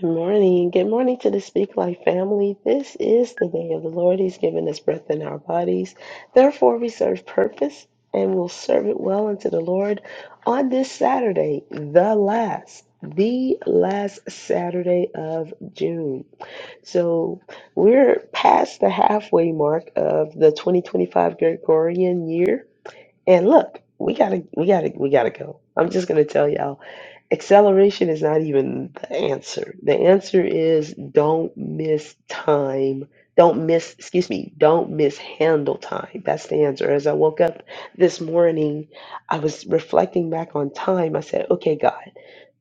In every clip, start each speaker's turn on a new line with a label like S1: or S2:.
S1: Good morning. Good morning to the Speak Life family. This is the day of the Lord. He's given us breath in our bodies. Therefore, we serve purpose and will serve it well unto the Lord on this Saturday, the last, the last Saturday of June. So we're past the halfway mark of the 2025 Gregorian year. And look, we gotta, we gotta, we gotta go. I'm just gonna tell y'all. Acceleration is not even the answer. The answer is don't miss time. Don't miss, excuse me, don't mishandle time. That's the answer. As I woke up this morning, I was reflecting back on time. I said, okay, God,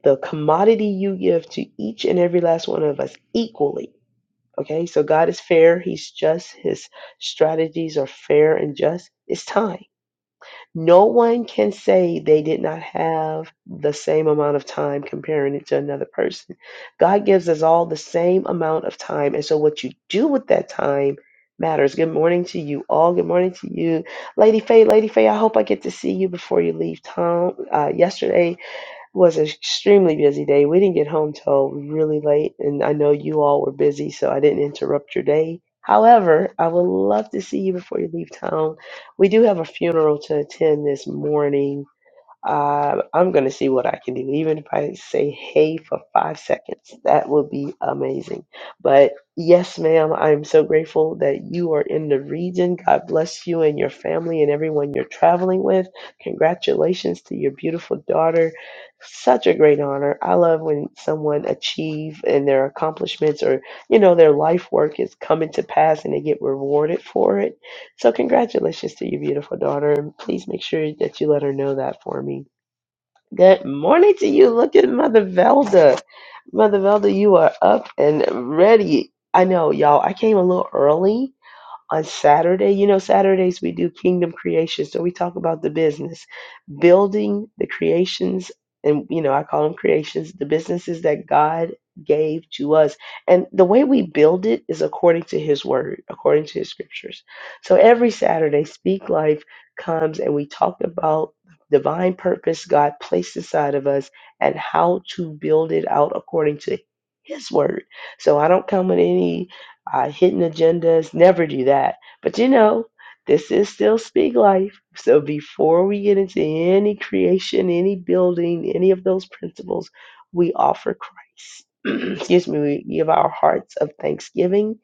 S1: the commodity you give to each and every last one of us equally. Okay, so God is fair. He's just. His strategies are fair and just. It's time. No one can say they did not have the same amount of time comparing it to another person. God gives us all the same amount of time. And so what you do with that time matters. Good morning to you all. Good morning to you, Lady Faye. Lady Faye, I hope I get to see you before you leave town uh, yesterday was an extremely busy day. We didn't get home till really late, and I know you all were busy, so I didn't interrupt your day. However, I would love to see you before you leave town. We do have a funeral to attend this morning uh, I'm going to see what I can do. Even if I say hey for five seconds, that would be amazing. But yes, ma'am, I'm so grateful that you are in the region. God bless you and your family and everyone you're traveling with. Congratulations to your beautiful daughter. Such a great honor. I love when someone achieve and their accomplishments or, you know, their life work is coming to pass and they get rewarded for it. So congratulations to your beautiful daughter. And please make sure that you let her know that for me. Good morning to you. Look at Mother Velda. Mother Velda, you are up and ready. I know, y'all. I came a little early on Saturday. You know, Saturdays we do kingdom creations. So we talk about the business, building the creations, and, you know, I call them creations, the businesses that God gave to us. And the way we build it is according to His word, according to His scriptures. So every Saturday, Speak Life comes and we talk about divine purpose God placed inside of us and how to build it out according to His word. So I don't come with any uh, hidden agendas. Never do that. But you know, this is still Speak Life. So before we get into any creation, any building, any of those principles, we offer Christ. Excuse me, we give our hearts of thanksgiving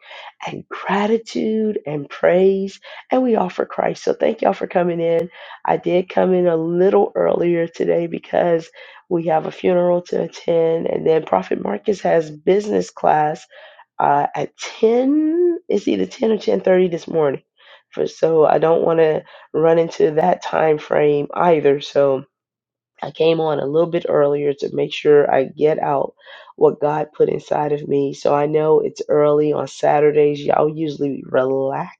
S1: and gratitude and praise, and we offer Christ. So, thank y'all for coming in. I did come in a little earlier today because we have a funeral to attend, and then Prophet Marcus has business class uh, at 10 it's either 10 or 10.30 this morning for so i don't want to run into that time frame either so I came on a little bit earlier to make sure I get out what God put inside of me. So I know it's early on Saturdays. Y'all usually relax.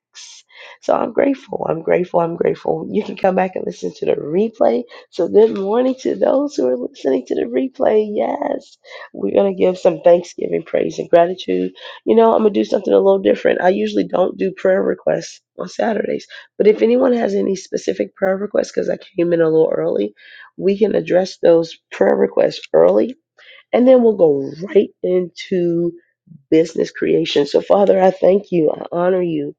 S1: So I'm grateful. I'm grateful. I'm grateful. You can come back and listen to the replay. So good morning to those who are listening to the replay. Yes, we're going to give some thanksgiving, praise, and gratitude. You know, I'm going to do something a little different. I usually don't do prayer requests on Saturdays. But if anyone has any specific prayer requests, because I came in a little early, we can address those prayer requests early and then we'll go right into business creation. So, Father, I thank you. I honor you.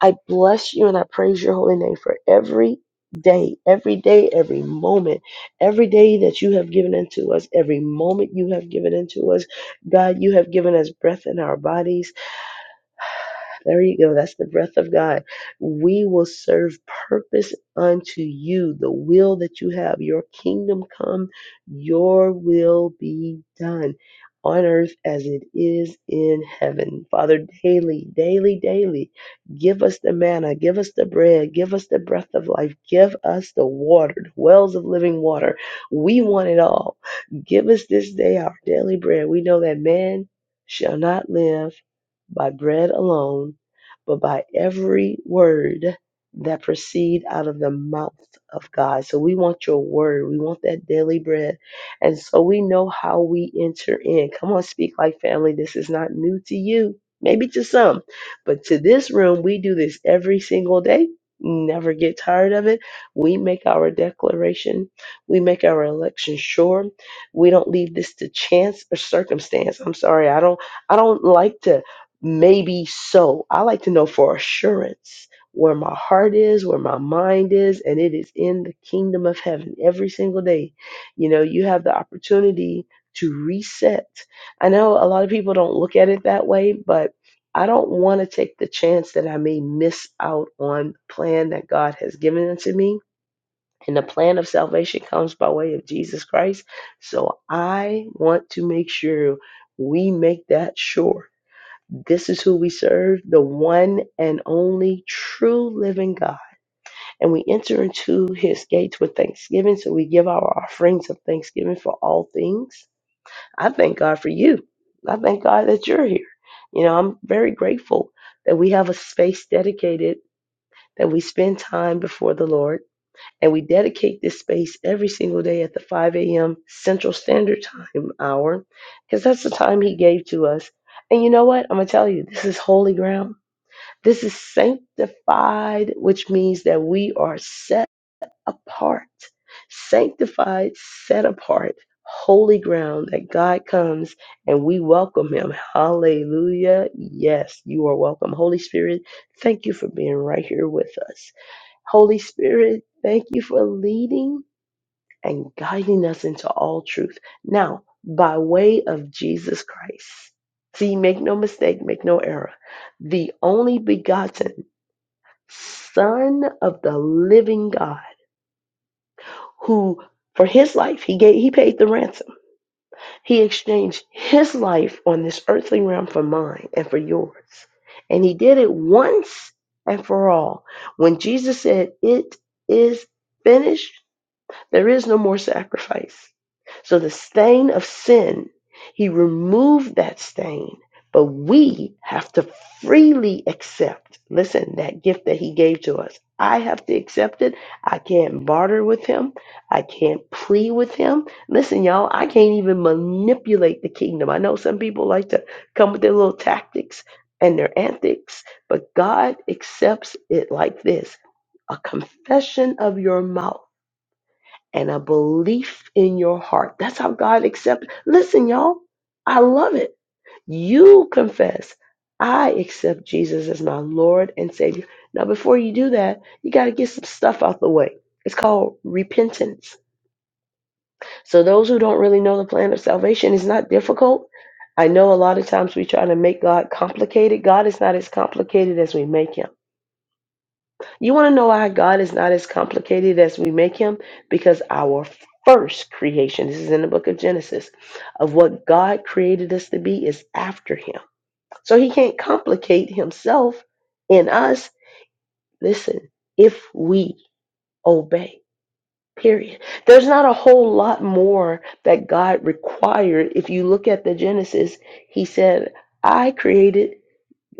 S1: I bless you and I praise your holy name for every day, every day, every moment, every day that you have given into us, every moment you have given into us. God, you have given us breath in our bodies. There you go. That's the breath of God. We will serve purpose unto you, the will that you have. Your kingdom come, your will be done on earth as it is in heaven. Father, daily, daily, daily, give us the manna, give us the bread, give us the breath of life, give us the water, the wells of living water. We want it all. Give us this day our daily bread. We know that man shall not live by bread alone but by every word that proceed out of the mouth of God. So we want your word. We want that daily bread. And so we know how we enter in. Come on, speak like family. This is not new to you. Maybe to some, but to this room, we do this every single day. Never get tired of it. We make our declaration. We make our election sure. We don't leave this to chance or circumstance. I'm sorry. I don't I don't like to Maybe so. I like to know for assurance where my heart is, where my mind is, and it is in the kingdom of heaven every single day. You know, you have the opportunity to reset. I know a lot of people don't look at it that way, but I don't want to take the chance that I may miss out on the plan that God has given unto me. And the plan of salvation comes by way of Jesus Christ. So I want to make sure we make that sure this is who we serve, the one and only true living God. And we enter into his gates with thanksgiving. So we give our offerings of thanksgiving for all things. I thank God for you. I thank God that you're here. You know, I'm very grateful that we have a space dedicated, that we spend time before the Lord. And we dedicate this space every single day at the 5 a.m. Central Standard Time hour, because that's the time he gave to us. And you know what? I'm going to tell you, this is holy ground this is sanctified, which means that we are set apart. Sanctified, set apart, holy ground that God comes and we welcome him. Hallelujah. Yes, you are welcome. Holy Spirit, thank you for being right here with us. Holy Spirit, thank you for leading and guiding us into all truth. Now, by way of Jesus Christ. See, make no mistake, make no error the only begotten. Son of the living God, who for his life he gave he paid the ransom. He exchanged his life on this earthly realm for mine and for yours. And he did it once and for all. When Jesus said, It is finished, there is no more sacrifice. So the stain of sin, he removed that stain. But we have to freely accept, listen, that gift that he gave to us. I have to accept it. I can't barter with him. I can't plea with him. Listen, y'all, I can't even manipulate the kingdom. I know some people like to come with their little tactics and their antics, but God accepts it like this a confession of your mouth and a belief in your heart. That's how God accepts. Listen, y'all, I love it. You confess, I accept Jesus as my Lord and Savior. Now, before you do that, you got to get some stuff out the way. It's called repentance. So, those who don't really know the plan of salvation, it's not difficult. I know a lot of times we try to make God complicated. God is not as complicated as we make Him. You want to know why God is not as complicated as we make him? Because our first creation, this is in the book of Genesis, of what God created us to be is after him. So he can't complicate himself in us. Listen, if we obey, period. There's not a whole lot more that God required. If you look at the Genesis, he said, I created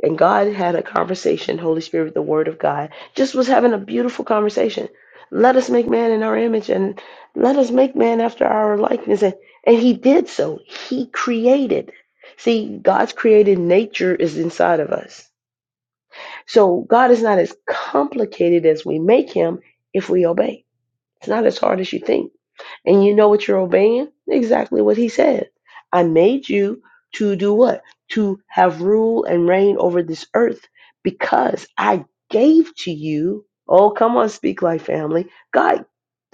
S1: and God had a conversation, Holy Spirit, the Word of God, just was having a beautiful conversation. Let us make man in our image and let us make man after our likeness. And, and he did so. He created. See, God's created nature is inside of us. So God is not as complicated as we make him if we obey. It's not as hard as you think. And you know what you're obeying? Exactly what he said. I made you to do what? To have rule and reign over this earth because I gave to you. Oh, come on, speak like family. God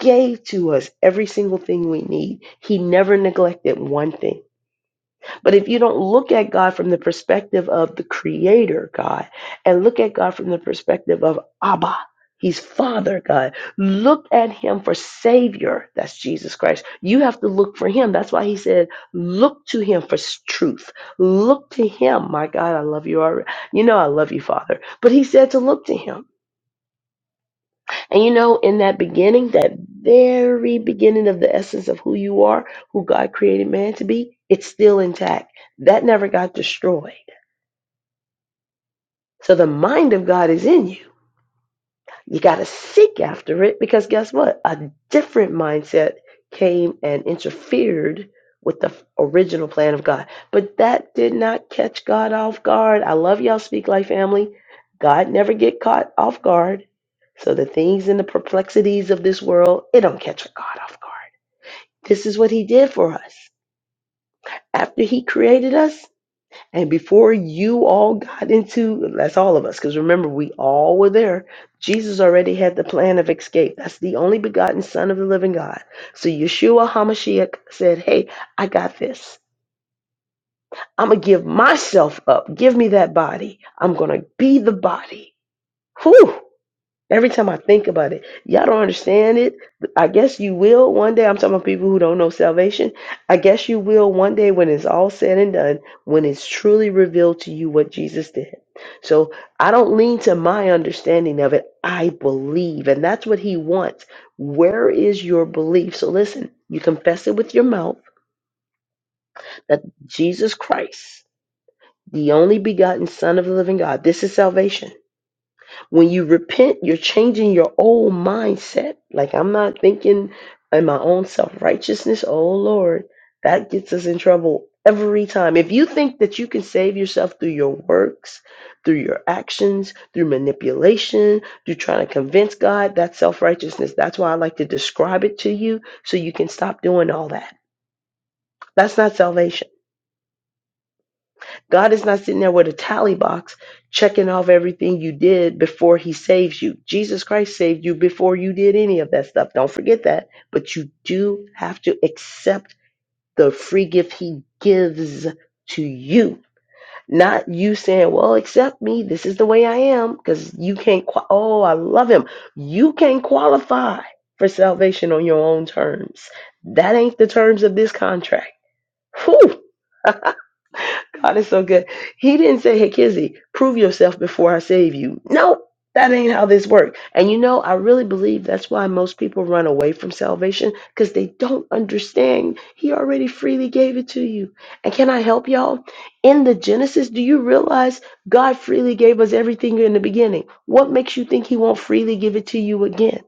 S1: gave to us every single thing we need. He never neglected one thing. But if you don't look at God from the perspective of the creator God and look at God from the perspective of Abba, He's Father God. Look at Him for Savior. That's Jesus Christ. You have to look for Him. That's why He said, look to Him for s- truth. Look to Him. My God, I love you already. You know I love you, Father. But He said to look to Him. And you know, in that beginning, that very beginning of the essence of who you are, who God created man to be, it's still intact. That never got destroyed. So the mind of God is in you. You got to seek after it because guess what? A different mindset came and interfered with the original plan of God. But that did not catch God off guard. I love y'all speak Life family. God never get caught off guard. So the things and the perplexities of this world, it don't catch God off guard. This is what he did for us. After he created us, and before you all got into, that's all of us, because remember, we all were there. Jesus already had the plan of escape. That's the only begotten Son of the living God. So Yeshua HaMashiach said, Hey, I got this. I'm going to give myself up. Give me that body. I'm going to be the body. Whew. Every time I think about it, y'all don't understand it. I guess you will one day. I'm talking about people who don't know salvation. I guess you will one day when it's all said and done, when it's truly revealed to you what Jesus did. So I don't lean to my understanding of it. I believe. And that's what he wants. Where is your belief? So listen, you confess it with your mouth that Jesus Christ, the only begotten Son of the living God, this is salvation when you repent, you're changing your old mindset. Like, I'm not thinking in my own self righteousness. Oh, Lord, that gets us in trouble every time. If you think that you can save yourself through your works, through your actions, through manipulation, through trying to convince God, that's self righteousness. That's why I like to describe it to you so you can stop doing all that. That's not salvation. God is not sitting there with a tally box checking off everything you did before he saves you. Jesus Christ saved you before you did any of that stuff. Don't forget that. But you do have to accept the free gift he gives to you. Not you saying, well, accept me. This is the way I am because you can't. Qua- oh, I love him. You can't qualify for salvation on your own terms. That ain't the terms of this contract. Whew. God is so good. He didn't say, Hey, Kizzy, prove yourself before I save you. No, that ain't how this works. And you know, I really believe that's why most people run away from salvation because they don't understand. He already freely gave it to you. And can I help y'all? In the Genesis, do you realize God freely gave us everything in the beginning? What makes you think He won't freely give it to you again?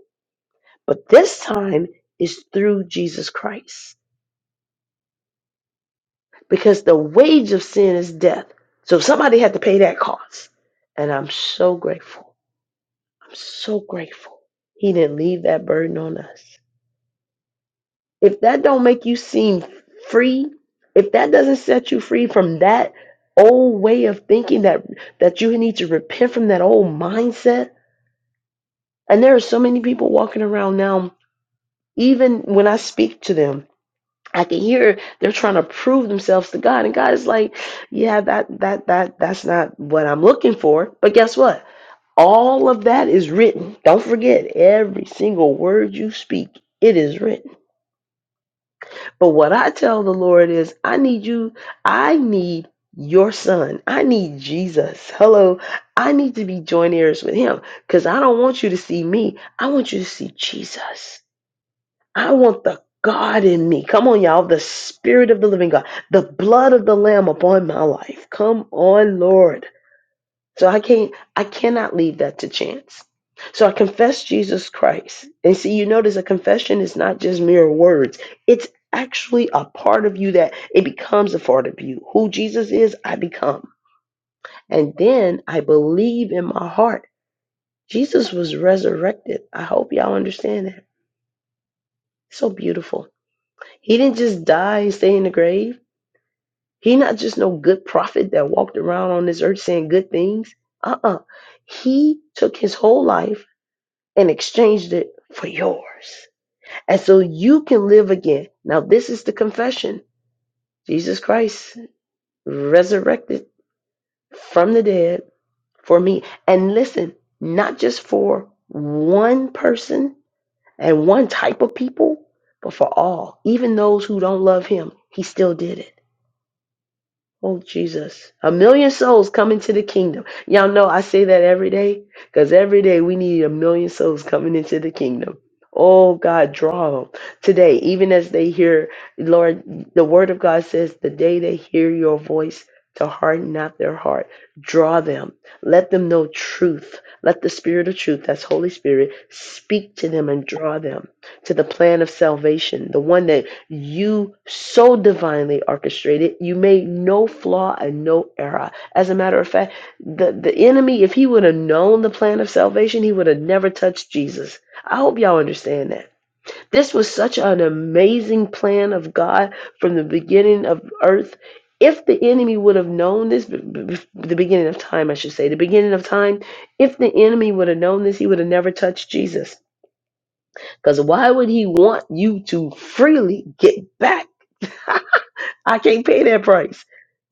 S1: But this time is through Jesus Christ. because the wage of sin is death. So somebody had to pay that cost. And I'm so grateful. I'm so grateful. He didn't leave that burden on us. If that don't make you seem free, if that doesn't set you free from that old way of thinking that that you need to repent from that old mindset, and there are so many people walking around now, even when I speak to them, I can hear they're trying to prove themselves to God, and God is like, "Yeah, that that that that's not what I'm looking for." But guess what? All of that is written. Don't forget every single word you speak. It is written. But what I tell the Lord is, I need you. I need your son. I need Jesus. Hello. I need to be joint heirs with him because I don't want you to see me. I want you to see Jesus. I want the God in me. Come on, y'all. The Spirit of the living God, the blood of the Lamb upon my life. Come on, Lord. So I can't, I cannot leave that to chance. So I confess Jesus Christ. And see, you notice a confession is not just mere words, it's actually a part of you that it becomes a part of you. Who Jesus is, I become. And then I believe in my heart. Jesus was resurrected. I hope y'all understand that. So beautiful. He didn't just die and stay in the grave. He not just no good prophet that walked around on this earth saying good things. Uh-uh. He took his whole life and exchanged it for yours. And so you can live again. Now this is the confession. Jesus Christ resurrected from the dead for me. And listen, not just for one person and one type of people, but for all, even those who don't love him, he still did it. Oh, Jesus. A million souls coming to the kingdom. Y'all know I say that every day because every day we need a million souls coming into the kingdom. Oh, God, draw them today, even as they hear, Lord, the word of God says, the day they hear your voice, to harden not their heart. Draw them. Let them know truth. Let the Spirit of truth, that's Holy Spirit, speak to them and draw them to the plan of salvation, the one that you so divinely orchestrated you made no flaw and no error as a matter of fact the, the enemy if he would have known the plan of salvation he would have never touched jesus i hope y'all understand that this was such an amazing plan of god from the beginning of earth if the enemy would have known this b- b- the beginning of time i should say the beginning of time if the enemy would have known this he would have never touched jesus because why would he want you to freely get back I can't pay that price.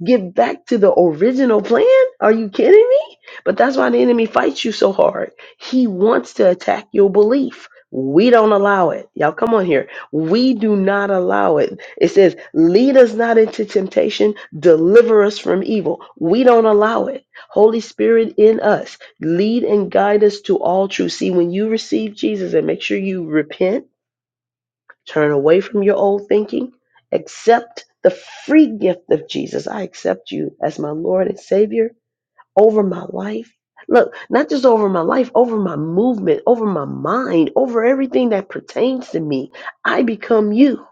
S1: Get back to the original plan? Are you kidding me? But that's why the enemy fights you so hard. He wants to attack your belief. We don't allow it. Y'all come on here. We do not allow it. It says, lead us not into temptation, deliver us from evil. We don't allow it. Holy Spirit in us, lead and guide us to all truth. See, when you receive Jesus and make sure you repent Turn away from your old thinking. Accept the free gift of Jesus. I accept you as my Lord and Savior over my life. Look, not just over my life, over my movement, over my mind, over everything that pertains to me. I become you.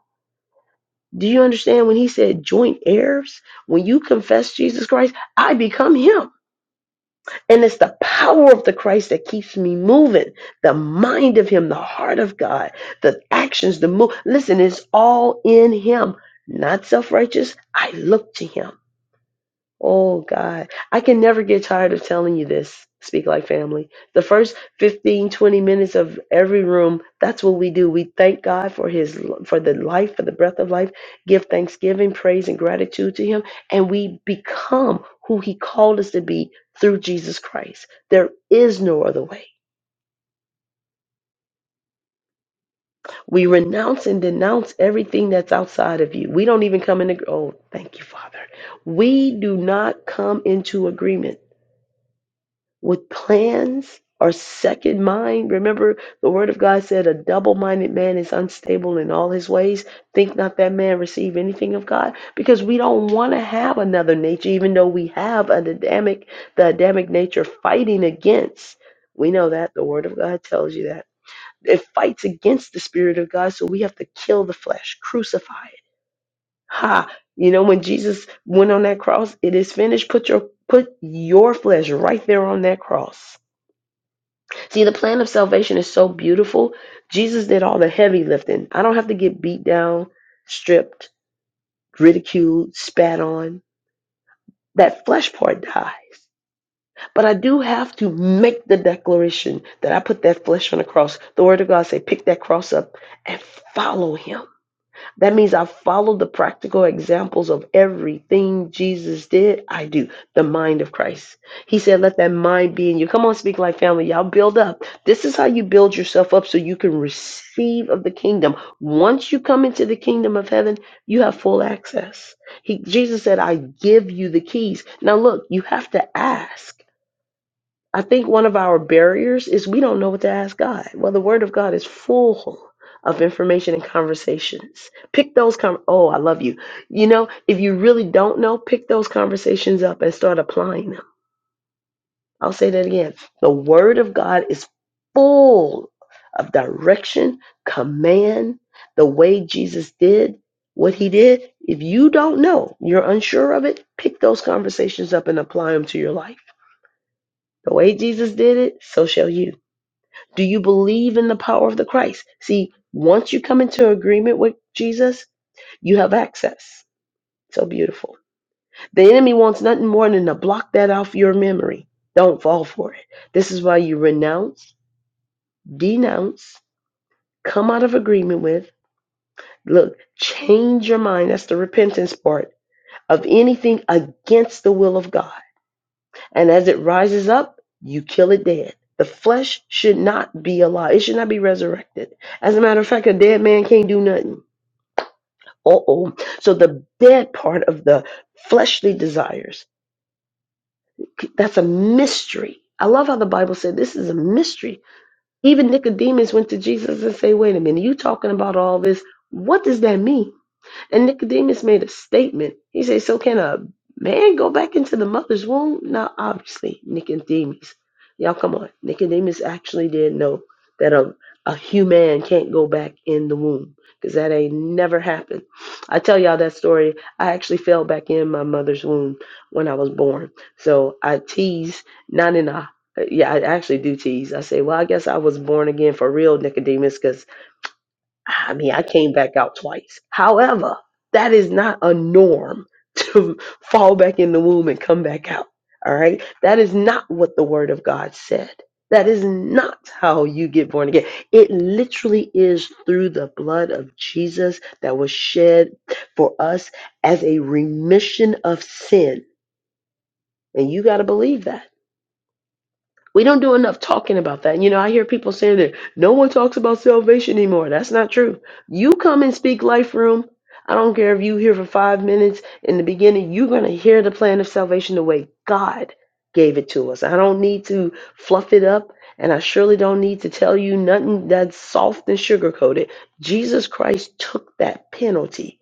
S1: Do you understand when he said joint heirs? When you confess Jesus Christ, I become him. And it's the power of the Christ that keeps me moving. The mind of Him, the heart of God, the actions, the move. Listen, it's all in Him. Not self righteous. I look to Him. Oh God, I can never get tired of telling you this. Speak like family. The first 15, 20 minutes of every room, that's what we do. We thank God for his for the life, for the breath of life, give thanksgiving, praise and gratitude to him, and we become who he called us to be through Jesus Christ. There is no other way. We renounce and denounce everything that's outside of you. We don't even come into oh, thank you, Father. We do not come into agreement with plans or second mind. Remember, the word of God said, A double minded man is unstable in all his ways. Think not that man receive anything of God. Because we don't want to have another nature, even though we have an Adamic, the Adamic nature fighting against. We know that. The word of God tells you that. It fights against the spirit of God, so we have to kill the flesh, crucify it. Ha! You know, when Jesus went on that cross, it is finished. Put your put your flesh right there on that cross See, the plan of salvation is so beautiful. Jesus did all the heavy lifting. I don't have to get beat down, stripped, ridiculed, spat on. That flesh part died. But I do have to make the declaration that I put that flesh on the cross. The word of God say, pick that cross up and follow him. That means I follow the practical examples of everything Jesus did. I do the mind of Christ. He said, Let that mind be in you. Come on, speak like family. Y'all build up. This is how you build yourself up so you can receive of the kingdom. Once you come into the kingdom of heaven, you have full access. He, Jesus said, I give you the keys. Now, look, you have to ask. I think one of our barriers is we don't know what to ask God. Well, the Word of God is full of information and conversations. Pick those con- oh, I love you. You know, if you really don't know, pick those conversations up and start applying them. I'll say that again. The Word of God is full of direction, command, the way Jesus did what he did. If you don't know, you're unsure of it, pick those conversations up and apply them to your life. The way Jesus did it, so shall you. Do you believe in the power of the Christ? See, once you come into agreement with Jesus, you have access. So beautiful. The enemy wants nothing more than to block that off your memory. Don't fall for it. This is why you renounce, denounce, come out of agreement with. Look, change your mind. That's the repentance part of anything against the will of God And as it rises up, you kill it dead. The flesh should not be alive. It should not be resurrected. As a matter of fact, a dead man can't do nothing. Uh-oh. So the dead part of the fleshly desires, that's a mystery. I love how the Bible said this is a mystery. Even Nicodemus went to Jesus and said, wait a minute, you talking about all this. What does that mean? And Nicodemus made a statement. He said, So can a man go back into the mother's womb? Now, obviously, Nicodemus. Y'all, come on. Nicodemus actually did know that a, a human can't go back in the womb because that ain't never happened. I tell y'all that story. I actually fell back in my mother's womb when I was born. So I tease, not in a yeah, I actually do tease. I say, well, I guess I was born again for real, Nicodemus,' because." I mean, I came back out twice. However, that is not a norm to fall back in the womb and come back out. All right? That is not what the word of God said. That is not how you get born again. It literally is through the blood of Jesus that was shed for us as a remission of sin. And you got to believe that. We don't do enough talking about that. You know, I hear people saying that no one talks about salvation anymore. That's not true. You come and speak life room. I don't care if you here for five minutes in the beginning, you're gonna hear the plan of salvation the way God gave it to us. I don't need to fluff it up, and I surely don't need to tell you nothing that's soft and sugar coated. Jesus Christ took that penalty.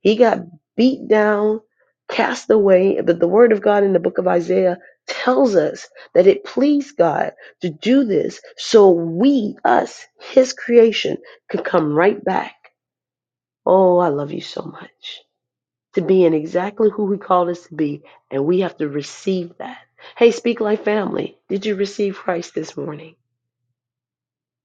S1: He got beat down, cast away, but the word of God in the book of Isaiah tells us that it pleased God to do this so we, us, His creation, could come right back. Oh, I love you so much. To being exactly who He called us to be, and we have to receive that. Hey, Speak Life family, did you receive Christ this morning?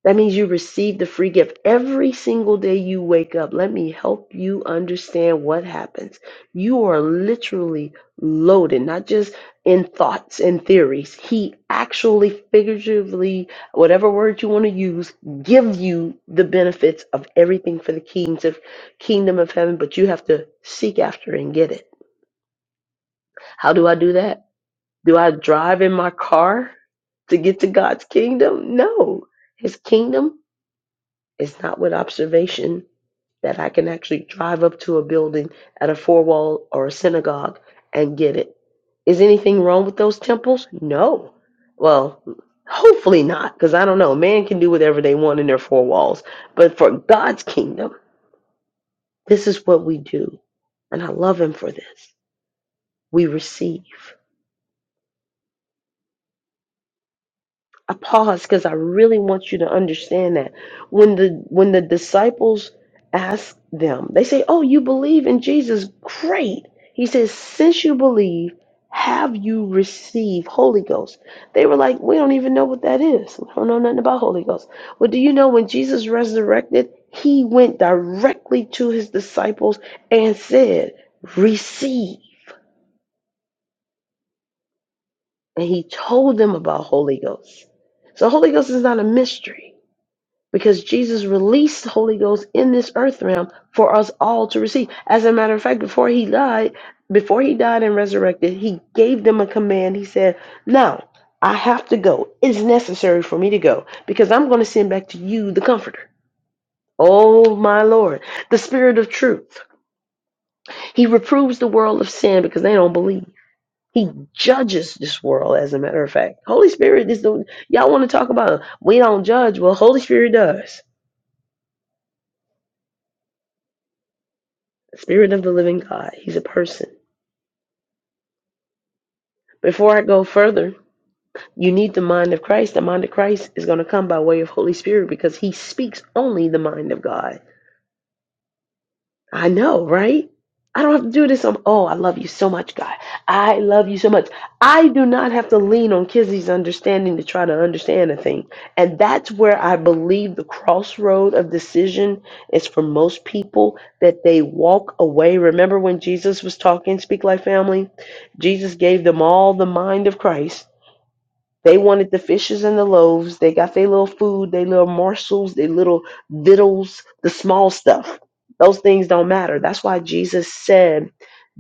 S1: That means you receive the free gift every single day you wake up. Let me help you understand what happens. You are literally loaded, not just in thoughts and theories. He actually, figuratively, whatever word you want to use, give you the benefits of everything for the kings of kingdom of heaven, but you have to seek after and get it. How do I do that? Do I drive in my car to get to God's kingdom? No. His kingdom it's not with observation that I can actually drive up to a building at a four wall or a synagogue and get it. Is anything wrong with those temples? No. Well, hopefully not, because I don't know. Man can do whatever they want in their four walls. But for God's kingdom, this is what we do. And I love Him for this. We receive. I pause because I really want you to understand that when the when the disciples ask them, they say, "Oh, you believe in Jesus? Great." He says, "Since you believe, have you received Holy Ghost?" They were like, "We don't even know what that is. We don't know nothing about Holy Ghost." Well, do you know when Jesus resurrected, he went directly to his disciples and said, "Receive." And he told them about Holy Ghost. So Holy Ghost is not a mystery. because Jesus released the Holy Ghost in this earth realm for us all to receive. As a matter of fact, before he died, before he died and resurrected, he gave them a command. He said, Now I have to go. It's necessary for me to go because I'm going to send back to you the Comforter. Oh, my Lord, the Spirit of truth. He reproves the world of sin because they don't believe. He judges this world, as a matter of fact. Holy Spirit is the, y'all want to talk about, we don't judge. Well, Holy Spirit does. Spirit of the living God. He's a person. Before I go further, you need the mind of Christ. The mind of Christ is going to come by way of Holy Spirit because he speaks only the mind of God. I know, right? I don't have to do this. i oh, I love you so much, God. I love you so much. I do not have to lean on Kizzy's understanding to try to understand a thing. And that's where I believe the crossroad of decision is for most people that they walk away. Remember when Jesus was talking, Speak Like Family? Jesus gave them all the mind of Christ they wanted the fishes and the loaves. They got their little food, their little morsels, their little victuals, the small stuff. Those things don't matter. That's why Jesus said,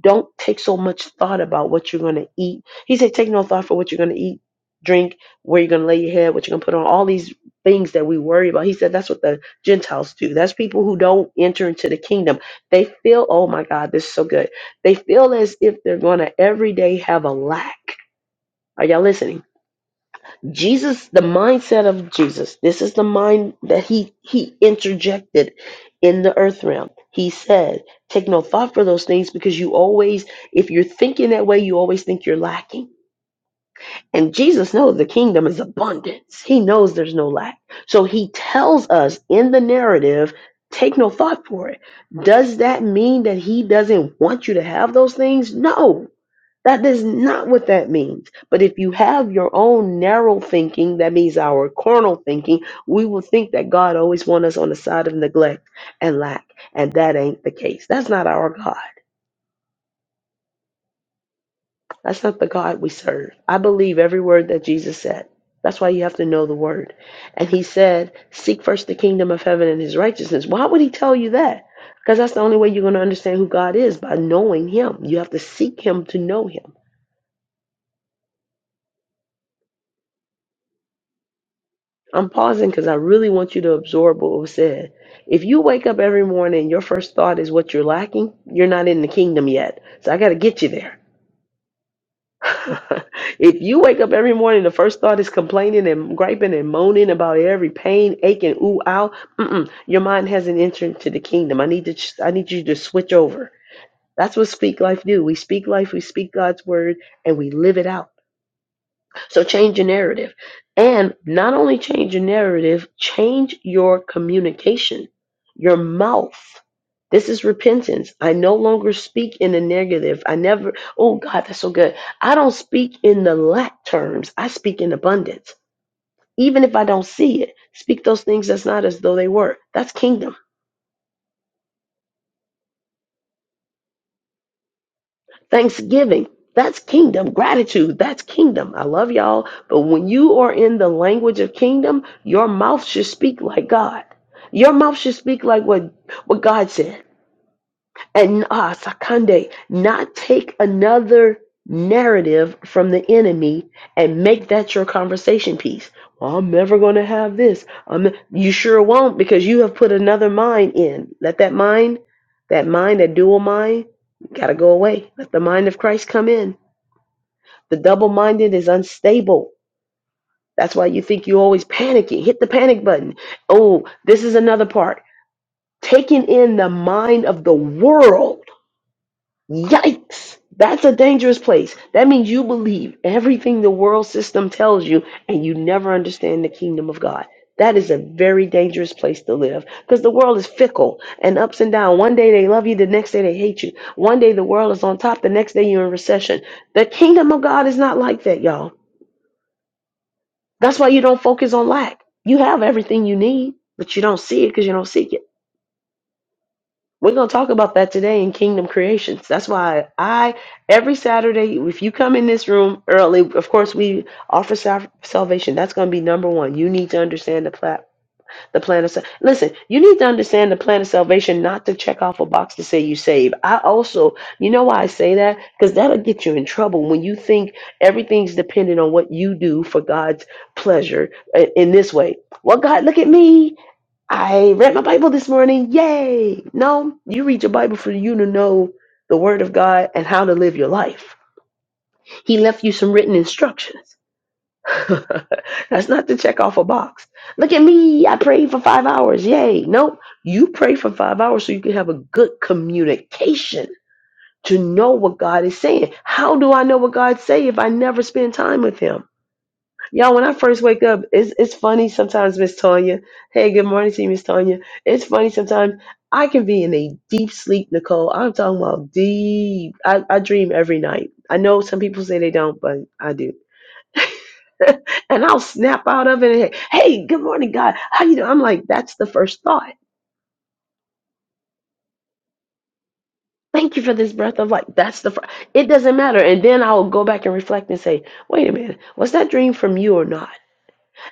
S1: don't take so much thought about what you're going to eat. He said, take no thought for what you're going to eat, drink, where you're going to lay your head, what you're going to put on, all these things that we worry about. He said, that's what the Gentiles do. That's people who don't enter into the kingdom. They feel, oh my God, this is so good. They feel as if they're going to every day have a lack. Are y'all listening? Jesus, the mindset of Jesus, this is the mind that he he interjected in the earth realm. He said, "Take no thought for those things, because you always, if you're thinking that way, you always think you're lacking." And Jesus knows the kingdom is abundance. He knows there's no lack, so he tells us in the narrative, "Take no thought for it." Does that mean that he doesn't want you to have those things? No, that is not what that means. But if you have your own narrow thinking, that means our carnal thinking, we will think that God always wants us on the side of neglect and lack. And that ain't the case. That's not our God. That's not the God we serve. I believe every word that Jesus said. That's why you have to know the word. And he said, Seek first the kingdom of heaven and his righteousness. Why would he tell you that? Because that's the only way you're going to understand who God is by knowing him. You have to seek him to know him. I'm pausing because I really want you to absorb what was said. If you wake up every morning, and your first thought is what you're lacking, you're not in the kingdom yet. So I got to get you there. if you wake up every morning, the first thought is complaining and griping and moaning about every pain, ache, and ooh, ow. Mm-mm. Your mind hasn't entered to the kingdom. I need to. I need you to switch over. That's what Speak Life do. We speak life. We speak God's word, and we live it out. So change your narrative. And not only change your narrative, change your communication, your mouth. This is repentance. I no longer speak in the negative. I never, oh God, that's so good. I don't speak in the lack terms, I speak in abundance. Even if I don't see it, speak those things that's not as though they were. That's kingdom. Thanksgiving. That's kingdom. Gratitude. That's kingdom. I love y'all. But when you are in the language of kingdom, your mouth should speak like God. Your mouth should speak like what, what God said and ah, Sakande, not take another narrative from the enemy and make that your conversation piece. Well, I'm never going to have this. I'm, you sure won't because you have put another mind in. Let that mind, that mind, that dual mind, got to go away. Let the mind of Christ come in. The double minded is unstable. That's why you think you always panicking. Hit the panic button. Oh, this is another part. Taking in the mind of the world Yikes! That's a dangerous place. That means you believe everything the world system tells you and you never understand the kingdom of God. That is a very dangerous place to live because the world is fickle and ups and down. One day they love you, the next day they hate you. One day the world is on top, the next day you're in recession. The kingdom of God is not like that, y'all. That's why you don't focus on lack. You have everything you need, but you don't see it because you don't seek it. We're going to talk about that today in Kingdom Creations. That's why I, every Saturday, if you come in this room early, of course, we offer sal- salvation. That's going to be number one. You need to understand the, pla- the plan of salvation. Listen, you need to understand the plan of salvation, not to check off a box to say you saved. I also, you know why I say that? Because that'll get you in trouble when you think everything's dependent on what you do for God's pleasure uh, in this way. Well, God, look at me. I read my Bible this morning. Yay! No, you read your Bible for you to know the Word of God and how to live your life. He left you some written instructions. That's not to check off a box. Look at me. I prayed for five hours. Yay. Nope. You pray for five hours so you can have a good communication to know what God is saying. How do I know what God say if I never spend time with Him? Y'all, when I first wake up, it's it's funny sometimes, Miss Tanya. Hey, good morning to you, Miss Tanya. It's funny sometimes. I can be in a deep sleep, Nicole. I'm talking about deep. I, I dream every night. I know some people say they don't, but I do. and I'll snap out of it. And, hey, good morning, God. How you doing? I'm like, that's the first thought. Thank you for this breath of life. That's the first. It doesn't matter. And then I'll go back and reflect and say, wait a minute, was that dream from you or not?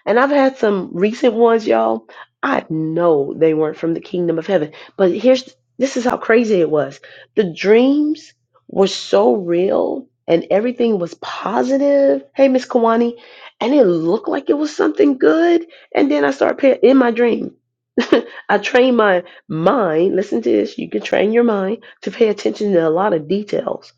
S1: And I've had some recent ones, y'all. I know they weren't from the kingdom of heaven. But here's this is how crazy it was. The dreams were so real and everything was positive. Hey, Miss Kawani. And it looked like it was something good. And then I start pay- in my dream. I train my mind. Listen to this. You can train your mind to pay attention to a lot of details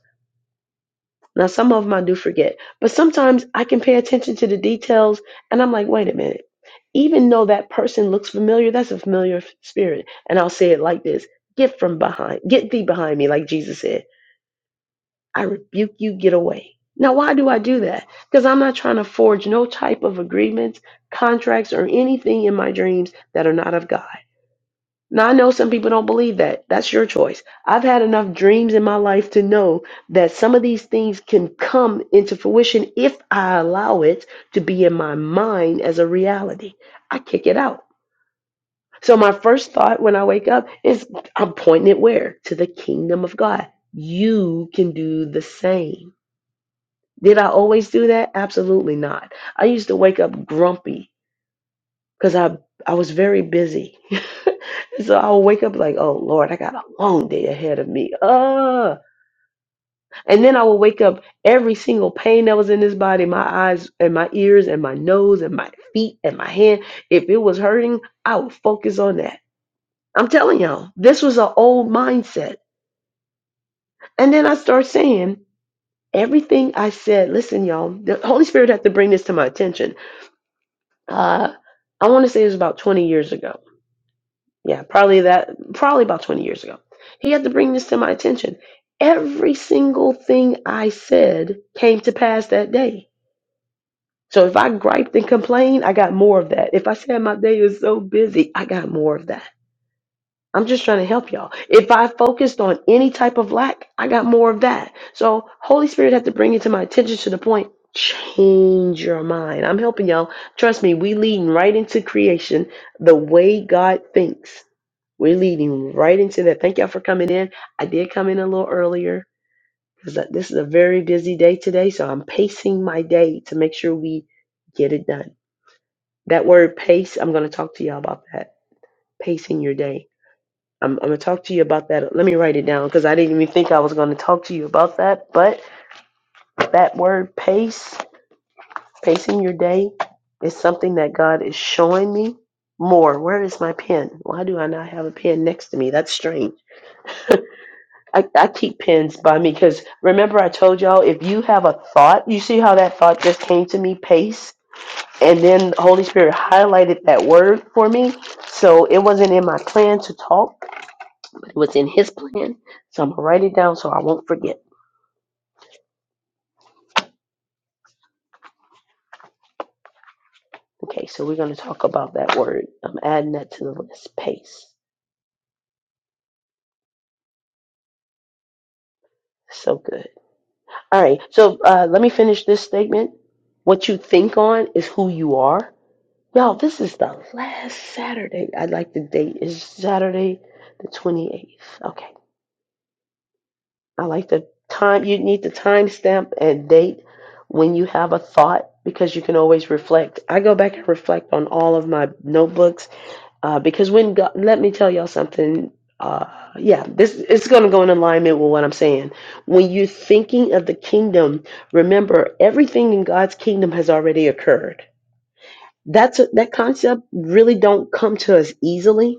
S1: now, some of them I do forget, but sometimes I can pay attention to the details and I'm like, wait a minute. Even though that person looks familiar, that's a familiar f- spirit. And I'll say it like this Get from behind, get thee behind me, like Jesus said. I rebuke you, get away. Now, why do I do that? Because I'm not trying to forge no type of agreements, contracts, or anything in my dreams that are not of God. Now, I know some people don't believe that. That's your choice. I've had enough dreams in my life to know that some of these things can come into fruition if I allow it to be in my mind as a reality. I kick it out. So, my first thought when I wake up is I'm pointing it where? To the kingdom of God. You can do the same. Did I always do that? Absolutely not. I used to wake up grumpy because I I was very busy. so I would wake up like, oh Lord, I got a long day ahead of me. Uh and then I would wake up every single pain that was in this body, my eyes and my ears and my nose and my feet and my hand. If it was hurting, I would focus on that. I'm telling y'all, this was an old mindset. And then I start saying everything I said, listen, y'all, the Holy Spirit had to bring this to my attention. Uh I want to say it was about 20 years ago. Yeah, probably that, probably about 20 years ago. He had to bring this to my attention. Every single thing I said came to pass that day. So if I griped and complained, I got more of that. If I said my day is so busy, I got more of that. I'm just trying to help y'all. If I focused on any type of lack, I got more of that. So Holy Spirit had to bring it to my attention to the point, change your mind. I'm helping y'all. Trust me, we leading right into creation the way God thinks. We're leading right into that. Thank y'all for coming in. I did come in a little earlier because this is a very busy day today. So I'm pacing my day to make sure we get it done. That word pace, I'm going to talk to y'all about that. Pacing your day. I'm, I'm going to talk to you about that. Let me write it down because I didn't even think I was going to talk to you about that. But that word pace, pacing your day, is something that God is showing me more. Where is my pen? Why do I not have a pen next to me? That's strange. I, I keep pens by me because remember I told y'all if you have a thought, you see how that thought just came to me, pace, and then the Holy Spirit highlighted that word for me. So it wasn't in my plan to talk, but it was in His plan. So I'm gonna write it down so I won't forget. Okay, so we're gonna talk about that word. I'm adding that to the list. Pace, so good. All right, so uh, let me finish this statement. What you think on is who you are. Y'all, this is the last Saturday. I like the date. It's Saturday the 28th. Okay. I like the time. You need the timestamp and date when you have a thought because you can always reflect. I go back and reflect on all of my notebooks uh, because when God, let me tell y'all something. Uh, yeah, this it's going to go in alignment with what I'm saying. When you're thinking of the kingdom, remember everything in God's kingdom has already occurred that's that concept really don't come to us easily.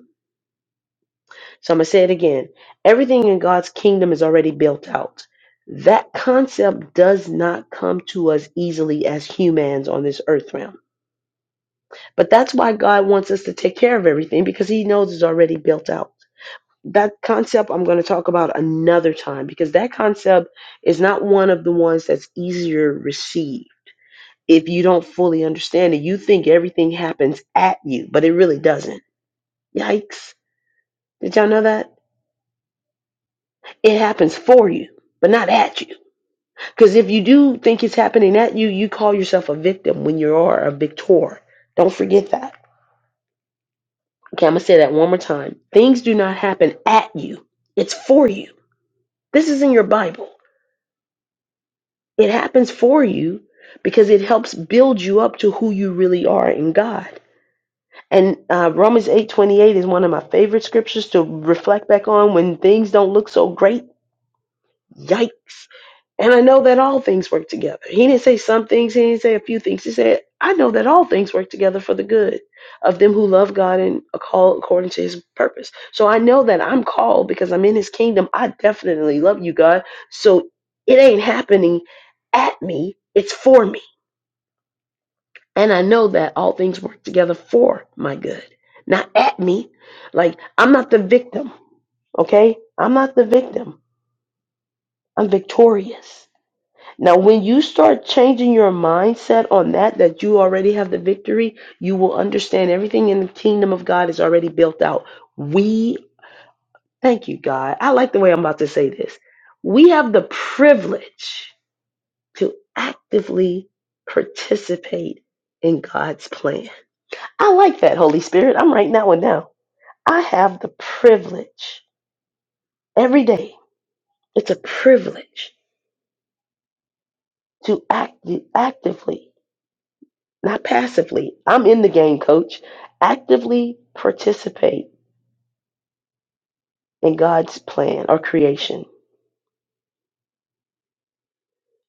S1: So I'm gonna say it again. Everything in God's kingdom is already built out. That concept does not come to us easily as humans on this earth realm. But that's why God wants us to take care of everything because he knows it's already built out. That concept I'm going to talk about another time because that concept is not one of the ones that's easier to receive. If you don't fully understand it, you think everything happens at you, but it really doesn't. Yikes. Did y'all know that? It happens for you, but not at you. Because if you do think it's happening at you, you call yourself a victim when you are a victor. Don't forget that. Okay, I'm going to say that one more time. Things do not happen at you, it's for you. This is in your Bible. It happens for you because it helps build you up to who you really are in God. And uh, Romans 8:28 is one of my favorite scriptures to reflect back on when things don't look so great. Yikes And I know that all things work together. He didn't say some things, he didn't say a few things. He said, I know that all things work together for the good of them who love God and are called according to his purpose. So I know that I'm called because I'm in his kingdom. I definitely love you, God. So it ain't happening at me, it's for me. And I know that all things work together for my good, not at me. Like, I'm not the victim, okay? I'm not the victim. I'm victorious. Now, when you start changing your mindset on that, that you already have the victory, you will understand everything in the kingdom of God is already built out. We, thank you, God. I like the way I'm about to say this. We have the privilege to actively participate in God's plan. I like that, Holy Spirit. I'm writing that one down. I have the privilege every day. It's a privilege to act, actively not passively. I'm in the game, coach. Actively participate in God's plan or creation.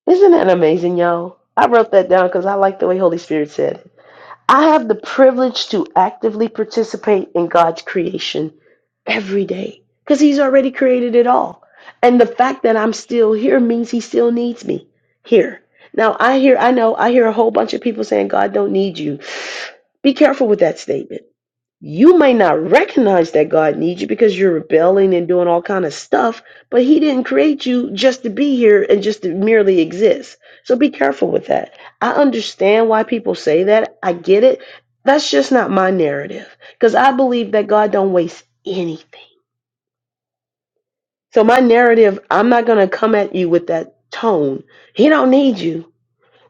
S1: Isn't that amazing, y'all? I wrote that down because I like the way Holy Spirit said it. I have the privilege to actively participate in God's creation every day because He's already created it all. And the fact that I'm still here means He still needs me here. Now, I hear, I know, I hear a whole bunch of people saying, God don't need you. Be careful with that statement you may not recognize that God needs you because you're rebelling and doing all kind of stuff, but he didn't create you just to be here and just to merely exist. So be careful with that. I understand why people say that. I get it. That's just not my narrative because I believe that God don't waste anything. So my narrative, I'm not going to come at you with that tone. He don't need you.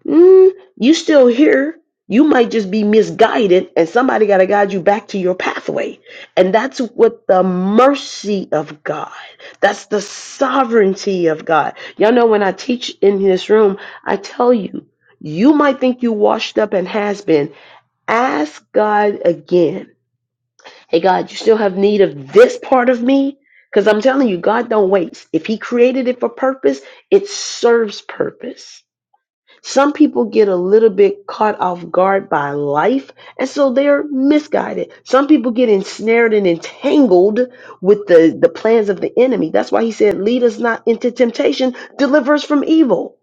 S1: Mm, you still here. You might just be misguided, and somebody got to guide you back to your pathway. And that's what the mercy of God, that's the sovereignty of God. Y'all know when I teach in this room, I tell you, you might think you washed up and has been. Ask God again. Hey, God, you still have need of this part of me? Because I'm telling you, God don't waste. If He created it for purpose, it serves purpose. Some people get a little bit caught off guard by life, and so they're misguided. Some people get ensnared and entangled with the, the plans of the enemy. That's why he said, Lead us not into temptation, deliver us from evil.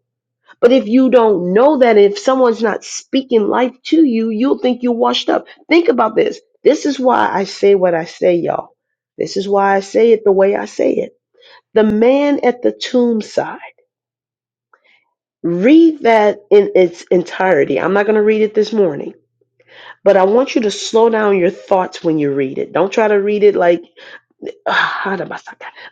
S1: But if you don't know that, if someone's not speaking life to you, you'll think you're washed up. Think about this. This is why I say what I say, y'all. This is why I say it the way I say it. The man at the tomb side. Read that in its entirety. I'm not going to read it this morning, but I want you to slow down your thoughts when you read it. Don't try to read it like, "Ah, how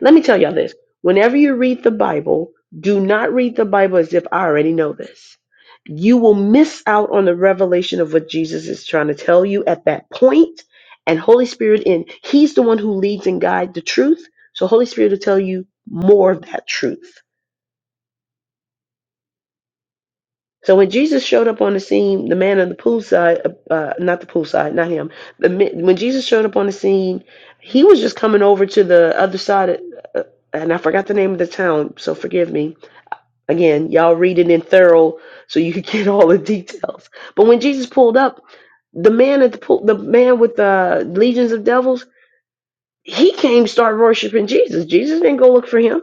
S1: let me tell y'all this. Whenever you read the Bible, do not read the Bible as if I already know this. You will miss out on the revelation of what Jesus is trying to tell you at that point. And Holy Spirit in, He's the one who leads and guides the truth. So Holy Spirit will tell you more of that truth. So when Jesus showed up on the scene, the man on the poolside, uh, uh, not the poolside, not him. The mi- when Jesus showed up on the scene, he was just coming over to the other side, of, uh, and I forgot the name of the town, so forgive me. Again, y'all read it in thorough so you can get all the details. But when Jesus pulled up, the man at the pool, the man with the legions of devils, he came start worshiping Jesus. Jesus didn't go look for him.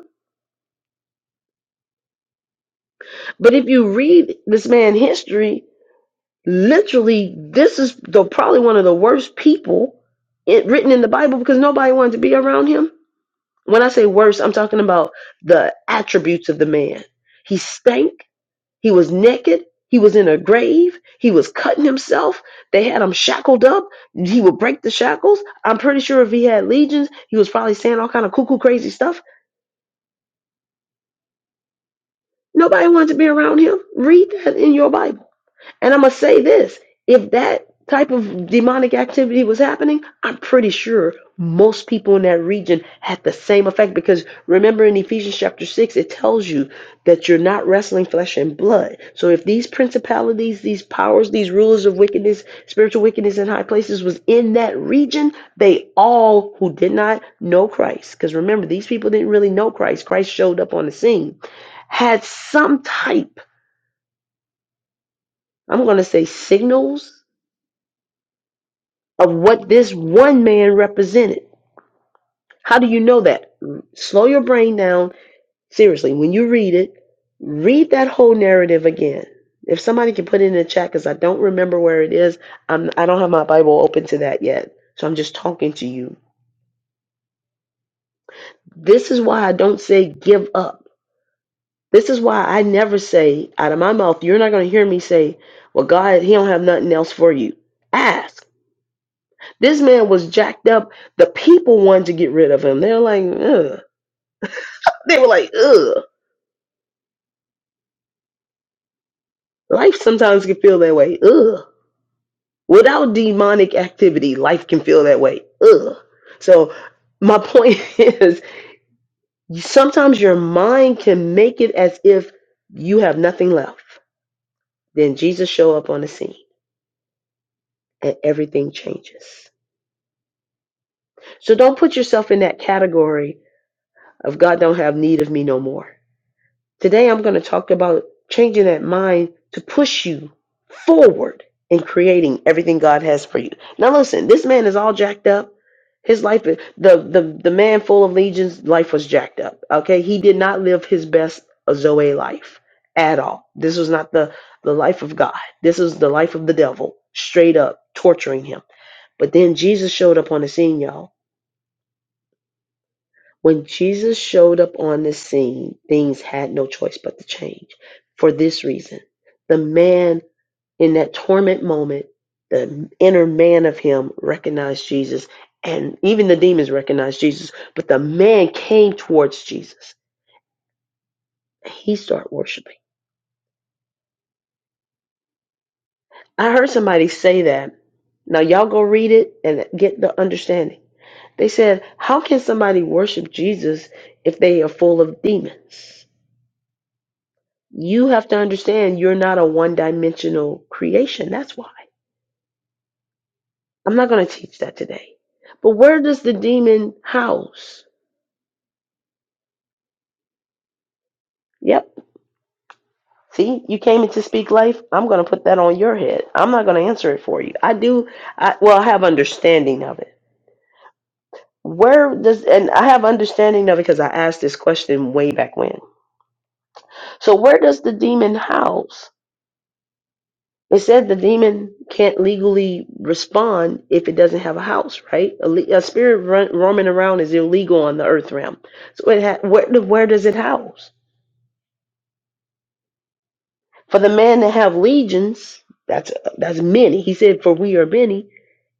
S1: But if you read this man history, Literally, this is the probably one of the worst people it, written in the Bible because nobody wanted to be around him. When I say worse, I'm talking about the attributes of the man. He stank. He was naked. He was in a grave. He was cutting himself. They had him shackled up. He would break the shackles. I'm pretty sure if he had legions, he was probably saying all kind of cuckoo crazy stuff. Nobody wanted to be around him. Read that in your Bible. And I'm going to say this if that type of demonic activity was happening, I'm pretty sure most people in that region had the same effect because remember in Ephesians chapter 6, it tells you that you're not wrestling flesh and blood. So if these principalities, these powers, these rulers of wickedness, spiritual wickedness in high places was in that region, they all who did not know Christ, because remember, these people didn't really know Christ, Christ showed up on the scene, had some type I'm going to say signals of what this one man represented. How do you know that? Slow your brain down. Seriously, when you read it, read that whole narrative again. If somebody can put it in the chat, because I don't remember where it is, I'm, I don't have my Bible open to that yet. So I'm just talking to you. This is why I don't say give up. This is why I never say out of my mouth, you're not going to hear me say, well, God, He don't have nothing else for you. Ask. This man was jacked up. The people wanted to get rid of him. They're like, Ugh. They were like, ugh. Life sometimes can feel that way. Ugh. Without demonic activity, life can feel that way. Ugh. So my point is sometimes your mind can make it as if you have nothing left. Then Jesus show up on the scene and everything changes. So don't put yourself in that category of God don't have need of me no more. Today, I'm going to talk about changing that mind to push you forward in creating everything God has for you. Now, listen, this man is all jacked up. His life, is- the the the man full of legions, life was jacked up. Okay, he did not live his best Zoe life at all. This was not the the life of God. This was the life of the devil, straight up torturing him. But then Jesus showed up on the scene, y'all when Jesus showed up on the scene, things had no choice but to change. For this reason, the man in that torment moment, the inner man of him recognized Jesus, and even the demons recognized Jesus, but the man came towards Jesus. He started worshiping. I heard somebody say that. Now, y'all go read it and get the understanding. They said, How can somebody worship Jesus if they are full of demons? You have to understand you're not a one dimensional creation. That's why. I'm not going to teach that today. But where does the demon house? Yep. See, you came in to speak life. I'm going to put that on your head. I'm not going to answer it for you. I do. I, well, I have understanding of it. Where does, and I have understanding of it because I asked this question way back when. So where does the demon house? It said the demon can't legally respond if it doesn't have a house, right? A, le- a spirit run, roaming around is illegal on the earth realm. So it ha- where where does it house? For the man to have legions, that's that's many. He said, "For we are many."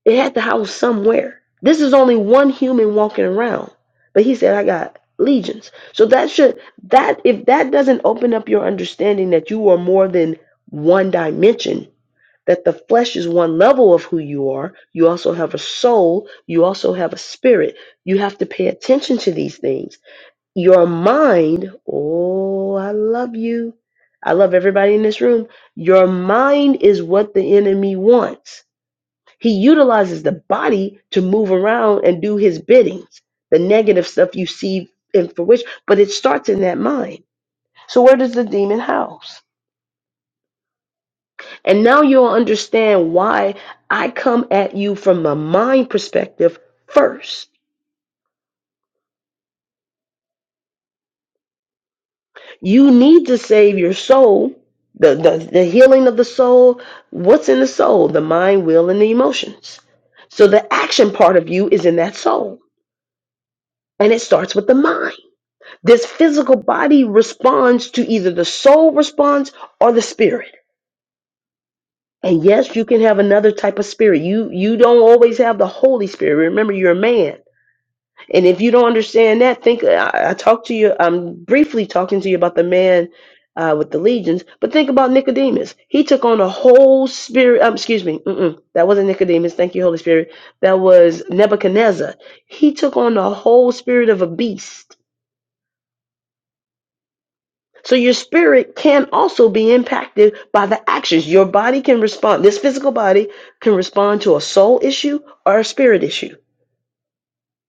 S1: It had to house somewhere. This is only one human walking around, but he said, "I got legions." So that should that if that doesn't open up your understanding that you are more than one dimension that the flesh is one level of who you are. You also have a soul. You also have a spirit. You have to pay attention to these things. Your mind, oh, I love you. I love everybody in this room. Your mind is what the enemy wants. He utilizes the body to move around and do his biddings, the negative stuff you see in for which, but it starts in that mind. So where does the demon house? And now you'll understand why I come at you from a mind perspective first. You need to save your soul, the, the, the healing of the soul. What's in the soul? The mind, will, and the emotions. So the action part of you is in that soul. And it starts with the mind. This physical body responds to either the soul response or the spirit. And yes, you can have another type of spirit. You you don't always have the Holy Spirit. Remember, you're a man. And if you don't understand that, think I, I talked to you. I'm briefly talking to you about the man uh, with the legions, but think about Nicodemus. He took on a whole spirit. Um, excuse me, mm-mm, that wasn't Nicodemus. Thank you, Holy Spirit. That was Nebuchadnezzar. He took on the whole spirit of a beast. So your spirit can also be impacted by the actions. Your body can respond. This physical body can respond to a soul issue or a spirit issue.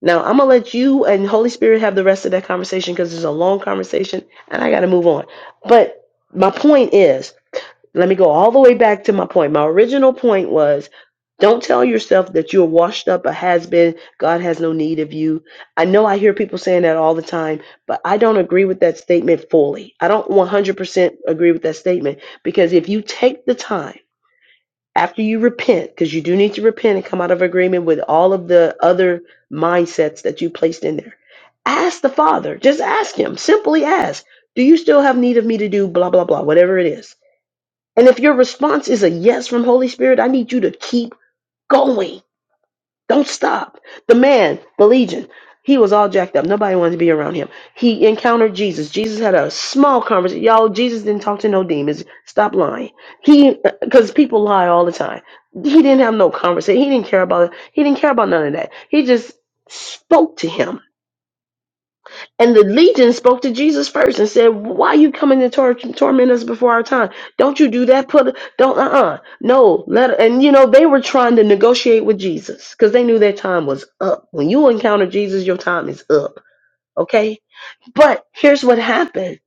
S1: Now I'm gonna let you and Holy Spirit have the rest of that conversation because it's a long conversation and I gotta move on. But my point is, let me go all the way back to my point. My original point was don't tell yourself that you're washed up, a has been, God has no need of you. I know I hear people saying that all the time, but I don't agree with that statement fully. I don't 100% agree with that statement because if you take the time after you repent, because you do need to repent and come out of agreement with all of the other mindsets that you placed in there, ask the Father. Just ask Him. Simply ask, Do you still have need of me to do blah, blah, blah, whatever it is? And if your response is a yes from Holy Spirit, I need you to keep going don't stop. The man, the legion, he was all jacked up. Nobody wanted to be around him. He encountered Jesus. Jesus had a small conversation. Y'all, Jesus didn't talk to no demons. Stop lying. He, because people lie all the time. He didn't have no conversation. He didn't care about it. He didn't care about none of that. He just spoke to him and the legion spoke to Jesus first and said, "Why are you coming to tor- torment us before our time? Don't you do that? Put don't uh uh no let." And you know they were trying to negotiate with Jesus because they knew their time was up. When you encounter Jesus, your time is up. Okay, but here's what happened: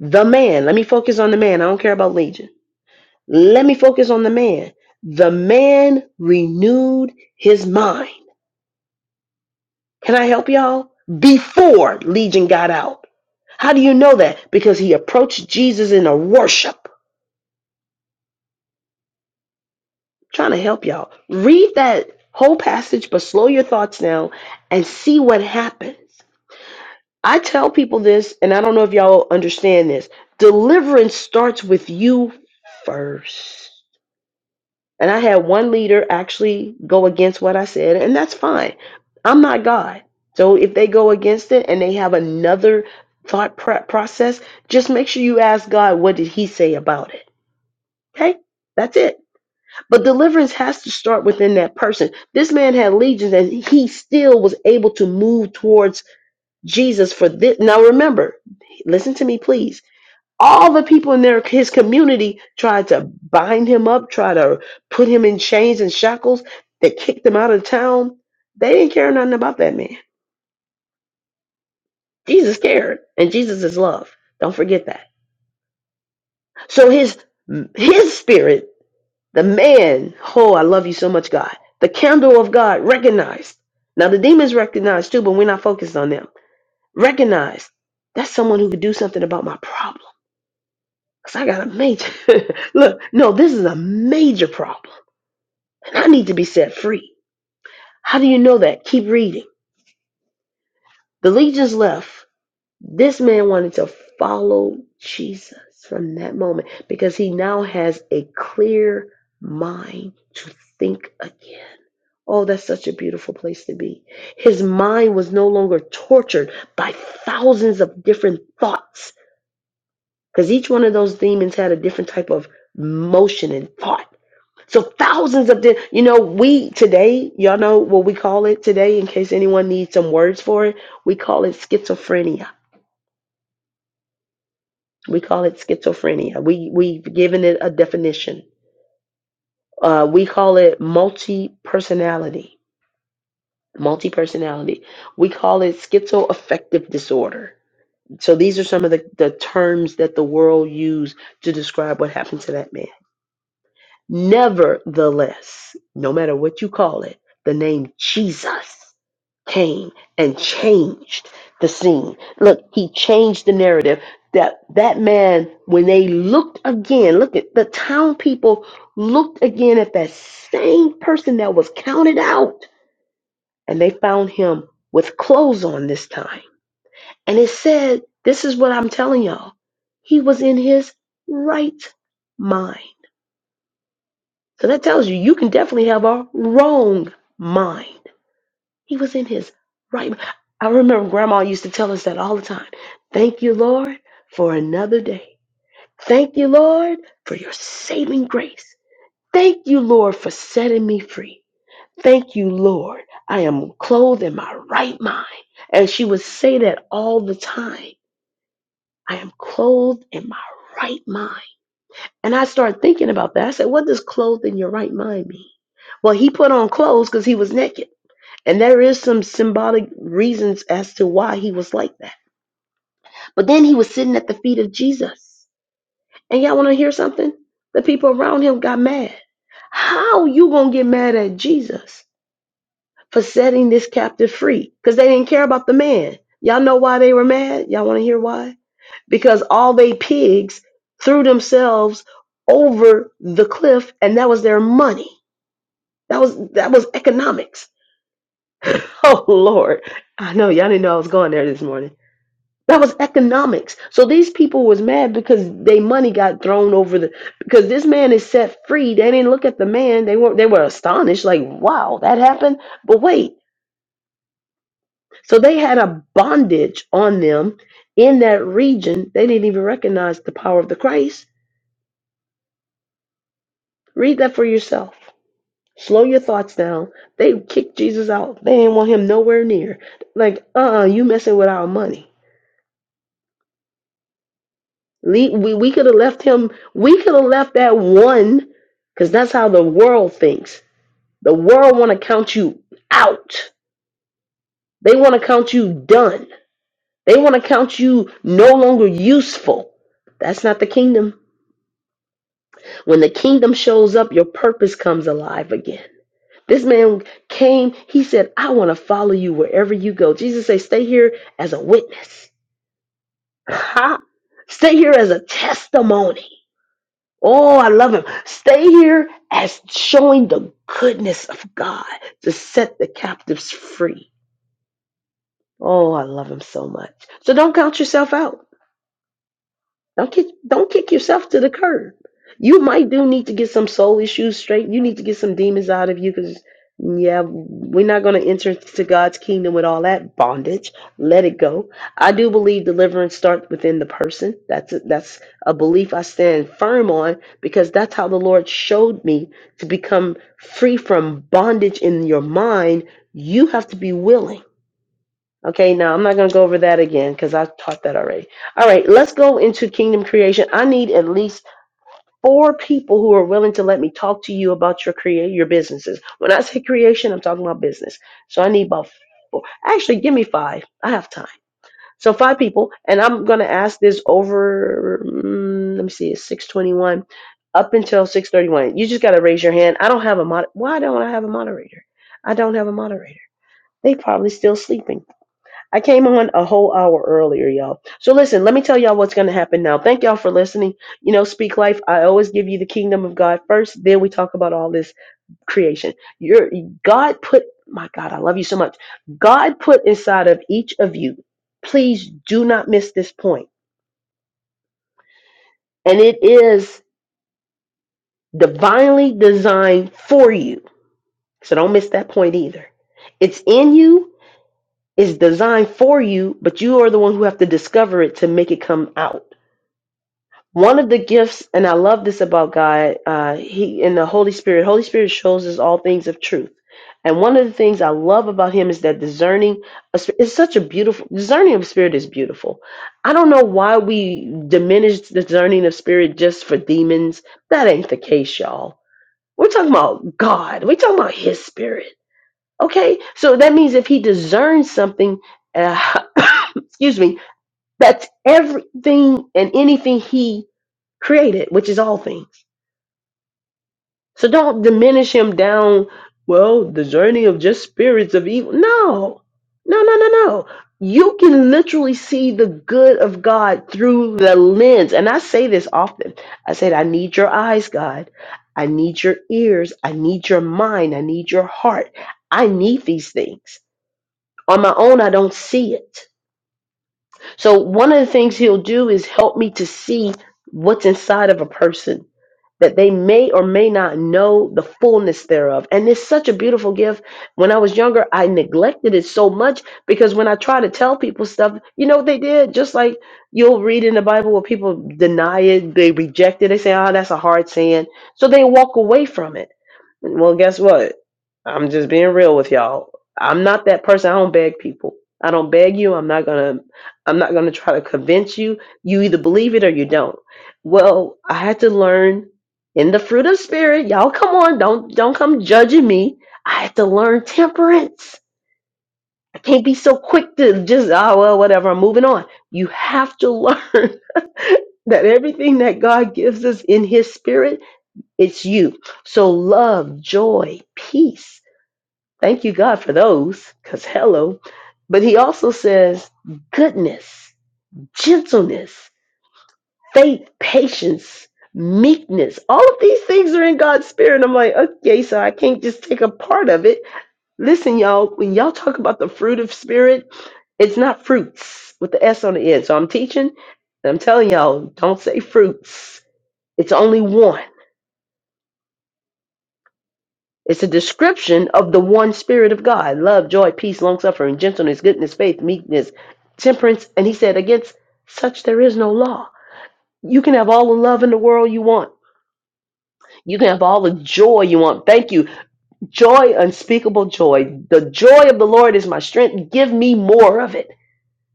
S1: the man. Let me focus on the man. I don't care about legion. Let me focus on the man. The man renewed his mind. Can I help y'all? Before legion got out. How do you know that? Because he approached Jesus in a worship. trying to help y'all. Read that whole passage, but slow your thoughts down and see what happens. I tell people this, and I don't know if y'all understand this. Deliverance starts with you first. And I had one leader actually go against what I said, and that's fine. I'm not God. So if they go against it and they have another thought pro- process, just make sure you ask God, what did he say about it? Okay, that's it. But deliverance has to start within that person. This man had legions, and he still was able to move towards Jesus for this. Now, remember, listen to me, please. All the people in their his community tried to bind him up, try to put him in chains and shackles. They kicked him out of town. They didn't care nothing about that man. Jesus cared, and Jesus is love. Don't forget that. So his his spirit The man, oh, I love you so much, God. The candle of God recognized. Now, the demons recognize too, but we're not focused on them. Recognize that's someone who could do something about my problem. Because I got a major. Look, no, this is a major problem. And I need to be set free. How do you know that? Keep reading. The legions left. This man wanted to follow Jesus from that moment because he now has a clear mind to think again. Oh, that's such a beautiful place to be. His mind was no longer tortured by thousands of different thoughts because each one of those demons had a different type of motion and thought. So thousands of the, you know, we today, y'all know what we call it today in case anyone needs some words for it, we call it schizophrenia. We call it schizophrenia. We we've given it a definition. Uh, we call it multi-personality. Multi-personality. We call it schizoaffective disorder So these are some of the, the terms that the world used to describe what happened to that man. Nevertheless, no matter what you call it, the name Jesus came and changed the scene. Look, he changed the narrative that that man, when they looked again, look at the town people looked again at that same person that was counted out and they found him with clothes on this time and it said, this is what I'm telling y'all. He was in his right mind. So that tells you, you can definitely have a wrong mind. He was in his right mind. I remember grandma used to tell us that all the time. Thank you, Lord, for another day. Thank you, Lord, for your saving grace. Thank you, Lord, for setting me free. Thank you, Lord. I am clothed in my right mind. And she would say that all the time. I am clothed in my right mind. And I started thinking about that. I said, what does clothed in your right mind mean? Well, he put on clothes because he was naked. And there is some symbolic reasons as to why he was like that. But then he was sitting at the feet of Jesus. And y'all want to hear something? The people around him got mad. How you going to get mad at Jesus for setting this captive free? Because they didn't care about the man. Y'all know why they were mad? Y'all want to hear why? because all they pigs threw themselves over the cliff and that was their money that was that was economics oh lord i know y'all didn't know i was going there this morning that was economics so these people was mad because they money got thrown over the because this man is set free they didn't look at the man they were they were astonished like wow that happened but wait so they had a bondage on them in that region they didn't even recognize the power of the christ read that for yourself Slow your thoughts down. They kicked Jesus out. They didn't want him nowhere near. Like, uh-uh, you messing with our money. Le- We, we could have left him, we could have left that one, because that's how the world thinks. The world want to count you out. They want to count you done. They want to count you no longer useful. That's not the kingdom. When the kingdom shows up, your purpose comes alive again. This man came, he said, I want to follow you wherever you go. Jesus said, Stay here as a witness. Ha! Stay here as a testimony. Oh, I love him. Stay here as showing the goodness of God to set the captives free. Oh, I love him so much. So don't count yourself out. Don't kick don't kick yourself to the curb. You might do need to get some soul issues straight. You need to get some demons out of you because yeah, we're not going to enter into God's kingdom with all that bondage. Let it go. I do believe deliverance starts within the person. That's a, that's a belief I stand firm on because that's how the Lord showed me to become free from bondage in your mind. You have to be willing. Okay, now I'm not going to go over that again because I taught that already. All right, let's go into kingdom creation. I need at least four people who are willing to let me talk to you about your create your businesses. When I say creation, I'm talking about business. So I need about four. Actually, give me five. I have time. So five people, and I'm going to ask this over. mm, let me see, it's 6:21 up until 6:31. You just got to raise your hand. I don't have a mod. Why don't I have a moderator? I don't have a moderator. They probably still sleeping. I came on a whole hour earlier, y'all. So listen, let me tell y'all what's going to happen now. Thank y'all for listening. You know, speak life. I always give you the kingdom of God first, then we talk about all this creation. Your God put my God, I love you so much. God put inside of each of you. Please do not miss this point. And it is divinely designed for you. So don't miss that point either. It's in you, it's designed for you, but you are the one who have to discover it to make it come out. one of the gifts and i love this about god uh, he and the holy spirit holy spirit shows us all things of truth and one of the things i love about him is that discerning is such a beautiful discerning of spirit is beautiful i don't know why we diminish discerning of spirit just for demons that ain't the case y'all we're talking about god we're talking about his spirit okay so that means if he discerns something uh, excuse me that's everything and anything he created, which is all things. So don't diminish him down, well, the journey of just spirits of evil. No, no, no, no, no. You can literally see the good of God through the lens. And I say this often I said, I need your eyes, God. I need your ears. I need your mind. I need your heart. I need these things. On my own, I don't see it. So one of the things he'll do is help me to see what's inside of a person that they may or may not know the fullness thereof. And it's such a beautiful gift. When I was younger, I neglected it so much because when I try to tell people stuff, you know what they did? Just like you'll read in the Bible where people deny it, they reject it, they say, oh, that's a hard saying. So they walk away from it. Well, guess what? I'm just being real with y'all. I'm not that person. I don't beg people. I don't beg you. I'm not gonna. I'm not gonna try to convince you. You either believe it or you don't. Well, I had to learn in the fruit of spirit. Y'all, come on. Don't don't come judging me. I had to learn temperance. I can't be so quick to just ah well whatever. I'm moving on. You have to learn that everything that God gives us in His Spirit it's you. So love, joy, peace. Thank you, God, for those, because hello. But he also says goodness, gentleness, faith, patience, meekness. All of these things are in God's spirit. I'm like, okay, so I can't just take a part of it. Listen, y'all, when y'all talk about the fruit of spirit, it's not fruits with the S on the end. So I'm teaching, and I'm telling y'all, don't say fruits. It's only one. It's a description of the one Spirit of God love, joy, peace, long suffering, gentleness, goodness, faith, meekness, temperance. And he said, against such there is no law. You can have all the love in the world you want. You can have all the joy you want. Thank you. Joy, unspeakable joy. The joy of the Lord is my strength. Give me more of it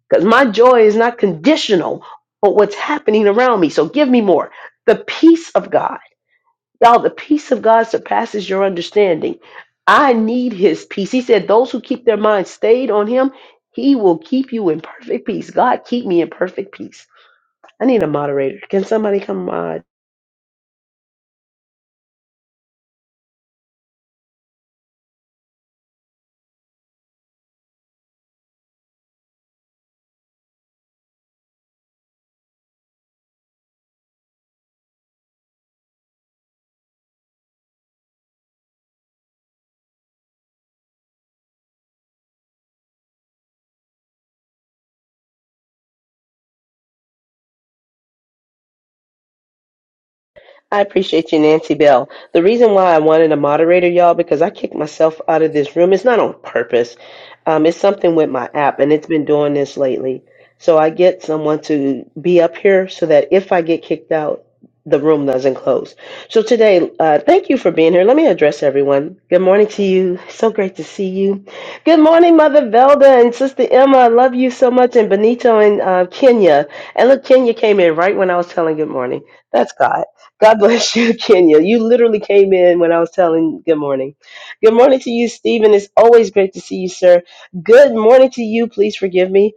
S1: because my joy is not conditional on what's happening around me. So give me more. The peace of God. Y'all, the peace of God surpasses your understanding. I need his peace. He said, Those who keep their minds stayed on him, he will keep you in perfect peace. God, keep me in perfect peace. I need a moderator. Can somebody come mod? I appreciate you, Nancy Bell. The reason why I wanted a moderator, y'all, because I kicked myself out of this room. It's not on purpose. Um, it's something with my app, and it's been doing this lately. So I get someone to be up here so that if I get kicked out, the room doesn't close. So today, uh, thank you for being here. Let me address everyone. Good morning to you. So great to see you. Good morning, Mother Velda and Sister Emma. I love you so much, and Benito and uh, Kenya. And look, Kenya came in right when I was telling good morning. That's God. God bless you, Kenya. You literally came in when I was telling good morning. Good morning to you, Stephen. It's always great to see you, sir. Good morning to you. Please forgive me.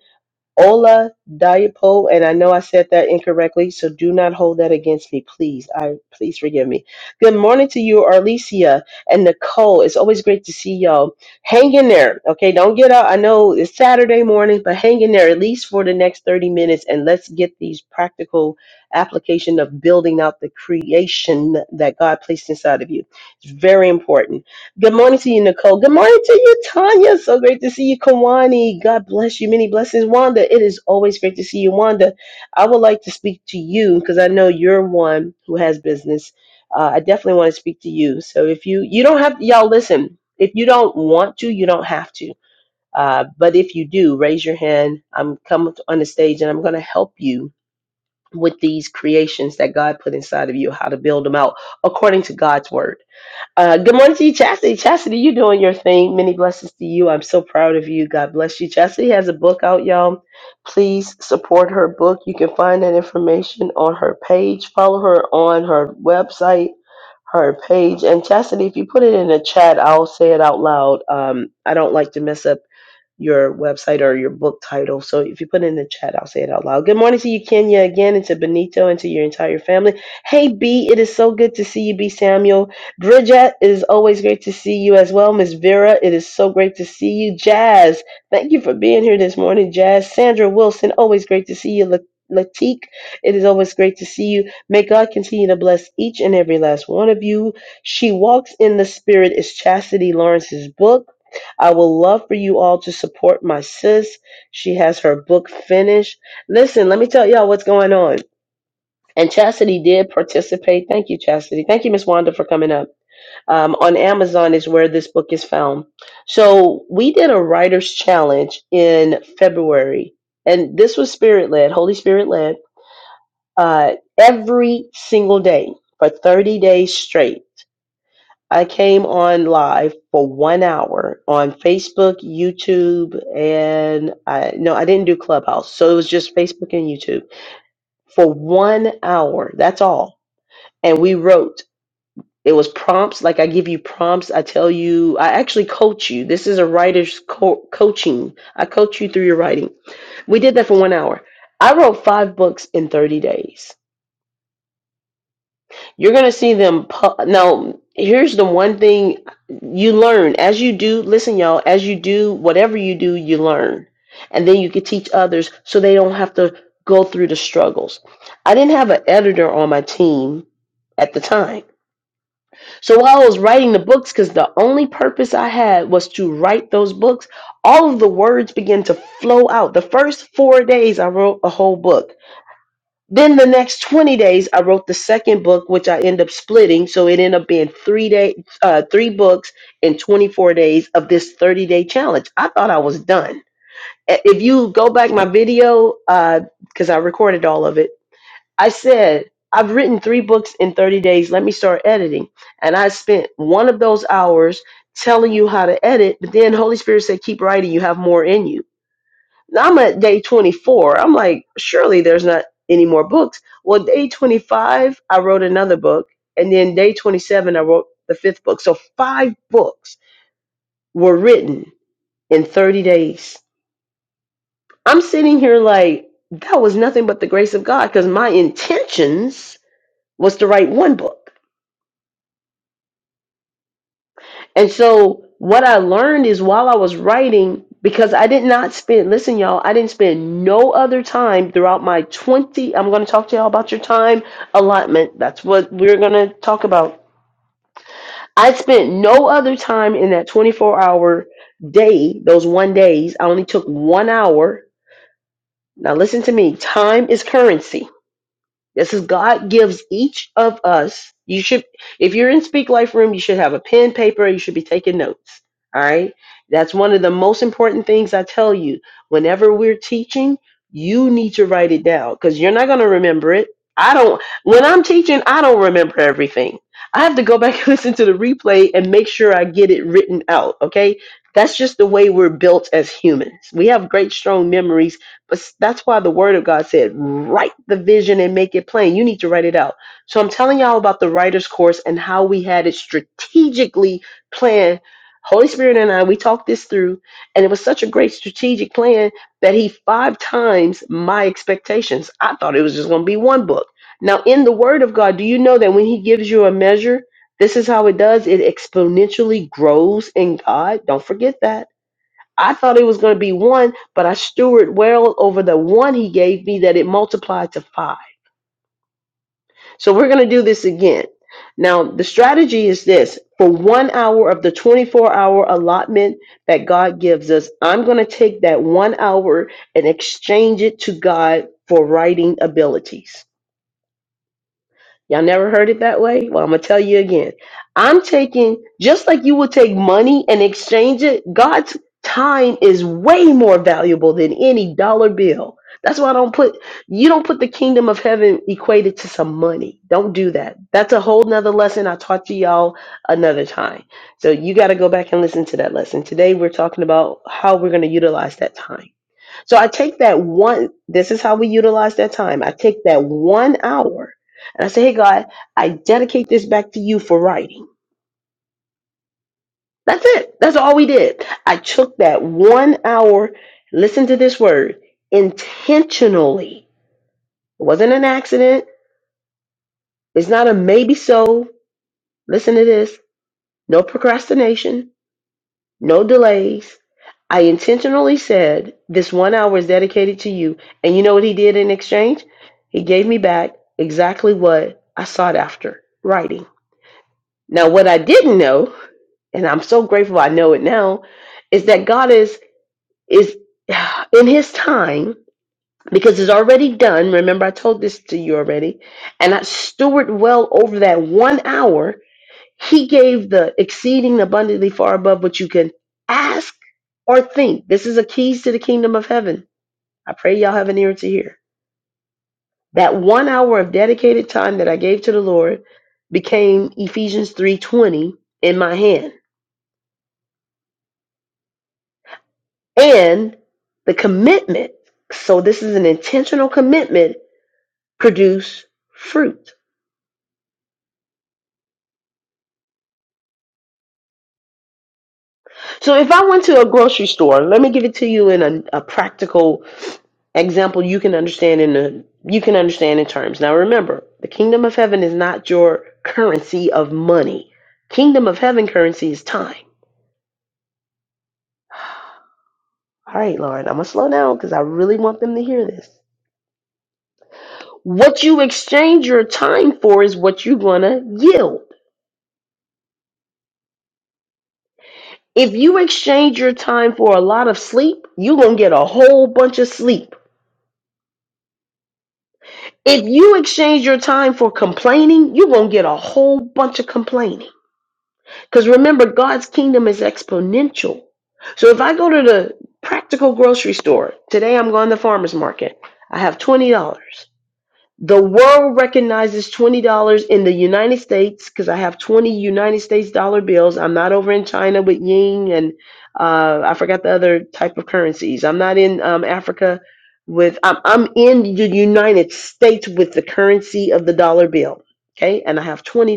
S1: Ola Diapo, and I know I said that incorrectly, so do not hold that against me, please. I please forgive me. Good morning to you, Arlesia and Nicole. It's always great to see y'all. Hang in there, okay? Don't get up. I know it's Saturday morning, but hang in there at least for the next 30 minutes and let's get these practical application of building out the creation that God placed inside of you. It's very important. Good morning to you, Nicole. Good morning to you, Tanya. So great to see you, Kawani. God bless you. Many blessings, Wanda. It is always great to see you, Wanda. I would like to speak to you because I know you're one who has business. Uh, I definitely want to speak to you. So if you you don't have y'all listen, if you don't want to, you don't have to. Uh, but if you do, raise your hand. I'm coming on the stage and I'm going to help you with these creations that God put inside of you, how to build them out according to God's word uh, good morning to you, Chastity. Chastity, you doing your thing. Many blessings to you. I'm so proud of you. God bless you. Chastity has a book out, y'all. Please support her book. You can find that information on her page. Follow her on her website, her page. And Chastity, if you put it in the chat, I'll say it out loud. Um, I don't like to mess up your website or your book title. So if you put it in the chat, I'll say it out loud. Good morning to you, Kenya, again, and to Benito and to your entire family. Hey, B, it is so good to see you, B Samuel. Bridget, it is always great to see you as well. Miss Vera, it is so great to see you. Jazz, thank you for being here this morning, Jazz. Sandra Wilson, always great to see you. La- Latique, it is always great to see you. May God continue to bless each and every last one of you. She Walks in the Spirit is Chastity Lawrence's book. I would love for you all to support my sis. She has her book finished. Listen, let me tell y'all what's going on. And Chastity did participate. Thank you, Chastity. Thank you, Miss Wanda, for coming up. Um, on Amazon is where this book is found. So we did a writer's challenge in February, and this was spirit led, Holy Spirit led, uh, every single day for 30 days straight I came on live for one hour on Facebook, YouTube, and I no, I didn't do Clubhouse. So it was just Facebook and YouTube for one hour. That's all. And we wrote. It was prompts. Like I give you prompts. I tell you. I actually coach you. This is a writer's co- coaching. I coach you through your writing. We did that for one hour. I wrote five books in 30 days. You're going to see them. Pu- now, here's the one thing you learn as you do. Listen, y'all, as you do whatever you do, you learn. And then you can teach others so they don't have to go through the struggles. I didn't have an editor on my team at the time. So while I was writing the books, because the only purpose I had was to write those books, all of the words began to flow out. The first four days, I wrote a whole book. Then the next 20 days, I wrote the second book, which I end up splitting. So it ended up being three day, uh, three books in 24 days of this 30 day challenge. I thought I was done. I- If you go back my video, because I recorded all of it, I said, I've written three books in 30 days. Let me start editing. And I spent one of those hours telling you how to edit. But then Holy Spirit said, keep writing. You have more in you. I'm at day 24. I'm like, surely there's not any more books. Well, day 25, I wrote another book. And then day 27, I wrote the fifth book. So five books were written in 30 days. I'm sitting here like, that was nothing but the grace of God because my intentions was to write one book. And so what I learned is while I was writing, because I did not spend, listen, y'all, I didn't spend no other time throughout my 20. I'm going to talk to y'all about your time allotment. That's what we're going to talk about. I spent no other time in that 24 hour day, those one days. I only took one hour. Now, listen to me time is currency. This is God gives each of us. You should, if you're in Speak Life Room, you should have a pen, paper, you should be taking notes. All right. That's one of the most important things I tell you. Whenever we're teaching, you need to write it down because you're not going to remember it. I don't, when I'm teaching, I don't remember everything. I have to go back and listen to the replay and make sure I get it written out. Okay. That's just the way we're built as humans. We have great, strong memories but s- that's why the word of God said, write the vision and make it plain. You need to write it out. So I'm telling y'all about the writer's course and how we had it strategically planned. Holy Spirit and I, we talked this through, and it was such a great strategic plan that he five times my expectations. I thought it was just going to be one book. Now, in the Word of God, do you know that when He gives you a measure, this is how it does? It exponentially grows in God. Don't forget that I thought it was going to be one, but I steward well over the one he gave me that it multiplied to five. So we're going to do this again. Now, the strategy is this for one hour of the 24 hour allotment that God gives us, I'm going to take that one hour and exchange it to God for writing abilities. Y'all never heard it that way? Well, I'm going to tell you again. I'm taking, just like you would take money and exchange it, God's time is way more valuable than any dollar bill. That's why I don't put, you don't put the kingdom of heaven equated to some money. Don't do that. That's a whole nother lesson I taught you y'all another time. So you got to go back and listen to that lesson. Today, we're talking about how we're going to utilize that time. So I take that one, this is how we utilize that time. I take that one hour and I say, hey, God, I dedicate this back to you for writing. That's it. That's all we did. I took that one hour, listen to this word, intentionally. It wasn't an accident. It's not a maybe so. Listen to this. No procrastination No delays. I intentionally said this one hour is dedicated to you. And you know what he did in exchange? He gave me back exactly what I sought after writing. Now, what I didn't know, and I'm so grateful I know it now, is that God is is in His time because it's already done. Remember, I told this to you already, and I steward well over that one hour. He gave the exceeding abundantly far above what you can ask or think. This is a keys to the kingdom of heaven. I pray y'all have an ear to hear. That one hour of dedicated time that I gave to the Lord became Ephesians 3:20 in my hand. And the commitment, so this is an intentional commitment, produce fruit. So if I went to a grocery store, let me give it to you in a, a practical Example you can understand in the you can understand in terms. Now remember, the kingdom of heaven is not your currency of money. Kingdom of heaven currency is time. All right, Lord, I'm gonna slow down because I really want them to hear this. What you exchange your time for is what you're gonna yield. If you exchange your time for a lot of sleep, you're gonna get a whole bunch of sleep. If you exchange your time for complaining, you're gonna get a whole bunch of complaining. Because remember, God's kingdom is exponential. So if I go to the practical grocery store, today I'm going to the farmer's market, I have $20. The world recognizes $20 in the United States because I have 20 United States dollar bills. I'm not over in China with Ying and uh, I forgot the other type of currencies. I'm not in um, Africa with, I'm, I'm in the United States with the currency of the dollar bill. Okay. And I have $20.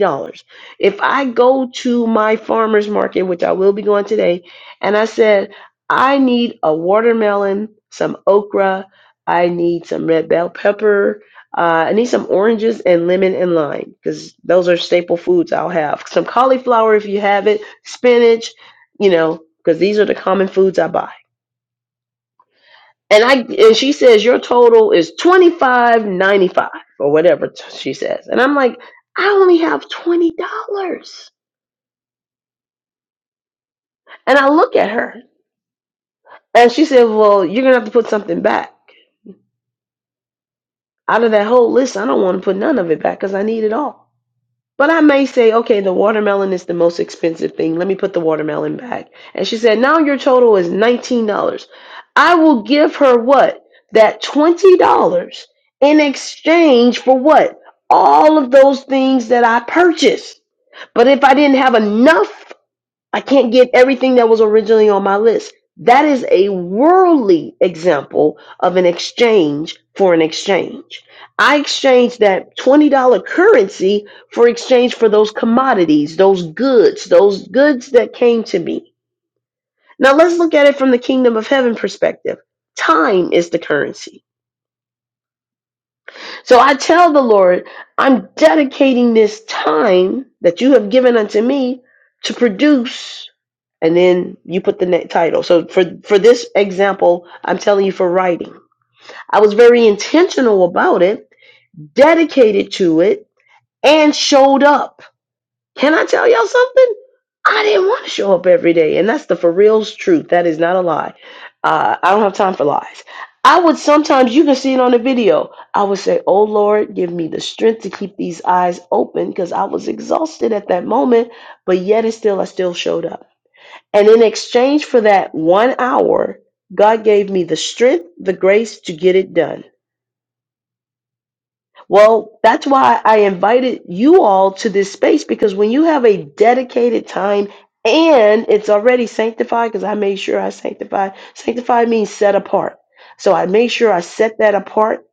S1: If I go to my farmer's market, which I will be going today, and I said, I need a watermelon, some okra, I need some red bell pepper. Uh, I need some oranges and lemon and lime because those are staple foods I'll have. Some cauliflower if you have it, spinach, you know, because these are the common foods I buy. And I and she says your total is twenty five ninety five or whatever t- she says, and I'm like, I only have twenty dollars. And I look at her and she said, Well, you're gonna have to put something back out of that whole list. I don't want to put none of it back because I need it all. But I may say, okay, the watermelon is the most expensive thing. Let me put the watermelon back. And she said, now your total is $19. I will give her what? That $20 in exchange for what? All of those things that I purchased. But if I didn't have enough I can't get everything that was originally on my list. That is a worldly example of an exchange for an exchange. I exchanged that $20 currency for exchange for those commodities, those goods, those goods that came to me. Now let's look at it from the kingdom of heaven perspective. Time is the currency. So I tell the Lord, I'm dedicating this time that you have given unto me to produce and then you put the next title. So for for this example, I'm telling you for writing. I was very intentional about it, dedicated to it, and showed up. Can I tell y'all something? I didn't want to show up every day, and that's the for real's truth. That is not a lie. Uh, I don't have time for lies. I would sometimes you can see it on the video. I would say, "Oh Lord, give me the strength to keep these eyes open," because I was exhausted at that moment. But yet, and still, I still showed up. And in exchange for that one hour, God gave me the strength, the grace to get it done. Well, that's why I invited you all to this space because when you have a dedicated time and it's already sanctified, because I made sure I sanctified, sanctified means set apart. So I made sure I set that apart.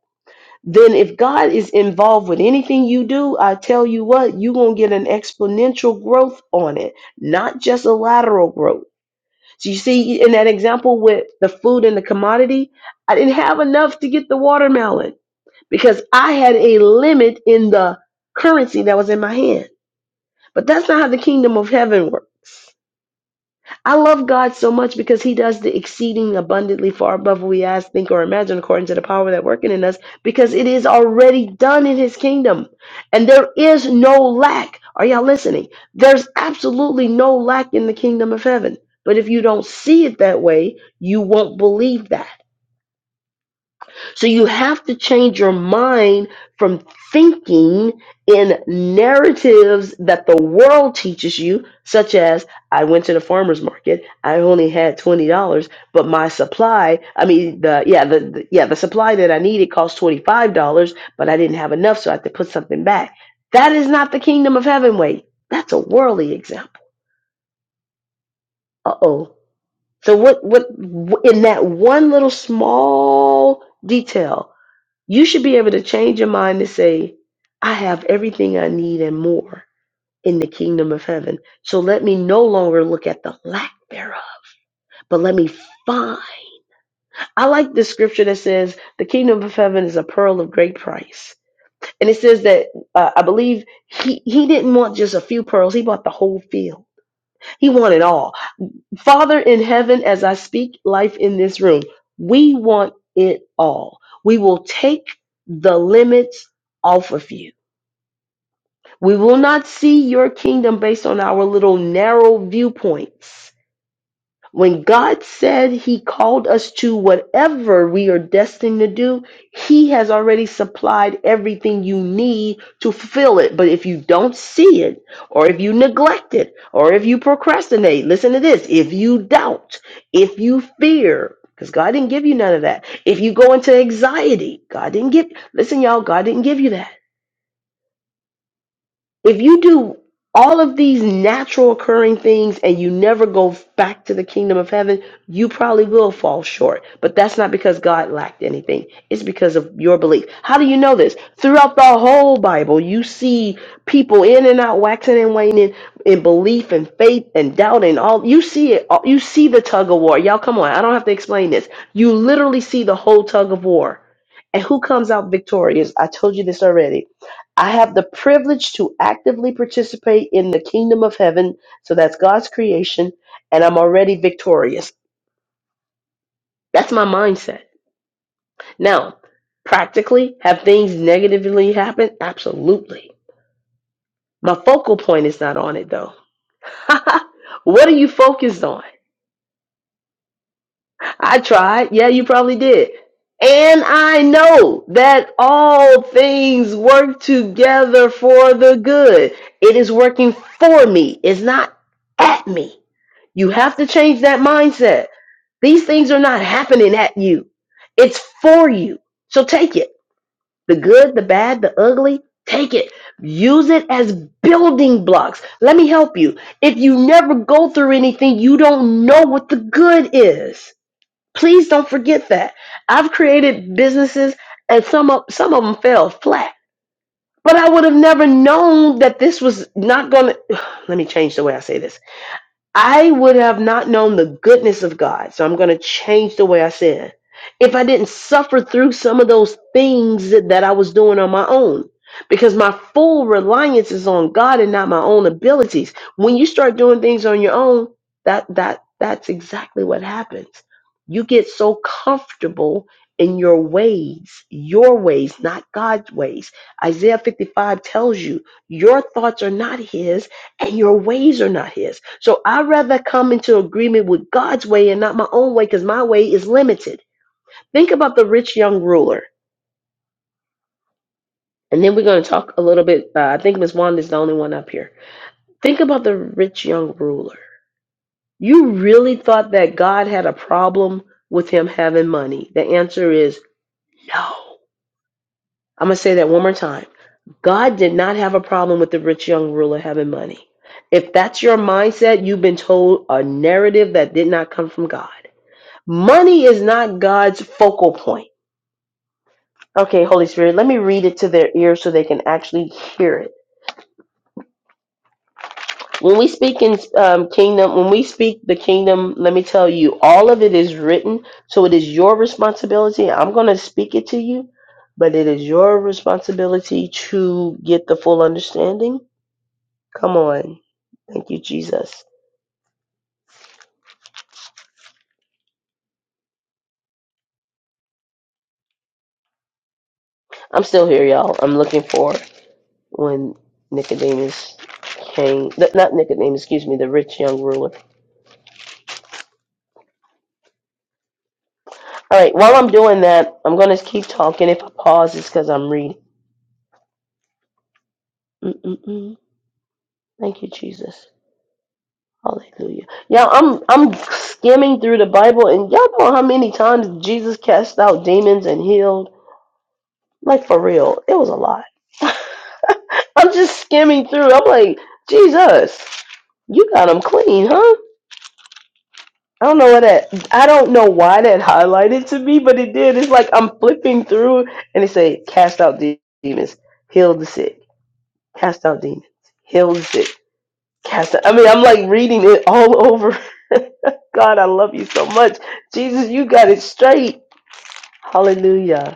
S1: Then if God is involved with anything you do, I tell you what, you're going to get an exponential growth on it, not just a lateral growth. So you see in that example with the food and the commodity, I didn't have enough to get the watermelon because I had a limit in the currency that was in my hand. But that's not how the kingdom of heaven works. I love God so much because He does the exceeding abundantly far above what we ask, think, or imagine, according to the power that working in us, because it is already done in His kingdom. And there is no lack. Are y'all listening? There's absolutely no lack in the kingdom of heaven. But if you don't see it that way, you won't believe that. So you have to change your mind from thinking in narratives that the world teaches you, such as I went to the farmer's market, I only had twenty dollars, but my supply, I mean the yeah, the, the yeah, the supply that I needed cost twenty-five dollars, but I didn't have enough, so I had to put something back. That is not the kingdom of heaven way. That's a worldly example. Uh-oh. So what what in that one little small detail you should be able to change your mind to say, I have everything I need and more in the kingdom of heaven. So let me no longer look at the lack thereof, but let me find. I like the scripture that says, The kingdom of heaven is a pearl of great price. And it says that uh, I believe he, he didn't want just a few pearls, he bought the whole field. He wanted all. Father in heaven, as I speak life in this room, we want it all. We will take the limits off of you We will not see your kingdom based on our little narrow viewpoints. When God said he called us to whatever we are destined to do, he has already supplied everything you need to fulfill it. But if you don't see it, or if you neglect it, or if you procrastinate, listen to this if you doubt, if you fear, because God didn't give you none of that. If you go into anxiety, God didn't give, listen, y'all, God didn't give you that. If you do all of these natural occurring things and you never go back to the kingdom of heaven, you probably will fall short. But that's not because God lacked anything, it's because of your belief. How do you know this? Throughout the whole Bible, you see people in and out, waxing and waning in belief and faith and doubt and all. You see it, all- you see the tug of war. Y'all, come on, I don't have to explain this. You literally see the whole tug of war. And who comes out victorious? I told you this already I have the privilege to actively participate in the kingdom of heaven. So that's God's creation, and I'm already victorious. That's my mindset. Now, practically, have things negatively happened? Absolutely. My focal point is not on it, though. what are you focused on? I tried. Yeah, you probably did. And I know that all things work together for the good. It is working for me, it's not at me. You have to change that mindset. These things are not happening at you, it's for you. So take it the good, the bad, the ugly. Take it. Use it as building blocks. Let me help you. If you never go through anything, you don't know what the good is. Please don't forget that. I've created businesses and some of, some of them fell flat. But I would have never known that this was not going to let me change the way I say this. I would have not known the goodness of God. So I'm going to change the way I sin. If I didn't suffer through some of those things that, that I was doing on my own, because my full reliance is on God and not my own abilities. When you start doing things on your own, that that that's exactly what happens. You get so comfortable in your ways, your ways, not God's ways. Isaiah 55 tells you your thoughts are not his and your ways are not his. So I'd rather come into agreement with God's way and not my own way because my way is limited. Think about the rich young ruler. And then we're going to talk a little bit. Uh, I think Miss Wanda is the only one up here. Think about the rich young ruler. You really thought that God had a problem with him having money? The answer is no. I'm going to say that one more time. God did not have a problem with the rich young ruler having money. If that's your mindset, you've been told a narrative that did not come from God. Money is not God's focal point. Okay, Holy Spirit, let me read it to their ears so they can actually hear it. When we speak in um, kingdom, when we speak the kingdom, let me tell you, all of it is written. So it is your responsibility. I'm going to speak it to you, but it is your responsibility to get the full understanding. Come on. Thank you, Jesus. I'm still here, y'all. I'm looking for when Nicodemus came, th- not Nicodemus, excuse me, the rich young ruler All right, while I'm doing that, I'm going to keep talking. If I pause, it's because I'm reading. Mm-mm-mm. Thank you, Jesus. Hallelujah. Yeah, I'm I'm skimming through the Bible, and y'all know how many times Jesus cast out demons and healed. Like for real, it was a lot. I'm just skimming through. I'm like, Jesus, you got them clean, huh? I don't know what that. I don't know why that highlighted to me, but it did. It's like I'm flipping through, and it say, cast out de- demons, heal the sick cast out demons, heal the sick, cast out. I mean, I'm like reading it all over. God, I love you so much. Jesus, you got it straight. Hallelujah.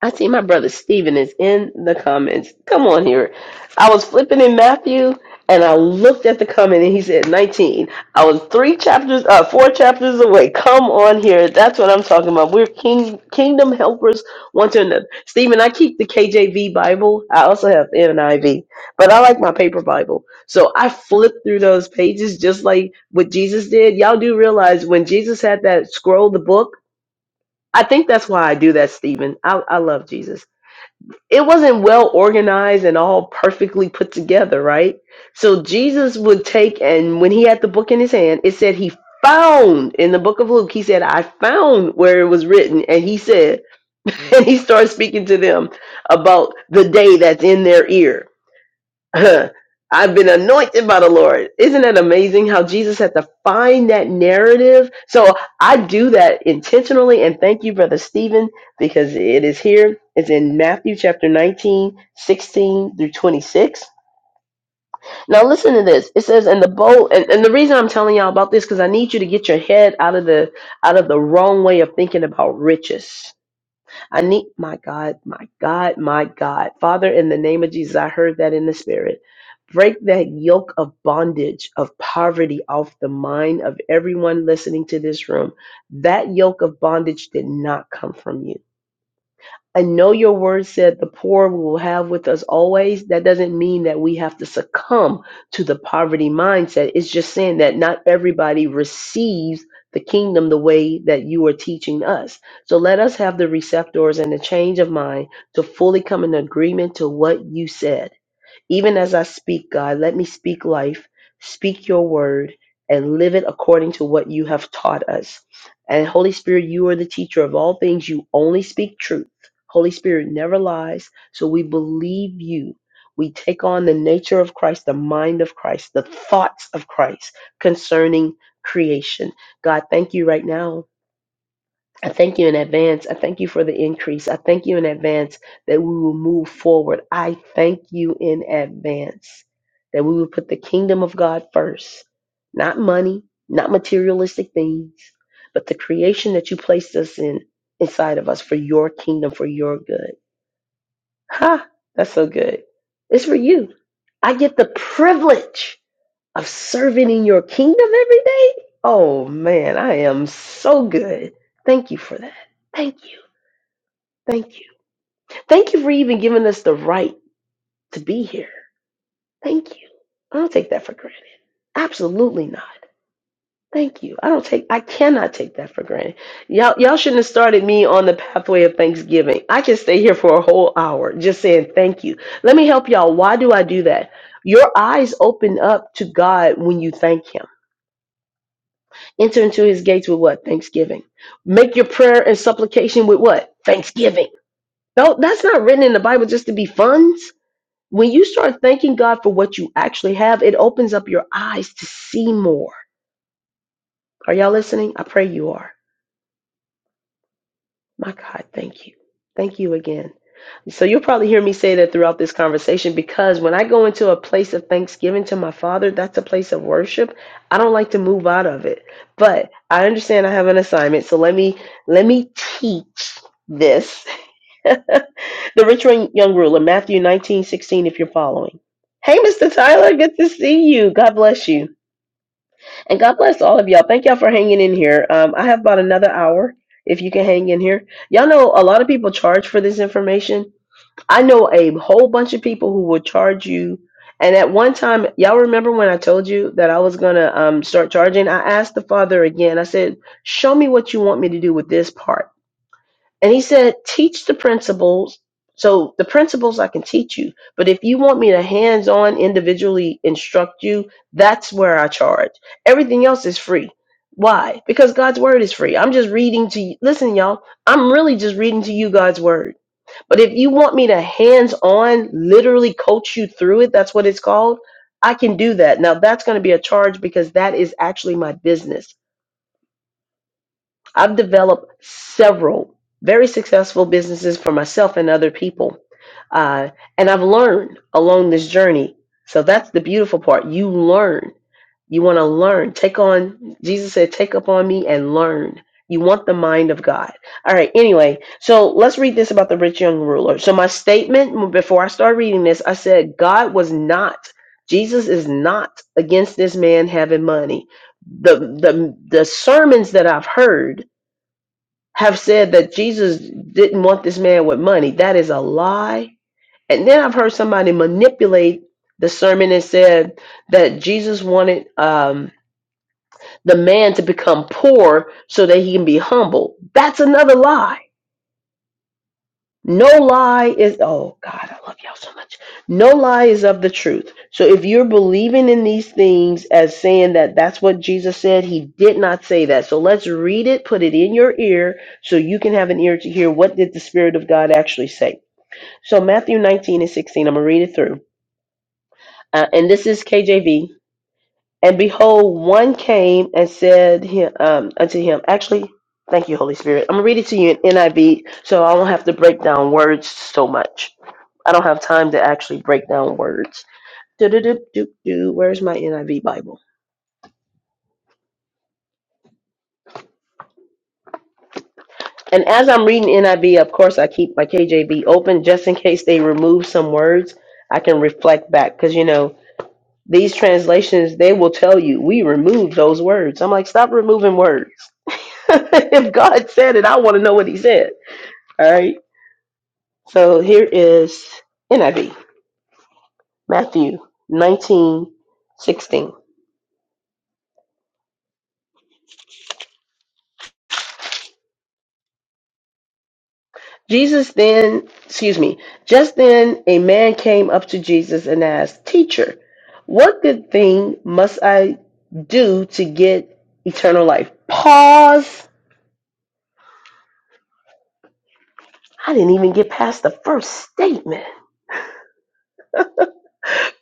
S1: I see my brother Stephen is in the comments. Come on here. I was flipping in Matthew and I looked at the comment and he said 19. I was three chapters, uh, four chapters away. Come on here. That's what I'm talking about. We're king, kingdom helpers one to another. Stephen, I keep the KJV Bible. I also have the NIV, but I like my paper Bible. So I flip through those pages just like what Jesus did. Y'all do realize when Jesus had that scroll, the book, I think that's why I do that, Stephen. I, I love Jesus it wasn't well organized and all perfectly put together, right? So Jesus would take, and when he had the book in his hand, it said he found in the book of Luke, he said, I found where it was written. And he said, and he started speaking to them about the day that's in their ear I've been anointed by the Lord. Isn't it amazing how Jesus had to find that narrative? So I do that intentionally. And thank you, Brother Stephen, because it is here. It's in Matthew chapter 19, 16 through 26. Now, listen to this. It says, and the bowl, and, and the reason I'm telling y'all about this, because I need you to get your head out of the out of the wrong way of thinking about riches I need my God, my God, my God. Father, in the name of Jesus, I heard that in the spirit. Break that yoke of bondage, of poverty off the mind of everyone listening to this room. That yoke of bondage did not come from you. I know your word said the poor we will have with us always. That doesn't mean that we have to succumb to the poverty mindset. It's just saying that not everybody receives the kingdom the way that you are teaching us. So let us have the receptors and the change of mind to fully come in agreement to what you said. Even as I speak, God, let me speak life, speak your word, and live it according to what you have taught us. And Holy Spirit, you are the teacher of all things. You only speak truth. Holy Spirit never lies. So we believe you. We take on the nature of Christ, the mind of Christ, the thoughts of Christ concerning creation. God, thank you right now I thank you in advance. I thank you for the increase. I thank you in advance that we will move forward. I thank you in advance that we will put the kingdom of God first, not money, not materialistic things, but the creation that you placed us in inside of us for your kingdom, for your good. Ha! That's so good. It's for you. I get the privilege of serving in your kingdom every day. Oh man, I am so good. Thank you for that. Thank you. Thank you. Thank you for even giving us the right to be here. Thank you. I don't take that for granted. Absolutely not. Thank you. I don't take I cannot take that for granted. Y'all y'all shouldn't have started me on the pathway of Thanksgiving. I can stay here for a whole hour just saying thank you. Let me help y'all. Why do I do that? Your eyes open up to God when you thank him Enter into his gates with what? Thanksgiving. Make your prayer and supplication with what? Thanksgiving. No, that's not written in the Bible just to be funds. When you start thanking God for what you actually have, it opens up your eyes to see more. Are y'all listening? I pray you are. My God, thank you. Thank you again. So you'll probably hear me say that throughout this conversation because when I go into a place of thanksgiving to my father, that's a place of worship. I don't like to move out of it. But I understand I have an assignment, so let me let me teach this. the rich young ruler, Matthew 19 16. if you're following. Hey, Mr. Tyler, good to see you. God bless you. And God bless all of y'all. Thank y'all for hanging in here. Um, I have about another hour if you can hang in here. Y'all know a lot of people charge for this information I know a whole bunch of people who will charge you. And at one time, y'all remember when I told you that I was gonna um, start charging? I asked the father again. I said, "Show me what you want me to do with this part." And he said, "Teach the principles." So the principles I can teach you, but if you want me to hands-on individually instruct you, that's where I charge. Everything else is free. Why? Because God's word is free. I'm just reading to you. Listen, y'all. I'm really just reading to you God's word. But if you want me to hands on literally coach you through it, that's what it's called, I can do that. Now, that's going to be a charge because that is actually my business. I've developed several very successful businesses for myself and other people. Uh, and I've learned along this journey. So that's the beautiful part. You learn. You want to learn. Take on, Jesus said, take up on me and learn. You want the mind of God. All right, anyway, so let's read this about the rich young ruler. So, my statement before I start reading this, I said, God was not, Jesus is not against this man having money. The, the, the sermons that I've heard have said that Jesus didn't want this man with money. That is a lie. And then I've heard somebody manipulate the sermon and said that Jesus wanted um, the man to become poor so that he can be humble. That's another lie. No lie is, oh God, I love y'all so much. No lie is of the truth. So if you're believing in these things as saying that that's what Jesus said, he did not say that. So let's read it, put it in your ear so you can have an ear to hear what did the Spirit of God actually say. So Matthew 19 and 16, I'm going to read it through. Uh, and this is KJV. And behold, one came and said him, um, unto him, actually, thank you, Holy Spirit. I'm going to read it to you in NIV so I won't have to break down words so much. I don't have time to actually break down words. Do-do-do-do-do. Where's my NIV Bible? And as I'm reading NIV, of course, I keep my KJV open just in case they remove some words. I can reflect back because, you know, these translations, they will tell you, we removed those words. I'm like, stop removing words. if God said it, I want to know what he said. All right. So here is NIV, Matthew 19:16. Jesus then, excuse me, just then a man came up to Jesus and asked, Teacher, what good thing must I do to get eternal life? Pause. I didn't even get past the first statement.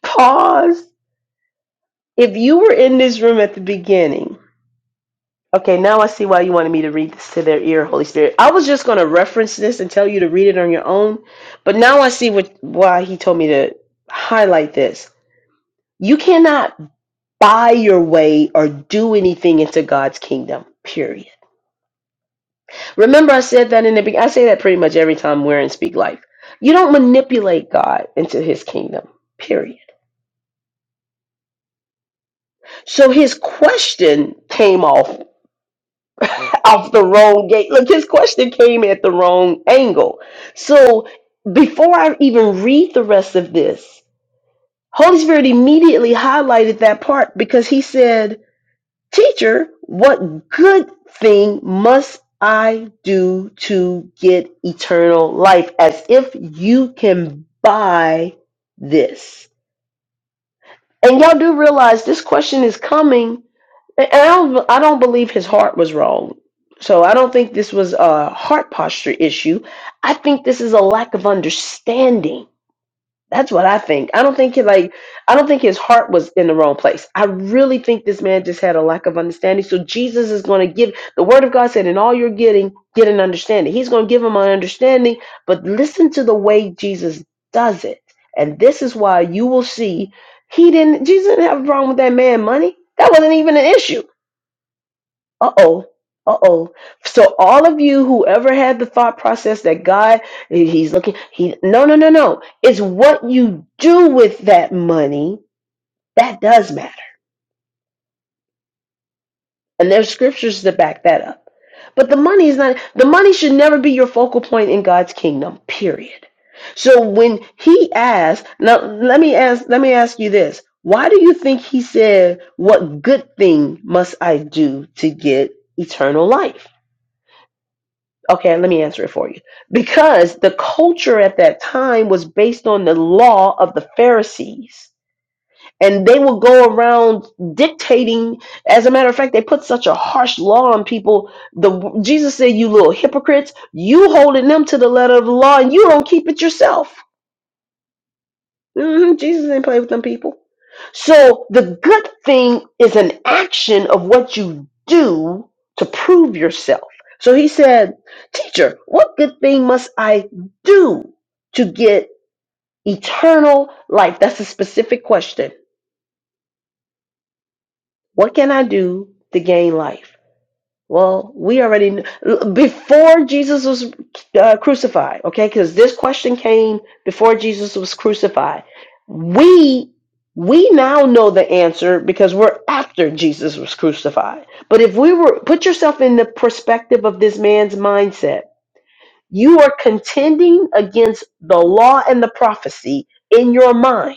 S1: Pause. If you were in this room at the beginning, okay, now I see why you wanted me to read this to their ear, Holy Spirit. I was just going to reference this and tell you to read it on your own, but now I see what, why he told me to highlight this. You cannot buy your way or do anything into God's kingdom. Period. Remember, I said that in the beginning. I say that pretty much every time we're in Speak Life. You don't manipulate God into His kingdom. Period. So his question came off off the wrong gate. Look, his question came at the wrong angle. So before I even read the rest of this, Holy Spirit immediately highlighted that part because he said Teacher, what good thing must I do to get eternal life? As if you can buy this. And y'all do realize this question is coming. And I don't, I don't believe his heart was wrong. So I don't think this was a heart posture issue. I think this is a lack of understanding that's what I think. I don't think he like I don't think his heart was in the wrong place. I really think this man just had a lack of understanding. So Jesus is going to give the word of God said in all you're getting, get an understanding. He's going to give him an understanding, but listen to the way Jesus does it. And this is why you will see he didn't Jesus didn't have a problem with that man money. That wasn't even an issue. Uh oh. Uh oh. So all of you, whoever had the thought process that God, He's looking, He no, no, no, no. It's what you do with that money that does matter, and there's scriptures to back that up. But the money is not. The money should never be your focal point in God's kingdom. Period. So when He asks, now let me ask, let me ask you this: Why do you think He said, "What good thing must I do to get eternal life"? Okay, let me answer it for you. Because the culture at that time was based on the law of the Pharisees. And they would go around dictating. As a matter of fact, they put such a harsh law on people. The Jesus said, "You little hypocrites, you holding them to the letter of the law, and you don't keep it yourself." hmm Jesus didn't play with them people. So the good thing is an action of what you do to prove yourself. So he said, Teacher, what good thing must I do to get eternal life? That's a specific question. What can I do to gain life? Well, we already kn- before Jesus was uh, crucified, okay? Because this question came before Jesus was crucified. We we now know the answer because we're after Jesus was crucified. But if we were put yourself in the perspective of this man's mindset, you are contending against the law and the prophecy in your mind.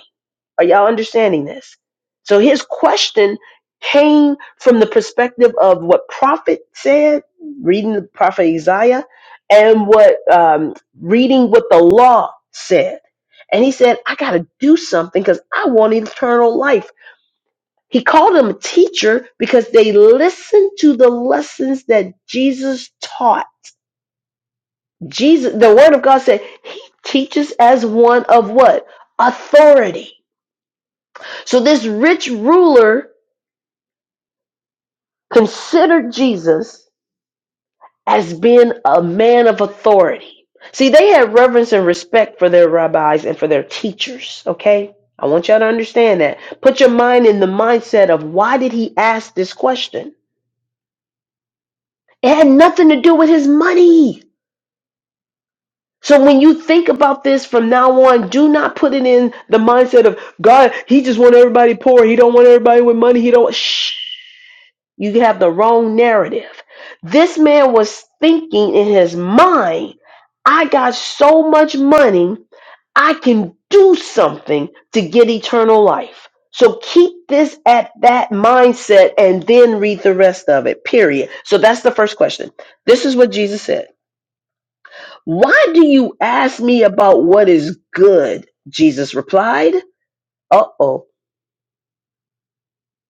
S1: Are y'all understanding this? So his question came from the perspective of what prophet said, reading the prophet Isaiah, and what um, reading what the law said. And he said, I got to do something because I want eternal life. He called them a teacher because they listened to the lessons that Jesus taught. Jesus, the word of God said, he teaches as one of what? Authority. So this rich ruler considered Jesus as being a man of authority. See, they had reverence and respect for their rabbis and for their teachers, okay? I want y'all to understand that. Put your mind in the mindset of why did he ask this question? It had nothing to do with his money. So when you think about this from now on, do not put it in the mindset of God, he just want everybody poor. He don't want everybody with money. He don't shh. You have the wrong narrative. This man was thinking in his mind, I got so much money, I can do something to get eternal life. So keep this at that mindset and then read the rest of it. Period. So that's the first question. This is what Jesus said. Why do you ask me about what is good? Jesus replied. Uh oh.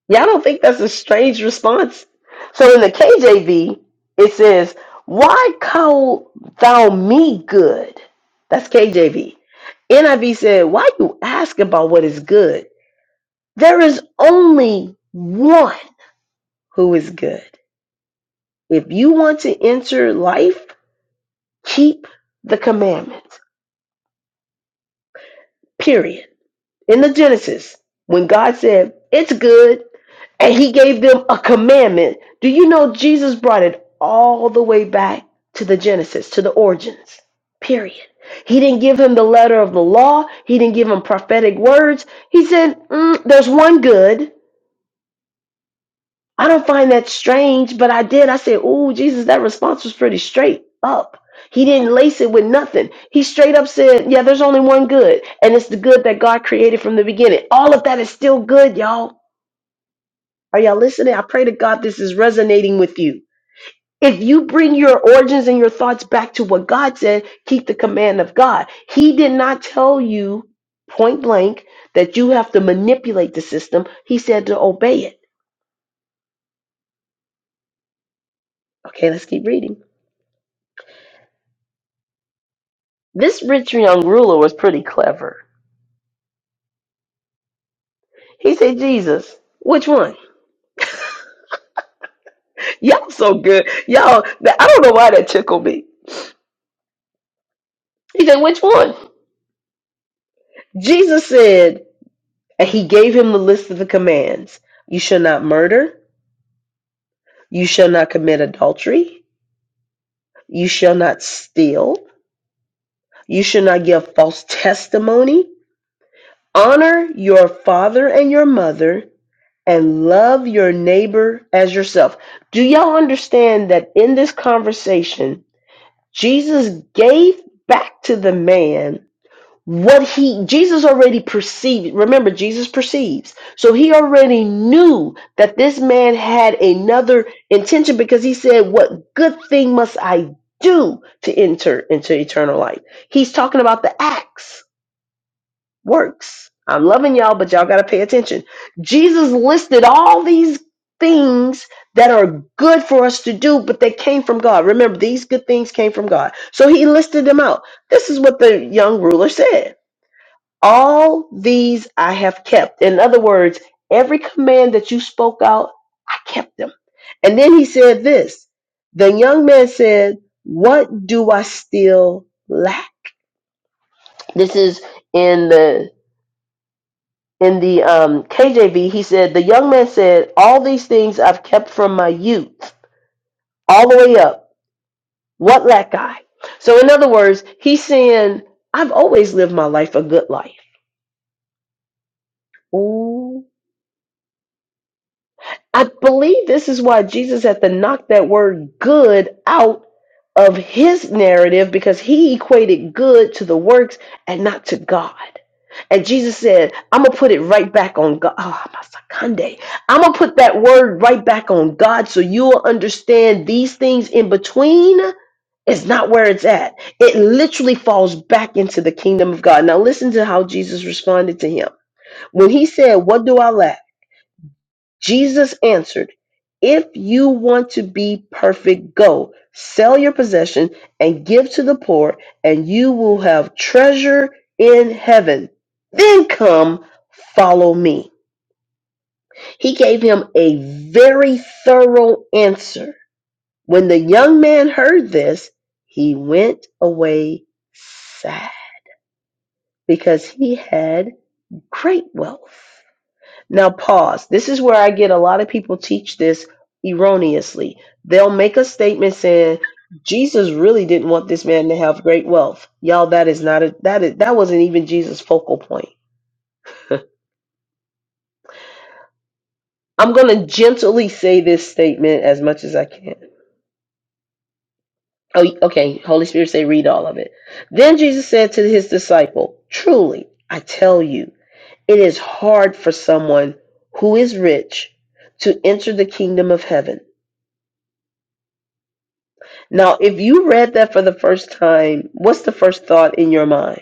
S1: Y'all don't think that's a strange response? So in the KJV, it says, Why call thou me good? That's KJV. NIV said, Why you ask about what is good? There is only one who is good. If you want to enter life, keep the commandments. Period. in the Genesis, when God said, It's good, and He gave them a commandment, do you know Jesus brought it all the way back to the Genesis, to the origins? Period. He didn't give him the letter of the law, He didn't give him prophetic words. He said, "Mm, There's one good. I don't find that strange, but I did. I said, Ooh, Jesus, that response was pretty straight up. He didn't lace it with nothing. He straight up said, Yeah, there's only one good, and it's the good that God created from the beginning. All of that is still good, y'all. Are y'all listening? I pray to God this is resonating with you. If you bring your origins and your thoughts back to what God said, keep the command of God. He did not tell you point blank that you have to manipulate the system, He said to obey it. Okay, let's keep reading. This rich young ruler was pretty clever. He said, Jesus, which one? Y'all so good. Y'all, that- I don't know why that tickled me. He said, which one? Jesus said, and he gave him the list of the commands You shall not murder. You shall not commit adultery. You shall not steal. You shall not give false testimony. Honor your father and your mother and love your neighbor as yourself. Do y'all understand that in this conversation, Jesus gave back to the man what he Jesus already perceived. Remember, Jesus perceives. So he already knew that this man had another intention because he said, What good thing must I do to enter into eternal life? He's talking about the acts works. I'm loving y'all, but y'all got to pay attention. Jesus listed all these things that are good for us to do, but they came from God. Remember, these good things came from God. So he listed them out. This is what the young ruler said All these I have kept. In other words, every command that you spoke out, I kept them. And then he said this The young man said, What do I still lack? This is in the in the um, KJV, he said, The young man said, All these things I've kept from my youth, all the way up. What lack I? So, in other words, he's saying, I've always lived my life a good life. Ooh. I believe this is why Jesus had to knock that word good out of his narrative because he equated good to the works and not to God. And Jesus said, I'm going to put it right back on God. Oh, my Sakande. I'm going to put that word right back on God so you'll understand these things in between is not where it's at. It literally falls back into the kingdom of God. Now, listen to how Jesus responded to him. When he said, What do I lack? Jesus answered, If you want to be perfect, go sell your possession and give to the poor, and you will have treasure in heaven. Then come, follow me. He gave him a very thorough answer. When the young man heard this, he went away sad because he had great wealth. Now, pause. This is where I get a lot of people teach this erroneously. They'll make a statement saying, Jesus really didn't want this man to have great wealth. Y'all, that is not a, that is, that wasn't even Jesus' focal point. I'm going to gently say this statement as much as I can. Oh, okay. Holy Spirit say, read all of it. Then Jesus said to his disciple, truly, I tell you, it is hard for someone who is rich to enter the kingdom of heaven. Now, if you read that for the first time, what's the first thought in your mind?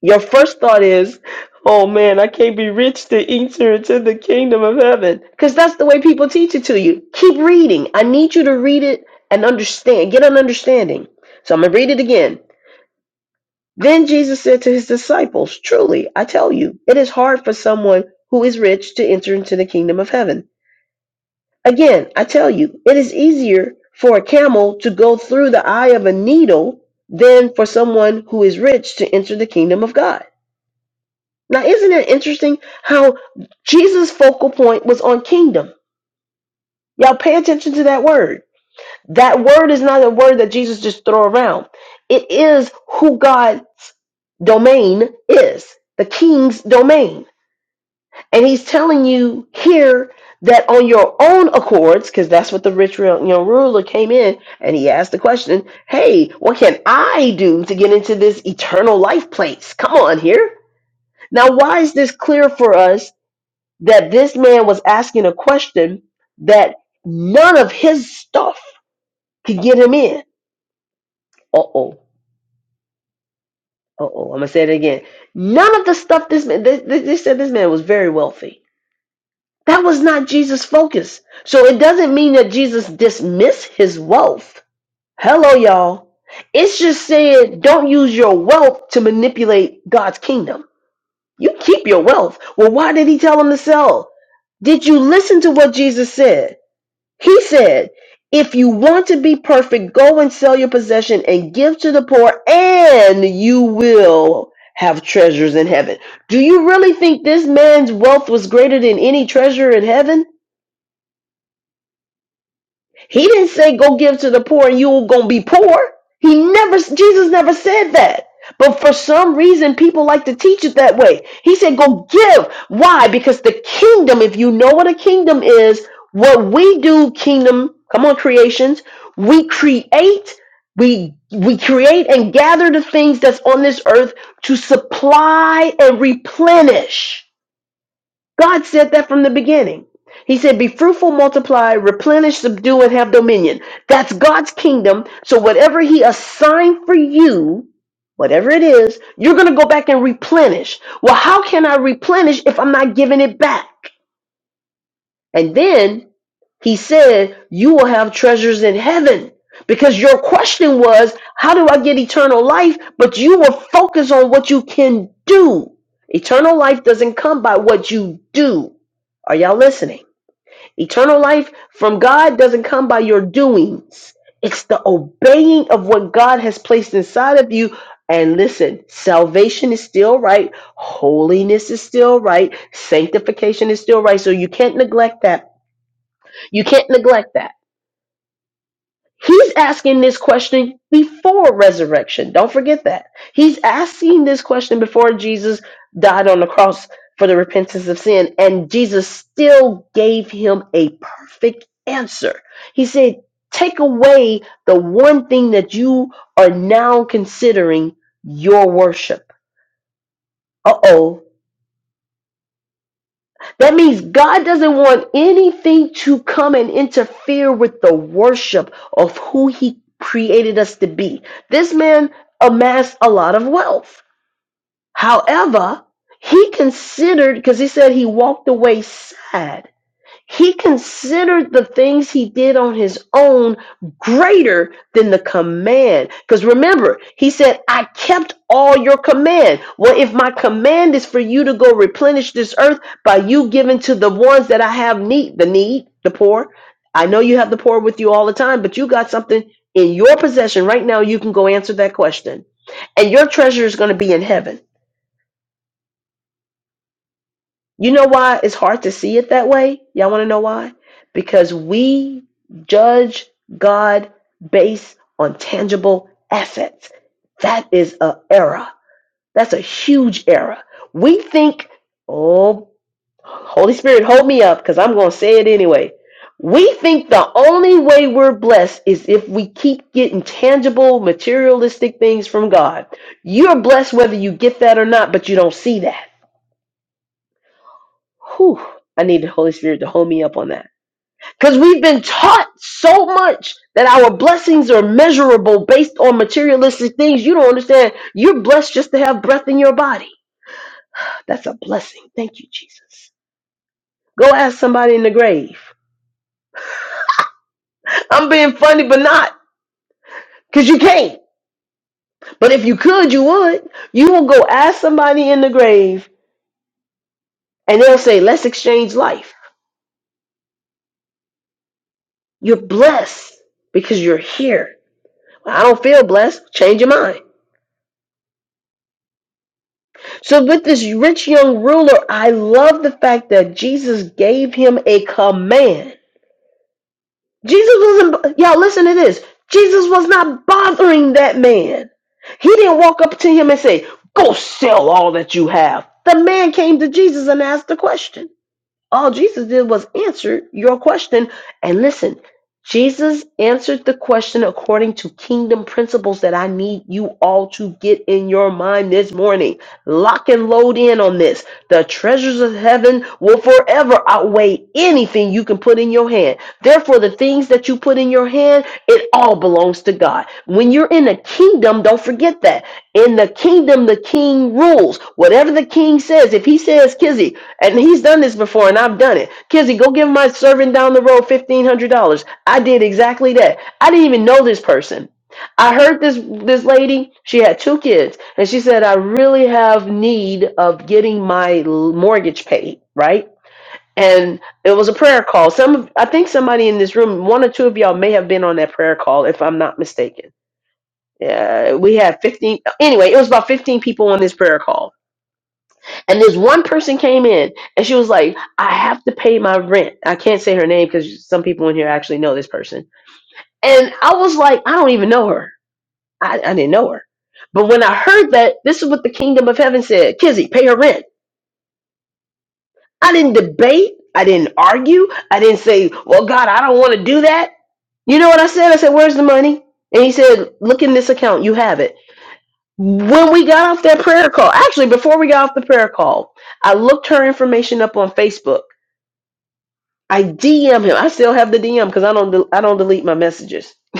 S1: Your first thought is, oh man, I can't be rich to enter into the kingdom of heaven. Because that's the way people teach it to you. Keep reading. I need you to read it and understand, get an understanding. So I'm going to read it again. Then Jesus said to his disciples, Truly, I tell you, it is hard for someone who is rich to enter into the kingdom of heaven. Again, I tell you, it is easier for a camel to go through the eye of a needle than for someone who is rich to enter the kingdom of God. Now, isn't it interesting how Jesus' focal point was on kingdom? Y'all pay attention to that word. That word is not a word that Jesus just throw around. It is who God's domain is, the king's domain. And he's telling you here that on your own accords, because that's what the rich real- ruler came in and he asked the question, Hey, what can I do to get into this eternal life place? Come on here. Now, why is this clear for us that this man was asking a question that none of his stuff could get him in? Uh oh. Uh oh. I'm going to say it again. None of the stuff this man, they, they they said this man was very wealthy That was not Jesus' focus. So it doesn't mean that Jesus dismissed his wealth. Hello, y'all. It's just saying don't use your wealth to manipulate God's kingdom. You keep your wealth. Well, why did he tell him to sell? Did you listen to what Jesus said? He said, if you want to be perfect, go and sell your possession and give to the poor, and you will have treasures in heaven. Do you really think this man's wealth was greater than any treasure in heaven? He didn't say go give to the poor and you're going to be poor. He never Jesus never said that. But for some reason people like to teach it that way. He said go give. Why? Because the kingdom, if you know what a kingdom is, what we do kingdom, come on creations, we create we we create and gather the things that's on this earth to supply and replenish. God said that from the beginning. He said, Be fruitful, multiply, replenish, subdue, and have dominion. That's God's kingdom. So, whatever He assigned for you, whatever it is, you're going to go back and replenish. Well, how can I replenish if I'm not giving it back? And then he said, You will have treasures in heaven. Because your question was, How do I get eternal life? But you were focused on what you can do. Eternal life doesn't come by what you do. Are y'all listening? Eternal life from God doesn't come by your doings, it's the obeying of what God has placed inside of you. And listen, salvation is still right, holiness is still right, sanctification is still right. So you can't neglect that. You can't neglect that. He's asking this question before resurrection. Don't forget that. He's asking this question before Jesus died on the cross for the repentance of sin, and Jesus still gave him a perfect answer. He said, Take away the one thing that you are now considering your worship. Uh oh. That means God doesn't want anything to come and interfere with the worship of who He created us to be. This man amassed a lot of wealth. However, he considered, because he said he walked away sad. He considered the things he did on his own greater than the command. Because remember, he said, I kept all your command. Well, if my command is for you to go replenish this earth by you giving to the ones that I have need, the need, the poor, I know you have the poor with you all the time, but you got something in your possession right now. You can go answer that question. And your treasure is going to be in heaven. You know why it's hard to see it that way? Y'all want to know why? Because we judge God based on tangible assets. That is a error. That's a huge error. We think, oh, Holy Spirit, hold me up because I'm going to say it anyway. We think the only way we're blessed is if we keep getting tangible, materialistic things from God. You're blessed whether you get that or not, but you don't see that Whew, I need the Holy Spirit to hold me up on that. Because we've been taught so much that our blessings are measurable based on materialistic things. You don't understand. You're blessed just to have breath in your body. That's a blessing. Thank you, Jesus. Go ask somebody in the grave. I'm being funny, but not because you can't. But if you could, you would. You will go ask somebody in the grave and they'll say, Let's exchange life. You're blessed because you're here. I don't feel blessed. Change your mind. So, with this rich young ruler, I love the fact that Jesus gave him a command. Jesus wasn't, y'all, listen to this. Jesus was not bothering that man. He didn't walk up to him and say, Go sell all that you have. The man came to Jesus and asked the question. All Jesus did was answer your question. And listen, Jesus answered the question according to kingdom principles that I need you all to get in your mind this morning. Lock and load in on this. The treasures of heaven will forever outweigh anything you can put in your hand. Therefore, the things that you put in your hand, it all belongs to God. When you're in the kingdom, don't forget that. In the kingdom, the king rules. Whatever the king says, if he says, Kizzy, and he's done this before, and I've done it. Kizzy, go give my servant down the road fifteen hundred dollars. I did exactly that. I didn't even know this person. I heard this this lady. She had two kids, and she said, "I really have need of getting my l- mortgage paid." Right. And it was a prayer call. Some, of, I think, somebody in this room, one or two of y'all may have been on that prayer call, if I'm not mistaken. Yeah, we had 15. Anyway, it was about 15 people on this prayer call and this one person came in and she was like, I have to pay my rent. I can't say her name because some people in here actually know this person. And I was like, I don't even know her. I, I didn't know her. But when I heard that, this is what the kingdom of heaven said Kizzy, pay her rent. I didn't debate. I didn't argue. I didn't say, Well, God, I don't want to do that. You know what I said? I said, Where's the money? And he said, Look in this account. You have it. When we got off that prayer call, actually, before we got off the prayer call, I looked her information up on Facebook I DM him. I still have the DM because I don't del- I don't delete my messages.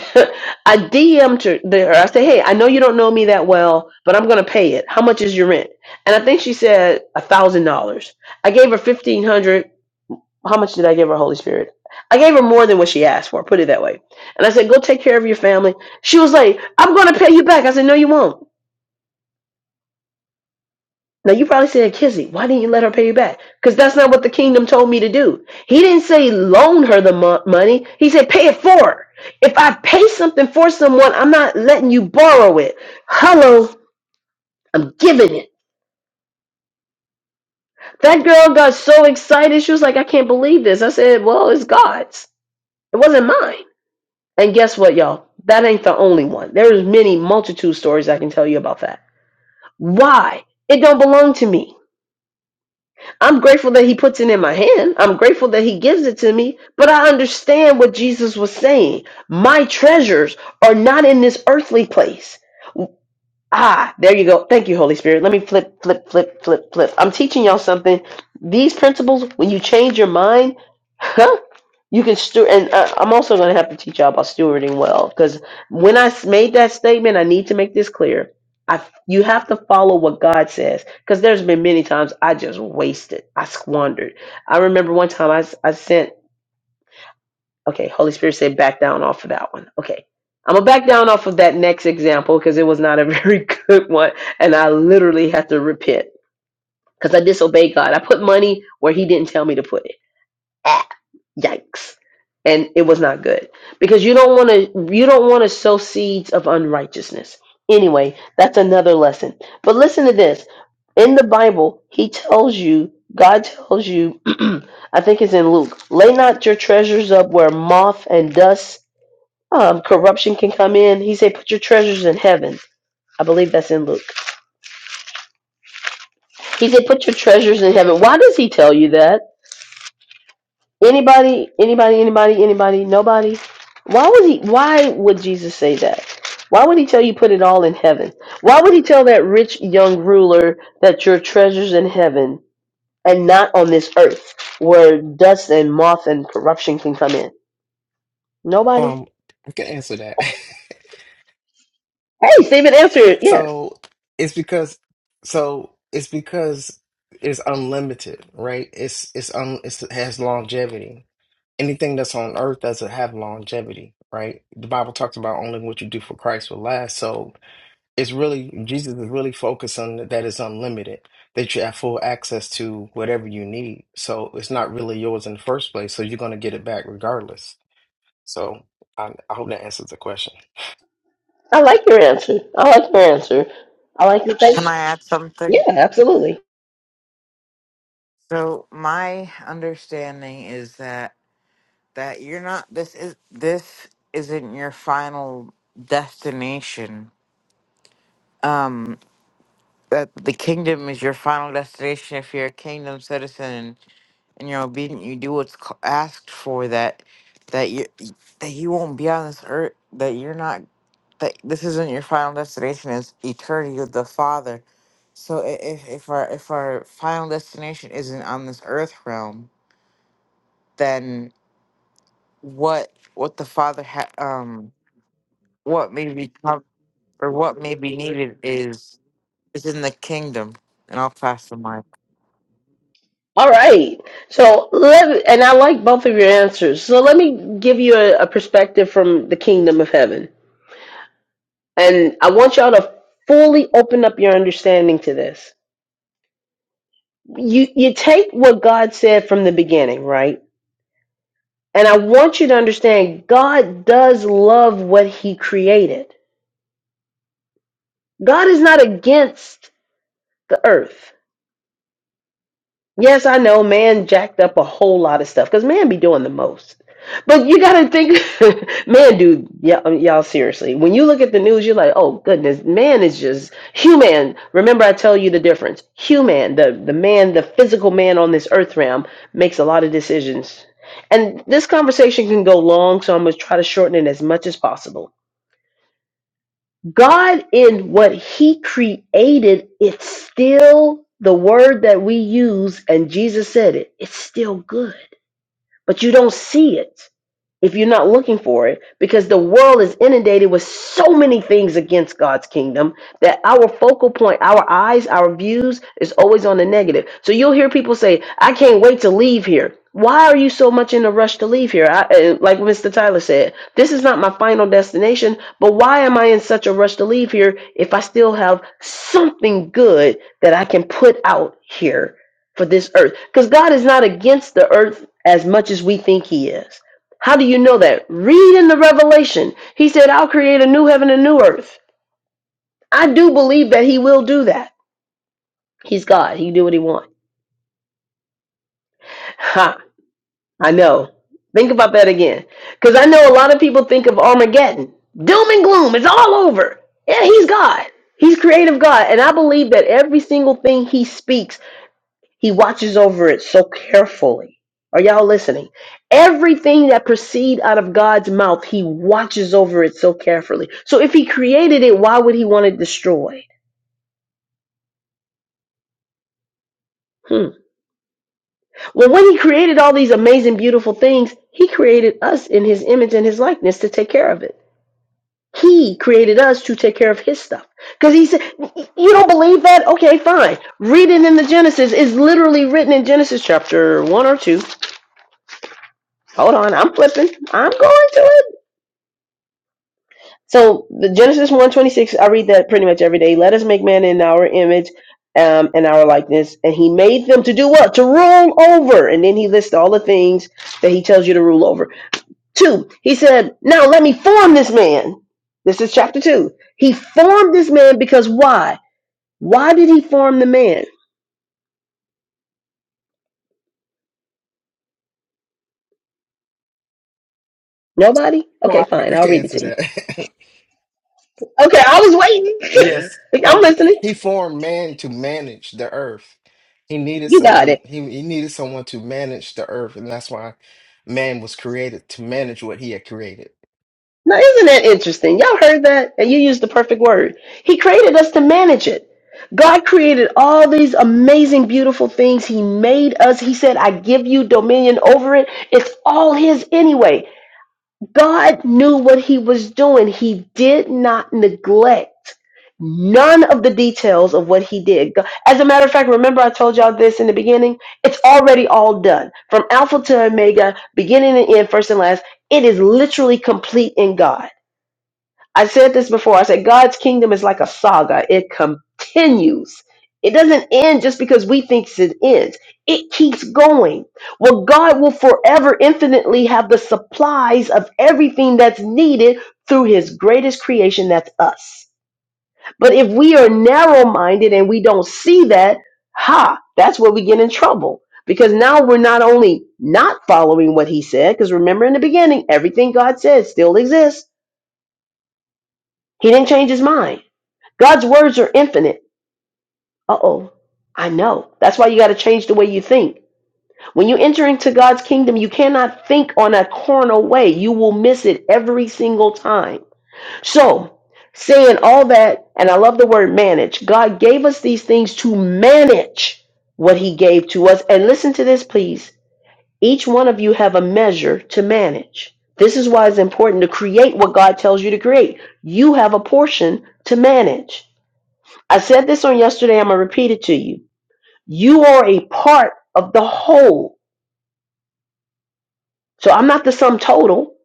S1: I DM'd her there. I say, hey, I know you don't know me that well, but I'm gonna pay it. How much is your rent? And I think she said a thousand dollars. I gave her fifteen hundred. How much did I give her, Holy Spirit? I gave her more than what she asked for. Put it that way. And I said, go take care of your family. She was like, I'm gonna pay you back. I said, no, you won't. Now you probably said, Kizzy, why didn't you let her pay you back? Because that's not what the kingdom told me to do. He didn't say loan her the mo- money. He said pay it for her. If I pay something for someone, I'm not letting you borrow it. Hello, I'm giving it. That girl got so excited. She was like, I can't believe this. I said, well, it's God's. It wasn't mine. And guess what, y'all? That ain't the only one. There's many multitude stories I can tell you about that. Why? It don't belong to me. I'm grateful that he puts it in my hand. I'm grateful that he gives it to me. But I understand what Jesus was saying. My treasures are not in this earthly place. Ah, there you go. Thank you, Holy Spirit. Let me flip, flip, flip, flip, flip. I'm teaching y'all something. These principles, when you change your mind, huh? You can steward, and uh, I'm also going to have to teach y'all about stewarding well. Because when I s- made that statement, I need to make this clear. I, you have to follow what God says. Because there's been many times I just wasted, I squandered. I remember one time I, s- I sent Okay, Holy Spirit said back down off of that one. Okay. I'm gonna back down off of that next example because it was not a very good one, and I literally had to repent because I disobeyed God. I put money where He didn't tell me to put it ah, yikes and it was not good because you don't want to you don't want to sow seeds of unrighteousness anyway that's another lesson but listen to this in the bible he tells you god tells you i think it's in luke lay not your treasures up where moth and dust um, corruption can come in he said put your treasures in heaven i believe that's in luke he said put your treasures in heaven why does he tell you that Anybody, anybody, anybody, anybody, nobody. Why would he why would Jesus say that? Why would he tell you put it all in heaven? Why would he tell that rich young ruler that your treasures in heaven and not on this earth where dust and moth and corruption can come in? Nobody?
S2: Um, I can answer that.
S1: Hey, Stephen answered yes.
S2: so it's because so it's because it's unlimited, right? It's it's un it's, it has longevity. Anything that's on earth doesn't have longevity, right? The Bible talks about only what you do for Christ will last. So it's really Jesus is really focused on that it's unlimited, that you have full access to whatever you need. So it's not really yours in the first place, so you're gonna get it back regardless. So I, I hope that answers the question.
S1: I like your answer. I like your answer. I like your
S3: Can
S1: thank
S3: I add
S1: Yeah,
S3: something?
S1: absolutely.
S3: So my understanding is that that you're not this is this isn't your final destination. Um that the kingdom is your final destination if you're a kingdom citizen and, and you're obedient you do what's c- asked for that that you that you won't be on this earth that you're not that this isn't your final destination it's eternity with the father so i- if if our if our final destination isn't on this earth realm then what what the father ha- um what may be cov- or what may be needed is is in the kingdom and i'll pass the mic
S1: All right. So let and I like both of your answers. So let me give you a, a perspective from the kingdom of heaven. And I want y'all to fully open up your understanding to this. You you take what God said from the beginning, right? And I want you to understand God does love what he created. God is not against the earth. Yes, I know man jacked up a whole lot of stuff because man be doing the most. But you gotta think, man, dude, yeah, um, y'all seriously. When you look at the news, you're like, oh goodness, man is just human. Remember, I tell you the difference. Human, the the man, the physical man on this earth realm, makes a lot of decisions. And this conversation can go long, so I'm gonna try to shorten it as much as possible. God in what he created, it's still the word that we use, and Jesus said it, it's still good, but you don't see it if you're not looking for it because the world is inundated with so many things against God's kingdom that our focal point, our eyes, our views is always on the negative. So you'll hear people say, "I can't wait to leave here." Why are you so much in a rush to leave here? I, uh, like Mr. Tyler said, this is not my final destination, but why am I in such a rush to leave here if I still have something good that I can put out here for this earth? Because God is not against the earth as much as we think He is. How do you know that? Read in the Revelation. He said, I'll create a new heaven and new earth. I do believe that he will do that. He's God. He can do what he wants. Ha, I know. Think about that again. Because I know a lot of people think of Armageddon. Doom and gloom. It's all over. Yeah, he's God. He's creative God. And I believe that every single thing he speaks He watches over it so carefully. Are y'all listening? Everything that proceeds out of God's mouth, he watches over it so carefully. So if he created it, why would he want it destroyed? Hmm. Well, when he created all these amazing, beautiful things, he created us in his image and his likeness to take care of it. He created us to take care of his stuff. Because he said, You don't believe that? Okay, fine. Read it in the Genesis. It's literally written in Genesis chapter 1 or 2. Hold on, I'm flipping. I'm going to it. So the Genesis one twenty six, I read that pretty much every day. Let us make man in our image, um, and our likeness, and he made them to do what? To rule over. And then he lists all the things that he tells you to rule over. Two, he said, now let me form this man. This is chapter two. He formed this man because why? Why did he form the man? Nobody? Okay,
S2: Well, I,
S1: fine.
S2: I
S1: I'll
S2: can
S1: read it
S2: answer
S1: to you.
S2: that.
S1: Okay, I was
S2: yes.
S1: waiting. I'm
S2: Um,
S1: listening.
S2: he formed man to manage the earth. He needed
S1: You got it.
S2: someone. He, he needed someone to manage the earth, and that's why man was created to manage what he had created.
S1: Now, isn't that interesting? Y'all heard that? And you used the perfect word. He created us to manage it. God created all these amazing, beautiful things. He made us. He said, I give you dominion over it. It's all His anyway. God knew what He was doing. He did not neglect none of the details of what He did. Go- As a matter of fact, remember I told y'all this in the beginning? It's already all done. From Alpha to Omega, beginning and end, first and last, it is literally complete in God. I said this before. I said God's kingdom is like a saga. It continues. It doesn't end just because we think it ends. It keeps going. Well, God will forever infinitely have the supplies of everything that's needed through his greatest creation, that's us. But if we are narrow minded and we don't see that, ha, that's where we get in trouble. Because now we're not only not following what he said, because remember in the beginning, everything God said still exists. He didn't change his mind. God's words are infinite. Uh oh. I know. That's why you got to change the way you think. When you enter into God's kingdom, you cannot think on a carnal way. You will miss it every single time. So, saying all that, and I love the word manage, God gave us these things to manage what He gave to us. And listen to this, please. Each one of you have a measure to manage. This is why it's important to create what God tells you to create. You have a portion to manage. I said this on yesterday. I'm going to repeat it to you. You are a part of the whole. So I'm not the sum total,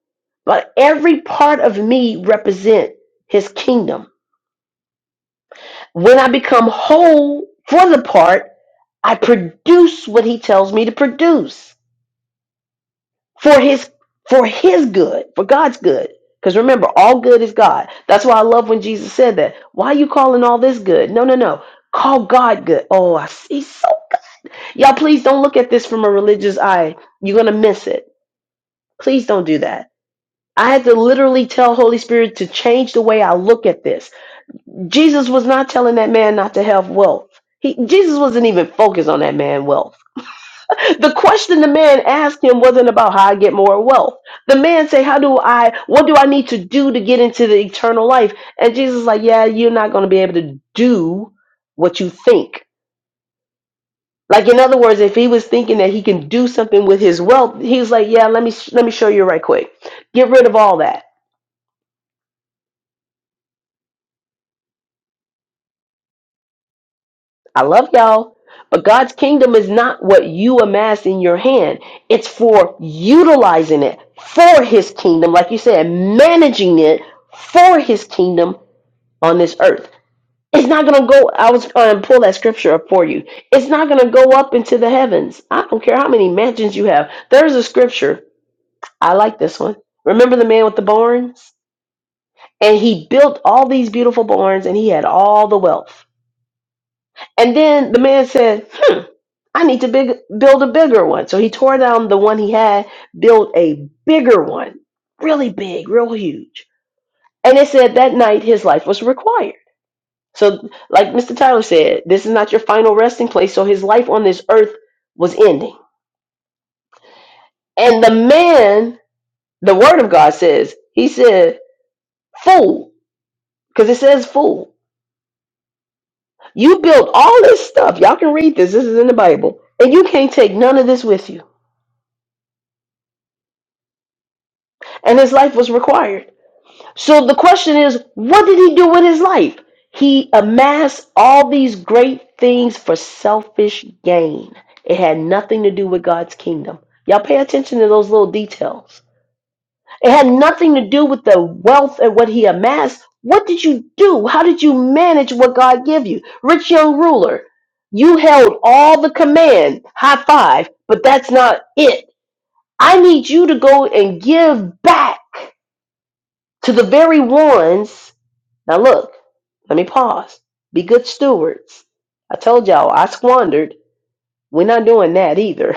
S1: but every part of me represent his kingdom. When I become whole for the part, I produce what he tells me to produce for his for his good, for God's good. Because remember, all good is God. That's why I love when Jesus said that. Why are you calling all this good? No, no, no. Call God good. Oh, I see. Y'all, please don't look at this from a religious eye. You're going to miss it. Please don't do that. I had to literally tell Holy Spirit to change the way I look at this. Jesus was not telling that man not to have wealth. He, Jesus wasn't even focused on that man wealth. The question the man asked him wasn't about how I get more wealth. The man said, "How do I? What do I need to do to get into the eternal life?" And Jesus is like, "Yeah, you're not going to be able to do what you think. Like in other words, if he was thinking that he can do something with his wealth, he was like, "Yeah, let me let me show you right quick. Get rid of all that. I love y'all, but God's kingdom is not what you amass in your hand. It's for utilizing it for His kingdom, like you said, managing it for His kingdom on this earth. It's not gonna go. I was going to pull that scripture up for you. It's not gonna go up into the heavens. I don't care how many mansions you have. There's a scripture. I like this one. Remember the man with the barns? And he built all these beautiful barns and he had all the wealth. And then the man said, hmm, I need to big, build a bigger one. So he tore down the one he had, built a bigger one, really big, real huge. And it said that night his life was required. So, like Mr. Tyler said, this is not your final resting place. So his life on this earth was ending. And the man, the word of God says, he said, fool, because it says fool. You built all this stuff. Y'all can read this. This is in the Bible. And you can't take none of this with you. And his life was required. So the question is, what did he do with his life? He amassed all these great things for selfish gain. It had nothing to do with God's kingdom. Y'all pay attention to those little details. It had nothing to do with the wealth and what he amassed. What did you do? How did you manage what God gave you? Rich young ruler, you held all the command, high five, but that's not it. I need you to go and give back to the very ones. Now, look, let me pause. Be good stewards. I told y'all I squandered. We're not doing that either.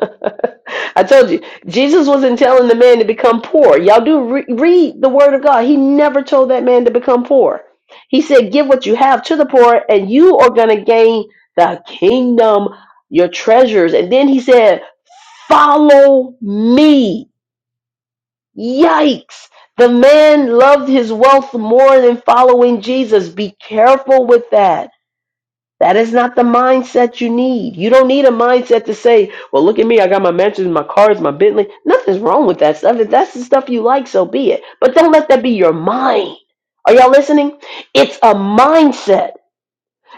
S1: I told you, Jesus wasn't telling the man to become poor. Y'all do re- read the word of God. He never told that man to become poor. He said, Give what you have to the poor, and you are going to gain the kingdom, your treasures. And then he said, Follow me. Yikes. The man loved his wealth more than following Jesus. Be careful with that that is not the mindset you need. You don't need a mindset to say, well, look at me. I got my mansions, my cars, my Bentley. Nothing's wrong with that stuff. If that's the stuff you like, so be it. But don't let that be your mind. Are y'all listening? It's a mindset.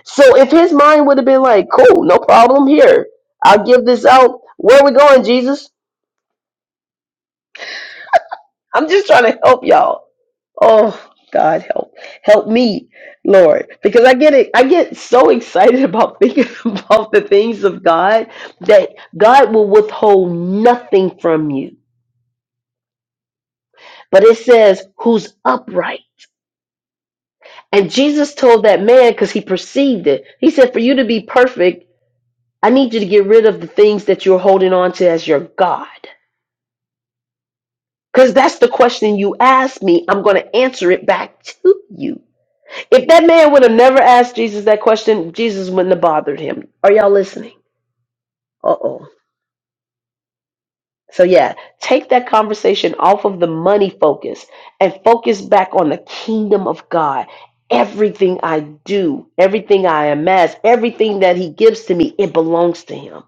S1: So if his mind would have been like, cool, no problem here. I'll give this out. Where are we going, Jesus? I'm just trying to help y'all. Oh, God help help me, Lord, because I get it. I get so excited about thinking about the things of God that God will withhold nothing from you. But it says, "Who's upright?" And Jesus told that man because he perceived it. He said, "For you to be perfect, I need you to get rid of the things that you're holding on to as your God." Because that's the question you asked me. I'm going to answer it back to you. If that man would have never asked Jesus that question, Jesus wouldn't have bothered him. Are y'all listening? Uh oh. So, yeah, take that conversation off of the money focus and focus back on the kingdom of God. Everything I do, everything I amass, everything that He gives to me, it belongs to Him.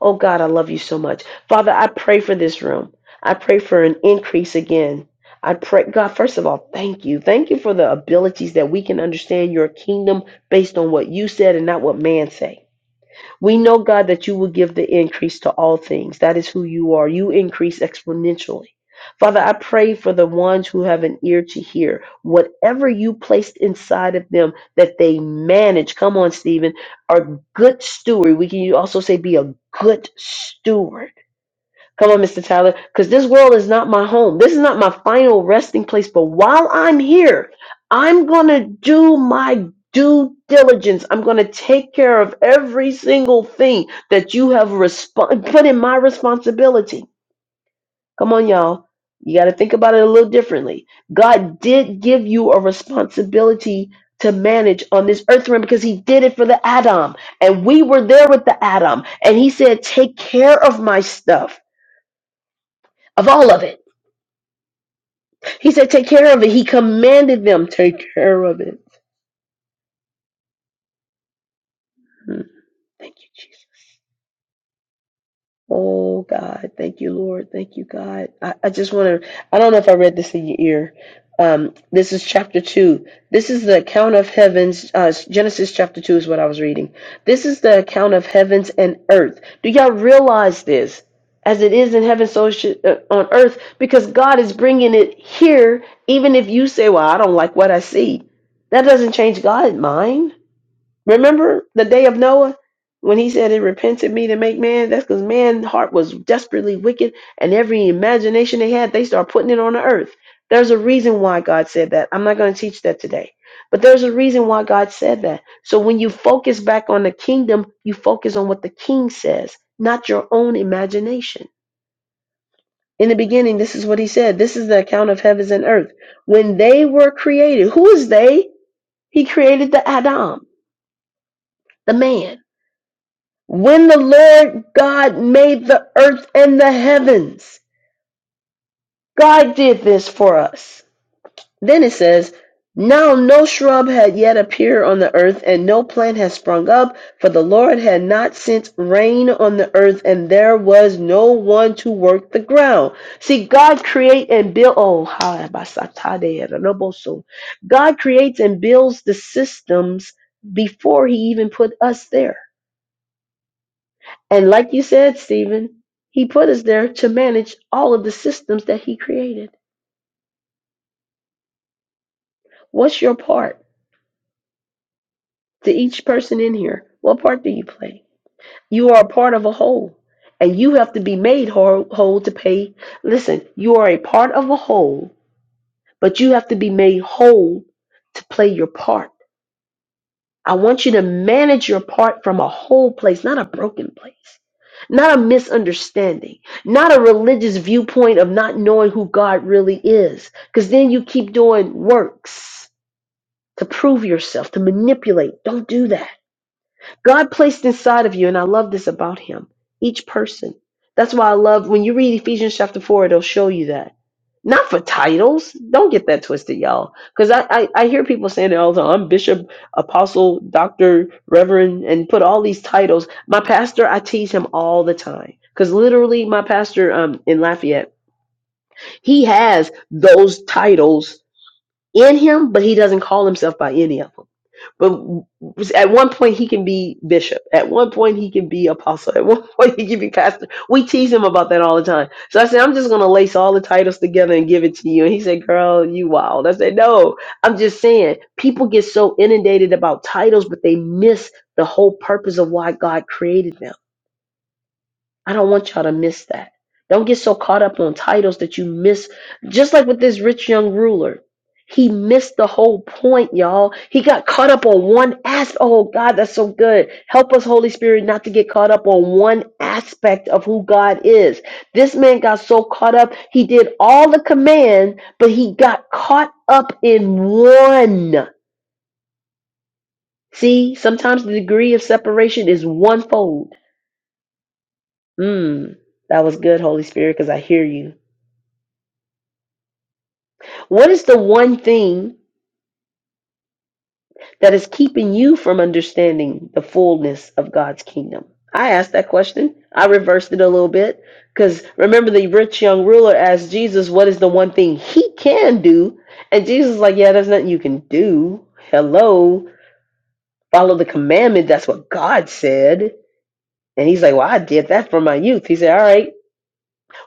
S1: Oh God, I love you so much. Father, I pray for this room. I pray for an increase again. I pray, God, first of all, thank you. Thank you for the abilities that we can understand your kingdom based on what you said and not what man say. We know, God, that you will give the increase to all things. That is who you are. You increase exponentially. Father, I pray for the ones who have an ear to hear whatever you placed inside of them that they manage. Come on, Stephen. Are good steward. We can also say be a good steward Come on, Mr. Tyler, because this world is not my home. This is not my final resting place. But while I'm here, I'm going to do my due diligence. I'm going to take care of every single thing that you have respon put in my responsibility. Come on, y'all. You got to think about it a little differently. God did give you a responsibility to manage on this earth realm because he did it for the Adam. And we were there with the Adam. And he said, Take care of my stuff, of all of it He said, Take care of it. He commanded them, Take care of it. Hmm. Thank you, Jesus. Oh, God. Thank you, Lord. Thank you, God. I, I just want to, I don't know if I read this in your ear. Um, this is chapter 2. This is the account of heavens. Uh, Genesis chapter 2 is what I was reading. This is the account of heavens and earth. Do y'all realize this? As it is in heaven, so it should, uh, on earth, because God is bringing it here, even if you say, Well, I don't like what I see. That doesn't change God's mind Remember the day of Noah when he said, It repented me to make man? That's because man's heart was desperately wicked, and every imagination they had, they start putting it on the earth. There's a reason why God said that. I'm not going to teach that today. But there's a reason why God said that. So when you focus back on the kingdom, you focus on what the king says, not your own imagination. In the beginning, this is what he said. This is the account of heavens and earth. When they were created, who is they? He created the Adam, the man. When the Lord God made the earth and the heavens, God did this for us. Then it says, Now no shrub had yet appeared on the earth, and no plant had sprung up, for the Lord had not sent rain on the earth, and there was no one to work the ground. See, God create and build. Oh, hi, basatade, renoboso. God creates and builds the systems before He even put us there. And like you said, Stephen, he put us there to manage all of the systems that he created. What's your part to each person in here? What part do you play? You are a part of a whole, and you have to be made whole, whole to pay. Listen, you are a part of a whole, but you have to be made whole to play your part. I want you to manage your part from a whole place, not a broken place, not a misunderstanding, not a religious viewpoint of not knowing who God really is. Because then you keep doing works to prove yourself, to manipulate. Don't do that. God placed inside of you, and I love this about him, each person. That's why I love when you read Ephesians chapter 4, it'll show you that. Not for titles. Don't get that twisted, y'all. Because I, I, I hear people saying, oh, I'm bishop, apostle, doctor, reverend, and put all these titles. My pastor, I tease him all the time. Because literally, my pastor um, in Lafayette, he has those titles in him, but he doesn't call himself by any of them. But at one point he can be bishop. At one point he can be apostle. At one point he can be pastor. We tease him about that all the time. So I said, I'm just gonna lace all the titles together and give it to you. And he said, Girl, you wild. I said, No, I'm just saying people get so inundated about titles, but they miss the whole purpose of why God created them I don't want y'all to miss that. Don't get so caught up on titles that you miss. Just like with this rich young ruler, he missed the whole point, y'all. He got caught up on one aspect. Oh, God, that's so good. Help us, Holy Spirit, not to get caught up on one aspect of who God is. This man got so caught up, he did all the command, but he got caught up in one. See, sometimes the degree of separation is one fold. Mm, that was good, Holy Spirit, because I hear you. What is the one thing that is keeping you from understanding the fullness of God's kingdom? I asked that question. I reversed it a little bit because remember the rich young ruler asked Jesus, "What is the one thing he can do?" And Jesus is like, "Yeah, there's nothing you can do. Hello, follow the commandment. That's what God said." And he's like, "Well, I did that from my youth." He said, "All right,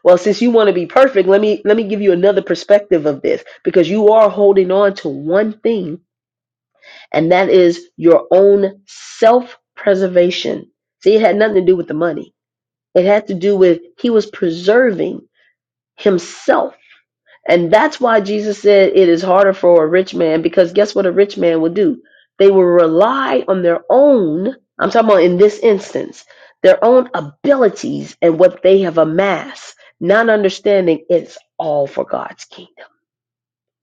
S1: well, since you want to be perfect, let me let me give you another perspective of this because you are holding on to one thing and that is your own self preservation. See, it had nothing to do with the money, it had to do with he was preserving himself. And that's why Jesus said it is harder for a rich man because guess what a rich man will do? They will rely on their own, I'm talking about in this instance, their own abilities and what they have amassed, not understanding it's all for God's kingdom.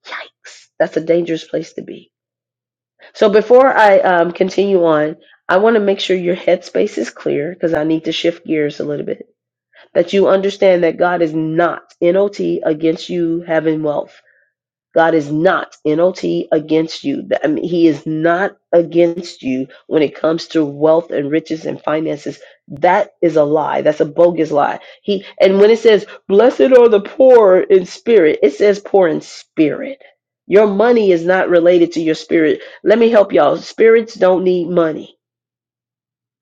S1: Yikes. That's a dangerous place to be. So before I um, continue on, I want to make sure your headspace is clear because I need to shift gears a little bit. That you understand that God is not not against you having wealth. God is not NOT against you. Th- I mean, he is not against you when it comes to wealth and riches and finances. That is a lie. That's a bogus lie. He and when it says blessed are the poor in spirit, it says poor in spirit. Your money is not related to your spirit. Let me help y'all. Spirits don't need money.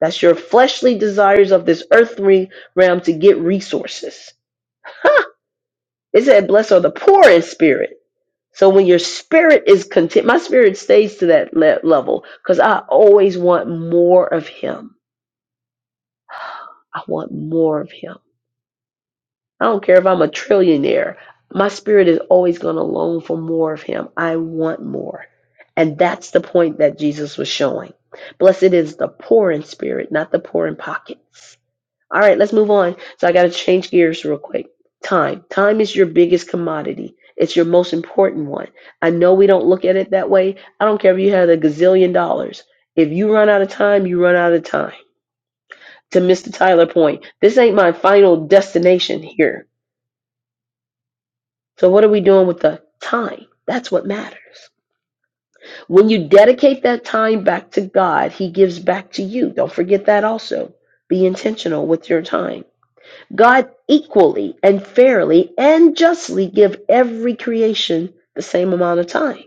S1: That's your fleshly desires of this earthly realm to get resources. It said, Blessed are the poor in spirit. So when your spirit is content, my spirit stays to that le- level because I always want more of Him. I want more of Him. I don't care if I'm a trillionaire. My spirit is always going to long for more of Him. I want more. And that's the point that Jesus was showing. Blessed is the poor in spirit, not the poor in pockets. All right, let's move on. So I got to change gears real quick. Time. Time is your biggest commodity. It's your most important one. I know we don't look at it that way. I don't care if you had a gazillion dollars. If you run out of time, you run out of time. To Mr. Tyler point, this ain't my final destination here. So what are we doing with the time? That's what matters. When you dedicate that time back to God, he gives back to you. Don't forget that also. Be intentional with your time. God equally and fairly and justly give every creation the same amount of time.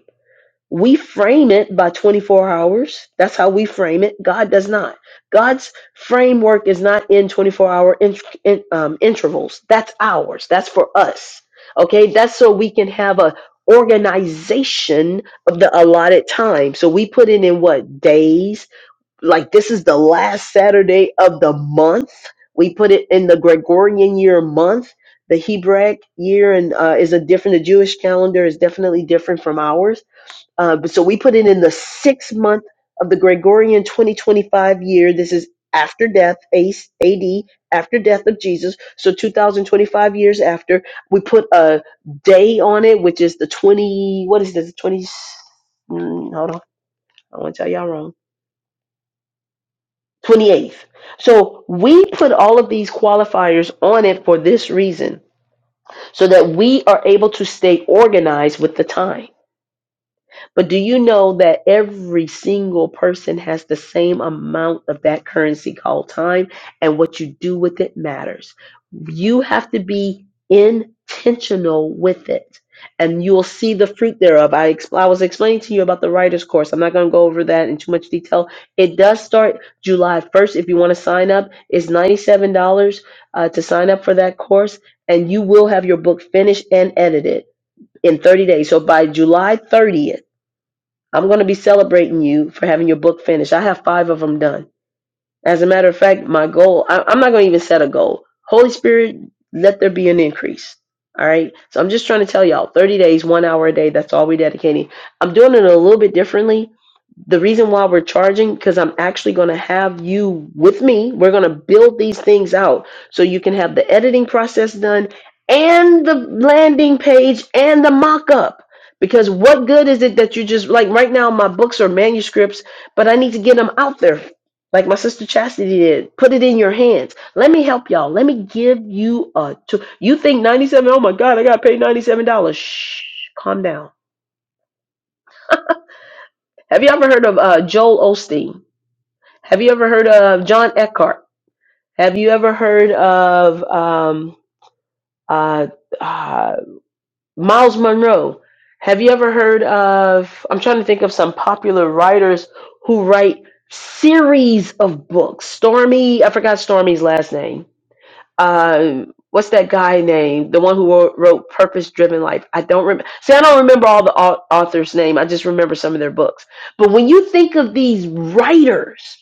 S1: We frame it by 24 hours. That's how we frame it. God does not. God's framework is not in 24 hour int- in, um, intervals. That's ours. That's for us. Okay. That's so we can have a organization of the allotted time. So we put it in what days, like this is the last Saturday of the month. We put it in the Gregorian year month. The Hebraic year and uh, is a different. The Jewish calendar is definitely different from ours. Uh, but so we put it in the sixth month of the Gregorian 2025 year. This is after death, ACE, after death of Jesus. So 2025 years after, we put a day on it, which is the 20. What is this? 20. mm, Hold on, I want to tell y'all wrong. 28th. So we put all of these qualifiers on it for this reason, so that we are able to stay organized with the time. But do you know that every single person has the same amount of that currency called time, and what you do with it matters? You have to be intentional with it, and you'll see the fruit thereof. I, ex- I was explaining to you about the writer's course. I'm not going to go over that in too much detail. It does start July 1st. If you want to sign up, it's $97 uh, to sign up for that course, and you will have your book finished and edited in 30 days. So by July 30th, I'm going to be celebrating you for having your book finished. I have five of them done. As a matter of fact, my goal, I, I'm not going to even set a goal. Holy Spirit, let there be an increase. All right. So I'm just trying to tell y'all 30 days, one hour a day. That's all we're dedicating. I'm doing it a little bit differently the reason why we're charging because i'm actually going to have you with me we're going to build these things out so you can have the editing process done and the landing page and the mock-up because what good is it that you just like right now my books are manuscripts but i need to get them out there like my sister chastity did put it in your hands let me help y'all let me give you a tool you think 97 oh my god i got paid $97 shh calm down have you ever heard of uh, joel osteen Have you ever heard of John Eckhart? Have you ever heard of um, uh, uh, Miles Monroe? Have you ever heard of? I'm trying to think of some popular writers who write series of books. Stormy, I forgot Stormy's last name. Um, what's that guy name? The one who wrote, wrote Purpose Driven Life. I don't remember. See, I don't remember all the au- authors' name. I just remember some of their books. But when you think of these writers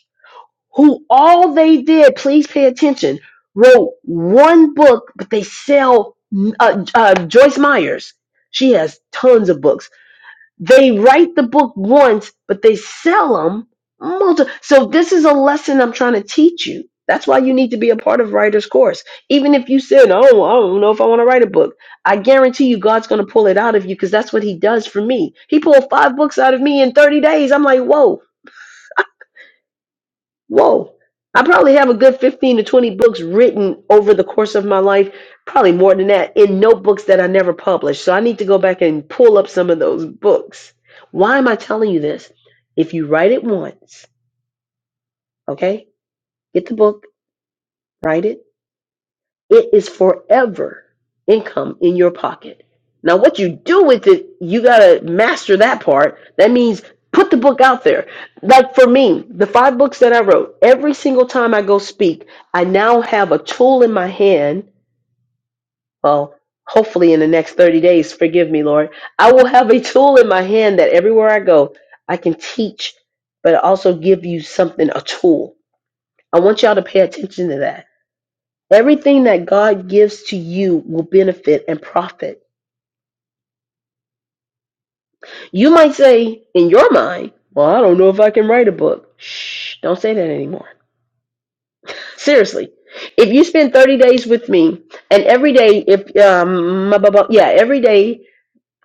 S1: who all they did, please pay attention, wrote one book, but they sell uh, uh, Joyce Myers. She has tons of books. They write the book once, but they sell them multiple. So this is a lesson I'm trying to teach you. That's why you need to be a part of writer's course. Even if you said, "Oh, I don't know if I want to write a book," I guarantee you, God's going to pull it out of you because that's what He does for me. He pulled five books out of me in 30 days. I'm like, "Whoa!" whoa i probably have a good 15 to 20 books written over the course of my life probably more than that in notebooks that i never published so i need to go back and pull up some of those books why am i telling you this if you write it once okay get the book write it It is forever income in your pocket. Now, what you do with it, you got to master that part. That means put the book out there. Like for me, the five books that I wrote, every single time I go speak, I now have a tool in my hand. Well, hopefully in the next 30 days, forgive me, Lord. I will have a tool in my hand that everywhere I go, I can teach, but also give you something, a tool. I want y'all to pay attention to that Everything that God gives to you will benefit and profit. You might say in your mind, Well, I don't know if I can write a book. Shh, don't say that anymore. Seriously, if you spend 30 days with me, and every day, if, um, blah, blah, blah, yeah, every day,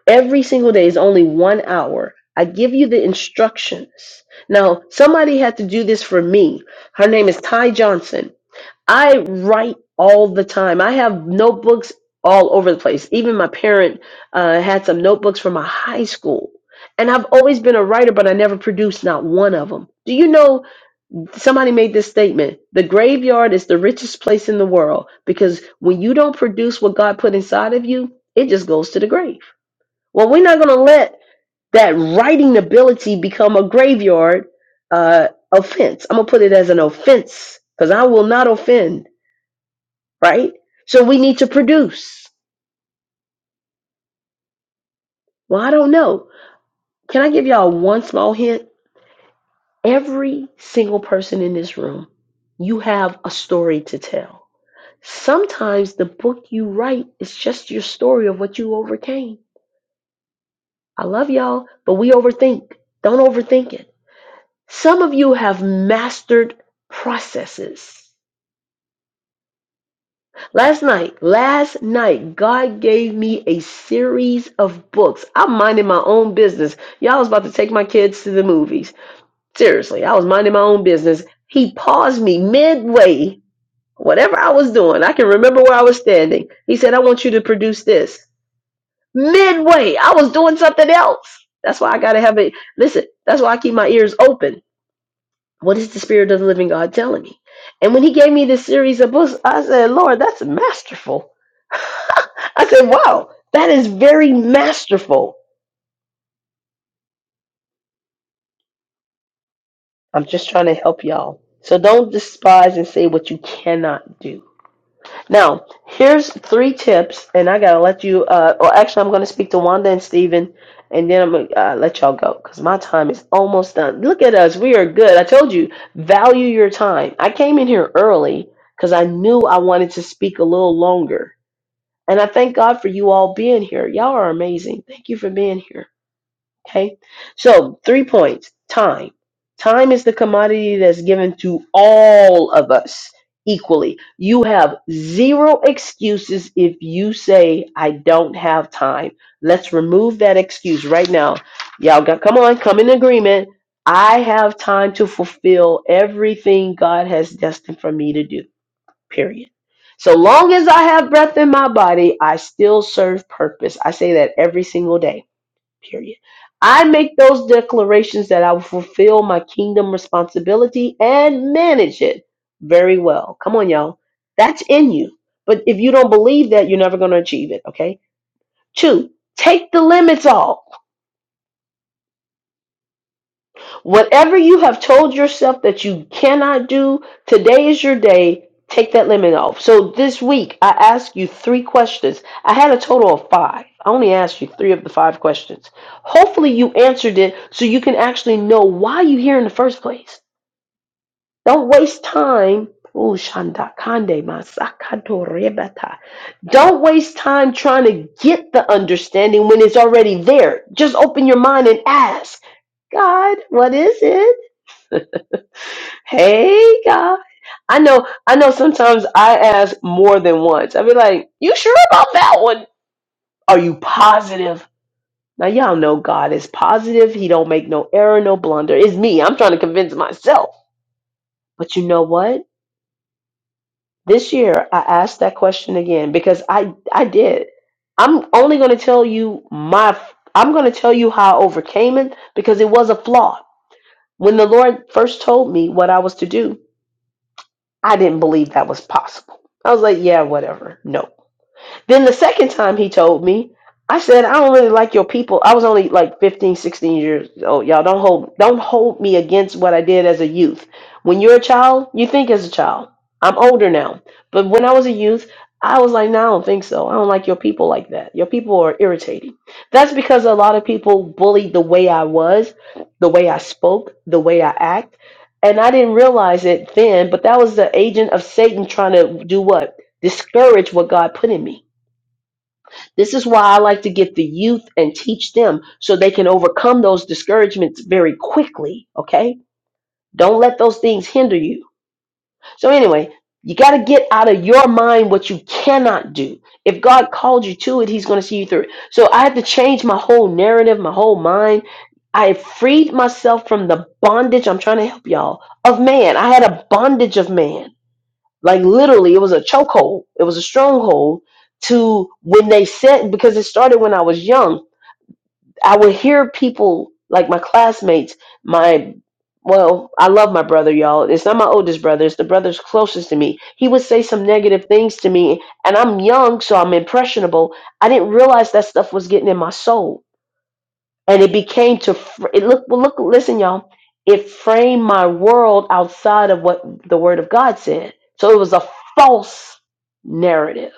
S1: every single day is only one hour. I give you the instructions. Now, somebody had to do this for me. Her name is Ty Johnson. I write all the time. I have notebooks all over the place. Even my parent uh, had some notebooks from my high school. And I've always been a writer, but I never produced not one of them. Do you know somebody made this statement? The graveyard is the richest place in the world because when you don't produce what God put inside of you, it just goes to the grave. Well, we're not going to let that writing ability become a graveyard uh, offense. I'm going to put it as an offense because I will not offend right? So we need to produce. Well, I don't know. Can I give y'all one small hint? Every single person in this room, you have a story to tell. Sometimes the book you write is just your story of what you overcame. I love y'all, but we overthink. Don't overthink it. Some of you have mastered processes. Last night, last night, God gave me a series of books. I'm minding my own business. Y'all was about to take my kids to the movies. Seriously, I was minding my own business. He paused me midway, whatever I was doing. I can remember where I was standing. He said, I want you to produce this. Midway, I was doing something else. That's why I got to have it. Listen, that's why I keep my ears open. What is the Spirit of the Living God telling me? And when he gave me this series of books, I said, Lord, that's masterful. I said, wow, that is very masterful. I'm just trying to help y'all. So don't despise and say what you cannot do. Now, here's three tips, and I gotta let you. Uh, well, actually, I'm gonna speak to Wanda and Steven, and then I'm gonna uh, let y'all go because my time is almost done. Look at us, we are good. I told you, value your time. I came in here early because I knew I wanted to speak a little longer, and I thank God for you all being here. Y'all are amazing. Thank you for being here. Okay. So, three points time. Time is the commodity that's given to all of us equally. You have zero excuses if you say, I don't have time. Let's remove that excuse right now. Y'all got, come on, come in agreement. I have time to fulfill everything God has destined for me to do, period. So long as I have breath in my body, I still serve purpose. I say that every single day Period. I make those declarations that I will fulfill my kingdom responsibility and manage it very well. Come on, y'all. That's in you. But if you don't believe that, you're never going to achieve it. Okay. Two, take the limits off. Whatever you have told yourself that you cannot do, today is your day. Take that limit off. So this week, I asked you three questions. I had a total of five. I only asked you three of the five questions. Hopefully, you answered it so you can actually know why you're here in the first place. Don't waste time. Ooh, Shandakande Masakato Rebata. Don't waste time trying to get the understanding when it's already there. Just open your mind and ask God, what is it? Hey God. I know I know sometimes I ask more than once. i be like, You sure about that one? Are you positive? Now y'all know God is positive. He don't make no error, no blunder. It's me. I'm trying to convince myself. But you know what? This year I asked that question again because I I did. I'm only gonna tell you my I'm gonna tell you how I overcame it because it was a flaw. When the Lord first told me what I was to do, I didn't believe that was possible. I was like, yeah, whatever. No. Then the second time he told me, I said, I don't really like your people. I was only like 15, 16 years old. Y'all don't hold don't hold me against what I did as a youth. When you're a child, you think as a child. I'm older now. But when I was a youth, I was like, no, I don't think so. I don't like your people like that. Your people are irritating. That's because a lot of people bullied the way I was, the way I spoke, the way I act. And I didn't realize it then, but that was the agent of Satan trying to do what? Discourage what God put in me this is why I like to get the youth and teach them so they can overcome those discouragements very quickly. Okay? Don't let those things hinder you. So, anyway, you got to get out of your mind what you cannot do. If God called you to it, He's going to see you through it. So, I had to change my whole narrative, my whole mind. I freed myself from the bondage. I'm trying to help y'all of man. I had a bondage of man like literally, it was a chokehold. It was a stronghold to when they said because it started when I was young. I would hear people like my classmates, my well, I love my brother, y'all. It's not my oldest brother, it's the brother's closest to me. He would say some negative things to me, and I'm young, so I'm impressionable. I didn't realize that stuff was getting in my soul and it became to fr- it look well look listen y'all it framed my world outside of what the word of god said so it was a false narrative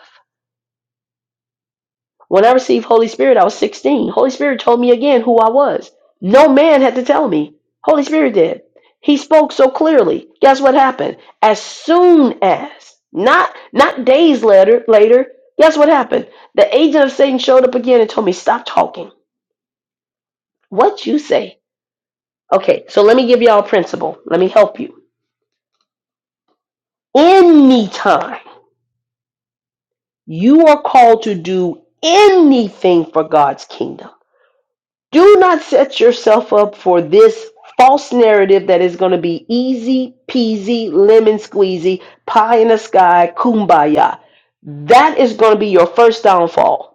S1: when i received holy spirit i was 16 holy spirit told me again who i was no man had to tell me holy spirit did he spoke so clearly guess what happened as soon as not not days later later guess what happened the agent of satan showed up again and told me stop talking what you say Okay, so let me give y'all a principle. Let me help you. Anytime you are called to do anything for God's kingdom, do not set yourself up for this false narrative that is going to be easy peasy, lemon squeezy, pie in the sky, kumbaya. That is going to be your first downfall.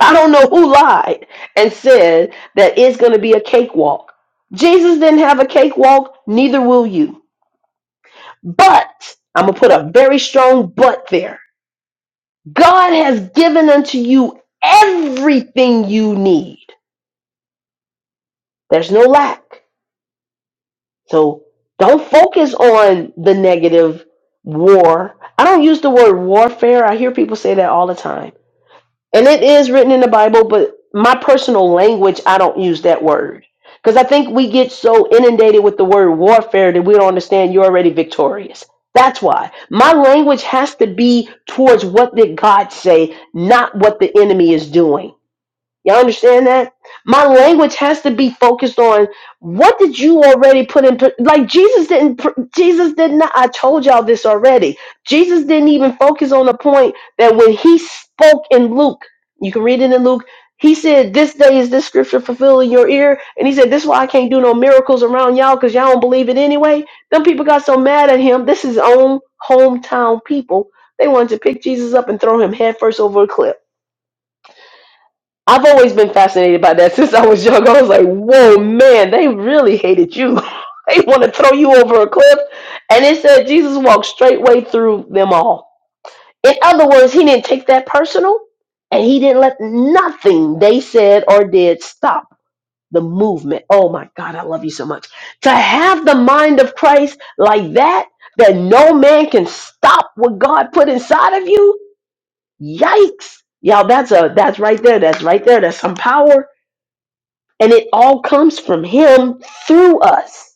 S1: I don't know who lied and said that it's going to be a cakewalk. Jesus didn't have a cakewalk, neither will you. But I'm going to put a very strong but there. God has given unto you everything you need. There's no lack. So don't focus on the negative war. I don't use the word warfare. I hear people say that all the time and it is written in the Bible, but my personal language, I don't use that word. Because I think we get so inundated with the word warfare that we don't understand you're already victorious. That's why my language has to be towards what did God say, not what the enemy is doing. Y'all understand that? My language has to be focused on what did you already put in like Jesus didn't Jesus did not I told y'all this already. Jesus didn't even focus on the point that when he spoke in Luke, you can read it in Luke, he said, This day is this scripture fulfilled in your ear. And he said, This is why I can't do no miracles around y'all because y'all don't believe it anyway. Them people got so mad at him. This is his own hometown people. They wanted to pick Jesus up and throw him headfirst over a cliff. I've always been fascinated by that since I was young. I was like, whoa, man, they really hated you. they want to throw you over a cliff. And it said Jesus walked straightway through them all. In other words, he didn't take that personal and he didn't let nothing they said or did stop the movement. Oh my God, I love you so much. To have the mind of Christ like that, that no man can stop what God put inside of you, yikes. Y'all, that's a that's right there. That's right there. That's some power and it all comes from Him through us.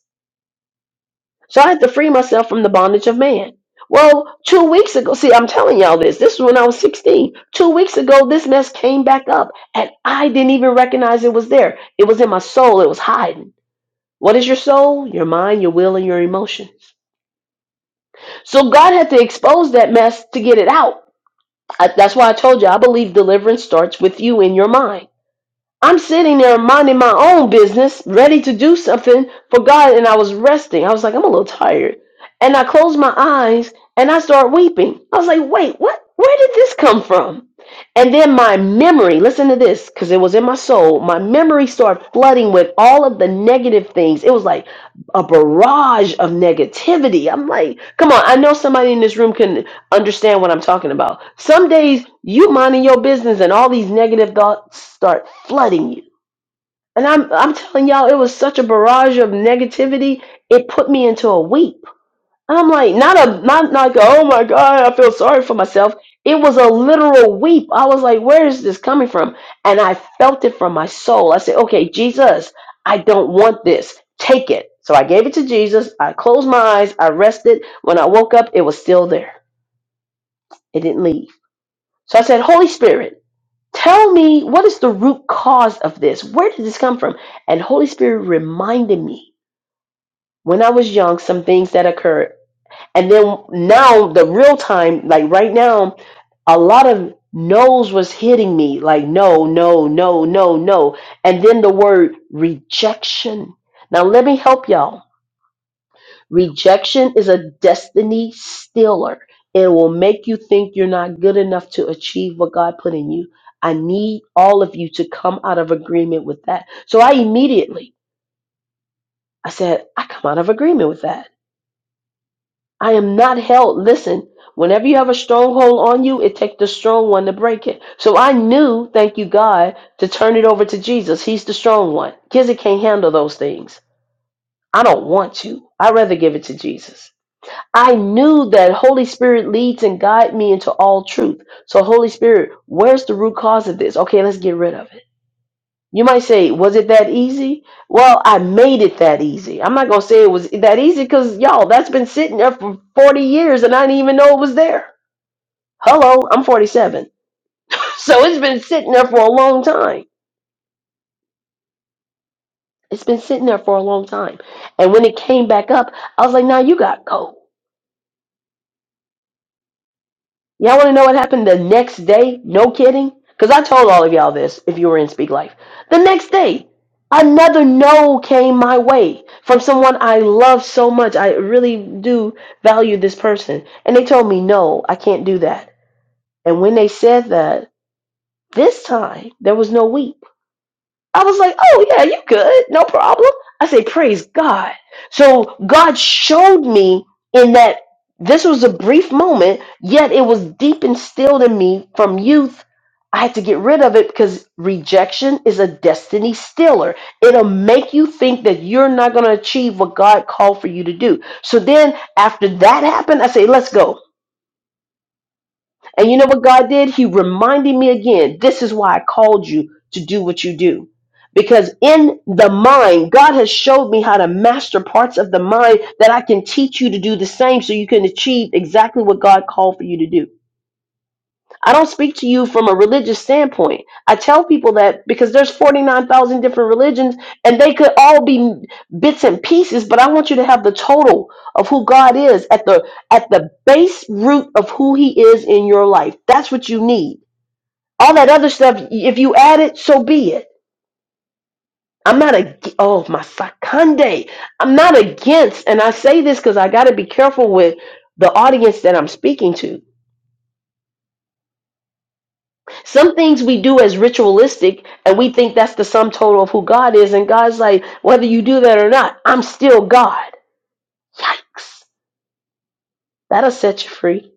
S1: So I have to free myself from the bondage of man. Well, two weeks ago, see, I'm telling y'all this. This was when I was 16. Two weeks ago, this mess came back up, and I didn't even recognize it was there. It was in my soul, it was hiding. What is your soul? Your mind, your will, and your emotions. So God had to expose that mess to get it out. I, that's why I told you, I believe deliverance starts with you in your mind. I'm sitting there minding my own business, ready to do something for God, and I was resting. I was like, I'm a little tired. And I closed my eyes and I start weeping. I was like, wait, what? Where did this come from? And then my memory, listen to this, because it was in my soul, my memory started flooding with all of the negative things. It was like a barrage of negativity. I'm like, come on, I know somebody in this room can understand what I'm talking about. Some days you minding your business and all these negative thoughts start flooding you. And I'm I'm telling y'all, it was such a barrage of negativity. It put me into a weep. And I'm like, not a not not like a, oh my god, I feel sorry for myself. It was a literal weep. I was like, where is this coming from? And I felt it from my soul. I said, okay, Jesus, I don't want this. Take it. So I gave it to Jesus. I closed my eyes. I rested. When I woke up, it was still there. It didn't leave. So I said, Holy Spirit, tell me what is the root cause of this? Where did this come from? And Holy Spirit reminded me when I was young some things that occurred. And then now, the real time, like right now, a lot of no's was hitting me like no, no, no, no, no. And then the word rejection. Now, let me help y'all Rejection is a destiny stealer It will make you think you're not good enough to achieve what God put in you. I need all of you to come out of agreement with that. So I immediately I said, I come out of agreement with that. I am not held. Listen, whenever you have a stronghold on you, it takes the strong one to break it. So I knew, thank you God, to turn it over to Jesus. He's the strong one. Kids that can't handle those things. I don't want to. I'd rather give it to Jesus. I knew that Holy Spirit leads and guide me into all truth. So Holy Spirit, where's the root cause of this? Okay, let's get rid of it. You might say, was it that easy? Well, I made it that easy. I'm not going to say it was that easy cuz y'all, that's been sitting there for 40 years and I didn't even know it was there. Hello, I'm 47. So it's been sitting there for a long time. It's been sitting there for a long time. And when it came back up, I was like, "Now you got cold. Y'all want to know what happened the next day? No kidding. Because I told all of y'all this if you were in Speak Life. The next day, another no came my way from someone I love so much. I really do value this person. And they told me, no, I can't do that. And when they said that, this time there was no weep. I was like, oh, yeah, you good. No problem. I say, praise God. So God showed me in that this was a brief moment, yet it was deep instilled in me from youth. I had to get rid of it because rejection is a destiny stiller. It'll make you think that you're not going to achieve what God called for you to do. So then after that happened, I say, let's go. And you know what God did? He reminded me again this is why I called you to do what you do. Because in the mind, God has showed me how to master parts of the mind that I can teach you to do the same so you can achieve exactly what God called for you to do. I don't speak to you from a religious standpoint. I tell people that because there's 49,000 different religions and they could all be bits and pieces, but I want you to have the total of who God is at the at the base root of who he is in your life. That's what you need. All that other stuff if you add it, so be it. I'm not a oh my sakande. I'm not against and I say this cuz I got to be careful with the audience that I'm speaking to Some things we do as ritualistic, and we think that's the sum total of who God is. And God's like, whether you do that or not, I'm still God. Yikes. That'll set you free.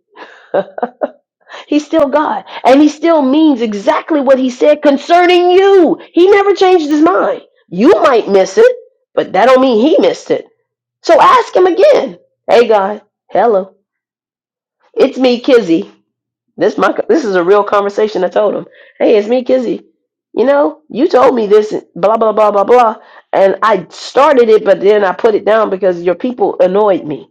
S1: He's still God. And he still means exactly what he said concerning you. He never changed his mind. You might miss it, but that don't mean he missed it. So ask him again. Hey, God. Hello. It's me, Kizzy. This my this is a real conversation. I told him, "Hey, it's me, Kizzy. You know, you told me this, blah blah blah blah blah, and I started it, but then I put it down because your people annoyed me.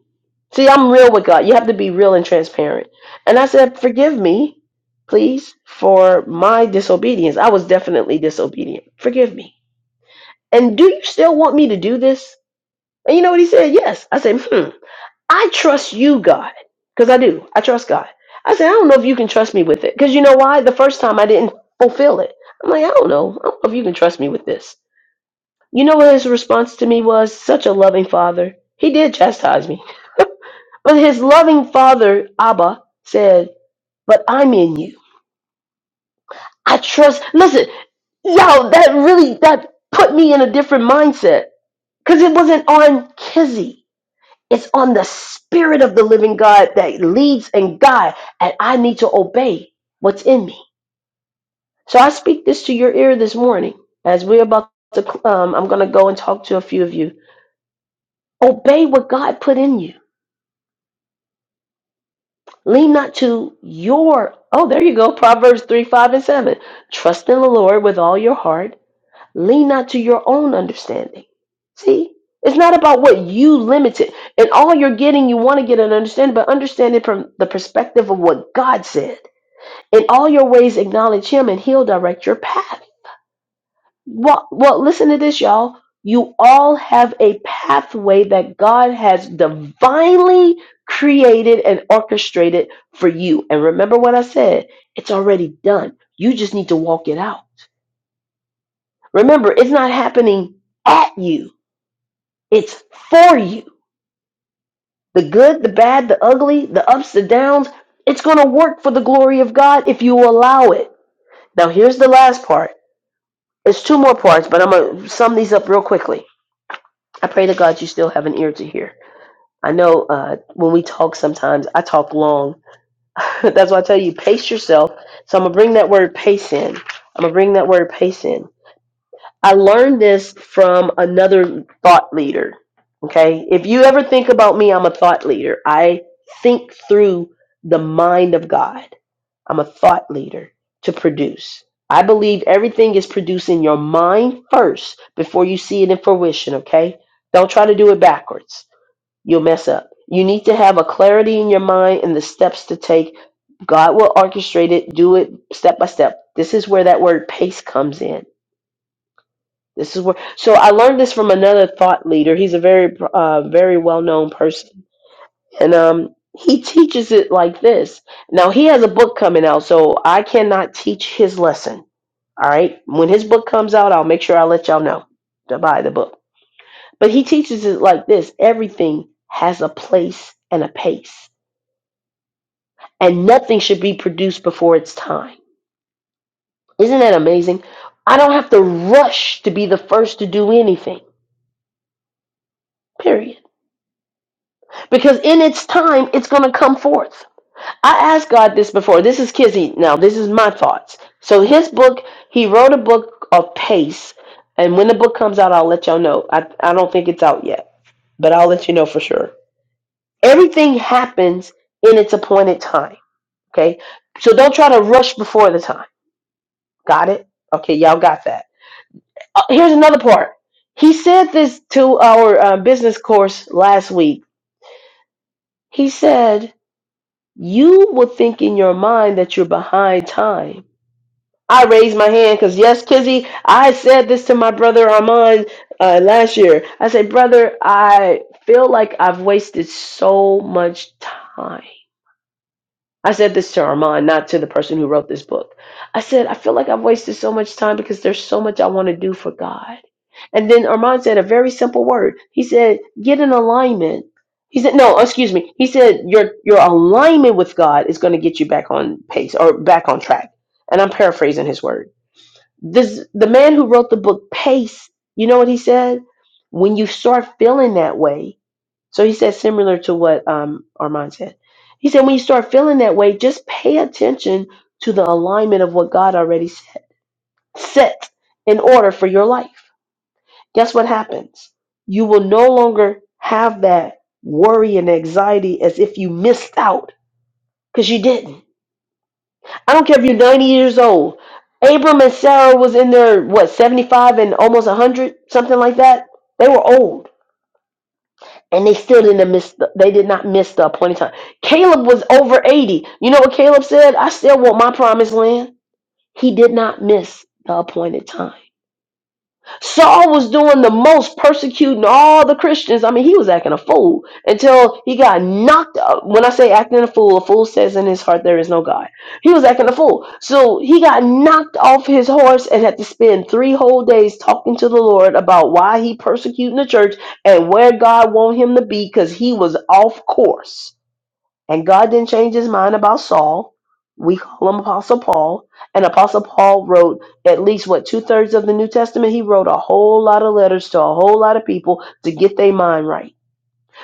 S1: See, I'm real with God. You have to be real and transparent. And I said, forgive me, please, for my disobedience. I was definitely disobedient. Forgive me. And do you still want me to do this? And you know what he said? Yes. I said, hmm. I trust you, God, because I do. I trust God. I said, I don't know if you can trust me with it. Because you know why? The first time I didn't fulfill it. I'm like, I don't know. I don't know if you can trust me with this. You know what his response to me was? Such a loving father. He did chastise me. But his loving father, Abba, said, But I'm in you. I trust. Listen, yo, that really that put me in a different mindset. Because it wasn't on Kizzy. It's on the spirit of the living God that leads and guides, and I need to obey what's in me. So I speak this to your ear this morning as we're about to, um, I'm going to go and talk to a few of you. Obey what God put in you. Lean not to your, oh, there you go, Proverbs 3, 5, and 7. Trust in the Lord with all your heart Lean not to your own understanding. See, it's not about what you limited and all you're getting. You want to get an understanding, but understand it from the perspective of what God said. In all your ways, acknowledge Him, and He'll direct your path. Well, well, listen to this, y'all. You all have a pathway that God has divinely created and orchestrated for you. And remember what I said it's already done. You just need to walk it out. Remember, it's not happening at you It's for you. The good, the bad, the ugly, the ups, the downs. It's going to work for the glory of God if you allow it. Now, here's the last part. It's two more parts, but I'm going to sum these up real quickly. I pray to God you still have an ear to hear. I know uh, when we talk sometimes, I talk long. That's why I tell you, pace yourself. So I'm going to bring that word pace in. I'm going to bring that word pace in. I learned this from another thought leader. Okay. If you ever think about me, I'm a thought leader. I think through the mind of God. I'm a thought leader to produce. I believe everything is produced in your mind first before you see it in fruition. Okay. Don't try to do it backwards. You'll mess up. You need to have a clarity in your mind and the steps to take. God will orchestrate it. Do it step by step. This is where that word pace comes in this is where. So I learned this from another thought leader. He's a very, uh, very well-known person, and um, he teaches it like this. Now he has a book coming out, so I cannot teach his lesson. All right, when his book comes out, I'll make sure I let y'all know to buy the book. But he teaches it like this: everything has a place and a pace, and nothing should be produced before its time. Isn't that amazing? I don't have to rush to be the first to do anything. Period. because in its time it's going to come forth i asked god this before this is kizzy now this is my thoughts so his book he wrote a book of pace and when the book comes out i'll let y'all know i, I don't think it's out yet but i'll let you know for sure everything happens in its appointed time okay so don't try to rush before the time got it okay y'all got that uh, here's another part he said this to our uh, business course last week he said you will think in your mind that you're behind time. I raised my hand because, yes, Kizzy, I said this to my brother Armand uh, last year. I said, Brother, I feel like I've wasted so much time I said this to Armand, not to the person who wrote this book. I said, I feel like I've wasted so much time because there's so much I want to do for God. And then Armand said a very simple word. He said, get in alignment. He said, no, excuse me. He said, your your alignment with God is going to get you back on pace or back on track. And I'm paraphrasing his word. This the man who wrote the book Pace, you know what he said? When you start feeling that way, so he said similar to what um, Armand said. He said when you start feeling that way, just pay attention to the alignment of what God already set, set in order for your life. Guess what happens? You will no longer have that worry and anxiety as if you missed out because you didn't. I don't care if you're 90 years old. Abram and Sarah was in their what 75 and almost 100, something like that. They were old And they still didn't miss. The, they did not miss the appointed time. Caleb was over eighty. You know what Caleb said? I still want my promised land. He did not miss the appointed time. Saul was doing the most persecuting all the Christians. I mean, he was acting a fool until he got knocked up. When I say acting a fool, a fool says in his heart there is no God. He was acting a fool. So he got knocked off his horse and had to spend three whole days talking to the Lord about why he persecuting the church and where God wanted him to be because he was off course. And God didn't change his mind about Saul. We call him Apostle Paul. And Apostle Paul wrote at least, what, two thirds of the New Testament? He wrote a whole lot of letters to a whole lot of people to get their mind right.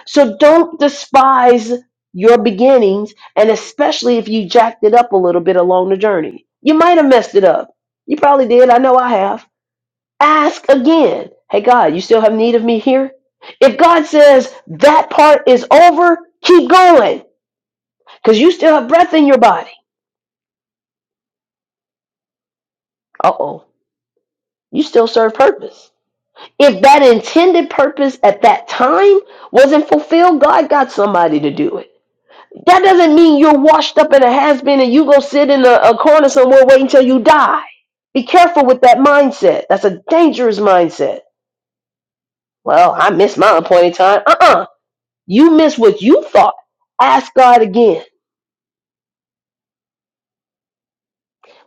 S1: So don't despise your beginnings, and especially if you jacked it up a little bit along the journey. You might have messed it up. You probably did. I know I have. Ask again. Hey, God, you still have need of me here? If God says that part is over, keep going because you still have breath in your body. Uh oh. You still serve purpose. If that intended purpose at that time wasn't fulfilled, God got somebody to do it. That doesn't mean you're washed up in a has been and you go sit in a, a corner somewhere waiting till you die. Be careful with that mindset. That's a dangerous mindset. Well, I missed my appointed time. Uh uh You missed what you thought. Ask God again.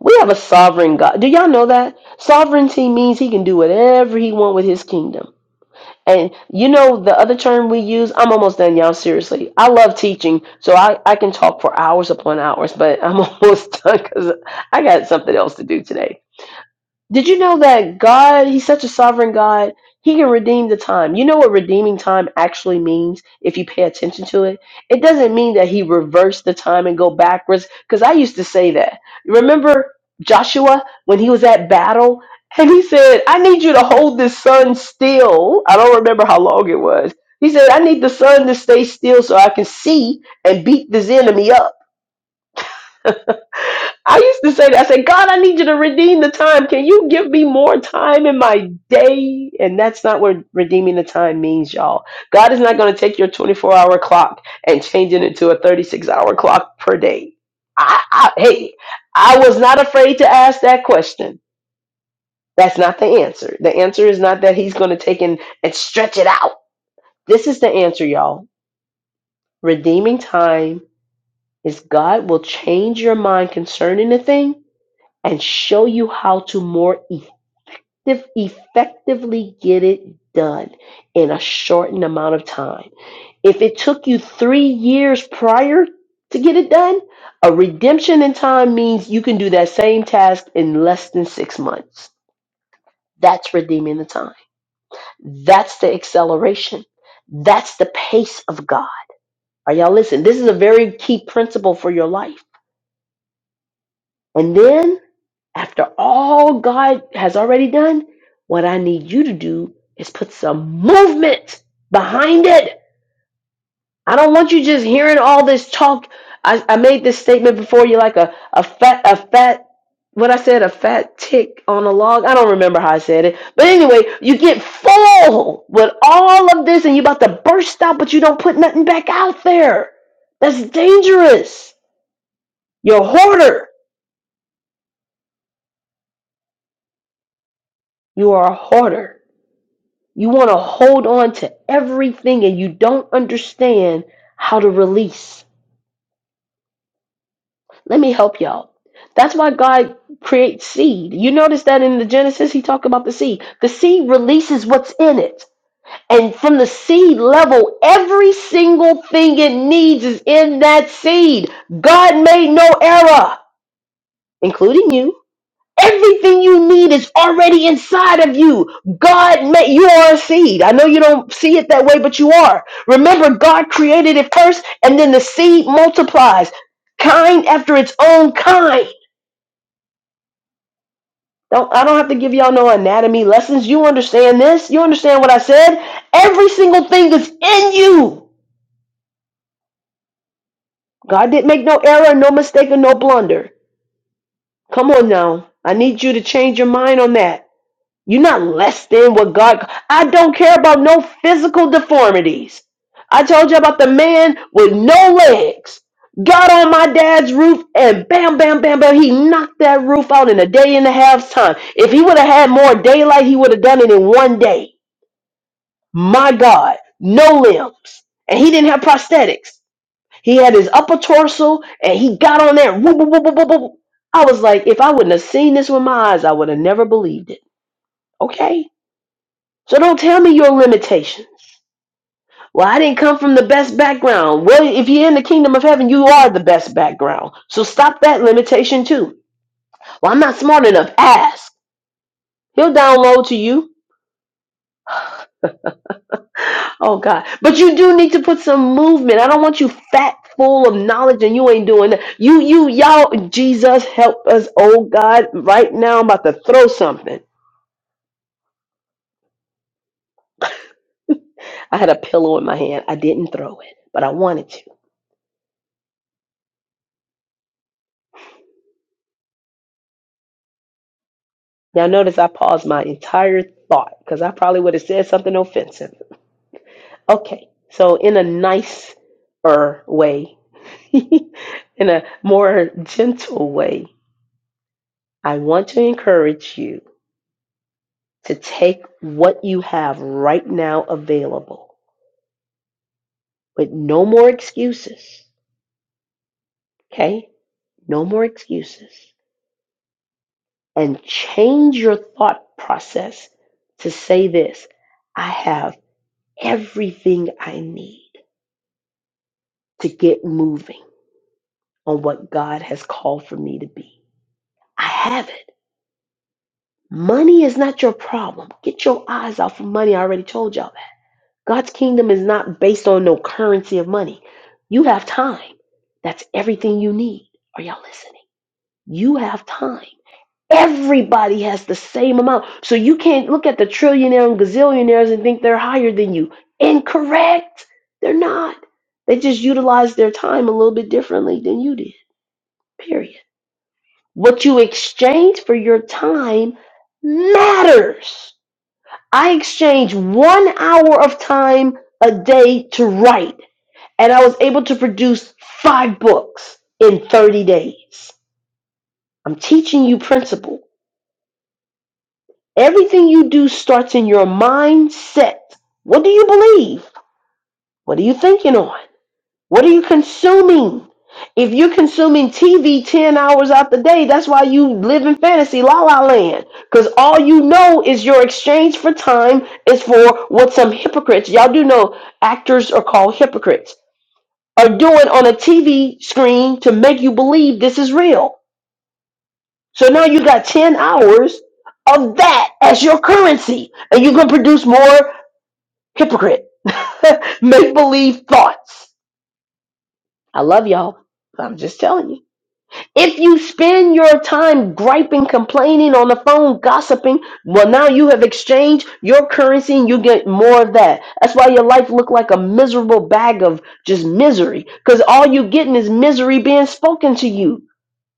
S1: We have a sovereign God. Do y'all know that? Sovereignty means he can do whatever he wants with his kingdom. And you know the other term we use, I'm almost done, y'all. Seriously, I love teaching, so I, I can talk for hours upon hours, but I'm almost done because I got something else to do today. Did you know that God, He's such a sovereign God, He can redeem the time. You know what redeeming time actually means if you pay attention to it? It doesn't mean that He reversed the time and go backwards, because I used to say that. Remember Joshua when he was at battle? And he said, I need you to hold this sun still. I don't remember how long it was. He said, I need the sun to stay still so I can see and beat this enemy up. I used to say that. I said, God, I need you to redeem the time. Can you give me more time in my day? And that's not what redeeming the time means, y'all. God is not going to take your 24 hour clock and change it into a 36 hour clock per day. I, I, hey, I was not afraid to ask that question. That's not the answer. The answer is not that He's going to take and, and stretch it out. This is the answer, y'all. Redeeming time is God will change your mind concerning a thing and show you how to more effective, effectively get it done in a shortened amount of time. If it took you three years prior to get it done, a redemption in time means you can do that same task in less than six months. That's redeeming the time. That's the acceleration. That's the pace of God. Are y'all listening? This is a very key principle for your life. And then After all God has already done, what I need you to do is put some movement behind it. I don't want you just hearing all this talk. I, I made this statement before you like a, a fat a fat what I said, a fat tick on a log. I don't remember how I said it. But anyway, you get full with all of this and you're about to burst out, but you don't put nothing back out there. That's dangerous. You're a hoarder. You are a hoarder You want to hold on to everything and you don't understand how to release. Let me help y'all. That's why God creates seed. You notice that in the Genesis, he talked about the seed. The seed releases what's in it. And from the seed level, every single thing it needs is in that seed. God made no error, including you. Everything you need is already inside of you. God made you are a seed. I know you don't see it that way, but you are. Remember, God created it first, and then the seed multiplies, kind after its own kind. Don't I don't have to give y'all no anatomy lessons. You understand this? You understand what I said? Every single thing is in you. God didn't make no error, no mistake, or no blunder. Come on now. I need you to change your mind on that. You're not less than what God. I don't care about no physical deformities. I told you about the man with no legs. Got on my dad's roof and bam, bam, bam, bam. He knocked that roof out in a day and a half's time. If he would have had more daylight, he would have done it in one day. My God, no limbs. And he didn't have prosthetics. He had his upper torso and he got on there. Whoop, whoop, whoop, whoop, whoop, whoop. I was like, if I wouldn't have seen this with my eyes, I would have never believed it. Okay? So don't tell me your limitations. Well, I didn't come from the best background. Well, if you're in the kingdom of heaven, you are the best background. So stop that limitation too. Well, I'm not smart enough. Ask. He'll download to you. Oh God. But you do need to put some movement. I don't want you fat full of knowledge and you ain't doing that. You you y'all Jesus help us, oh God. Right now I'm about to throw something. I had a pillow in my hand. I didn't throw it, but I wanted to. Now, notice I paused my entire thought because I probably would have said something offensive. Okay, so in a nicer way, in a more gentle way, I want to encourage you to take what you have right now available with no more excuses. Okay, no more excuses. And change your thought process to say this I have everything I need to get moving. on what God has called for me to be. I have it. Money is not your problem. Get your eyes off of money. I already told y'all that. God's kingdom is not based on no currency of money. You have time. That's everything you need. Are y'all listening? You have time. Everybody has the same amount. So you can't look at the trillionaire and gazillionaires and think they're higher than you. Incorrect. They're not. They just utilize their time a little bit differently than you did. Period. What you exchange for your time matters. I exchanged one hour of time a day to write, and I was able to produce five books in 30 days. I'm teaching you principle. Everything you do starts in your mindset. What do you believe? What are you thinking on? What are you consuming? If you're consuming TV 10 hours out the day, that's why you live in fantasy la la land. Because all you know is your exchange for time is for what some hypocrites, y'all do know actors are called hypocrites, are doing on a TV screen to make you believe this is real. So now you got 10 hours of that as your currency, and you can produce more hypocrite, make believe thoughts. I love y'all. I'm just telling you. If you spend your time griping, complaining on the phone, gossiping, well, now you have exchanged your currency and you get more of that. That's why your life looked like a miserable bag of just misery, because all you getting is misery being spoken to you.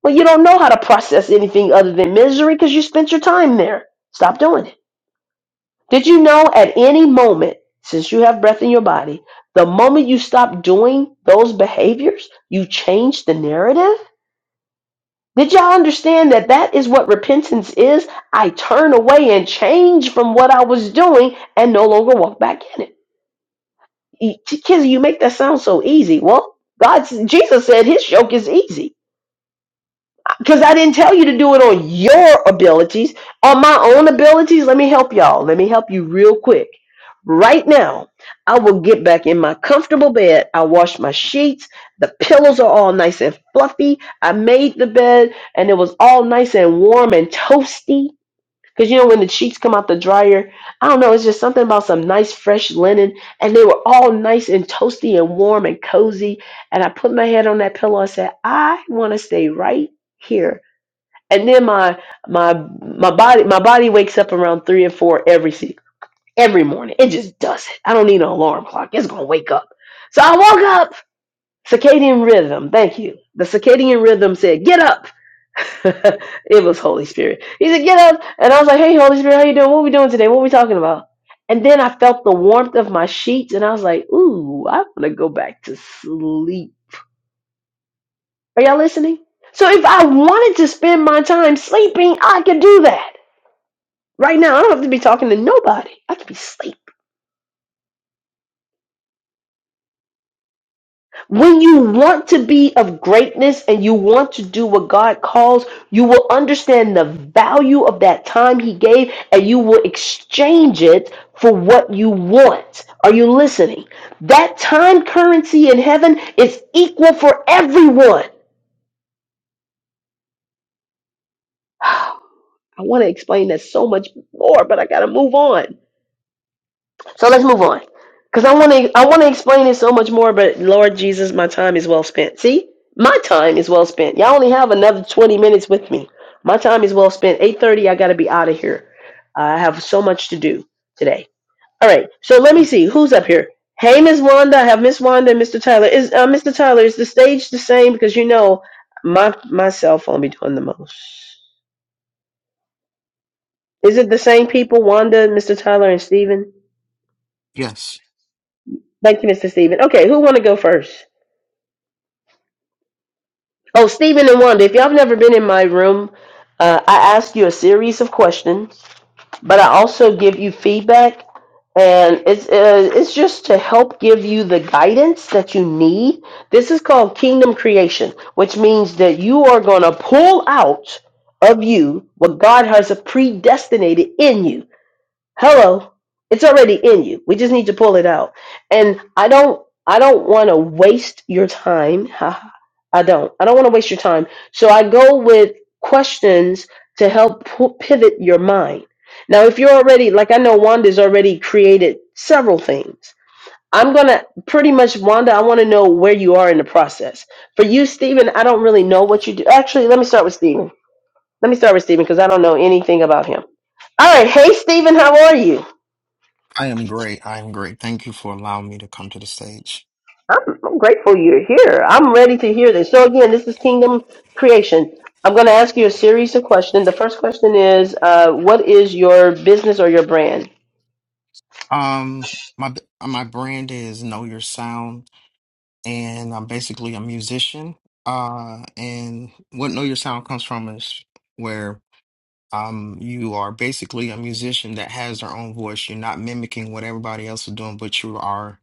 S1: Well, you don't know how to process anything other than misery because you spent your time there. Stop doing it. Did you know at any moment, since you have breath in your body, the moment you stop doing those behaviors, you change the narrative? Did y'all understand that that is what repentance is? I turn away and change from what I was doing and no longer walk back in it. E- Kids, you make that sound so easy. Well, God, Jesus said his yoke is easy. Because I didn't tell you to do it on your abilities. On my own abilities, let me help y'all. Let me help you real quick. Right now, I will get back in my comfortable bed. I wash my sheets. The pillows are all nice and fluffy. I made the bed and it was all nice and warm and toasty. Because you know, when the sheets come out the dryer, I don't know, it's just something about some nice fresh linen. And they were all nice and toasty and warm and cozy. And I put my head on that pillow and said, I want to stay right here and then my my my body my body wakes up around three and four every se- every morning. It just does it. I don't need an alarm clock. It's gonna wake up. So I woke up. Circadian rhythm. Thank you. The circadian rhythm said, "Get up." it was Holy Spirit. He said, "Get up," and I was like, "Hey, Holy Spirit, how you doing? What we doing today? What we talking about?" And then I felt the warmth of my sheets, and I was like, "Ooh, I want to go back to sleep." Are y'all listening? So if I wanted to spend my time sleeping, I could do that. Right now, I don't have to be talking to nobody. I can be asleep. When you want to be of greatness and you want to do what God calls, you will understand the value of that time He gave and you will exchange it for what you want. Are you listening? That time currency in heaven is equal for everyone. I want to explain that so much more, but I got to move on. So let's move on, because I want to I want to explain it so much more. But Lord Jesus, my time is well spent. See, my time is well spent. Y'all only have another twenty minutes with me. My time is well spent. Eight thirty, I got to be out of here. I have so much to do today. All right, so let me see who's up here. Hey, Miss Wanda, I have Miss Wanda and Mr. Tyler. Is uh, Mr. Tyler is the stage the same? Because you know my my cell phone be doing the most. Is it the same people? Wanda, Mr. Tyler, and Steven?
S2: Yes,
S1: Thank you, Mr. Steven. Okay, who want to go first? Oh, Stephen and Wanda, if y'all have never been in my room, uh, I ask you a series of questions, but I also give you feedback, and it's uh, it's just to help give you the guidance that you need. This is called kingdom creation, which means that you are going to pull out of you what God has predestinated in you hello it's already in you we just need to pull it out and i don't i don't want to waste your time i don't i don't want to waste your time so i go with questions to help pu- pivot your mind now if you're already like i know wanda's already created several things i'm gonna pretty much wanda i want to know where you are in the process for you stephen i don't really know what you do actually let me start with stephen let me start with stephen because i don't know anything about him all right hey stephen how are you
S2: I am great. I am great. Thank you for allowing me to come to the stage.
S1: I'm, I'm grateful you're here. I'm ready to hear this. So again, this is Kingdom Creation. I'm going to ask you a series of questions. The first question is, uh, what is your business or your brand?
S2: Um, my b- my brand is Know Your Sound, and I'm basically a musician. Uh, and what Know Your Sound comes from is where Um, you are basically a musician that has their own voice. You're not mimicking what everybody else is doing, but you are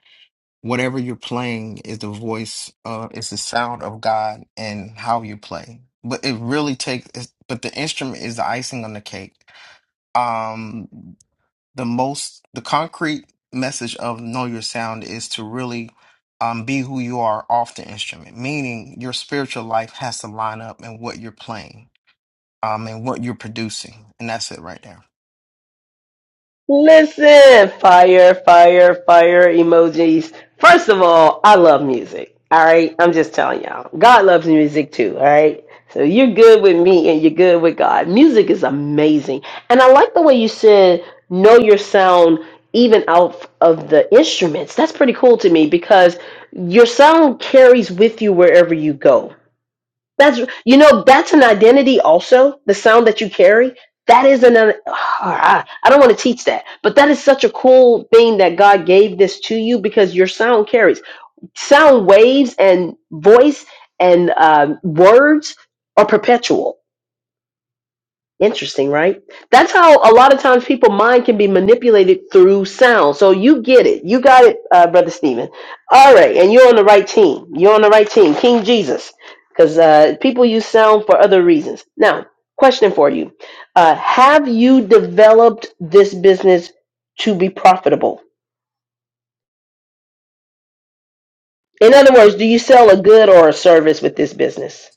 S2: whatever you're playing is the voice of it's the sound of God and how you play. But it really takes it's- but the instrument is the icing on the cake. Um, the most the concrete message of know your sound is to really um be who you are off the instrument, meaning your spiritual life has to line up and what you're playing, um, and what you're producing. And that's it right there.
S1: Listen, fire, fire, fire emojis. First of all, I love music. All right. I'm just telling y'all. God loves music too. All right. So you're good with me and you're good with God. Music is amazing. And I like the way you said, know your sound even out of the instruments. That's pretty cool to me because your sound carries with you wherever you go that's you know that's an identity also. The sound that you carry that is an uh, I I don't want to teach that, but that is such a cool thing that God gave this to you because your sound carries sound waves and voice and um, words are perpetual. Interesting, right? That's how a lot of times people' mind can be manipulated through sound. So you get it. You got it, uh, Brother Stephen. All right. And you're on the right team. You're on the right team. King Jesus. Because uh, people use sound for other reasons. Now, question for you uh, Have you developed this business to be profitable? In other words, do you sell a good or a service with this business?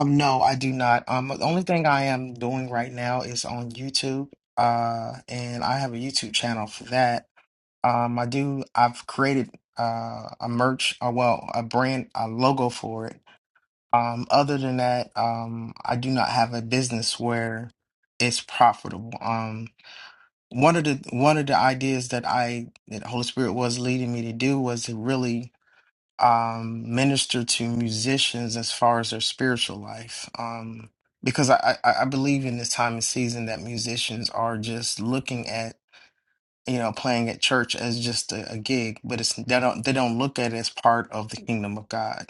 S2: Um, no, I do not. Um, the only thing I am doing right now is on YouTube. Uh, and I have a YouTube channel for that. Um, I do. I've created uh a merch, uh, well, a brand, a logo for it. Um, other than that, um, I do not have a business where it's profitable. Um, one of the one of the ideas that I that Holy Spirit was leading me to do was to really um, minister to musicians as far as their spiritual life. Um, because I, I, I believe in this time and season that musicians are just looking at you know playing at church as just a, a gig, but it's they don't they don't look at it as part of the kingdom of God.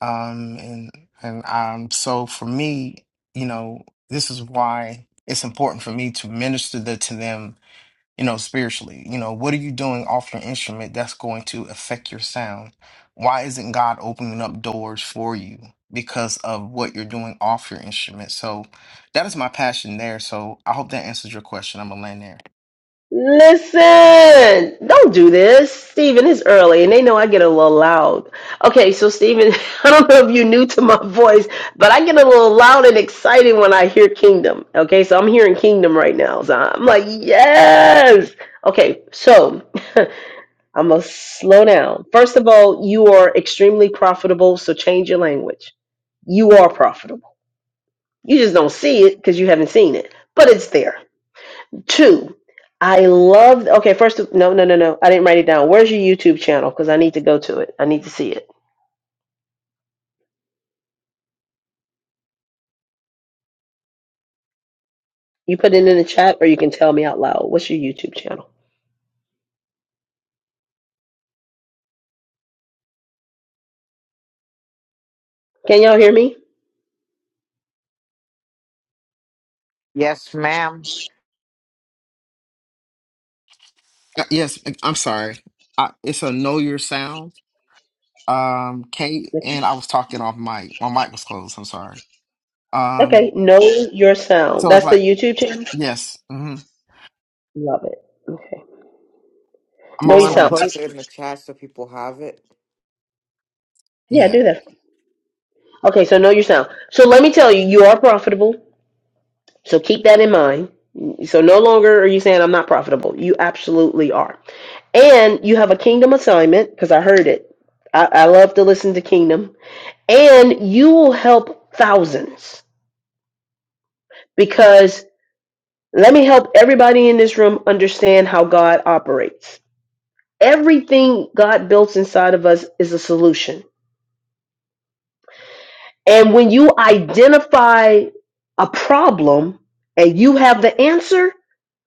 S2: Um, and and um, so for me, you know, this is why it's important for me to minister the to them you know, spiritually. You know, what are you doing off your instrument that's going to affect your sound? Why isn't God opening up doors for you because of what you're doing off your instrument? So that is my passion there. So I hope that answers your question. I'm gonna land there.
S1: Listen, don't do this. Stephen. it's early and they know I get a little loud. Okay, so Stephen, I don't know if you're new to my voice, but I get a little loud and excited when I hear kingdom. Okay, so I'm hearing kingdom right now. So I'm like, yes. Okay, so I'm gonna slow down. First of all, you are extremely profitable, so change your language. You are profitable. You just don't see it because you haven't seen it, but it's there. Two, I love. Okay, first, of- no, no, no, no. I didn't write it down. Where's your YouTube channel? Because I need to go to it. I need to see it. You put it in the chat, or you can tell me out loud. What's your YouTube channel? Can y'all hear me?
S3: yes ma'am
S2: Uh, Yes, I- I'm sorry. I, it's a know your sound. Um, Kate and I was talking off mic. My mic was closed. I'm sorry.
S1: Okay,
S2: Um,
S1: know your sound.
S2: so it's
S1: That's the
S2: like
S1: YouTube channel.
S2: yes. hmm
S1: Love it. Okay,
S3: do
S2: I'm
S3: you
S1: know your
S2: also
S3: want to
S1: sound.
S2: on.
S1: I-
S2: T-
S3: post it in the chat so people have it
S1: yeah, do
S2: yeah,
S1: that. Okay, so know your sound. So let me tell you, you are profitable. So keep that in mind. So no longer are you saying I'm not profitable. You absolutely are. and you have a kingdom assignment because I heard it. I, I love to listen to kingdom, and you will help thousands because let me help everybody in this room understand how God operates. Everything God builds inside of us is a solution, and when you identify a problem and you have the answer,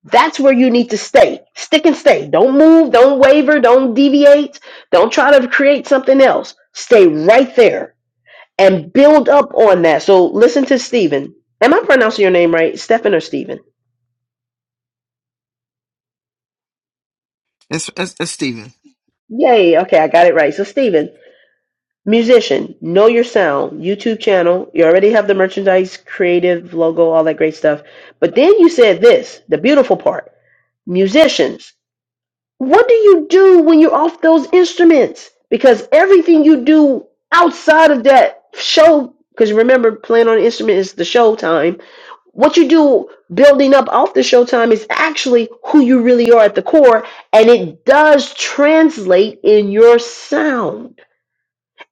S1: that's where you need to stay. Stick and stay. Don't move. Don't waver. Don't deviate. Don't try to create something else. Stay right there and build up on that. So listen to Stephen. Am I pronouncing your name right? Stephen or Stephen?
S2: it's it's, it's Steven.
S1: Yay. Okay, I got it right. So Stephen, musician, know your sound, YouTube channel. You already have the merchandise, creative logo, all that great stuff. But then you said this, the beautiful part. Musicians, what do you do when you're off those instruments? Because everything you do outside of that show, because remember, playing on an instrument is the show time what you do building up off the showtime is actually who you really are at the core and it does translate in your sound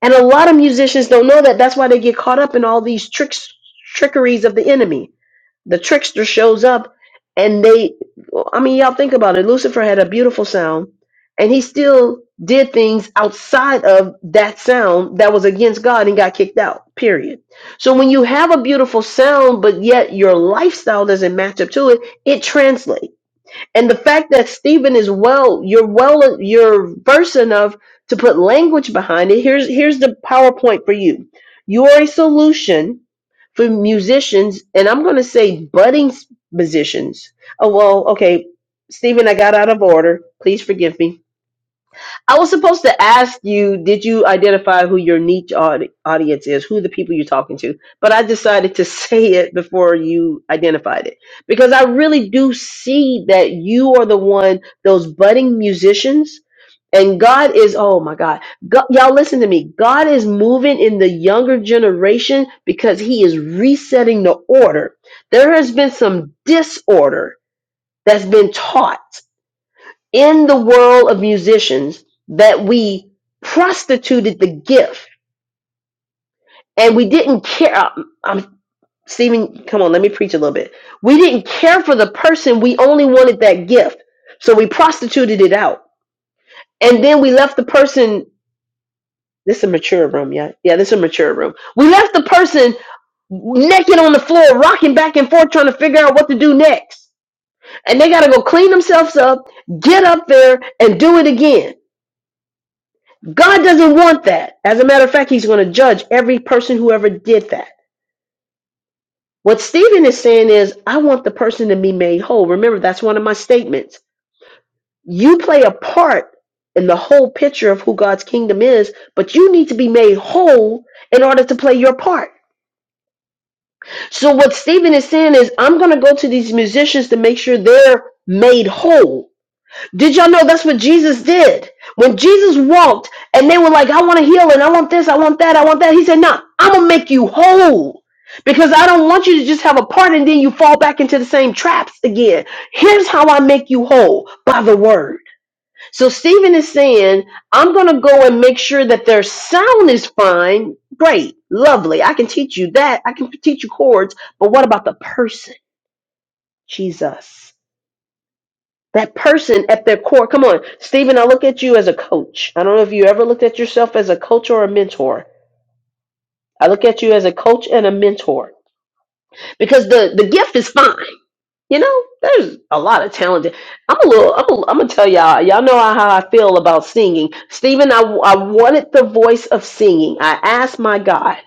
S1: and a lot of musicians don't know that that's why they get caught up in all these tricks trickeries of the enemy the trickster shows up, and they. I mean, y'all think about it. Lucifer had a beautiful sound, and he still did things outside of that sound that was against God and got kicked out. Period. So when you have a beautiful sound, but yet your lifestyle doesn't match up to it, it translates. And the fact that Stephen is well, you're well, you're versed enough to put language behind it. Here's here's the PowerPoint for you. You are a solution for musicians, and I'm going to say budding s- musicians. Oh well, okay, Stephen, I got out of order. Please forgive me I was supposed to ask you, did you identify who your niche audi- audience is, who the people you're talking to? But I decided to say it before you identified it because I really do see that you are the one, those budding musicians. And God is, oh my God. God. Y'all listen to me. God is moving in the younger generation because he is resetting the order. There has been some disorder that's been taught in the world of musicians that we prostituted the gift and we didn't care. I'm, I'm- Stephen, come on, let me preach a little bit. We didn't care for the person, we only wanted that gift. So we prostituted it out. And then we left the person. This is a mature room, yeah. Yeah, this is a mature room. We left the person naked on the floor, rocking back and forth, trying to figure out what to do next. And they got to go clean themselves up, get up there, and do it again God doesn't want that. As a matter of fact, he's going to judge every person who ever did that. What Stephen is saying is, I want the person to be made whole. Remember, that's one of my statements. You play a part in the whole picture of who God's kingdom is, but you need to be made whole in order to play your part. So, what Stephen is saying is, I'm going to go to these musicians to make sure they're made whole Did y'all know that's what Jesus did? When Jesus walked and they were like, I want to heal and I want this, I want that, I want that. He said, No, I'm going to make you whole because I don't want you to just have a part and then you fall back into the same traps again. Here's how I make you whole by the word. So Stephen is saying, I'm going to go and make sure that their sound is fine. Great, lovely. I can teach you that. I can teach you chords. But what about the person, Jesus? That person at their core, come on, Stephen, I look at you as a coach. I don't know if you ever looked at yourself as a coach or a mentor. I look at you as a coach and a mentor because the, the gift is fine. You know, there's a lot of talent. I'm a little, I'm, a, I'm gonna tell y'all, y'all know how, how I feel about singing. Stephen, I, I wanted the voice of singing. I asked my God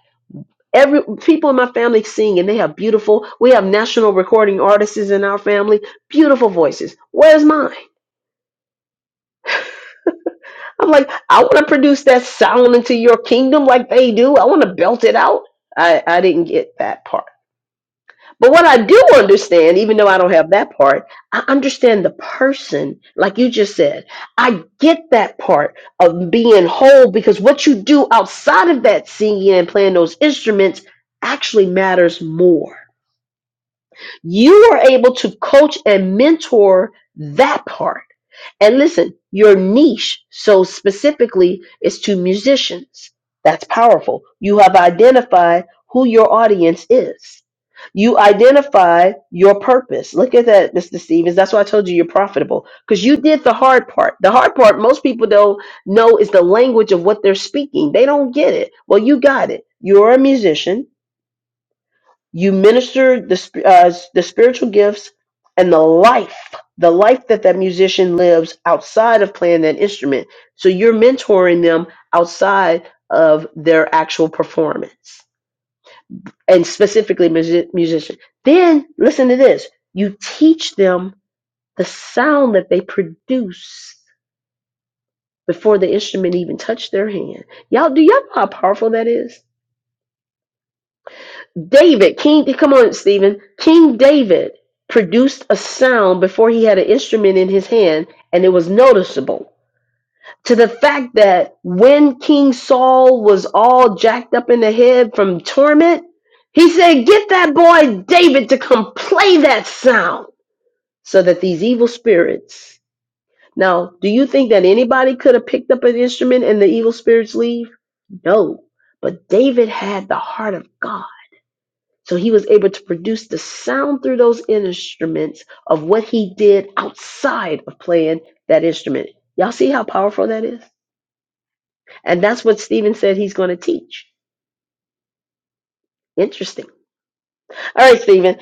S1: every people in my family sing and they have beautiful we have national recording artists in our family beautiful voices where's mine I'm like, I want to produce that sound into your kingdom like they do. I want to belt it out. I, I didn't get that part. But what I do understand, even though I don't have that part, I understand the person, like you just said. I get that part of being whole because what you do outside of that singing and playing those instruments actually matters more. You are able to coach and mentor that part and listen, your niche, so specifically, is to musicians. That's powerful. You have identified who your audience is. You identify your purpose. Look at that, Mr. Stevens. That's why I told you you're profitable because you did the hard part. The hard part, most people don't know, is the language of what they're speaking. They don't get it. Well, you got it. You're a musician you minister the sp- uh, the spiritual gifts and the life, the life that that musician lives outside of playing that instrument. So you're mentoring them outside of their actual performance, and specifically music- musician. Then listen to this: you teach them the sound that they produce before the instrument even touched their hand. Y'all, do y'all know how powerful that is? David, King, come on, Stephen. King David produced a sound before he had an instrument in his hand, and it was noticeable. To the fact that when King Saul was all jacked up in the head from torment, he said, Get that boy David to come play that sound so that these evil spirits. Now, do you think that anybody could have picked up an instrument and the evil spirits leave? No. But David had the heart of God so he was able to produce the sound through those instruments of what he did outside of playing that instrument. Y'all see how powerful that is? And that's what Stephen said he's going to teach. Interesting. All right, Stephen,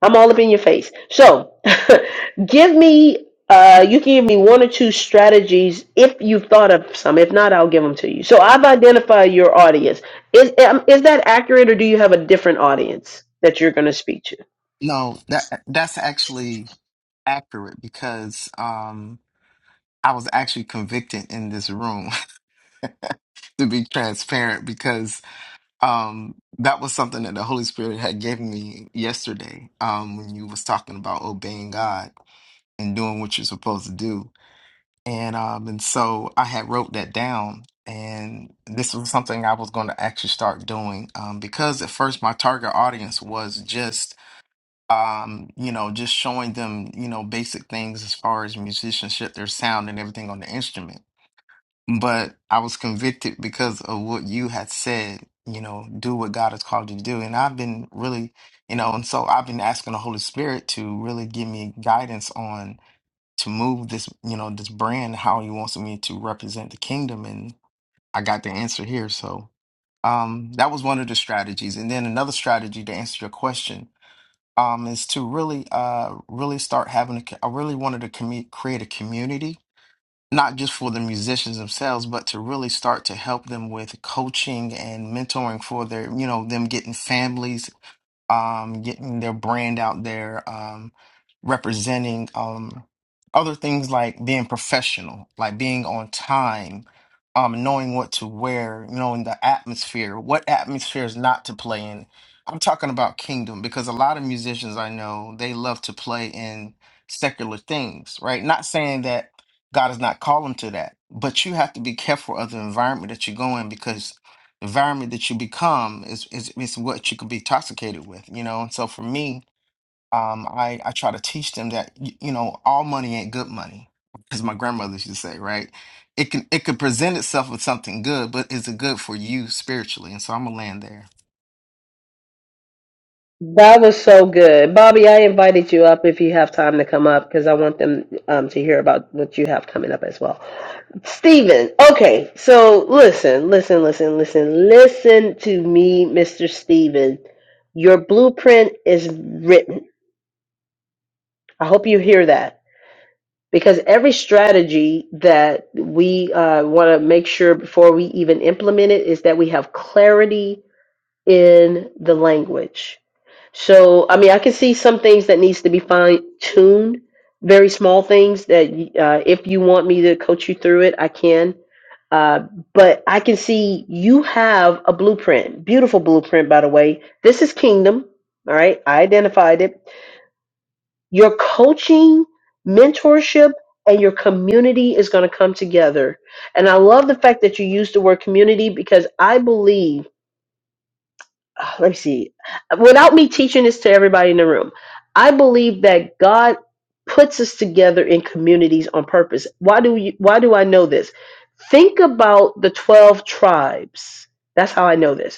S1: I'm all up in your face. So give me, uh, you can give me one or two strategies if you've thought of some. If not, I'll give them to you. So I've identified your audience. Is, um, is that accurate or do you have a different audience that you're going to speak to?
S2: No, that that's actually accurate because um, I was actually convicted in this room, to be transparent, because um, that was something that the Holy Spirit had given me yesterday um, when you was talking about obeying God and doing what you're supposed to do. And um, and so I had wrote that down, and this was something I was going to actually start doing um, because at first my target audience was just um, you know, just showing them, you know, basic things as far as musicianship, their sound and everything on the instrument. But I was convicted because of what you had said, you know, do what God has called you to do. And I've been really, you know, and so I've been asking the Holy Spirit to really give me guidance on to move this, you know, this brand, how he wants me to represent the kingdom. And I got the answer here. So um that was one of the strategies. And then another strategy to answer your question um, is to really, uh, really start having. A, co- I really wanted to commu- create a community, not just for the musicians themselves, but to really start to help them with coaching and mentoring for their, you know, them getting families um, getting their brand out there, um, representing um, other things like being professional, like being on time, um, knowing what to wear, knowing the atmosphere, what atmosphere is not to play in. I'm talking about kingdom because a lot of musicians I know they love to play in secular things, right? Not saying that God has not called them to that, but you have to be careful of the environment that you go in because environment that you become is, is is what you could be intoxicated with, you know. And so for me, um, I I try to teach them that y- you know all money ain't good money, as my grandmother used to say, right? It can it could present itself with something good, but is it good for you spiritually? And so I'm gonna land there.
S1: That was so good. Bobby, I invited you up if you have time to come up because I want them um, to hear about what you have coming up as well. Steven, okay, so listen, listen, listen, listen, listen to me, Mr. Steven. Your blueprint is written. I hope you hear that because every strategy that we uh, want to make sure before we even implement it is that we have clarity in the language. So, I mean, I can see some things that needs to be fine tuned, very small things that uh, if you want me to coach you through it, I can. Uh, but I can see you have a blueprint, beautiful blueprint, by the way. This is kingdom. All right. I identified it. Your coaching, mentorship, and your community is going to come together. And I love the fact that you used the word community because I believe uh, let me see, without me teaching this to everybody in the room, I believe that God puts us together in communities on purpose. Why do you, why do I know this? Think about the 12 tribes. That's how I know this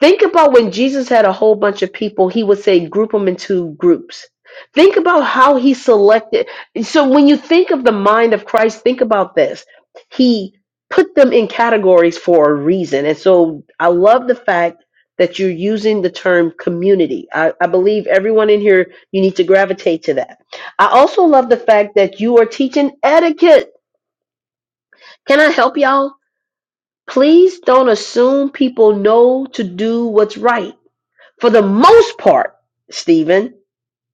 S1: Think about when Jesus had a whole bunch of people, he would say, group them into groups. Think about how he selected. So when you think of the mind of Christ, think about this. He put them in categories for a reason. And so I love the fact that you're using the term community. I, I believe everyone in here, you need to gravitate to that. I also love the fact that you are teaching etiquette. Can I help y'all? Please don't assume people know to do what's right for the most part, Stephen,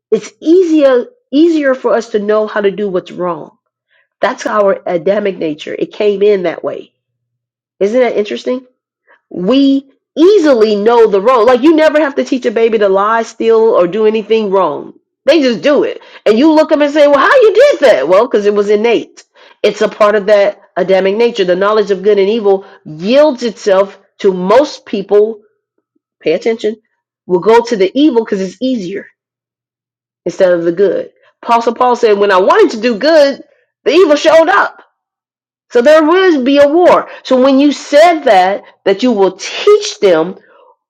S1: it's easier easier for us to know how to do what's wrong. That's our Adamic nature. It came in that way. Isn't that interesting? We easily know the wrong. Like you never have to teach a baby to lie, steal, or do anything wrong. They just do it, and you look at them and say, "Well, how you did that?" Well, because it was innate. It's a part of that Adamic nature. The knowledge of good and evil yields itself to most people. Pay attention. Will go to the evil because it's easier instead of the good. Apostle Paul said, When I wanted to do good, the evil showed up. So there will be a war. So when you said that, that you will teach them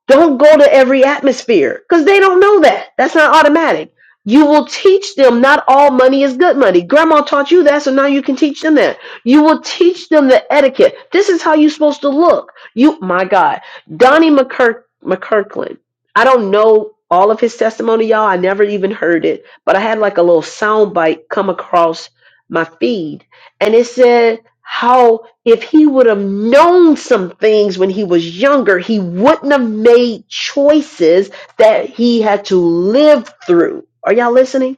S1: don't go to every atmosphere because they don't know that. That's not automatic. You will teach them not all money is good money. Grandma taught you that, so now you can teach them that. You will teach them the etiquette. This is how you're supposed to look. You, my God, Donnie McKirk, McKirkland. I don't know all of his testimony, y'all. I never even heard it, but I had like a little sound bite come across my feed, and it said how if he would have known some things when he was younger, he wouldn't have made choices that he had to live through. Are y'all listening?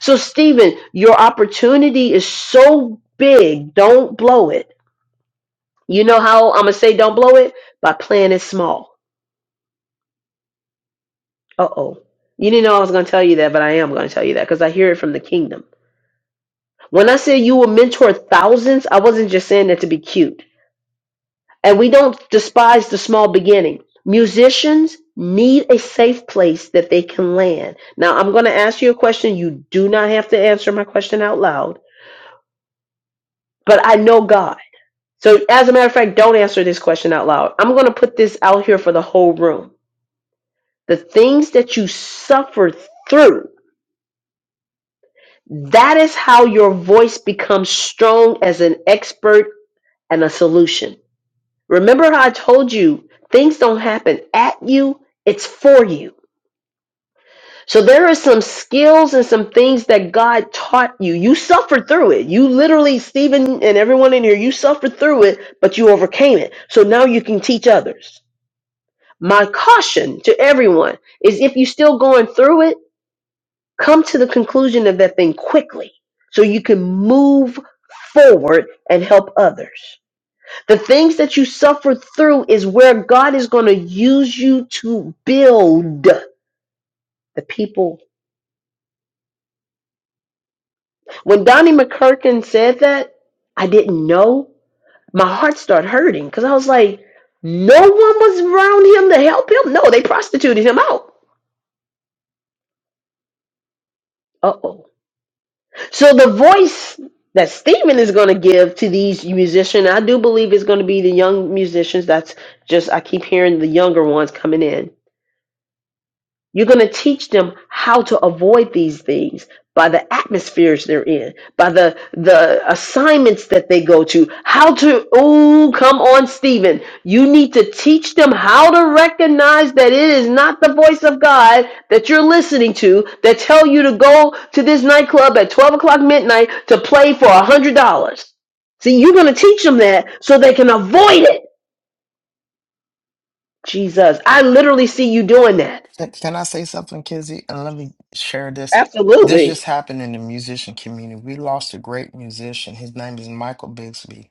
S1: So, Stephen, your opportunity is so big. Don't blow it. You know how I'm going to say don't blow it? By playing it small. Uh oh. You didn't know I was going to tell you that, but I am going to tell you that because I hear it from the kingdom. When I said you will mentor thousands, I wasn't just saying that to be cute. And we don't despise the small beginning. Musicians need a safe place that they can land. Now, I'm going to ask you a question. You do not have to answer my question out loud, but I know God. So, as a matter of fact, don't answer this question out loud. I'm going to put this out here for the whole room. The things that you suffered through, that is how your voice becomes strong as an expert and a solution. Remember how I told you things don't happen at you, it's for you. So there are some skills and some things that God taught you. You suffered through it. You literally, Stephen and everyone in here, you suffered through it, but you overcame it. So now you can teach others. My caution to everyone is if you're still going through it, come to the conclusion of that thing quickly so you can move forward and help others. The things that you suffered through is where God is going to use you to build the people When Donnie McCurkin said that, I didn't know. My heart started hurting because I was like, no one was around him to help him. No, they prostituted him out. Uh oh. So the voice that Stephen is going to give to these musicians, I do believe is going to be the young musicians. That's just, I keep hearing the younger ones coming in You're going to teach them how to avoid these things by the atmospheres they're in, by the the assignments that they go to, how to oh, come on Stephen, you need to teach them how to recognize that it is not the voice of God that you're listening to that tell you to go to this nightclub at 12 o'clock midnight to play for a hundred dollars. See, you're going to teach them that so they can avoid it. Jesus, I literally see you doing that.
S2: Can can I say something, Kizzy? And let me share this. This
S1: Absolutely.
S2: just happened in the musician community. We lost a great musician. His name is Michael Bixby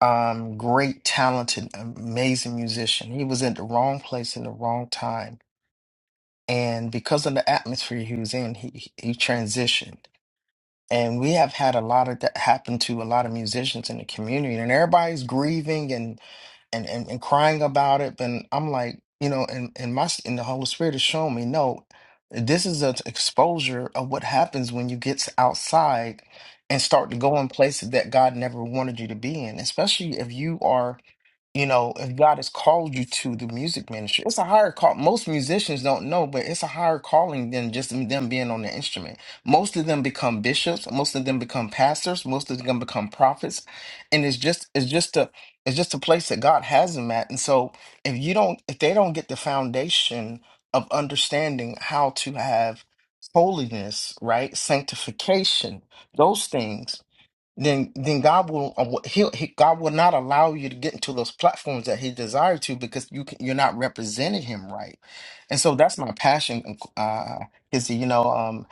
S2: um, great, talented, amazing musician. He was in the wrong place in the wrong time, and because of the atmosphere he was in, he he transitioned. And we have had a lot of that happen to a lot of musicians in the community, and everybody's grieving and and and, and crying about it. But I'm like, you know, and and my and the Holy Spirit has shown me, no, this is an exposure of what happens when you get outside and start to go in places that God never wanted you to be in, especially if you are you know, if God has called you to the music ministry, it's a higher call. Most musicians don't know, but it's a higher calling than just them being on the instrument. Most of them become bishops, most of them become pastors, most of them become prophets, and it's just it's just a it's just a place that God has them at. And so, if you don't, if they don't get the foundation of understanding how to have holiness, right, sanctification, those things then then God will uh, he'll, he God will not allow you to get into those platforms that He desired to because you can, you're not representing Him right, and so that's my passion. Uh, is you know um,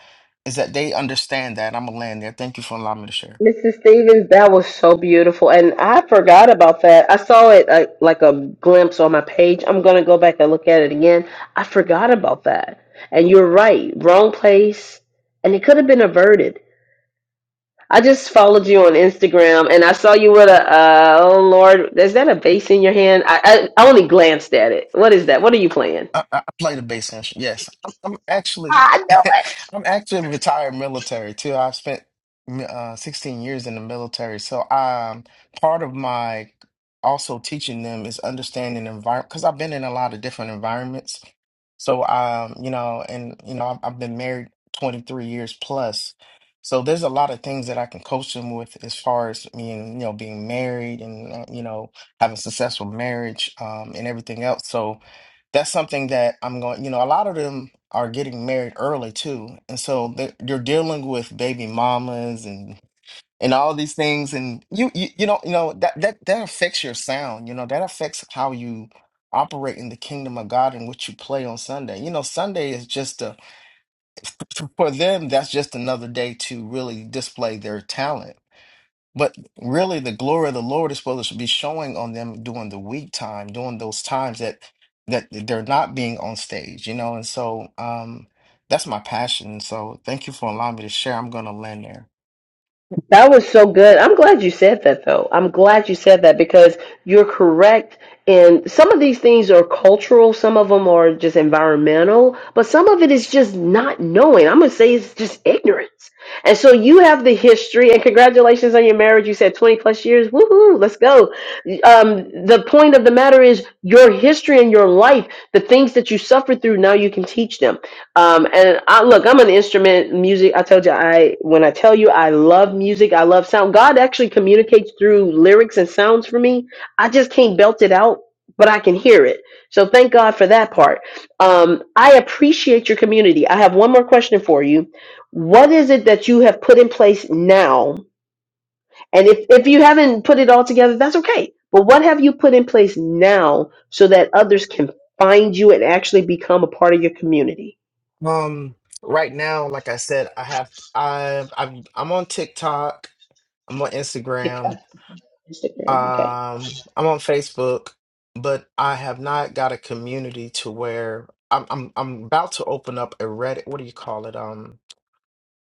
S2: is that they understand that I'm a land there. Thank you for allowing me to share.
S1: Mrs. Stevens, that was so beautiful. And I forgot about that. I saw it uh, like a glimpse on my page. I'm going to go back and look at it again. I forgot about that. And you're right, wrong place. And it could have been averted. I just followed you on Instagram and I saw you with a, uh, oh Lord, is that a vase in your hand? I, I, I only glanced at it. What is that? What are you playing?
S2: I, I play the bass instrument. Yes, I'm, I'm actually,
S1: I know.
S2: I'm actually retired military too. I've spent uh, 16 years in the military, so um, part of my also teaching them is understanding environment because I've been in a lot of different environments. So um, you know, and you know, I've, I've been married 23 years plus. So there's a lot of things that I can coach them with as far as being, you know, being married and uh, you know, having successful marriage um, and everything else. So that's something that I'm going, you know, a lot of them are getting married early too. And so they're- you're dealing with baby mamas and and all these things and you you you know, you know that that that affects your sound, you know, that affects how you operate in the kingdom of God and what you play on Sunday. You know, Sunday is just a for them that's just another day to really display their talent but really, the glory of the Lord is supposed to be showing on them during the week time, during those times that that they're not being on stage, you know. And so, um, that's my passion. So, thank you for allowing me to share. I'm going to land there.
S1: That was so good. I'm glad you said that, though. I'm glad you said that because you're correct. And some of these things are cultural, some of them are just environmental, but some of it is just not knowing. I'm going to say it's just ignorance. And so you have the history, and congratulations on your marriage. You said 20 plus years. Woohoo, let's go. Um, the point of the matter is your history and your life, the things that you suffered through, now you can teach them. Um, and I look, I'm an instrument music. I told you, I when I tell you I love music, I love sound. God actually communicates through lyrics and sounds for me. I just can't belt it out, but I can hear it. So thank God for that part. Um, I appreciate your community. I have one more question for you. What is it that you have put in place now? And if, if you haven't put it all together, that's okay. But what have you put in place now so that others can find you and actually become a part of your community?
S2: Um, right now, like I said, I have I've I'm I'm on TikTok, I'm on Instagram,
S1: TikTok,
S2: um,
S1: Instagram. Okay.
S2: I'm on Facebook, but I have not got a community to where I'm I'm I'm about to open up a Reddit. What do you call it? Um.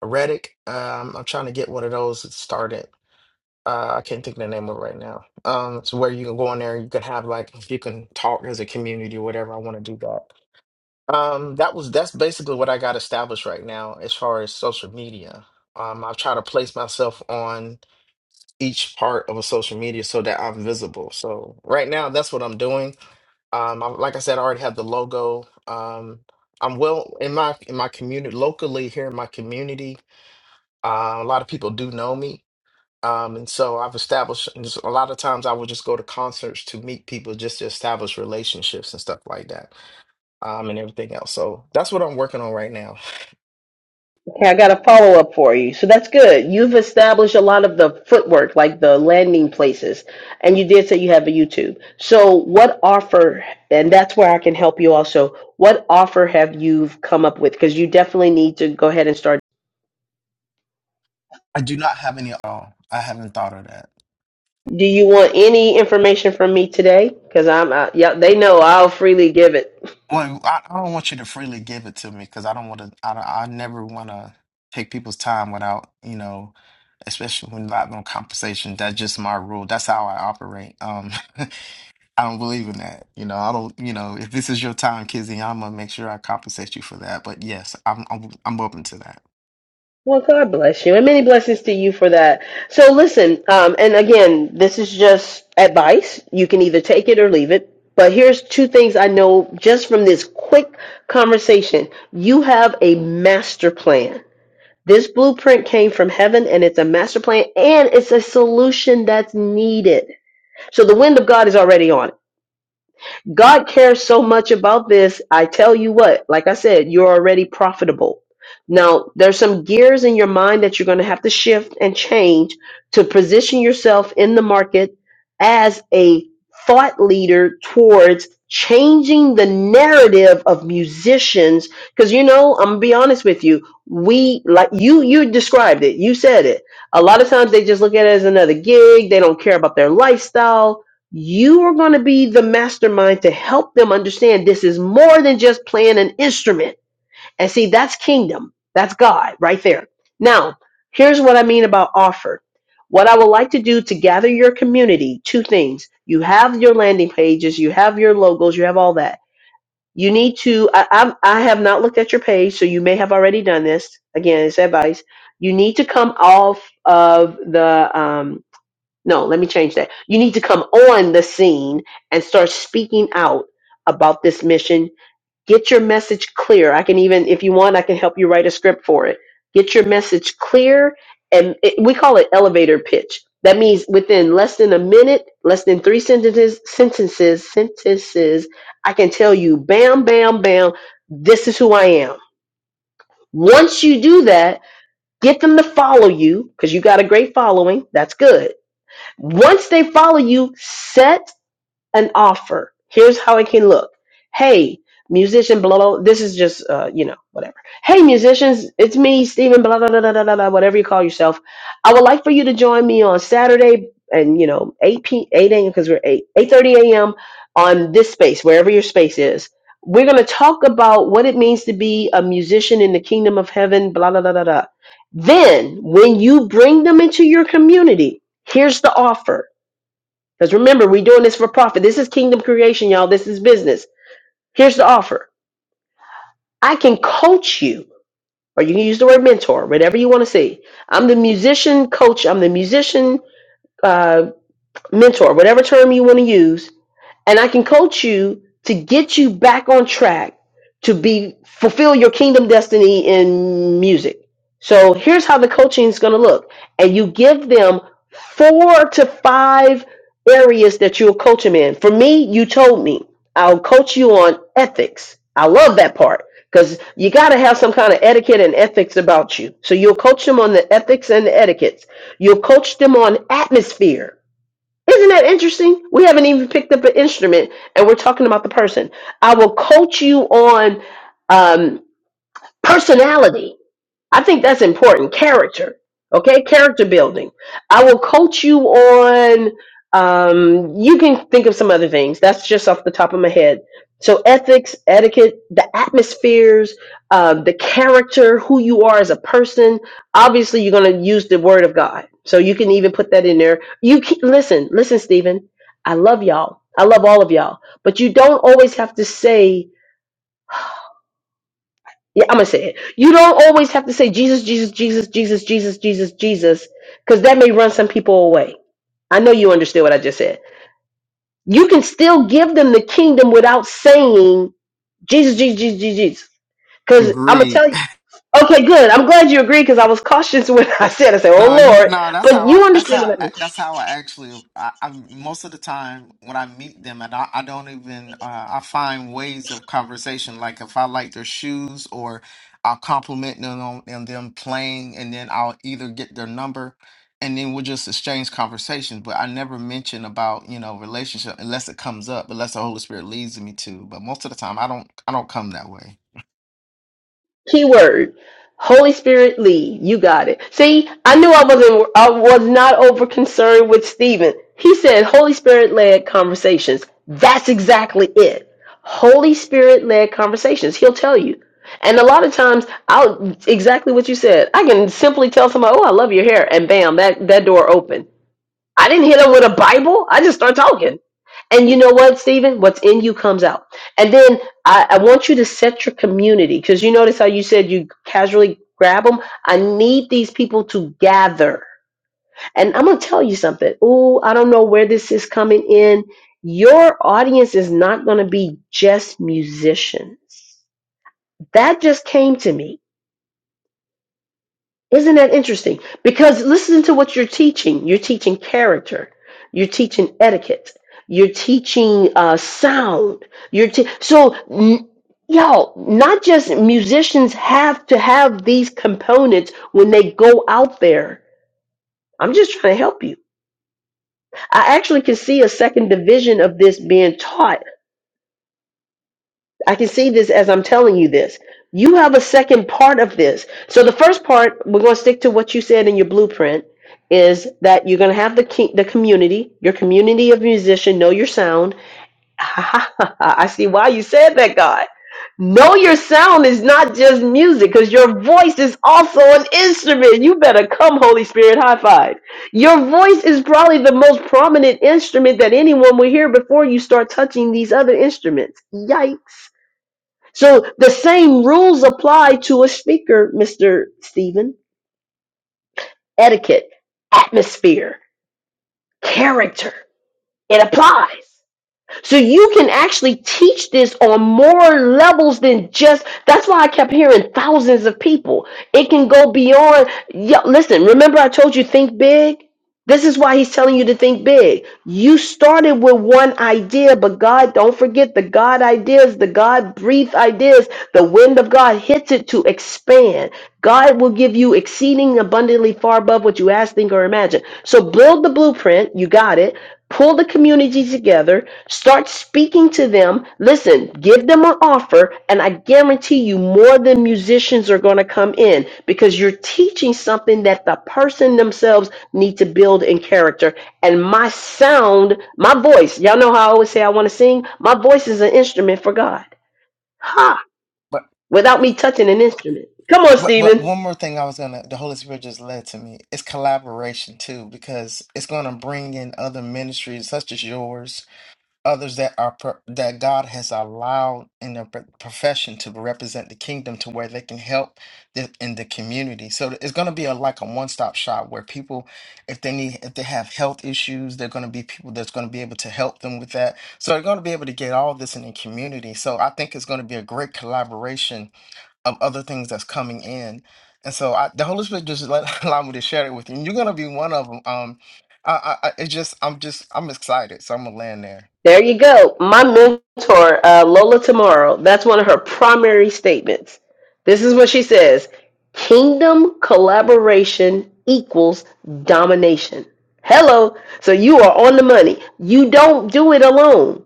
S2: Redick. Um, I'm trying to get one of those started. Uh, I can't think of the name of it right now. Um, it's where you can go in there and you can have like you can talk as a community or whatever. I want to do that. Um, that was that's basically what I got established right now as far as social media. Um, I've tried to place myself on each part of a social media so that I'm visible. So right now, that's what I'm doing. Um, I, like I said, I already have the logo. Um, I'm well in my in my community locally here in my community. Uh, a lot of people do know me. Um, and so I've established and just- a lot of times I will just go to concerts to meet people just to establish relationships and stuff like that um, and everything else. So that's what I'm working on right now.
S1: Okay, I got a follow up for you. So that's good. You've established a lot of the footwork, like the landing places, and you did say you have a YouTube. So what offer, and that's where I can help you also. What offer have you come up with? Because you definitely need to go ahead and start.
S2: I do not have any at all. I haven't thought of that.
S1: Do you want any information from me today? Because I'm, uh, yeah, they know I'll freely give it.
S2: Well, I, I don't want you to freely give it to me because I don't want to, I, don't- I never want to take people's time without, you know, especially when we're having a conversation. That's just my rule. That's how I operate. Um, I don't believe in that. You know, I don't. You know, if this is your time, Kizzy, I'm gonna make sure I compensate you for that. But yes, I'm I'm, I'm open to that.
S1: Well, God bless you, and many blessings to you for that. So, listen, um, and again, this is just advice. You can either take it or leave it. But here's two things I know just from this quick conversation. You have a master plan. This blueprint came from heaven, and it's a master plan, and it's a solution that's needed. So the wind of God is already on it. God cares so much about this. I tell you what, like I said, you're already profitable. Now, there's some gears in your mind that you're going to have to shift and change to position yourself in the market as a thought leader towards changing the narrative of musicians because you know i'm gonna be honest with you we like you you described it you said it a lot of times they just look at it as another gig they don't care about their lifestyle you are going to be the mastermind to help them understand this is more than just playing an instrument. And see, that's kingdom. That's God right there. Now, here's what I mean about offer. What I would like to do to gather your community, two things. You have your landing pages, you have your logos, you have all that. You need to, I, I'm, I have not looked at your page, so you may have already done this. Again, it's advice. You need to come off of the um, no, let me change that. You need to come on the scene and start speaking out about this mission. Get your message clear. I can even, if you want, I can help you write a script for it. Get your message clear. And it, we call it elevator pitch. That means within less than a minute, less than three sentences, sentences, sentences, I can tell you, bam, bam, bam, this is who I am. Once you do that, get them to follow you because you got a great following. That's good once they follow you, set an offer. Here's how it can look. Hey, musician, blah, blah, this is just, uh, you know, whatever. Hey, musicians, it's me, Stephen, blah, blah, blah, blah, blah, blah, blah, whatever you call yourself. I would like for you to join me on Saturday and, you know, 8 p, 8 a.m., because we're 8, 8.30 a.m. on this space, wherever your space is. We're going to talk about what it means to be a musician in the kingdom of heaven, blah, blah, blah, blah, blah. Then, when you bring them into your community, here's the offer because remember, we're doing this for profit. This is kingdom creation, y'all. This is business. Here's the offer I can coach you, or you can use the word mentor, whatever you want to say. I'm the musician coach, I'm the musician uh, mentor, whatever term you want to use. and I can coach you to get you back on track to be fulfill your kingdom destiny in music. So here's how the coaching is going to look, and you give them four to five areas that you'll coach them in. For me, you told me I'll coach you on ethics. I love that part because you got to have some kind of etiquette and ethics about you. So you'll coach them on the ethics and the etiquettes. You'll coach them on atmosphere. Isn't that interesting? We haven't even picked up an instrument and we're talking about the person. I will coach you on um, personality. I think that's important. Character, okay? Character building. I will coach you on. Um, you can think of some other things. That's just off the top of my head. So ethics, etiquette, the atmospheres, uh, the character, who you are as a person. Obviously, you're going to use the word of God. So you can even put that in there. You can, listen, listen, Stephen. I love y'all. I love all of y'all. But you don't always have to say yeah, I'm gonna say it. You don't always have to say Jesus, Jesus, Jesus, Jesus, Jesus, Jesus, Jesus, because that may run some people away. I know you understand what I just said. You can still give them the kingdom without saying Jesus, Jesus, Jesus, Jesus, Jesus. Because I'm gonna
S2: Agreed.
S1: tell you. Okay, good. I'm glad you agree because I was cautious when I said. I said, "Oh
S2: No, you
S1: Lord,"
S2: no. That's how
S1: but
S2: I.
S1: you
S2: That's
S1: understand what
S2: how.
S1: I mean.
S2: I- That's how I actually. I, I most of the time when I meet them, and I, I don't even. Uh, I find ways of conversation. Like if I like their shoes, or I'll compliment them on and them playing, and then I'll either get their number, and then we'll just exchange conversations. But I never mention about you know relationship unless it comes up, unless the Holy Spirit leads me to. But most of the time, I don't. I don't come that way.
S1: Keyword. Holy Spirit lead. You got it. See, I knew I wasn't I was not over concerned with Stephen. He said Holy Spirit led conversations. That's exactly it. Holy Spirit led conversations. He'll tell you. And a lot of times I'll exactly what you said. I can simply tell somebody, Oh, I love your hair and bam, that, that door opened. I didn't hit them with a Bible. I just start talking. And you know what, Stephen? What's in you comes out. And then I, I want you to set your community because you notice how you said you casually grab them. I need these people to gather. And I'm going to tell you something. Ooh, I don't know where this is coming in. Your audience is not going to be just musicians. That just came to me Isn't that interesting? Because listen to what you're teaching. You're teaching character. You're teaching etiquette. You're teaching uh, sound. You're te- so n- y'all. Not just musicians have to have these components when they go out there. I'm just trying to help you. I actually can see a second division of this being taught I can see this as I'm telling you this. You have a second part of this. So the first part, we're going to stick to what you said in your blueprint, is that you're going to have the ki- the community, your community of musician, know your sound. I see why you said that, God. Know your sound is not just music, because your voice is also an instrument. You better come, Holy Spirit, high five. Your voice is probably the most prominent instrument that anyone will hear before you start touching these other instruments. Yikes. So the same rules apply to a speaker, Mr. Stephen. Etiquette, atmosphere, character. It applies. So you can actually teach this on more levels than just that's why I kept hearing thousands of people. It can go beyond yeah, listen, remember I told you think big? This is why he's telling you to think big. You started with one idea, but God, don't forget the God ideas, the God breathed ideas. The wind of God hits it to expand. God will give you exceeding abundantly far above what you ask, think, or imagine. So build the blueprint. You got it. Pull the community together. Start speaking to them. Listen, give them an offer, and I guarantee you more than musicians are going to come in because you're teaching something that the person themselves need to build in character and my sound my voice y'all know how i always say i want to sing my voice is an instrument for god ha
S2: But.
S1: without me touching an instrument come on
S2: But, but
S1: stephen
S2: one more thing I was gonna, the Holy Spirit just led to me. It's collaboration too, because it's gonna bring in other ministries such as yours, others that are pro- that God has allowed in their pro- profession to represent the kingdom, to where they can help the, in the community. So it's gonna be a like a one stop shop where people, if they need, if they have health issues, they're gonna be people that's gonna be able to help them with that. So they're gonna be able to get all this in the community. So I think it's gonna be a great collaboration of other things that's coming in. And so I, the Holy Spirit just let, allow me to share it with you. And you're gonna be one of them. Um, I, I, I it's just, I'm just, I'm excited. So I'm gonna land there.
S1: There you go. My mentor, uh, Lola Tomorrow, that's one of her primary statements. This is what she says Kingdom collaboration equals domination. Hello. So you are on the money. You don't do it alone.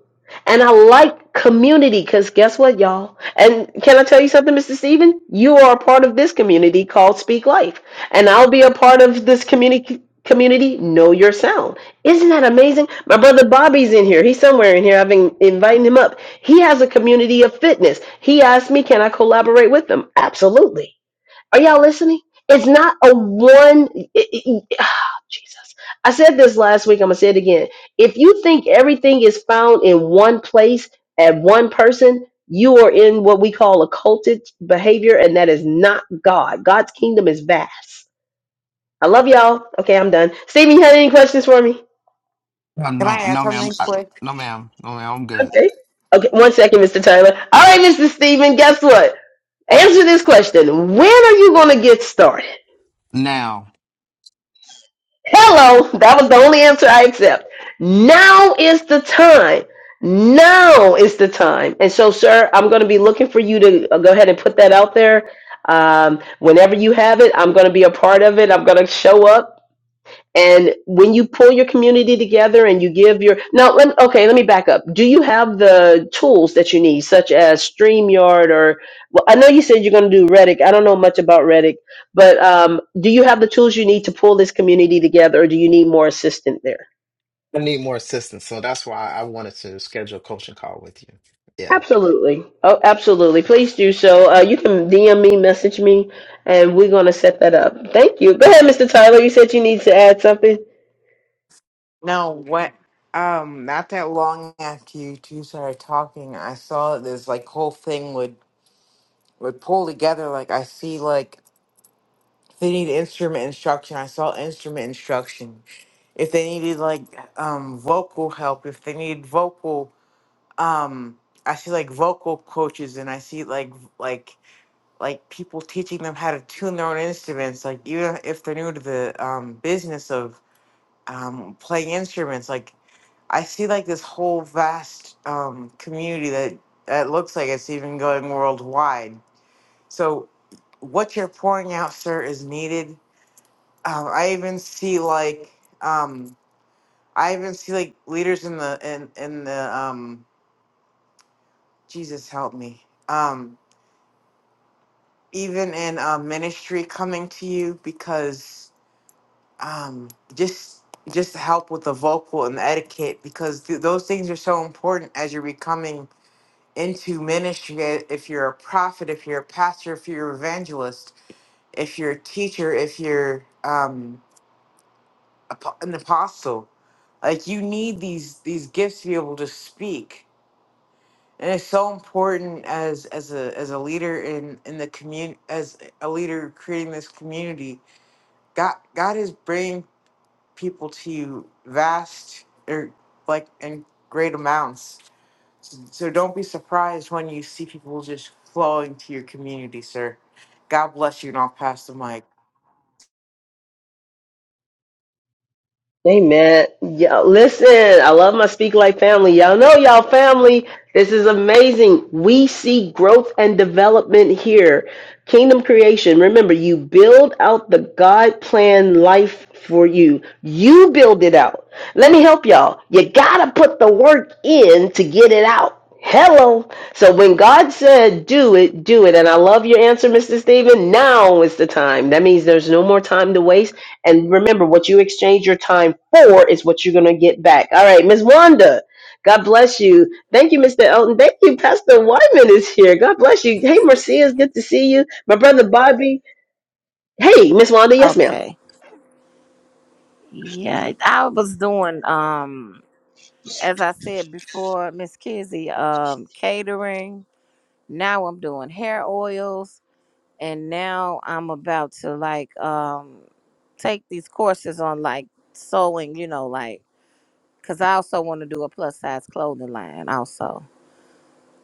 S1: And I like community because guess what, y'all? And can I tell you something, Mr. Steven? You are a part of this community called Speak Life. And I'll be a part of this community community Know Your Sound isn't that amazing? My brother Bobby's in here. He's somewhere in here. I've been inviting him up. He has a community of fitness. He asked me, can I collaborate with them? Absolutely. Are y'all listening? It's not a one. it- it- it- ah, Jesus. I said this last week. I'm going to say it again. If you think everything is found in one place at one person, you are in what we call occulted behavior, and that is not God. God's kingdom is vast. I love y'all. Okay, I'm done. Stevie, you had any questions for me?
S2: Uh,
S3: can i
S2: no,
S3: add
S2: no, ma'am.
S3: something
S2: I,
S3: quick
S2: no, ma'am. No, ma'am. I'm good.
S1: Okay. Okay. One second, Mr. Tyler. All right, Mr. Stephen. guess what? Answer this question. When are you going to get started?
S2: Now,
S1: Hello. That was the only answer I accept. Now is the time. Now is the time. And so, sir, I'm going to be looking for you to uh, go ahead and put that out there. Um, whenever you have it, I'm going to be a part of it. I'm going to show up. And when you pull your community together and you give your now, let, okay, let me back up. Do you have the tools that you need, such as Streamyard or? Well, I know you said you're going to do Reddick. I don't know much about Reddick, but um, do you have the tools you need to pull this community together, or do you need more assistance there?
S2: I need more assistance, so that's why I wanted to schedule a coaching call with you. Yeah.
S1: Absolutely. Oh, absolutely. Please do so. Uh, you can DM me, message me, and we're going to set that up. Thank you. Go ahead, Mr. Tyler. You said you need to add something.
S3: no what um not that long after you two started talking i saw this like whole thing would would pull together like i see like If They need instrument instruction. I saw instrument instruction. If they needed like um vocal help, if they need vocal um I see like vocal coaches and I see like v- like like people teaching them how to tune their own instruments, like even if they're new to the um business of um playing instruments, like I see like this whole vast um community that that looks like it's even going worldwide. So what you're pouring out, sir, is needed um, I even see like um, I even see like leaders in the in in the um, Jesus help me um, even in uh, ministry coming to you because um, just just help with the vocal and the etiquette because th- those things are so important as you're becoming into ministry i- if you're a prophet if you're a pastor if you're an evangelist if you're a teacher if you're um, apo- an apostle. Like you need these these gifts to be able to speak, and it's so important as as a as a leader in in the community, as a leader creating this community. God God is bringing people to you vast or like in great amounts. So don't be surprised when you see people just flowing to your community, sir. God bless you, and I'll pass the mic.
S1: Amen. Yeah, listen, I love my Speak Like family. Y'all know y'all family. This is amazing. We see growth and development here. Kingdom creation. Remember, you build out the God plan life for you. You build it out. Let me help y'all. You gotta put the work in to get it out. Hello. So when God said, do it, do it. And I love your answer, Mr. Stephen. Now is the time. That means there's no more time to waste. And remember, what you exchange your time for is what you're going to get back. All right, Ms. Wanda, God bless you. Thank you, Mr. Elton. Thank you, Pastor Wyman is here. God bless you. Hey, Marcia, it's good to see you. My brother Bobby. Hey, Miss Wanda, yes, ma'am.
S4: Okay. Yeah, I was doing um as I said before, Miss Kizzy, um catering. Now I'm doing hair oils and now I'm about to like um take these courses on like sewing, you know, like cuz I also want to do a plus size clothing line also.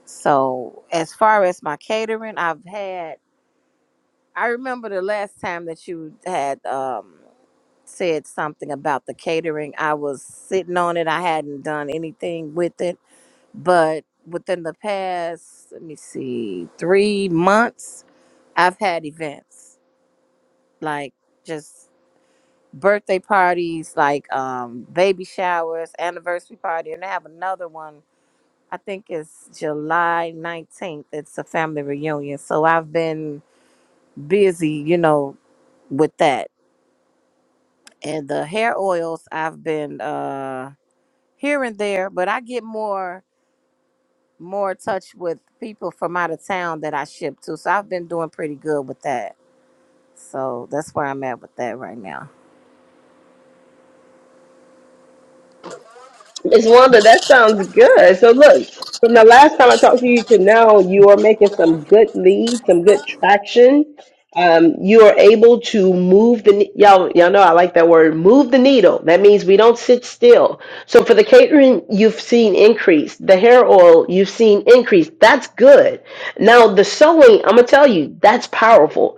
S4: So, as far as my catering, I've had I remember the last time that you had um said something about the catering. I was sitting on it. I hadn't done anything with it. But within the past, let me see, three months, I've had events like just birthday parties, like um, baby showers, anniversary party. And I have another one, I think it's July 19th. It's a family reunion. So I've been busy, you know, with that. And the hair oils, I've been. uh. here and there, but I get more more touch with people from out of town that I ship to. So I've been doing pretty good with that. So that's where I'm at with that right now.
S1: Miss Wanda, that sounds good. So look, from the last time I talked to you to now, you are making some good leads, some good traction. Um, you are able to move the ne- y'all. Y'all know I like that word, move the needle. That means we don't sit still. So for the catering, you've seen increase. The hair oil, you've seen increase. That's good. Now the sewing, I'm gonna tell you, that's powerful.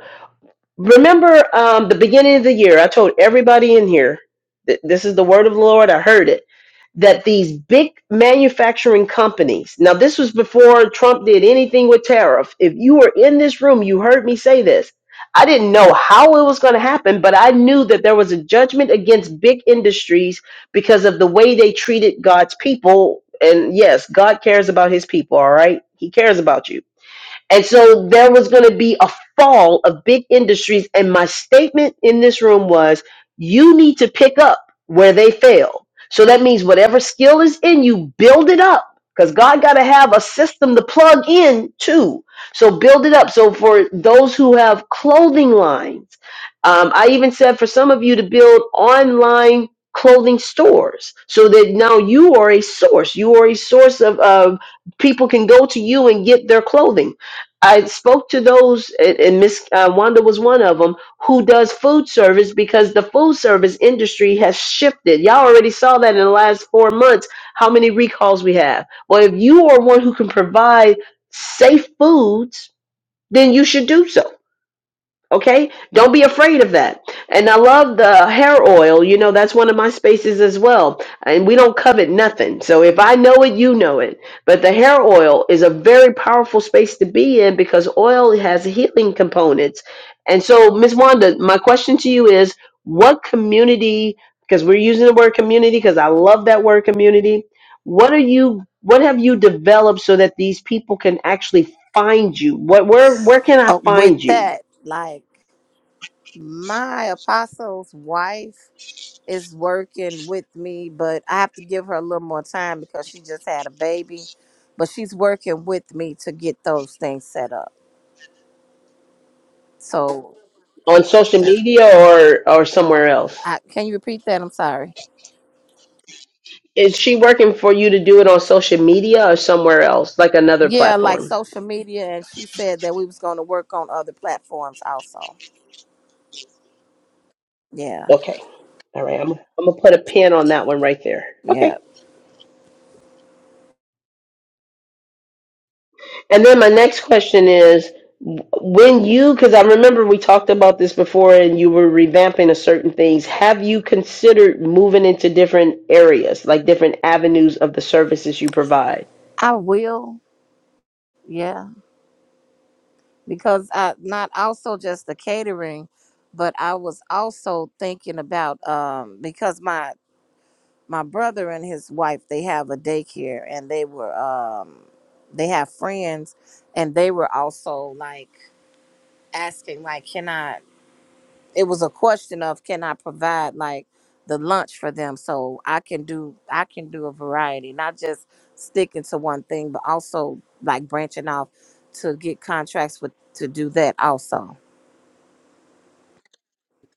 S1: Remember um, the beginning of the year, I told everybody in here, th- this is the word of the Lord. I heard it that these big manufacturing companies now this was before trump did anything with tariff if you were in this room you heard me say this i didn't know how it was going to happen but i knew that there was a judgment against big industries because of the way they treated god's people and yes god cares about his people all right he cares about you and so there was going to be a fall of big industries. And my statement in this room was you need to pick up where they fail. So that means whatever skill is in you, build it up because God got to have a system to plug in too. So build it up. So for those who have clothing lines, um, I even said for some of you to build online clothing stores so that now you are a source. You are a source of, of people can go to you and get their clothing I spoke to those, and and Miss uh, Wanda was one of them, who does food service because the food service industry has shifted. Y'all already saw that in the last four months, how many recalls we have. Well, if you are one who can provide safe foods, then you should do so. Okay, don't be afraid of that. And I love the hair oil. You know, that's one of my spaces as well. And we don't covet nothing. So if I know it, you know it. But the hair oil is a very powerful space to be in because oil has healing components. And so, Miss Wanda, my question to you is what community, because we're using the word community because I love that word community, what are you? What have you developed so that these people can actually find you? What where where can I
S4: Oh, with
S1: find you?
S4: that, like my apostle's wife is working with me, but I have to give her a little more time because she just had a baby. But she's working with me to get those things set up. So
S1: on social media or or somewhere else?
S4: I, can you repeat that? I'm sorry.
S1: Is she working for you to do it on social media or somewhere else, like another
S4: Yeah, like
S1: platform?
S4: social media, and she said that we was going to work on other platforms also. Yeah,
S1: Okay. All right. I'm I'm gonna put a pin on that one right there. Okay.
S4: yeah,
S1: And then my next question is when you because I remember we talked about this before and you were revamping a certain things, have you considered moving into different areas, like different avenues of the services you provide?
S4: I will. Yeah, because I not also just the catering, but I was also thinking about um because my my brother and his wife they have a daycare and they were um they have friends and they were also like asking like can I it was a question of can I provide like the lunch for them so I can do I can do a variety, not just sticking to one thing, but also like branching off to get contracts with to do that also.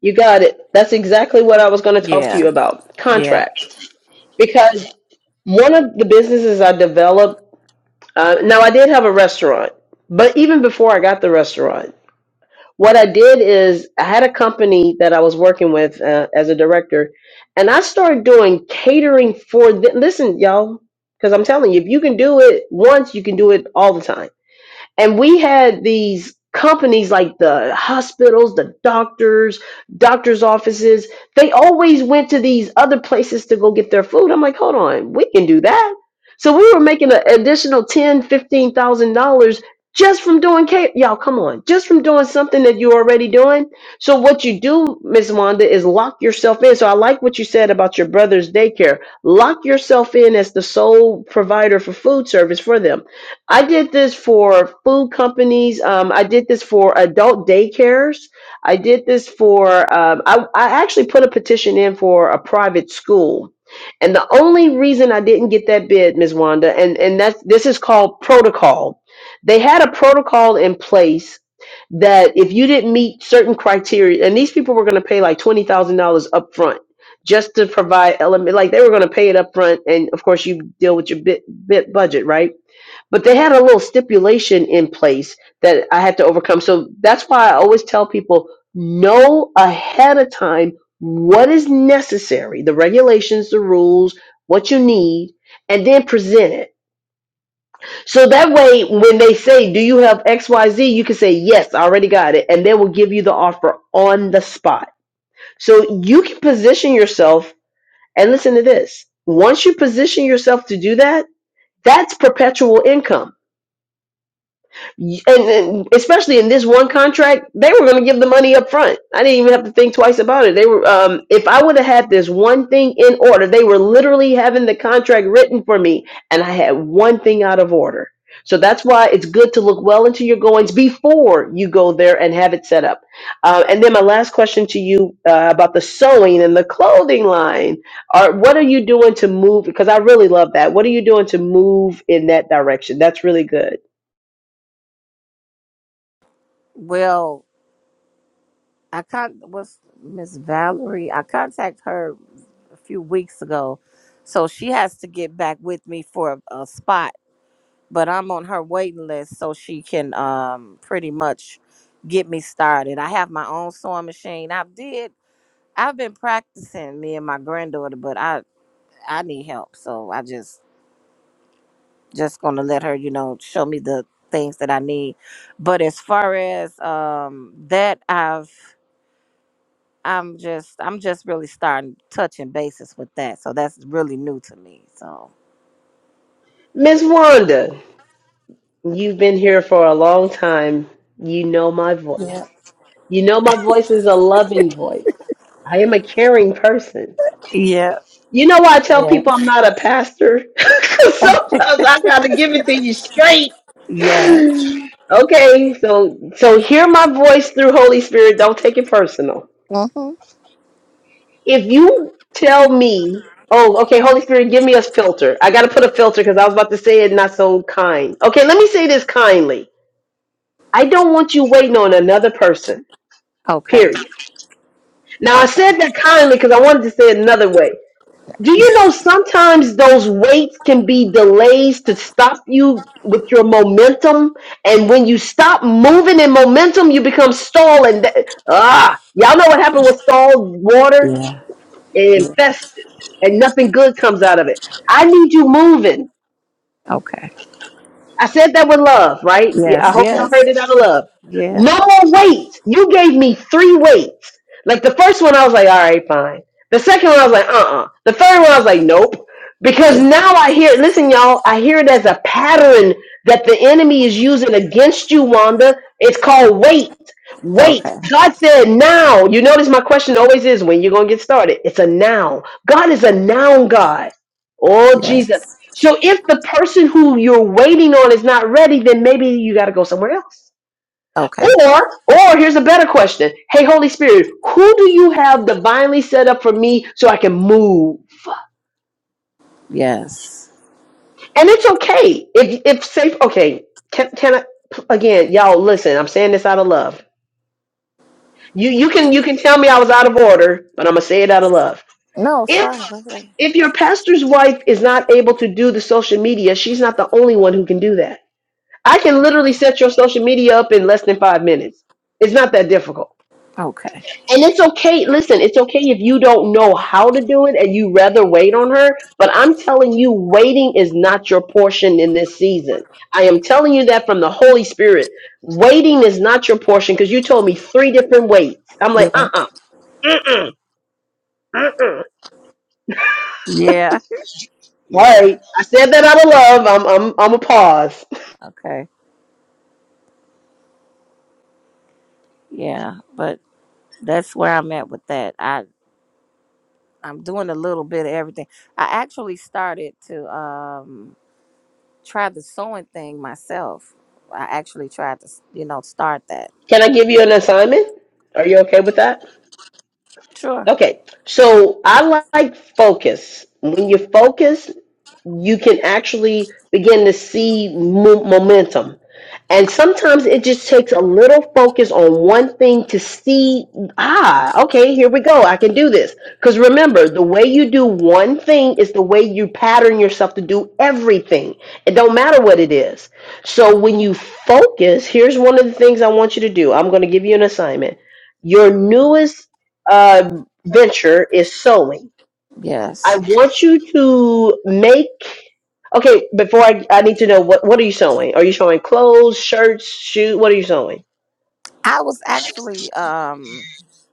S1: You got it. That's exactly what I was going to talk to you
S4: Yeah.
S1: about.
S4: Yeah.
S1: Contracts. because one of the businesses I developed, uh, now I did have a restaurant, but even before I got the restaurant, what I did is I had a company that I was working with uh, as a director, and I started doing catering for them. Listen, y'all, because I'm telling you, if you can do it once, you can do it all the time and we had these companies like the hospitals the doctors doctors offices they always went to these other places to go get their food i'm like hold on we can do that so we were making an additional ten fifteen thousand dollars just from doing ca- y'all come on just from doing something that you're already doing so what you do miss wanda is lock yourself in so i like what you said about your brother's daycare lock yourself in as the sole provider for food service for them I did this for food companies. Um, I did this for adult daycares. I did this for, um, I, I actually put a petition in for a private school. And the only reason I didn't get that bid, Ms. Wanda, and, and that's, this is called protocol. They had a protocol in place that if you didn't meet certain criteria, and these people were going to pay like $20,000 up front just to provide element, like they were going to pay it up front. And of course you deal with your bit, bit budget, right? but they had a little stipulation in place that I had to overcome. So that's why I always tell people know ahead of time what is necessary, the regulations, the rules, what you need, and then present it. So that way, when they say, Do you have XYZ? you can say, Yes, I already got it. And they will give you the offer on the spot. So you can position yourself. And listen to this once you position yourself to do that, that's perpetual income and, and especially in this one contract, they were going to give the money up front. I didn't even have to think twice about it. They were, um, if I would have had this one thing in order, they were literally having the contract written for me, and I had one thing out of order. So that's why it's good to look well into your goings before you go there and have it set up. Uh, and then my last question to you uh, about the sewing and the clothing line. Are what are you doing to move? Because I really love that. What are you doing to move in that direction? That's really good.
S4: Well, I con what's Miss Valerie, I contacted her a few weeks ago. So she has to get back with me for a, a spot but I'm on her waiting list so she can um pretty much get me started. I have my own sewing machine. I did I've been practicing me and my granddaughter, but I I need help. So I just just going to let her, you know, show me the things that I need. But as far as um that I've I'm just I'm just really starting touching bases with that. So that's really new to me. So
S1: Miss Wanda, you've been here for a long time. You know my voice.
S4: Yeah.
S1: You know my voice is a loving voice. I am a caring person.
S4: Yeah.
S1: You know why I tell
S4: Yeah.
S1: people I'm not a pastor? 'Cause sometimes I gotta give it to you straight.
S4: yeah.
S1: Okay, so so hear my voice through Holy Spirit. Don't take it personal.
S4: Mhm.
S1: If you tell me, oh, okay, Holy Spirit, give me a filter. I gotta put a filter because I was about to say it not so kind. Okay, let me say this kindly I don't want you waiting on another person,
S4: Okay.
S1: period. Now, I
S4: Okay.
S1: said that kindly because I wanted to say it another way. Do you know sometimes those waits can be delays to stop you with your momentum? And when you stop moving in momentum, you become stalled. And that, ah, y'all know what happened with stalled water?
S4: yeah.
S1: It
S4: Yeah.
S1: infests, and nothing good comes out of it. I need you moving.
S4: Okay.
S1: I said that with love, right? Yeah, I
S4: Yes.
S1: hope y'all
S4: Yes.
S1: heard it out of love.
S4: Yeah.
S1: No more weights. You gave me three weights. Like the first one, I was like, all right, fine. The second one, I was like, uh uh The third one, I was like, nope. Because
S4: It,
S1: now I hear, listen, y'all, I hear it as a pattern that the enemy is using against you, Wanda. It's called weight. Wait,
S4: okay.
S1: God said now. You notice my question always is when you're going to get started. It's a noun. God is a noun God. Oh, Jesus.
S4: Yes.
S1: So if the person who you're waiting on is not ready, then maybe you got to go somewhere else.
S4: Okay.
S1: Or, or here's a better question. Hey, Holy Spirit, who do you have divinely set up for me so I can move?
S4: Yes.
S1: And it's okay. If, if safe, okay. Can, can I, again, y'all listen, I'm saying this out of love. You, you can, you can tell me I was out of order, but I'm going to say it out of love.
S4: No, it's
S1: If
S4: fine. Go ahead.
S1: if your pastor's wife is not able to do the social media, she's not the only one who can do that I can literally set your social media up in less than five minutes. It's not that difficult.
S4: Okay.
S1: And it's okay, listen, it's okay if you don't know how to do it and you rather wait on her, but I'm telling you, waiting is not your portion in this season. I am telling you that from the Holy Spirit. Waiting is not your portion because you told me three different waits. I'm like,
S4: Yeah.
S1: uh uh-uh, uh, uh uh, uh.
S4: Yeah.
S1: All right.
S4: Yeah.
S1: I said that out of love. I'm, I'm, I'm a pause.
S4: Okay. Yeah. But that's where I'm at with that. I I'm doing a little bit of everything. I actually started to um try the sewing thing myself. I actually tried to you know start that.
S1: Can I give you an assignment? Are you okay with that?
S4: Sure.
S1: Okay, so I like focus. When you focus, you can actually begin to see mo- momentum. And sometimes it just takes a little focus on one thing to see, ah, okay, here we go. I can do this. Because remember, the way you do one thing is the way you pattern yourself to do everything. It don't matter what it is. So when you focus, here's one of the things I want you to do. I'm going to give you an assignment. Your newest uh, venture is sewing I
S4: Yes.
S1: want you to make okay, before I, I need to know what what are you sewing? Are you sewing clothes, shirts, shoes? What are you sewing?
S4: I was actually um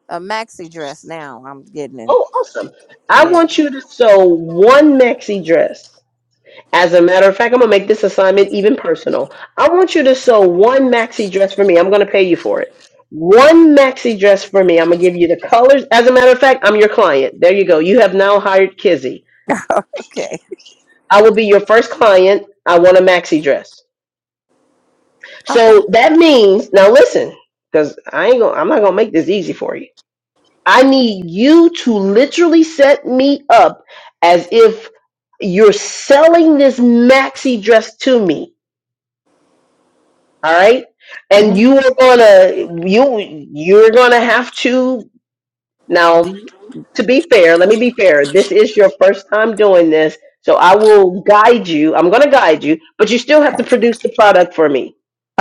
S4: a maxi dress now. I'm getting
S1: Oh, awesome. I
S4: in.
S1: want you to sew one maxi dress. As a matter of fact, I'm gonna make this assignment even personal. I want you to sew one maxi dress for me. I'm gonna pay you for it. One maxi dress for me. I'm gonna give you the colors. As a matter of fact, I'm your client. There you go. You have now hired Kizzy.
S4: Okay.
S1: I will be your first client. I want a maxi dress.
S4: Okay.
S1: So that means now listen, because I ain't gonna I'm not gonna make this easy for you. I need you to literally set me up as if you're selling this maxi dress to me. All right. And
S4: Mm,
S1: you are gonna you you're gonna have to now to be fair, let me be fair. This is your first time doing this, so I will guide you. I'm going to guide you, but you still have
S4: Okay.
S1: to produce the product for me.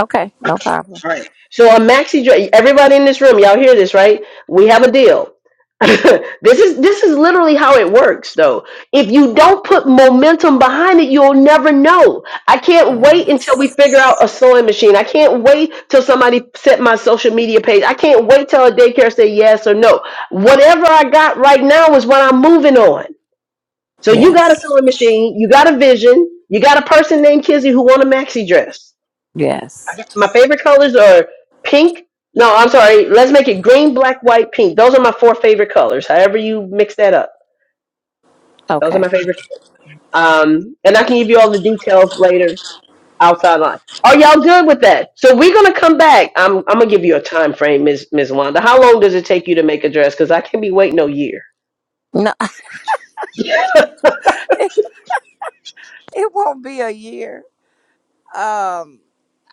S4: Okay. No problem.
S1: All right. So a maxi dress. Everybody in this room, y'all hear this, right? We have a deal. this is this is literally how it works, though. If you don't put momentum behind it, you'll never know. I can't wait until we
S4: Yes.
S1: figure out a sewing machine. I can't wait till somebody set my social media page. I can't wait till a daycare say yes or no. Whatever I got right now is what I'm moving on. So you got a
S4: Yes.
S1: sewing machine, you got a vision, you got a person named Kizzy who want a maxi dress.
S4: Yes.
S1: My favorite colors are pink. No, I'm sorry. Let's make it green, black, white, pink. Those are my four favorite colors. However you mix that up, those are
S4: Okay.
S1: my favorite. Um, and I can give you all the details later outside line. Are y'all good with that? So we're gonna come back. I'm I'm gonna give you a time frame, Miss Miss Wanda. How long does it take you to make a dress? Because I can't be waiting no year.
S4: No, it, it won't be a year. Um,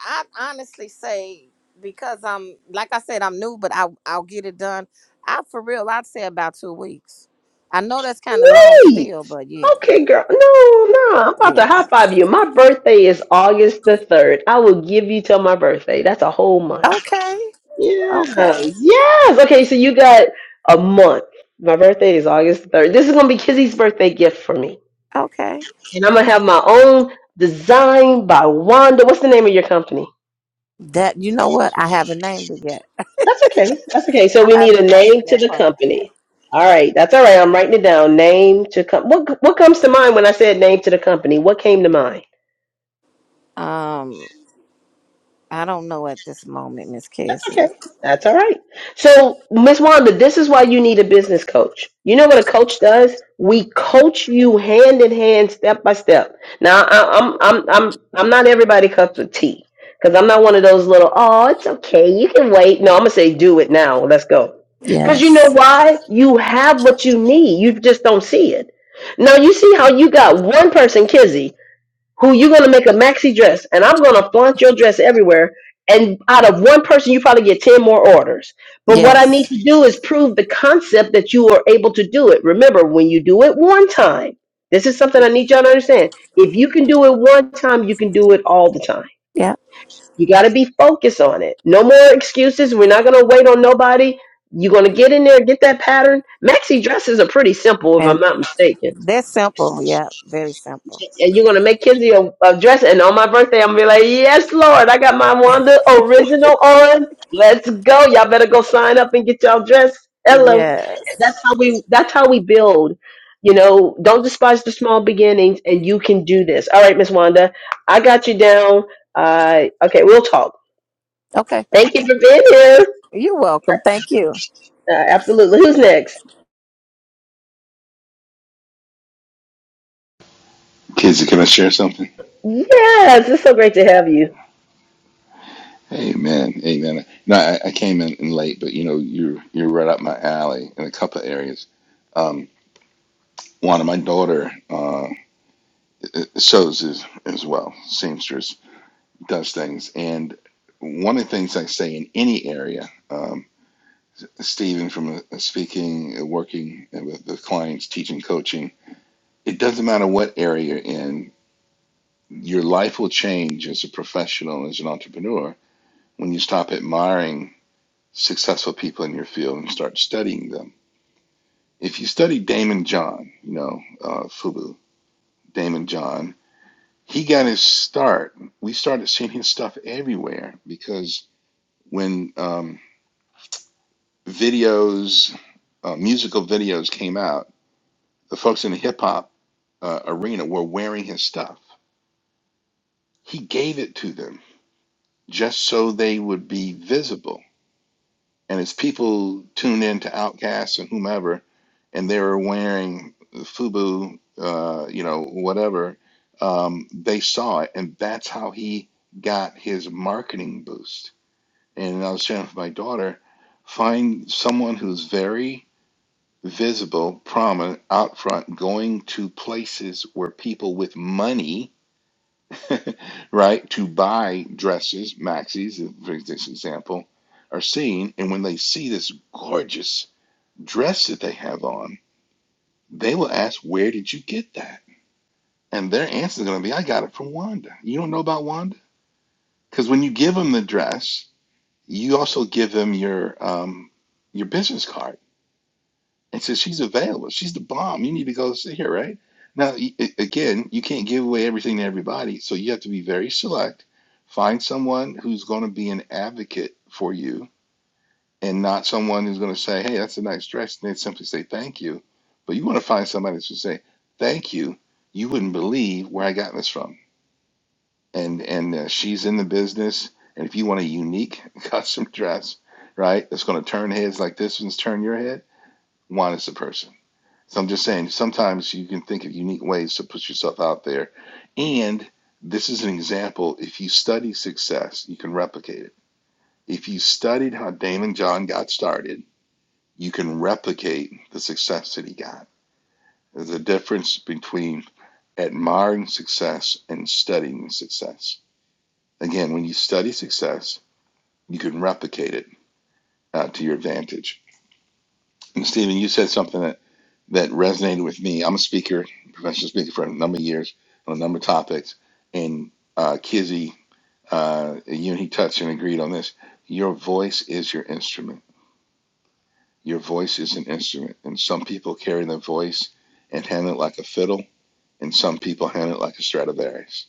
S4: I honestly say because I'm like I said, I'm new, but I I'll get it done. I for real, I'd say about two weeks. I know that's kind of long
S1: Wait.
S4: still, but yeah,
S1: Okay, girl. No, no. I'm about to
S4: yeah.
S1: high five you. My birthday is August the 3rd. I will give you till my birthday. That's a whole month.
S4: Okay. Okay.
S1: Yes, yes. Okay, so you got a month. My birthday is August 3rd. This is gonna be Kizzy's birthday gift for me.
S4: Okay.
S1: And I'm gonna have my own design by Wanda. What's the name of your company?
S4: That you know what? I haven't named it yet.
S1: That's okay. That's okay. So
S4: I
S1: we need a
S4: haven't got to
S1: name to
S4: that
S1: the
S4: part yet.
S1: company. All right, that's all right. I'm writing it down. Name to com- what what comes to mind when I said name to the company? What came to mind?
S4: Um. I don't know at this moment, Miss
S1: That's
S4: Cassie.
S1: okay. That's all right. So, Miss Wanda, this is why you need a business coach. You know what a coach does? We coach you hand in hand, step by step. Now, I, I'm I'm I'm I'm not everybody cups of tea because I'm not one of those little. Oh, it's okay. You can wait. No, I'm gonna say do it now. Let's go. Because you know
S4: Yes.
S1: why? You have what you need. You just don't see it. Now you see how you got one person, Kizzy who you're gonna make a maxi dress and I'm gonna flaunt your dress everywhere. And out of one person, you probably get 10 more orders. But what I need
S4: Yes.
S1: to do is prove the concept that you are able to do it. Remember, when you do it one time, this is something I need y'all to understand. If you can do it one time, you can do it all the time.
S4: Yeah.
S1: You got to be focused on it. No more excuses. We're not going to wait on nobody. You're going to get in there, get that pattern. Maxi dresses are pretty simple, if I'm
S4: And
S1: not mistaken
S4: they're simple. Yeah. Very simple.
S1: and you're gonna make Kenzie a, a dress. And on my birthday, I'm gonna be like, yes, Lord, I got my Wanda original on. Let's go. Y'all better go sign up and get y'all dressed. Hello.
S4: Yes.
S1: That's how we. That's how we build. You know, don't despise the small beginnings, and you can do this. All right, Miss Wanda, I got you down. Uh, okay, we'll talk.
S4: Okay.
S1: Thank you for being here.
S4: You're welcome. Thank you.
S1: Uh, absolutely. Who's next?
S5: Kids, can I share something?
S1: Yes, it's so great to have you.
S5: Amen, amen. No, I, I came in, in late, but you know, you're you're right up my alley in a couple of areas. Um, one of my daughter uh, shows as, as well, seamstress does things, and one of the things I say in any area, um, Stephen from uh, speaking, uh, working with the clients, teaching, coaching, it doesn't matter what area you're in, your life will change as a professional, as an entrepreneur, when you stop admiring successful people in your field and start studying them. If you study Damon John, you know, uh, Fubu, Damon John, he got his start. We started seeing his stuff everywhere because when um, videos, uh, musical videos came out, the folks in the hip hop uh, arena were wearing his stuff. He gave it to them just so they would be visible. And as people tuned in to Outkast and whomever, and they were wearing FUBU, uh, you know, whatever, um, they saw it, and that's how he got his marketing boost. And I was saying to my daughter, find someone who's very visible, prominent, out front, going to places where people with money, right, to buy dresses, maxis, for this example, are seen. And when they see this gorgeous dress that they have on, they will ask, Where did you get that? And their answer is going to be, I got it from Wanda. You don't know about Wanda? Because when you give them the dress, you also give them your um, your business card and says, She's available. She's the bomb. You need to go see her, right? Now, y- a- again, you can't give away everything to everybody. So you have to be very select. Find someone who's going to be an advocate for you and not someone who's going to say, "Hey, that's a nice dress," and they'd simply say, "Thank you." But you want to find somebody that's to say, "Thank you." You wouldn't believe where I got this from, and and uh, she's in the business. And if you want a unique custom dress, right, that's going to turn heads like this one's turn your head, Juan is the person. So I'm just saying, sometimes you can think of unique ways to put yourself out there, and this is an example. If you study success, you can replicate it. If you studied how Damon John got started you can replicate the success that he got. There's a difference between admiring success and studying success. Again, when you study success, you can replicate it uh, to your advantage. And Stephen, you said something that, that resonated with me. I'm a speaker, professional speaker for a number of years on a number of topics, and uh, Kizzy, uh, you and he touched and agreed on this. Your voice is your instrument. Your voice is an instrument, and some people carry their voice and handle it like a fiddle and some people handle it like a Stradivarius.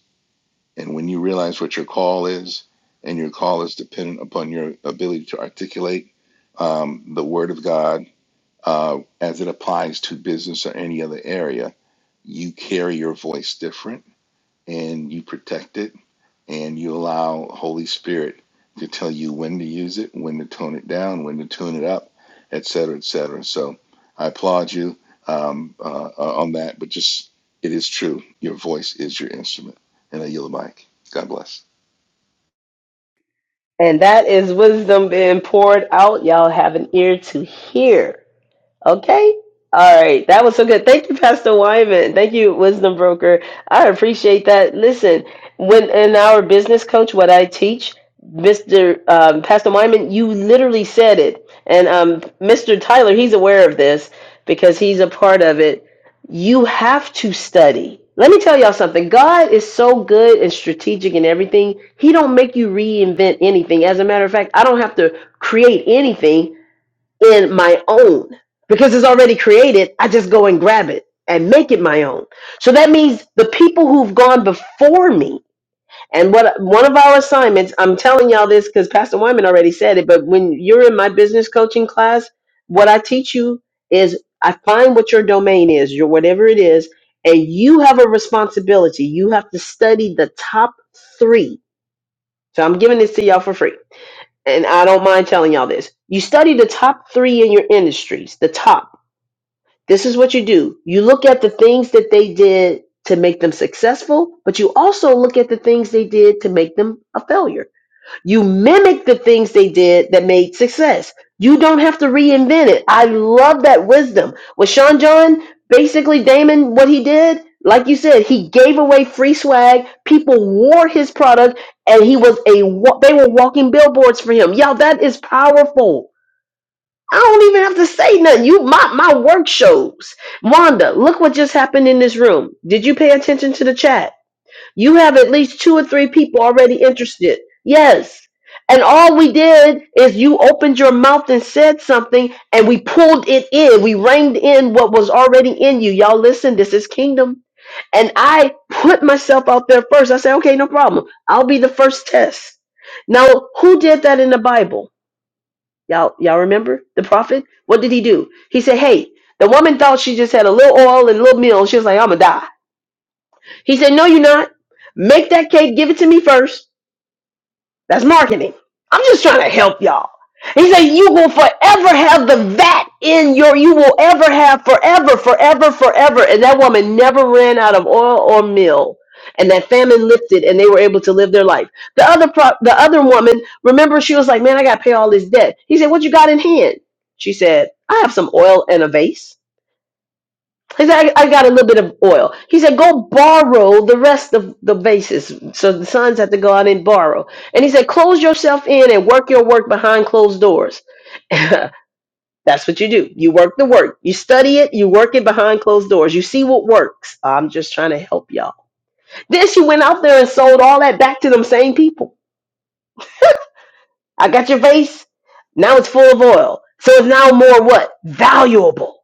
S5: And when you realize what your call is, and your call is dependent upon your ability to articulate um, the Word of God uh, as it applies to business or any other area, you carry your voice different and you protect it and you allow Holy Spirit to tell you when to use it, when to tone it down, when to tune it up, et cetera, et cetera. So I applaud you um, uh, uh, on that, but just it is true. Your voice is your instrument, and I yield the mic. God bless.
S1: And that is wisdom being poured out. Y'all have an ear to hear. Okay. All right. That was so good. Thank you, Pastor Wyman. Thank you, Wisdom Broker. I appreciate that. Listen, when in our business coach, what I teach, Mr. Um, Pastor Wyman, you literally said it. And um, Mr. Tyler, he's aware of this because he's a part of it. You have to study. Let me tell y'all something. God is so good and strategic in everything. He don't make you reinvent anything. As a matter of fact, I don't have to create anything in my own because it's already created. I just go and grab it and make it my own. So that means the people who've gone before me and what one of our assignments, I'm telling y'all this because Pastor Wyman already said it, but when you're in my business coaching class, what I teach you is I find what your domain is, your whatever it is, and you have a responsibility. You have to study the top three. So I'm giving this to y'all for free and I don't mind telling y'all this. You study the top three in your industries, the top. This is what you do. You look at the things that they did to make them successful, but you also look at the things they did to make them a failure you mimic the things they did that made success. You don't have to reinvent it. I love that wisdom. With Sean John, basically Damon, what he did, like you said, he gave away free swag. People wore his product, and he was a wa- they were walking billboards for him. Y'all, that is powerful. I don't even have to say nothing. You my my work shows. Wanda, look what just happened in this room. Did you pay attention to the chat? You have at least two or three people already interested. Yes. And all we did is you opened your mouth and said something, and we pulled it in. We reined in what was already in you. Y'all, listen, this is kingdom. And I put myself out there first. I said, okay, no problem. I'll be the first test. Now, who did that in the Bible? Y'all, y'all remember the prophet? What did he do? He said, hey, the woman thought she just had a little oil and a little meal. And she was like, I'm going to die. He said, No, you're not. Make that cake, give it to me first. That's marketing. I'm just trying to help y'all. He said, You will forever have the vat in your, you will ever have forever, forever, forever. And that woman never ran out of oil or meal. And that famine lifted and they were able to live their life. The other pro- the other woman, remember, she was like, Man, I gotta pay all this debt. He said, What you got in hand? She said, I have some oil and a vase. He said, I, I got a little bit of oil. He said, go borrow the rest of the basis. So the sons have to go out and borrow. And he said, close yourself in and work your work behind closed doors. That's what you do. You work the work. You study it. You work it behind closed doors. You see what works. I'm just trying to help y'all. Then she went out there and sold all that back to them same people. I got your vase. Now it's full of oil. So it's now more what? Valuable.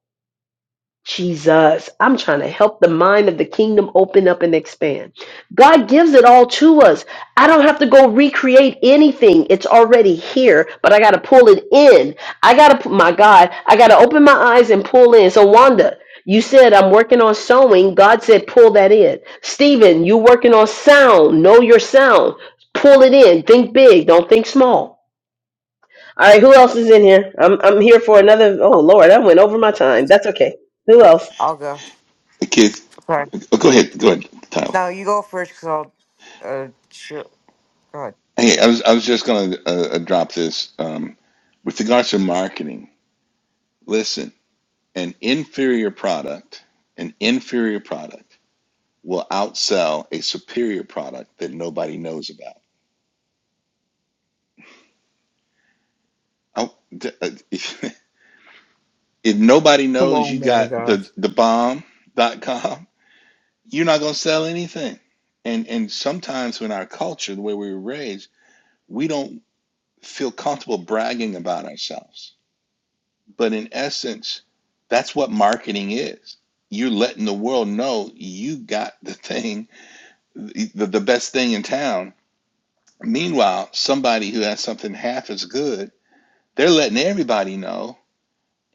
S1: Jesus. I'm trying to help the mind of the kingdom open up and expand. God gives it all to us. I don't have to go recreate anything. It's already here, but I got to pull it in. I got to, my God, I got to open my eyes and pull in. So, Wanda, you said I'm working on sewing. God said, pull that in. Stephen, you working on sound. Know your sound. Pull it in. Think big. Don't think small. All right, who else is in here? I'm I'm here for another. Oh Lord, I went over my time. That's okay. Who else?
S3: I'll go.
S5: Hey, Keith,
S3: Sorry.
S5: oh, go ahead, go ahead, Tyler.
S3: No, you go first, cause I'll. Uh, sure.
S5: Hey, I was I was just going to uh, uh, drop this um, with regards to marketing. Listen, an inferior product, an inferior product. will outsell a superior product that nobody knows about. Oh, If nobody
S2: come
S5: knows
S2: on,
S5: you
S2: man of
S5: got
S2: God.
S5: the the bomb dot com, you're not going to sell anything. And and sometimes in our culture, the way we were raised, we don't feel comfortable bragging about ourselves. But in essence, that's what marketing is. You're letting the world know you got the thing, the, the best thing in town. Meanwhile, somebody who has something half as good They're letting everybody know.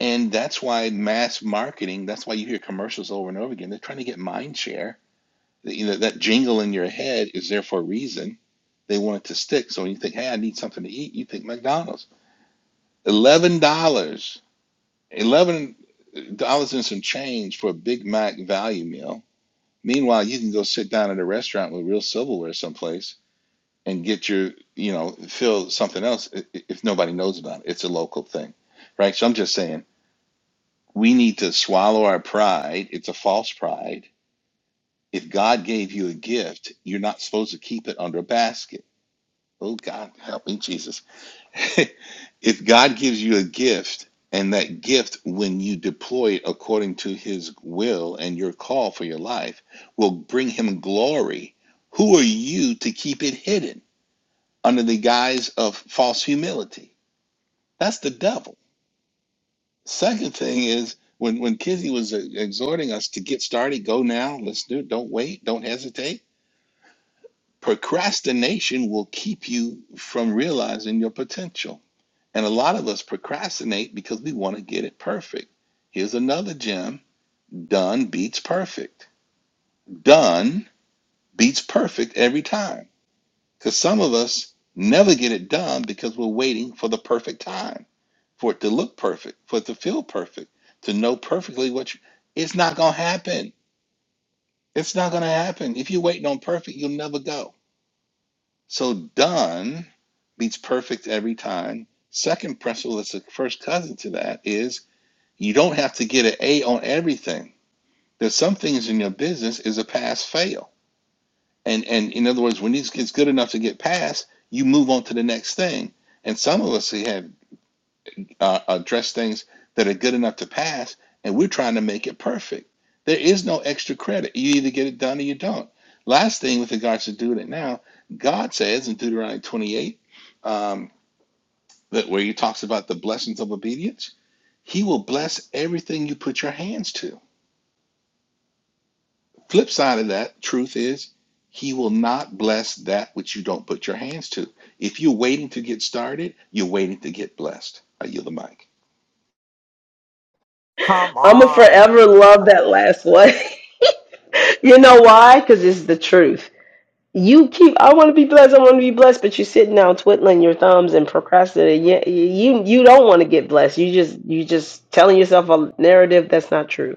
S5: And that's why mass marketing, that's why you hear commercials over and over again. They're trying to get mind share. That, You know, that jingle in your head is there for a reason. They want it to stick. So when you think, hey, I need something to eat, you think McDonald's. $11, dollars $11 and some change for a Big Mac value meal. Meanwhile, you can go sit down at a restaurant with real silverware someplace and get your, you know, fill something else if nobody knows about it. It's a local thing, right? So I'm just saying we need to swallow our pride. It's a false pride. If God gave you a gift, you're not supposed to keep it under a basket. Oh, God, help me, Jesus. if God gives you a gift, and that gift, when you deploy it according to his will and your call for your life, will bring him glory. Who are you to keep it hidden under the guise of false humility? That's the devil Second thing is when when Kizzy was uh, exhorting us to get started, go now, let's do it, don't wait, don't hesitate. Procrastination will keep you from realizing your potential. And a lot of us procrastinate because we want to get it perfect. Here's another gem done beats perfect. Done beats perfect every time. Because some of us never get it done because we're waiting for the perfect time for it to look perfect, for it to feel perfect, to know perfectly what you. It's not going to happen. It's not going to happen. If you're waiting on perfect, you'll never go. So done beats perfect every time. Second principle that's the first cousin to that is you don't have to get an A on everything. There's some things in your business is a pass fail. And and in other words, when it gets good enough to get passed, you move on to the next thing. And some of us have uh, address things that are good enough to pass, and we're trying to make it perfect. There is no extra credit. You either get it done or you don't. Last thing with regards to doing it now, God says in Deuteronomy 28, um, that where he talks about the blessings of obedience, he will bless everything you put your hands to. Flip side of that truth is, he will not bless that which you don't put your hands to. If you're waiting to get started, you're waiting to get blessed. I yield the mic.
S3: Come
S1: I'm gonna
S3: on.
S1: forever love that last one. you know why? Because it's the truth. You keep. I want to be blessed. I want to be blessed. But you're sitting down twiddling your thumbs and procrastinating. You you, you don't want to get blessed. You just you just telling yourself a narrative that's not true.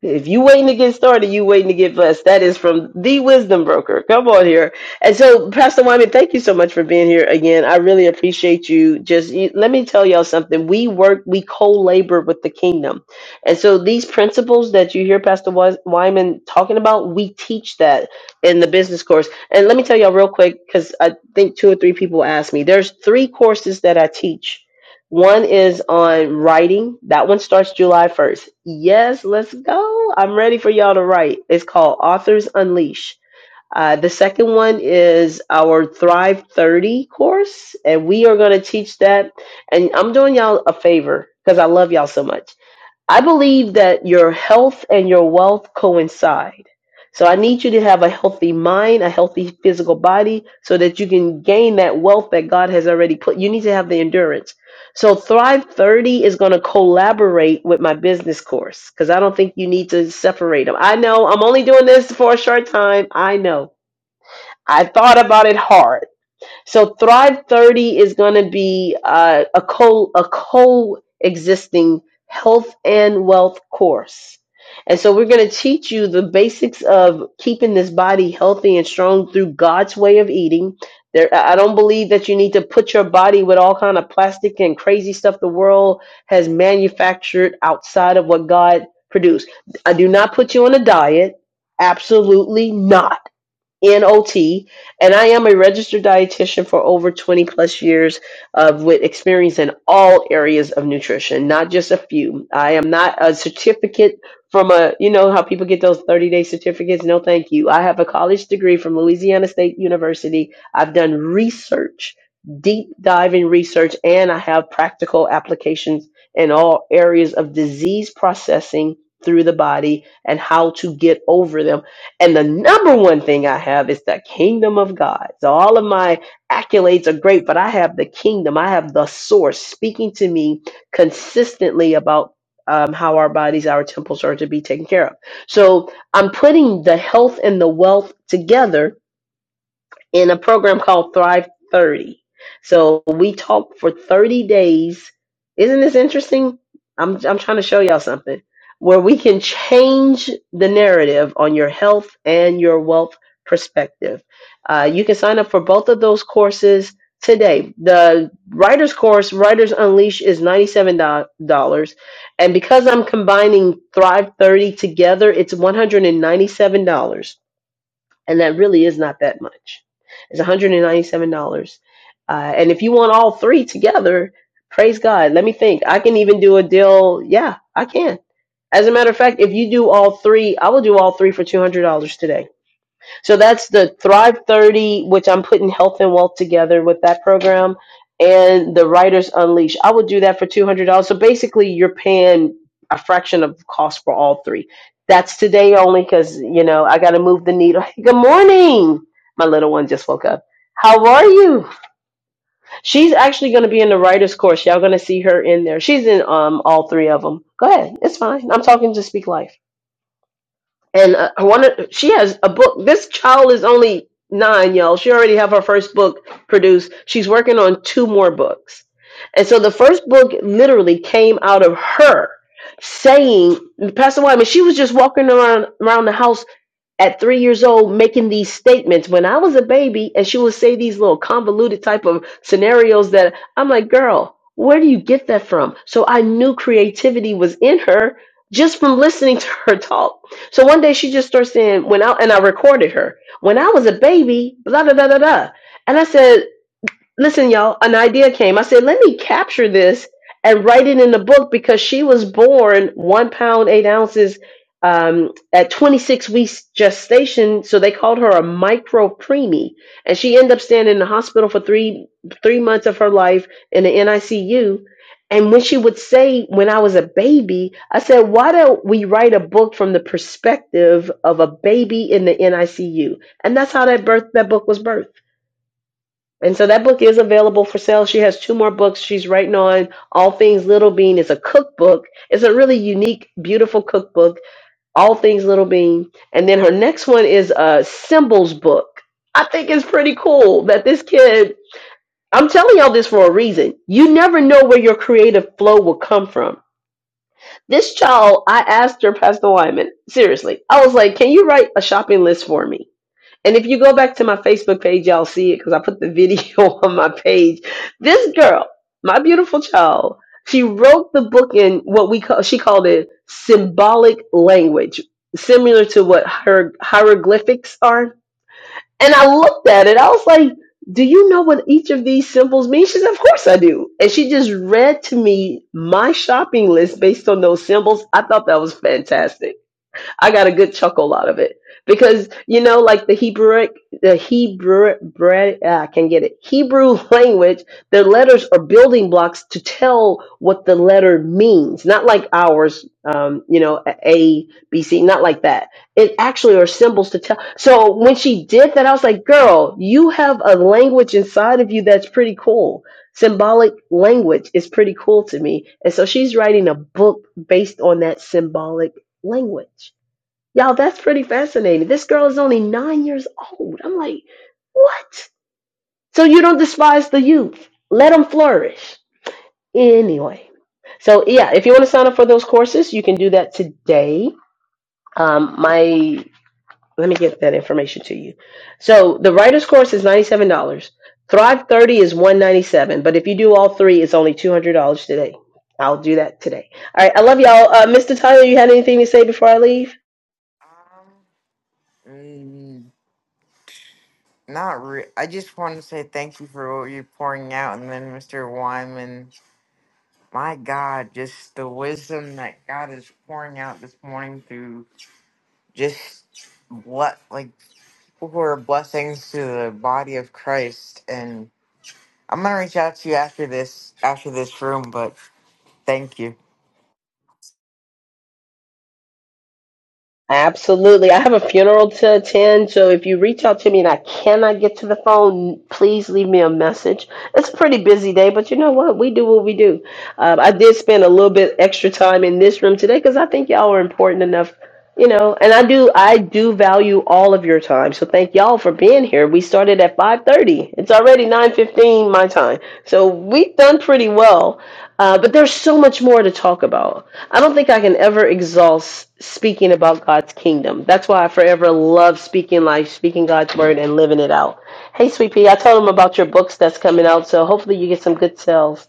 S1: If you waiting to get started, you waiting to get blessed. That is from the Wisdom Broker. Come on here. And so, Pastor Wyman, thank you so much for being here again. I really appreciate you. Just you- let me tell y'all something. We work, we co-labor with the kingdom. And so these principles that you hear Pastor Wis- Wyman talking about, we teach that in the business course. And let me tell y'all real quick, because I think two or three people asked me, there's three courses that I teach one is on writing. That one starts July 1st. Yes, let's go. I'm ready for y'all to write. It's called Authors Unleash. Uh, the second one is our Thrive 30 course, and we are going to teach that. And I'm doing y'all a favor because I love y'all so much. I believe that your health and your wealth coincide. So I need you to have a healthy mind, a healthy physical body, so that you can gain that wealth that God has already put. You need to have the endurance. So Thrive 30 is going to collaborate with my business course because I don't think you need to separate them. I know I'm only doing this for a short time. I know. I thought about it hard. So Thrive 30 is going to be uh, a co a coexisting health and wealth course. And so we're going to teach you the basics of keeping this body healthy and strong through God's way of eating. There, I I don't believe that you need to put your body with all kind of plastic and crazy stuff the world has manufactured outside of what God produced. I do not put you on a diet. Absolutely not NOT, and I am a registered dietitian for over 20 plus years of with experience in all areas of nutrition, not just a few. I am not a certificate from a, you know how people get those 30 day certificates. No, thank you. I have a college degree from Louisiana State University. I've done research, deep diving research, and I have practical applications in all areas of disease processing through the body and how to get over them and the number one thing I have is the kingdom of God. So all of my accolades are great, but I have the kingdom. I have the source speaking to me consistently about um, how our bodies, our temples are to be taken care of. So I'm putting the health and the wealth together in a program called Thrive 30. So we talked for 30 days. Isn't this interesting? I'm I'm trying to show y'all something where we can change the narrative on your health and your wealth perspective. Uh, you can sign up for both of those courses today. The writer's course, Writers Unleash, is $97. And because I'm combining Thrive 30 together, it's $197 and that really is not that much. It's $197. Uh, and if you want all three together, praise God. Let me think. I can even do a deal. Yeah, I can. As a matter of fact, if you do all three, I will do all three for $200 today so that's the Thrive 30, which I'm putting health and wealth together with that program, and the Writers Unleash. I would do that for $200. So basically, you're paying a fraction of the cost for all three. That's today only because, you know, I got to move the needle. Good morning. My little one just woke up. How are you? She's actually going to be in the writer's course. Y'all going to see her in there. She's in um, all three of them. Go ahead. It's fine. I'm talking to Speak Life and uh, I wanted. She has a book. This child is only nine, y'all. She already have her first book produced. She's working on two more books, and so the first book literally came out of her saying, "Pastor Wyman." She was just walking around around the house at three years old making these statements when I was a baby, and she would say these little convoluted type of scenarios that I'm like, girl, where do you get that from? So I knew creativity was in her just from listening to her talk. So one day she just starts saying, when I and I recorded her, when I was a baby, blah blah blah blah blah. And I said, listen, y'all, an idea came. I said, let me capture this and write it in the book because she was born one pound, eight ounces um, at 26 weeks gestation. So they called her a micro preemie. And she ended up staying in the hospital for three, three months of her life in the NICU. And when she would say, when I was a baby, I said, why don't we write a book from the perspective of a baby in the NICU? And that's how that birth, that book was birthed. And so that book is available for sale. She has two more books she's writing on. All Things Little Bean is a cookbook. It's a really unique, beautiful cookbook. All Things Little Bean. And then her next one is a symbols book. I think it's pretty cool that this kid, I'm telling y'all this for a reason. You never know where your creative flow will come from. This child, I asked her, Pastor Wyman, seriously, I was like, can you write a shopping list for me? And if you go back to my Facebook page, y'all see it because I put the video on my page. This girl, my beautiful child, she wrote the book in what we call, she called it symbolic language, similar to what her hieroglyphics are. And I looked at it, I was like, do you know what each of these symbols mean? She said, Of course I do. And she just read to me my shopping list based on those symbols. I thought that was fantastic. I got a good chuckle out of it because you know, like the Hebrew, the Hebrew, bre- ah, I can get it. Hebrew language, their letters are building blocks to tell what the letter means. Not like ours, um, you know, A, B, C, not like that. It actually are symbols to tell. So when she did that, I was like, girl, you have a language inside of you that's pretty cool symbolic language is pretty cool to me. And so she's writing a book based on that symbolic language. Y'all, that's pretty fascinating. This girl is only nine years old. I'm like, what? So you don't despise the youth. Let them flourish. Anyway. So yeah, if you want to sign up for those courses, you can do that today. Um, my let me get that information to you. So the writer's course is $97. Thrive 30 is 197. But if you do all three, it's only $200 today. I'll do that today. All right. I love y'all. Uh, Mr. Tyler, you had anything to say before I leave?
S3: Um, Mm, Not re- I just want to say thank you for what you're pouring out, and then Mr. Wyman, my God, just the wisdom that God is pouring out this morning through just what like people who are blessings to the body of Christ. And I'm gonna reach out to you after this after this room, but thank you,
S1: Absolutely. I have a funeral to attend, so if you reach out to me and I cannot get to the phone, please leave me a message. It's a pretty busy day, but you know what? We do what we do. Um, I did spend a little bit extra time in this room today because I think y'all are important enough, you know. And I do, I do value all of your time, so thank y'all for being here. We started at five thirty. It's already nine fifteen my time, so we've done pretty well. Uh, but there's so much more to talk about. I don't think I can ever exhaust speaking about God's kingdom. That's why I forever love speaking life, speaking God's word, and living it out. Hey, Sweet Pea, I told them about your books that's coming out, so hopefully you get some good sales.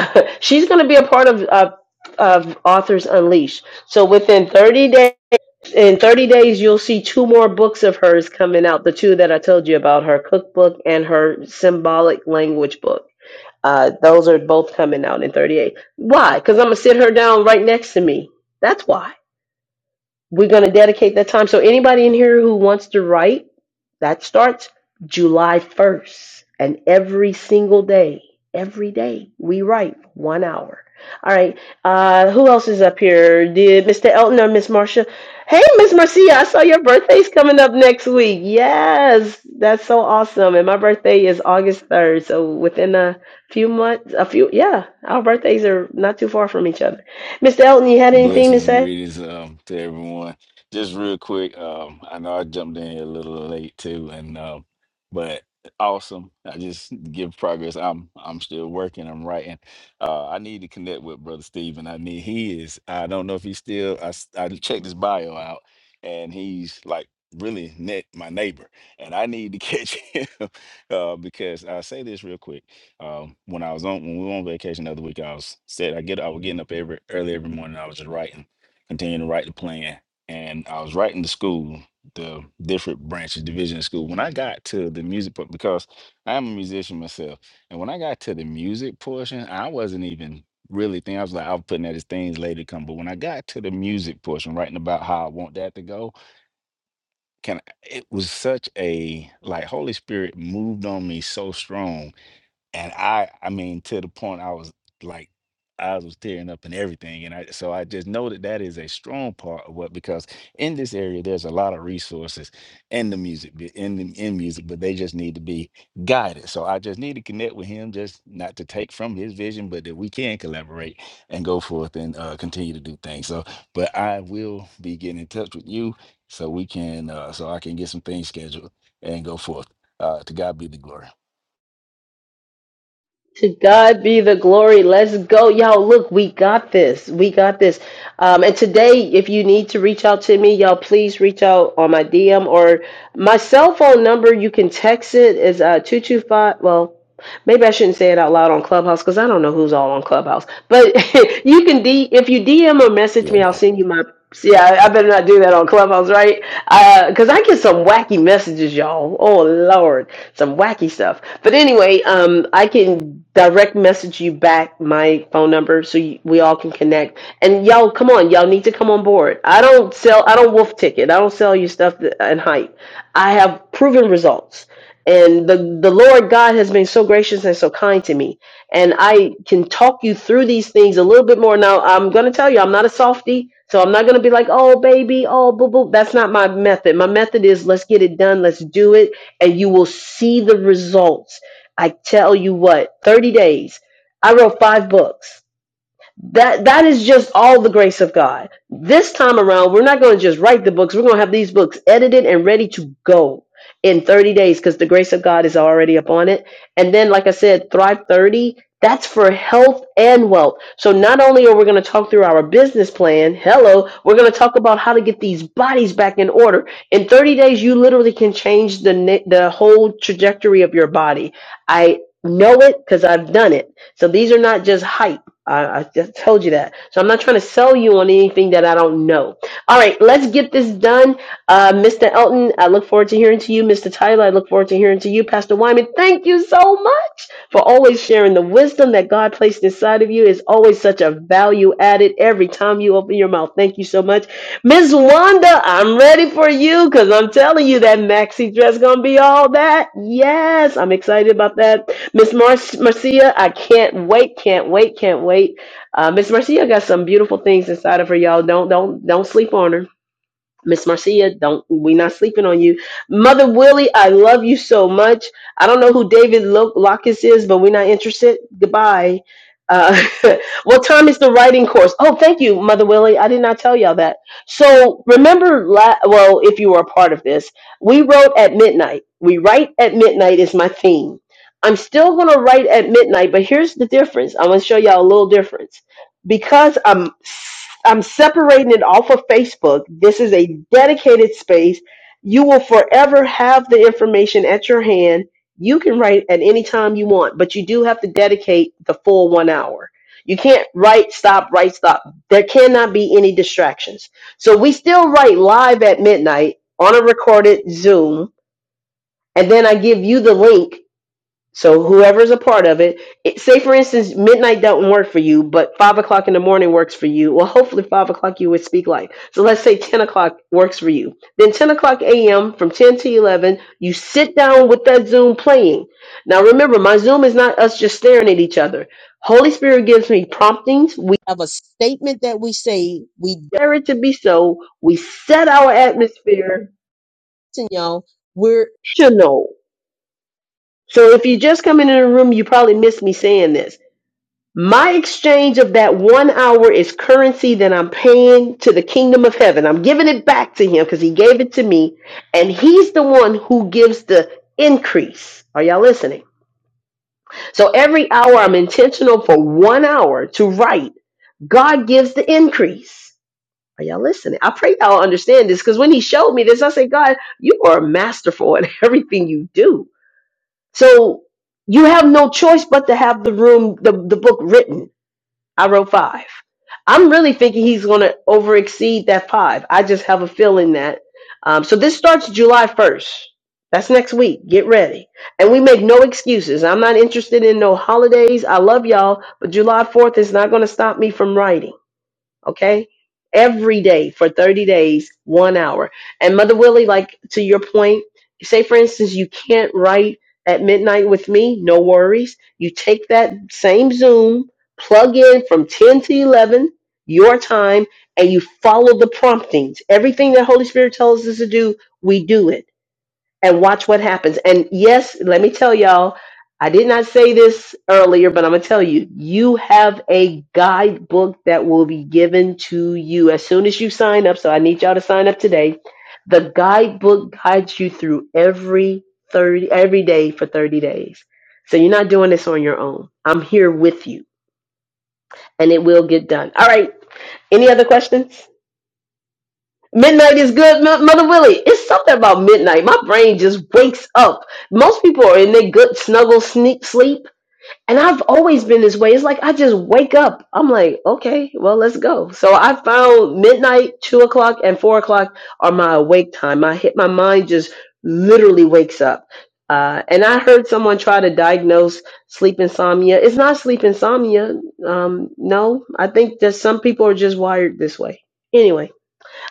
S1: She's going to be a part of uh, of Authors Unleashed. So within 30 days, in 30 days, you'll see two more books of hers coming out. The two that I told you about, her cookbook and her symbolic language book. Uh, those are both coming out in 38. Why? Because I'm going to sit her down right next to me. That's why. We're going to dedicate that time. So anybody in here who wants to write, that starts July 1st. And every single day, every day, we write one hour. All right. Uh, who else is up here? Did Mr. Elton or Miss Marcia? Hey, Miss Marcia, I saw your birthday's coming up next week. Yes, that's so awesome. And my birthday is August 3rd. So within a few months, a few, yeah, our birthdays are not too far from each other. Mr. Elton, you had anything to
S6: Blessings and
S1: say?
S6: greetings um, to everyone. Just real quick, um, I know I jumped in here a little late too, and um, but awesome. I just give progress. I'm I'm still working. I'm writing. Uh, I need to connect with Brother Stephen. I need he is. I don't know if he's still. I s- I checked his bio out, and he's like really net my neighbor, and I need to catch him uh, because I say this real quick. Um, when I was on when we were on vacation the other week, I was said I get I was getting up every early every morning. I was just writing, continuing to write the plan, and I was writing the school, the different branches, division of school. When I got to the music part, because I am a musician myself, and when I got to the music portion, I wasn't even really thinking. I was like, I was putting that as things later to come. But when I got to the music portion, writing about how I want that to go, can it was such a like Holy Spirit moved on me so strong and I I mean to the point I was like I was tearing up and everything and I so I just know that that is a strong part of what because in this area there's a lot of resources in the music bu- in the in music but they just need to be guided so I just need to connect with him just not to take from his vision but that we can collaborate and go forth and uh, continue to do things so but I will be getting in touch with you so we can uh, so I can get some things scheduled and go forth uh, to God be the glory
S1: To God be the glory. Let's go. Y'all, look, we got this. We got this. Um, and today, if you need to reach out to me, y'all, please reach out on my DM or my cell phone number. You can text it is uh, 225. Well, maybe I shouldn't say it out loud on Clubhouse because I don't know who's all on Clubhouse. But you can D if you DM or message
S6: yeah
S1: me, I'll
S6: don't.
S1: send you my. Yeah, I better not do that on Clubhouse, right? Because I get some wacky messages, y'all. Oh Lord, some wacky stuff. But anyway, um, I can direct message you back my phone number so you, we all can connect. And y'all, come on, y'all need to come on board. I don't sell, I don't wolf ticket. I don't sell you stuff that, and hype. I have proven results and the the Lord God has been so gracious and so kind to me. And I can talk you through these things a little bit more. Now I'm gonna tell you, I'm not a softie, so I'm not gonna be like, oh baby, oh boo boo. That's not my method. My method is let's get it done, let's do it, and you will see the results. I tell you what, 30 days. I wrote five books. That that is just all the grace of God. This time around, we're not going to just write the books. We're going to have these books edited and ready to go in 30 days because the grace of God is already upon it. And then, like I said, Thrive 30, that's for health and wealth. So not only are we going to talk through our business plan, hello, we're going to talk about how to get these bodies back in order. In 30 days, you literally can change the ne- the whole trajectory of your body. I know it because I've done it. So these are not just hype. I, I just told you that. So I'm not trying to sell you on anything that I don't know. All right, let's get this done. Uh, Mr. Elton, I look forward to hearing to you. Mr. Tyler, I look forward to hearing to you. Pastor Wyman, thank you so much for always sharing the wisdom that God placed inside of you is always such a value added every time you open your mouth. Thank you so much. Miss Wanda, I'm ready for you because I'm telling you that maxi dress gonna be all that. Yes, I'm excited about that. Miss Mar- Marcia, I can't wait, can't wait, can't wait. Uh, Miss Marcia got some beautiful things inside of her, y'all. Don't don't don't sleep on her. Miss Marcia, don't we not sleeping on you. Mother Willie, I love you so much. I don't know who David Lo- Lockus is, but we're not interested. Goodbye. Uh, what time is the writing course? Oh, thank you, Mother Willie. I did not tell y'all that. So remember, la- well, if you were a part of this, we wrote at midnight. We write at midnight is my theme. I'm still going to write at midnight, but here's the difference. I want to show y'all a little difference because I'm I'm separating it off of Facebook. This is a dedicated space. You will forever have the information at your hand. You can write at any time you want, but you do have to dedicate the full one hour. You can't write, stop, write, stop. There cannot be any distractions. So we still write live at midnight on a recorded Zoom, and then I give you the link so whoever's a part of it, it, say for instance, midnight doesn't work for you, but five o'clock in the morning works for you. Well, hopefully five o'clock you would speak life. So let's say ten o'clock works for you. Then ten o'clock a.m. from ten to eleven, you sit down with that Zoom playing. Now remember, my Zoom is not us just staring at each other. Holy Spirit gives me promptings. We Of a that we say we dare it to be so. We set our atmosphere. listen, y'all. We're intentional. So if you just come into the room, you probably missed me saying this. My exchange of that one hour is currency that I'm paying to the kingdom of heaven. I'm giving it back to him because he gave it to me, and he's the one who gives the increase. Are y'all listening? So every hour I'm intentional for one hour to write. God gives the increase. Are y'all listening? I pray y'all understand this because when he showed me this, I said, God, you are masterful in everything you do so you have no choice but to have the room, the, the book written. I wrote five. I'm really thinking he's going to over exceed that five. I just have a feeling that. Um, so this starts July 1st. That's next week. Get ready. And we make no excuses. I'm not interested in no holidays. I love y'all, but July 4th is not going to stop me from writing okay? Every day for 30 days, one hour. And Mother Willie, like to your point, say for instance, you can't write at midnight with me, no worries. You take that same Zoom, plug in from 10 to 11, your time, and you follow the promptings. Everything that Holy Spirit tells us to do, we do it and watch what happens. And yes, let me tell y'all, I did not say this earlier, but I'm going to tell you, you have a guidebook that will be given to you as soon as you sign up. So I need y'all to sign up today. The guidebook guides you through every 30, every day for 30 days. So you're not doing this on your own. I'm here with you and it will get done. All right. Any other questions? Midnight is good, Mo- Mother Willie. It's something about midnight. My brain just wakes up. Most people are in their good snuggle sneak sleep, and I've always been this way. It's like I just wake up. I'm like, okay, well, let's go. So I found midnight, two o'clock, and four o'clock are my awake time. I hit my mind just literally wakes up. Uh, and I heard someone try to diagnose sleep insomnia. It's not sleep insomnia. Um, no, I think that some people are just wired this way. Anyway.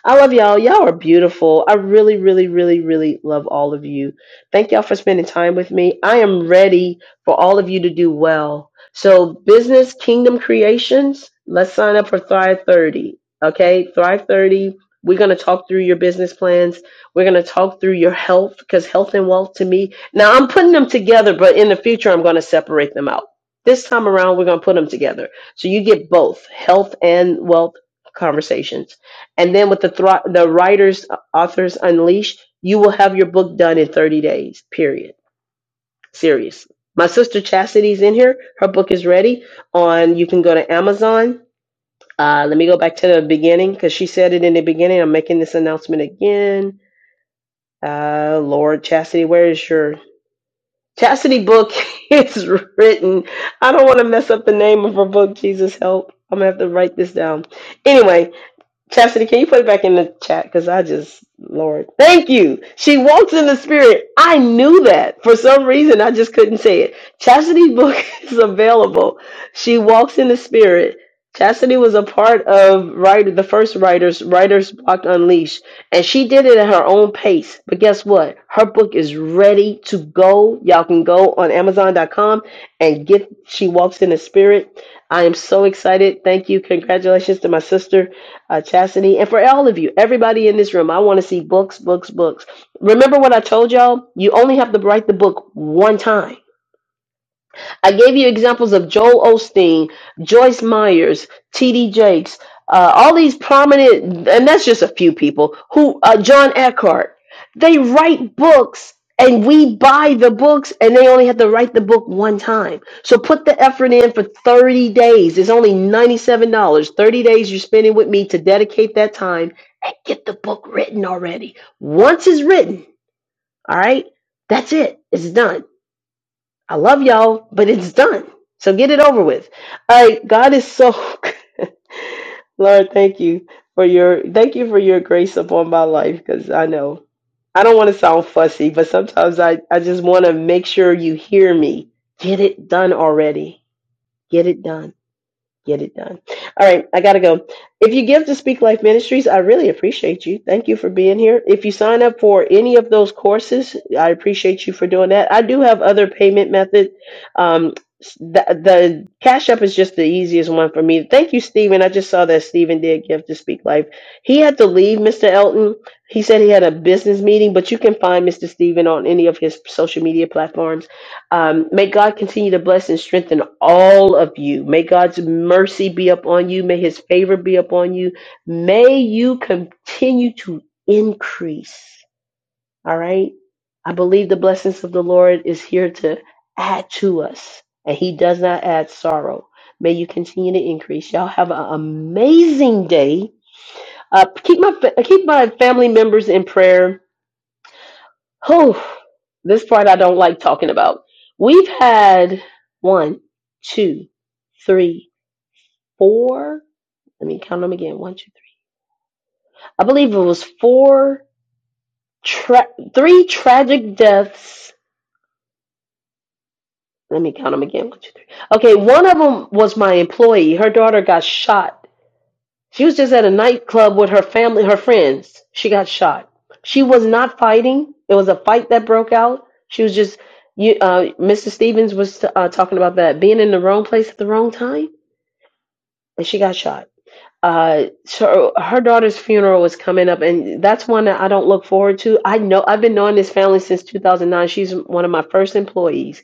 S1: I love y'all. Y'all are beautiful. I really, really, really, really love all of you. Thank y'all for spending time with me. I am ready for all of you to do well. So, business kingdom creations, let's sign up for Thrive 30. Okay, Thrive 30. We're going to talk through your business plans. We're going to talk through your health because health and wealth to me. Now, I'm putting them together, but in the future, I'm going to separate them out. This time around, we're going to put them together. So you get both health and wealth conversations and then with the thro- the writers uh, authors unleashed you will have your book done in 30 days period serious my sister chastity's in here her book is ready on you can go to amazon uh, let me go back to the beginning because she said it in the beginning i'm making this announcement again uh, lord chastity where is your chastity book is written i don't want to mess up the name of her book jesus help i'm gonna have to write this down anyway Chastity, can you put it back in the chat? Because I just, Lord, thank you. She walks in the spirit. I knew that. For some reason, I just couldn't say it. Chastity's book is available. She walks in the spirit. Chastity was a part of writer, the first writers, Writers Block Unleashed, and she did it at her own pace. But guess what? Her book is ready to go. Y'all can go on Amazon dot com and get She Walks in the Spirit. I am so excited. Thank you. Congratulations to my sister uh, Chastity, and for all of you, everybody in this room, I want to see books, books, books. Remember what I told y'all? You only have to write the book one time. I gave you examples of Joel Osteen, Joyce Myers, T.D. Jakes, uh, all these prominent, and that's just a few people who uh, John Eckhart. They write books, and we buy the books, and they only have to write the book one time. So put the effort in for thirty days. It's only ninety-seven dollars. Thirty days you're spending with me to dedicate that time and get the book written already. Once it's written, all right, that's it. It's done. I love y'all, but it's done. So get it over with. All right, God is so good. Lord, thank you for your thank you for your grace upon my life because I know I don't want to sound fussy, but sometimes I, I just want to make sure you hear me. Get it done already. Get it done. Get it done. All right, I gotta go. If you give to Speak Life Ministries, I really appreciate you. Thank you for being here. If you sign up for any of those courses, I appreciate you for doing that. I do have other payment methods. Um, the, the Cash App is just the easiest one for me. Thank you, Stephen. I just saw that Stephen did give to Speak Life. He had to leave, Mr. Elton. He said he had a business meeting, but you can find Mr. Stephen on any of his social media platforms. Um, may God continue to bless and strengthen all of you. May God's mercy be upon you. May his favor be upon you. May you continue to increase. All right. I believe the blessings of the Lord is here to add to us, and he does not add sorrow. May you continue to increase. Y'all have an amazing day. Uh, keep my fa- keep my family members in prayer Whew, this part I don't like talking about. We've had one, two, three, four. Let me count them again. One, two, three. I believe it was four, tra- three tragic deaths. Let me count them again. One, two, three. Okay, one of them was my employee. Her daughter got shot She was just at a nightclub with her family, her friends. She got shot. She was not fighting. It was a fight that broke out. She was just, you, uh, Mr. Stevens was uh, talking about that being in the wrong place at the wrong time, and she got shot uh so her daughter's funeral was coming up and that's one that I don't look forward to. I know I've been knowing this family since 2009. She's one of my first employees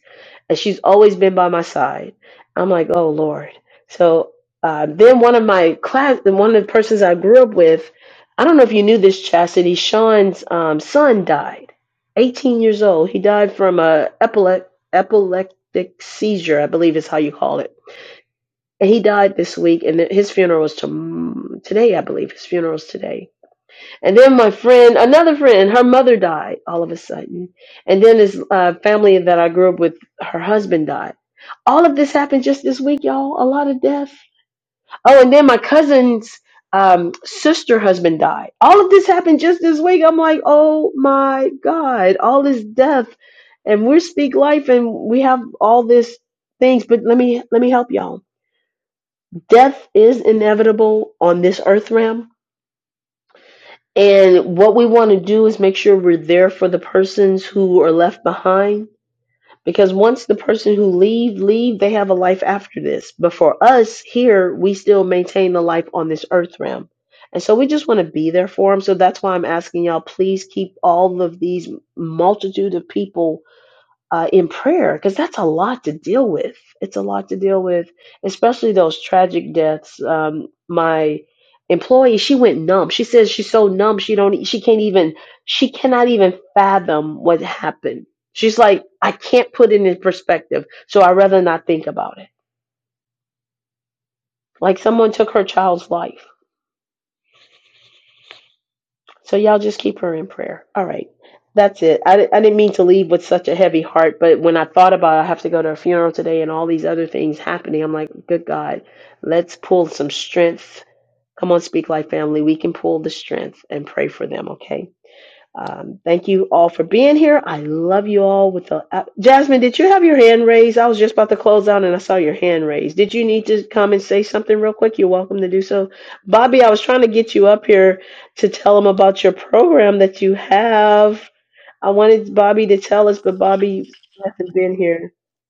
S1: and she's always been by my side. I'm like, "Oh lord." So uh then one of my class one of the persons I grew up with, I don't know if you knew this Chastity, Sean's um son died. 18 years old. He died from a epile- epileptic seizure, I believe is how you call it and he died this week, and his funeral was tom- today, I believe. His funeral's today. And then my friend, another friend, her mother died all of a sudden. And then this uh, family that I grew up with, her husband died. All of this happened just this week, y'all. A lot of death. Oh, and then my cousin's um, sister husband died. All of this happened just this week. I'm like, oh my God, all this death. And we speak life and we have all this things, but let me let me help y'all death is inevitable on this earth realm. And what we want to do is make sure we're there for the persons who are left behind. Because once the person who leave leave, they have a life after this. But for us here, we still maintain the life on this earth realm. And so we just want to be there for them. So that's why I'm asking y'all, please keep all of these multitude of people uh, in prayer because that's a lot to deal with. It's a lot to deal with, especially those tragic deaths. Um, my employee, she went numb. She says she's so numb she don't e, she can't even she cannot even fathom what happened. She's like, I can't put it in perspective, so I'd rather not think about it. Like someone took her child's life So y'all just keep her in prayer. All right. That's it. I, di- I didn't mean to leave with such a heavy heart, but when I thought about I have to go to a funeral today and all these other things happening, I'm like, good God, let's pull some strength. Come on, speak life, family. We can pull the strength and pray for them, okay? Um, thank you all for being here. I love you all. With the uh, Jasmine, did you have your hand raised? I was just about to close out, and I saw your hand raised. Did you need to come and say something real quick? You're welcome to do so. Bobby, I was trying to get you up here to tell them about your program that you have. I wanted Bobby to tell us, but Bobby hasn't been here.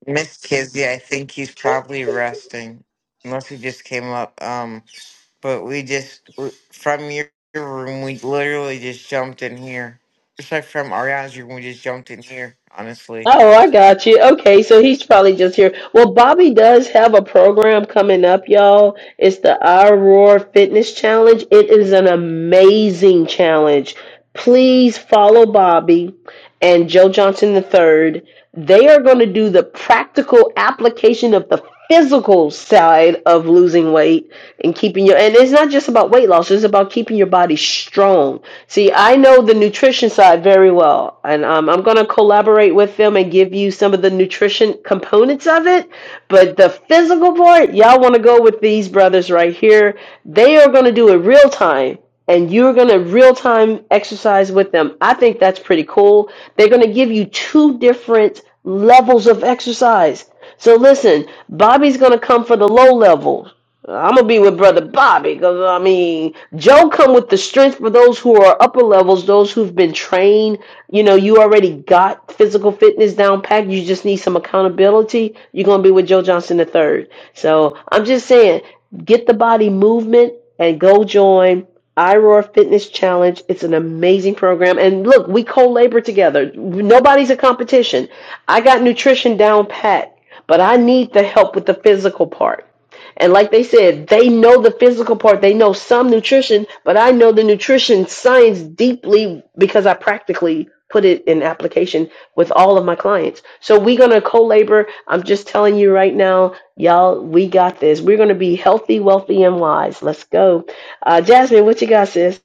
S3: Miss Kizzy. I think he's probably resting, unless he just came up. Um. but we just from your your room we literally just jumped in here. Just like from Ariana's room, we just jumped in here. Honestly.
S1: Oh, I got you. Okay, so he's probably just here. Well, Bobby does have a program coming up, y'all. It's the Our Roar Fitness Challenge. It is an amazing challenge. Please follow Bobby and Joe Johnson the Third. They are going to do the practical application of the physical side of losing weight and keeping your and it's not just about weight loss, it's about keeping your body strong. See, I know the nutrition side very well, and um, I'm going to collaborate with them and give you some of the nutrition components of it, but the physical part, y'all want to go with these brothers right here. They are going to do it real time and you're going to real time exercise with them. I think that's pretty cool. They're going to give you two different levels of exercise. So listen, Bobby's going to come for the low level. I'm gonna be with brother Bobby because I mean Joe come with the strength for those who are upper levels, those who've been trained. You know, you already got physical fitness down pat. You just need some accountability. You're gonna be with Joe Johnson the third. So I'm just saying, get the body movement and go join iRoar Fitness Challenge. It's an amazing program, and look, we co-labor together. Nobody's a competition. I got nutrition down pat, but I need the help with the physical part. And like they said, they know the physical part, they know some nutrition, but I know the nutrition science deeply because I practically put it in application with all of my clients. So we're going to co-labor. I'm just telling you right now, y'all, we got this. We're going to be healthy, wealthy, and wise. Let's go. Uh, Jasmine, what you got, sis?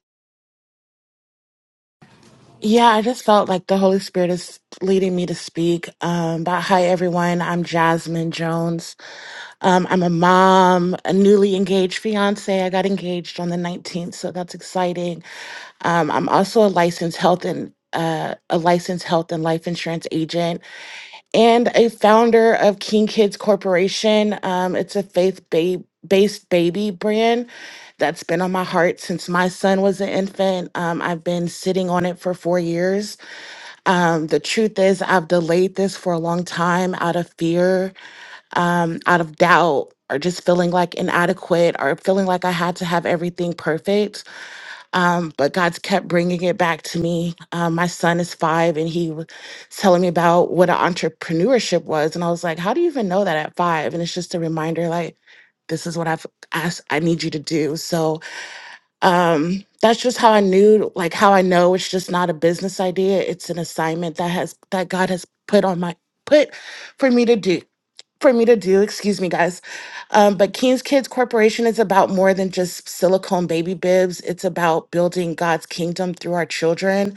S7: Yeah, I just felt like the Holy Spirit is leading me to speak. Um, but hi, everyone. I'm Jasmine Jones. Um, I'm a mom, a newly engaged fiance. I got engaged on the 19th, so that's exciting. Um, I'm also a licensed health and uh, a licensed health and life insurance agent and a founder of King Kids Corporation. Um, it's a faith ba- based baby brand that's been on my heart since my son was an infant. Um, I've been sitting on it for four years. Um, the truth is, I've delayed this for a long time out of fear, um, out of doubt. Or just feeling like inadequate, or feeling like I had to have everything perfect. Um, but God's kept bringing it back to me. Um, my son is five, and he was telling me about what an entrepreneurship was, and I was like, "How do you even know that at five?" And it's just a reminder, like, this is what I've asked. I need you to do. So um, that's just how I knew, like, how I know it's just not a business idea. It's an assignment that has that God has put on my put for me to do for me to do. Excuse me, guys. Um, but King's Kids Corporation is about more than just silicone baby bibs. It's about building God's kingdom through our children.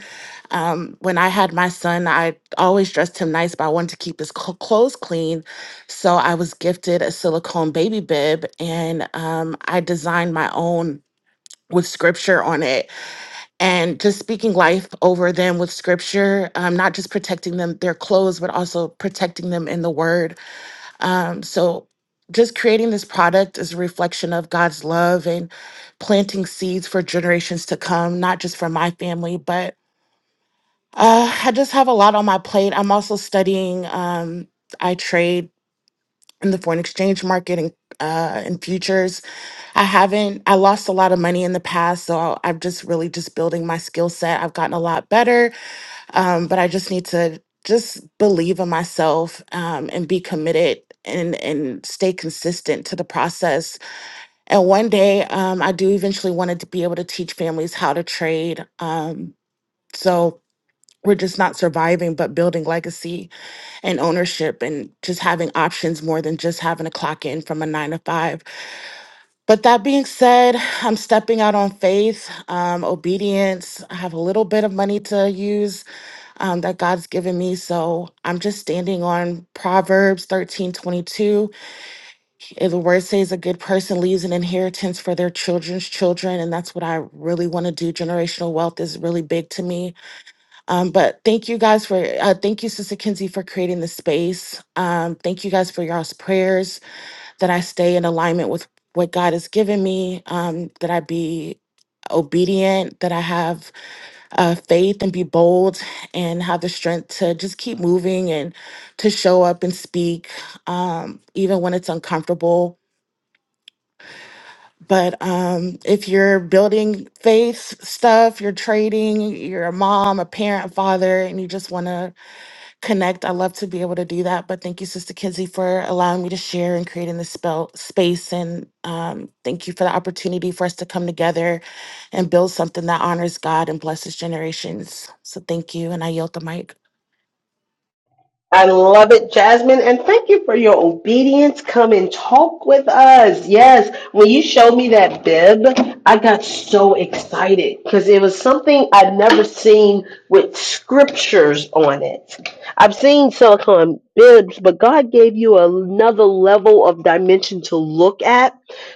S7: Um, when I had my son, I always dressed him nice, but I wanted to keep his cl- clothes clean. So I was gifted a silicone baby bib and um, I designed my own with scripture on it and just speaking life over them with scripture um, not just protecting them their clothes but also protecting them in the word um, so just creating this product is a reflection of God's love and planting seeds for generations to come, not just for my family, but uh, I just have a lot on my plate. I'm also studying, um, I trade in the foreign exchange market and uh, in futures. I haven't, I lost a lot of money in the past, so I'm just really just building my skill set. I've gotten a lot better um, but I just need to just believe in myself um, and be committed and and stay consistent to the process. And one day, um, I do eventually want to be able to teach families how to trade. Um, so we're just not surviving, but building legacy and ownership, and just having options more than just having a clock in from a nine to five. But that being said, I'm stepping out on faith, um, obedience. I have a little bit of money to use um, that God's given me. So I'm just standing on Proverbs 13:22. If the word says a good person leaves an inheritance for their children's children, and that's what I really want to do. Generational wealth is really big to me. Um, but thank you guys for, uh, thank you, Sister Kinsey, for creating the space. Um, thank you guys for y'all's prayers that I stay in alignment with what God has given me, um, that I be obedient, that I have uh, faith and be bold and have the strength to just keep moving and to show up and speak, um, even when it's uncomfortable. But um, if you're building faith stuff, you're trading, you're a mom, a parent, father, and you just want to connect. I love to be able to do that. But thank you, Sister Kinsey, for allowing me to share and creating this spell space. And um, thank you for the opportunity for us to come together and build something that honors God and blesses generations. So thank you. And I yield the mic.
S1: I love it, Jasmine. And thank you for your obedience. Come and talk with us. Yes. When you showed me that bib, I got so excited because it was something I'd never seen with scriptures on it. I've seen silicone bibs, but God gave you another level of dimension to look at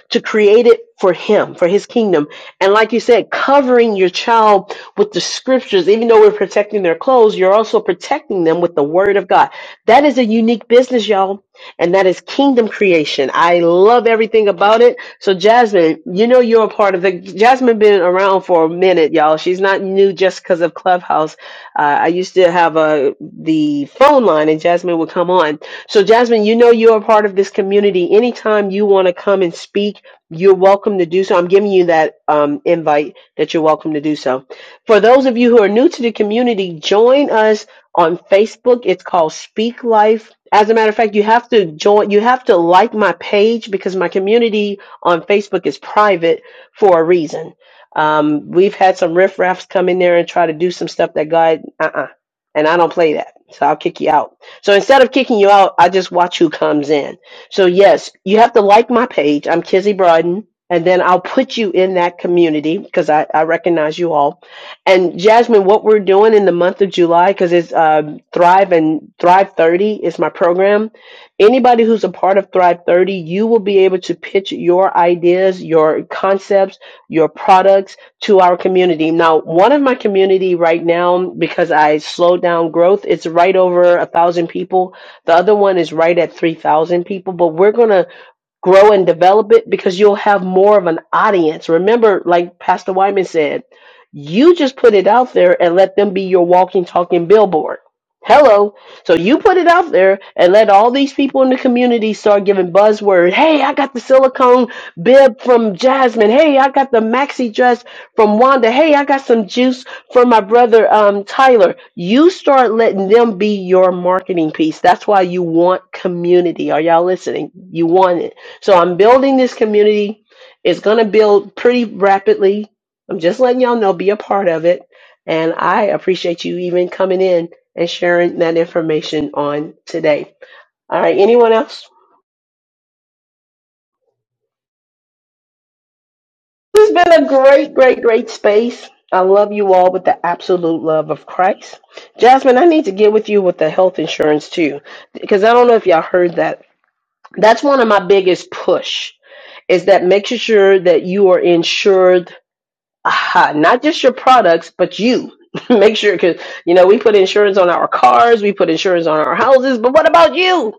S1: to create it for him, for his kingdom. And like you said, covering your child with the scriptures, even though we're protecting their clothes, you're also protecting them with the word of God. That is a unique business, y'all. And that is kingdom creation. I love everything about it. So Jasmine, you know you're a part of the Jasmine been around for a minute, y'all. She's not new just because of Clubhouse. Uh, I used to have a the phone line and Jasmine would come on. So, Jasmine, you know you're a part of this community. Anytime you want to come and speak, you're welcome to do so. I'm giving you that um, invite that you're welcome to do so. For those of you who are new to the community, join us on Facebook. It's called Speak Life. As a matter of fact, you have to join, you have to like my page because my community on Facebook is private for a reason. Um, we've had some riffraffs come in there and try to do some stuff that God, uh uh and I don't play that. So I'll kick you out. So instead of kicking you out, I just watch who comes in so yes, you have to like my page. I'm Kizzy Broaden. And then I'll put you in that community because I, I recognize you all. And Jasmine, what we're doing in the month of July, because it's um, Thrive and Thrive 30 is my program. Anybody who's a part of Thrive 30, you will be able to pitch your ideas, your concepts, your products to our community. Now, one of my community right now, because I slowed down growth, it's right over a thousand people the other one is right at 3,000 people, but we're going to grow and develop it because you'll have more of an audience. Remember, like Pastor Wyman said, you just put it out there and let them be your walking, talking billboard. Hello. So you put it out there and let all these people in the community start giving buzzword. Hey, I got the silicone bib from Jasmine. Hey, I got the maxi dress from Wanda. Hey, I got some juice from my brother um, Tyler. You start letting them be your marketing piece. That's why you want community. Are y'all listening? You want it. So I'm building this community. It's going to build pretty rapidly. I'm just letting y'all know, be a part of it. And I appreciate you even coming in and sharing that information on today. All right, anyone else? This has been a great, great, great space. I love you all with the absolute love of Christ. Jasmine, I need to get with you with the health insurance too, because I don't know if y'all heard that. That's one of my biggest push is that making sure that you are insured Aha, not just your products, but you. Make sure, because, you know, we put insurance on our cars, we put insurance on our houses, but what about you?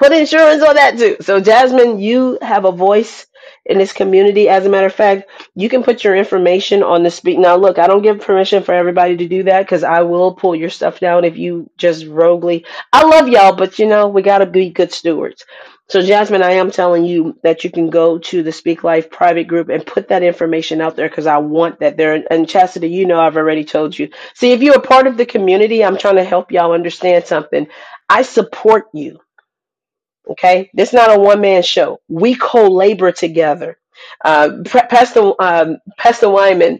S1: Put insurance on that too. So, Jasmine, you have a voice in this community. As a matter of fact, you can put your information on the speak. Now, look, I don't give permission for everybody to do that because I will pull your stuff down if you just roguely. I love y'all, but, you know, we got to be good stewards. So, Jasmine, I am telling you that you can go to the Speak Life private group and put that information out there because I want that there. And Chastity, you know, I've already told you. See, if you're a part of the community, I'm trying to help y'all understand something. I support you. Okay, this is not a one man show. We co labor together. Uh, Pastor um, Pastor Wyman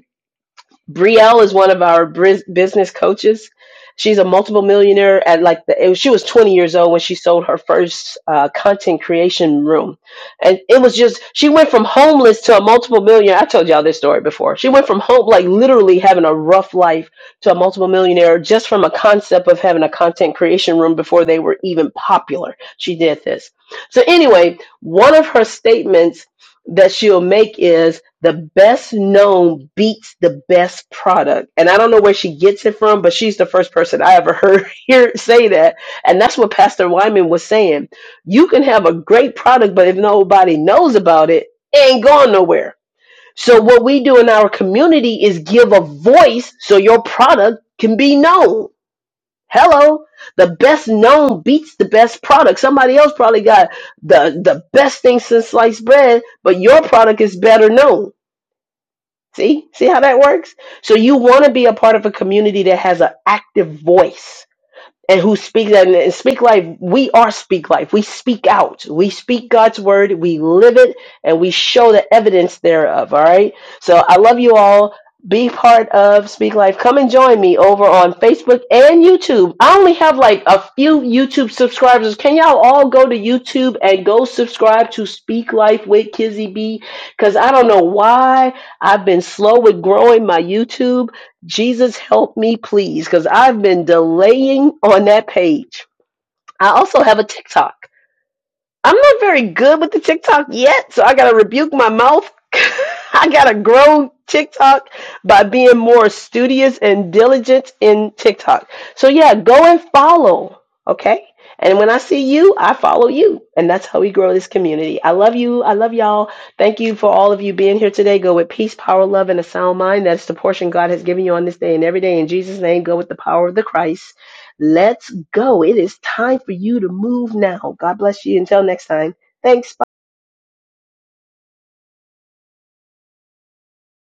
S1: Brielle is one of our bris- business coaches. She's a multiple millionaire at like the, she was 20 years old when she sold her first uh, content creation room. And it was just, she went from homeless to a multiple millionaire. I told y'all this story before. She went from home, like literally having a rough life to a multiple millionaire just from a concept of having a content creation room before they were even popular. She did this. So anyway, one of her statements that she'll make is the best known beats the best product. And I don't know where she gets it from, but she's the first person I ever heard here say that. And that's what Pastor Wyman was saying. You can have a great product, but if nobody knows about it, it ain't going nowhere. So what we do in our community is give a voice so your product can be known Hello, the best known beats the best product. Somebody else probably got the the best thing since sliced bread, but your product is better known. See, see how that works. So you want to be a part of a community that has an active voice and who speak that and speak life we are speak life we speak out we speak god's word we live it and we show the evidence thereof all right so i love you all be part of speak life come and join me over on facebook and youtube i only have like a few youtube subscribers can y'all all go to youtube and go subscribe to speak life with kizzy b because i don't know why i've been slow with growing my youtube Jesus, help me, please, because I've been delaying on that page. I also have a TikTok. I'm not very good with the TikTok yet, so I gotta rebuke my mouth. I gotta grow TikTok by being more studious and diligent in TikTok. So yeah, go and follow, okay? And when I see you, I follow you. And that's how we grow this community. I love you. I love y'all. Thank you for all of you being here today. Go with peace, power, love, and a sound mind. That's the portion God has given you on this day and every day. In Jesus' name, go with the power of the Christ. Let's go. It is time for you to move now. God bless you. Until next time. Thanks. bye.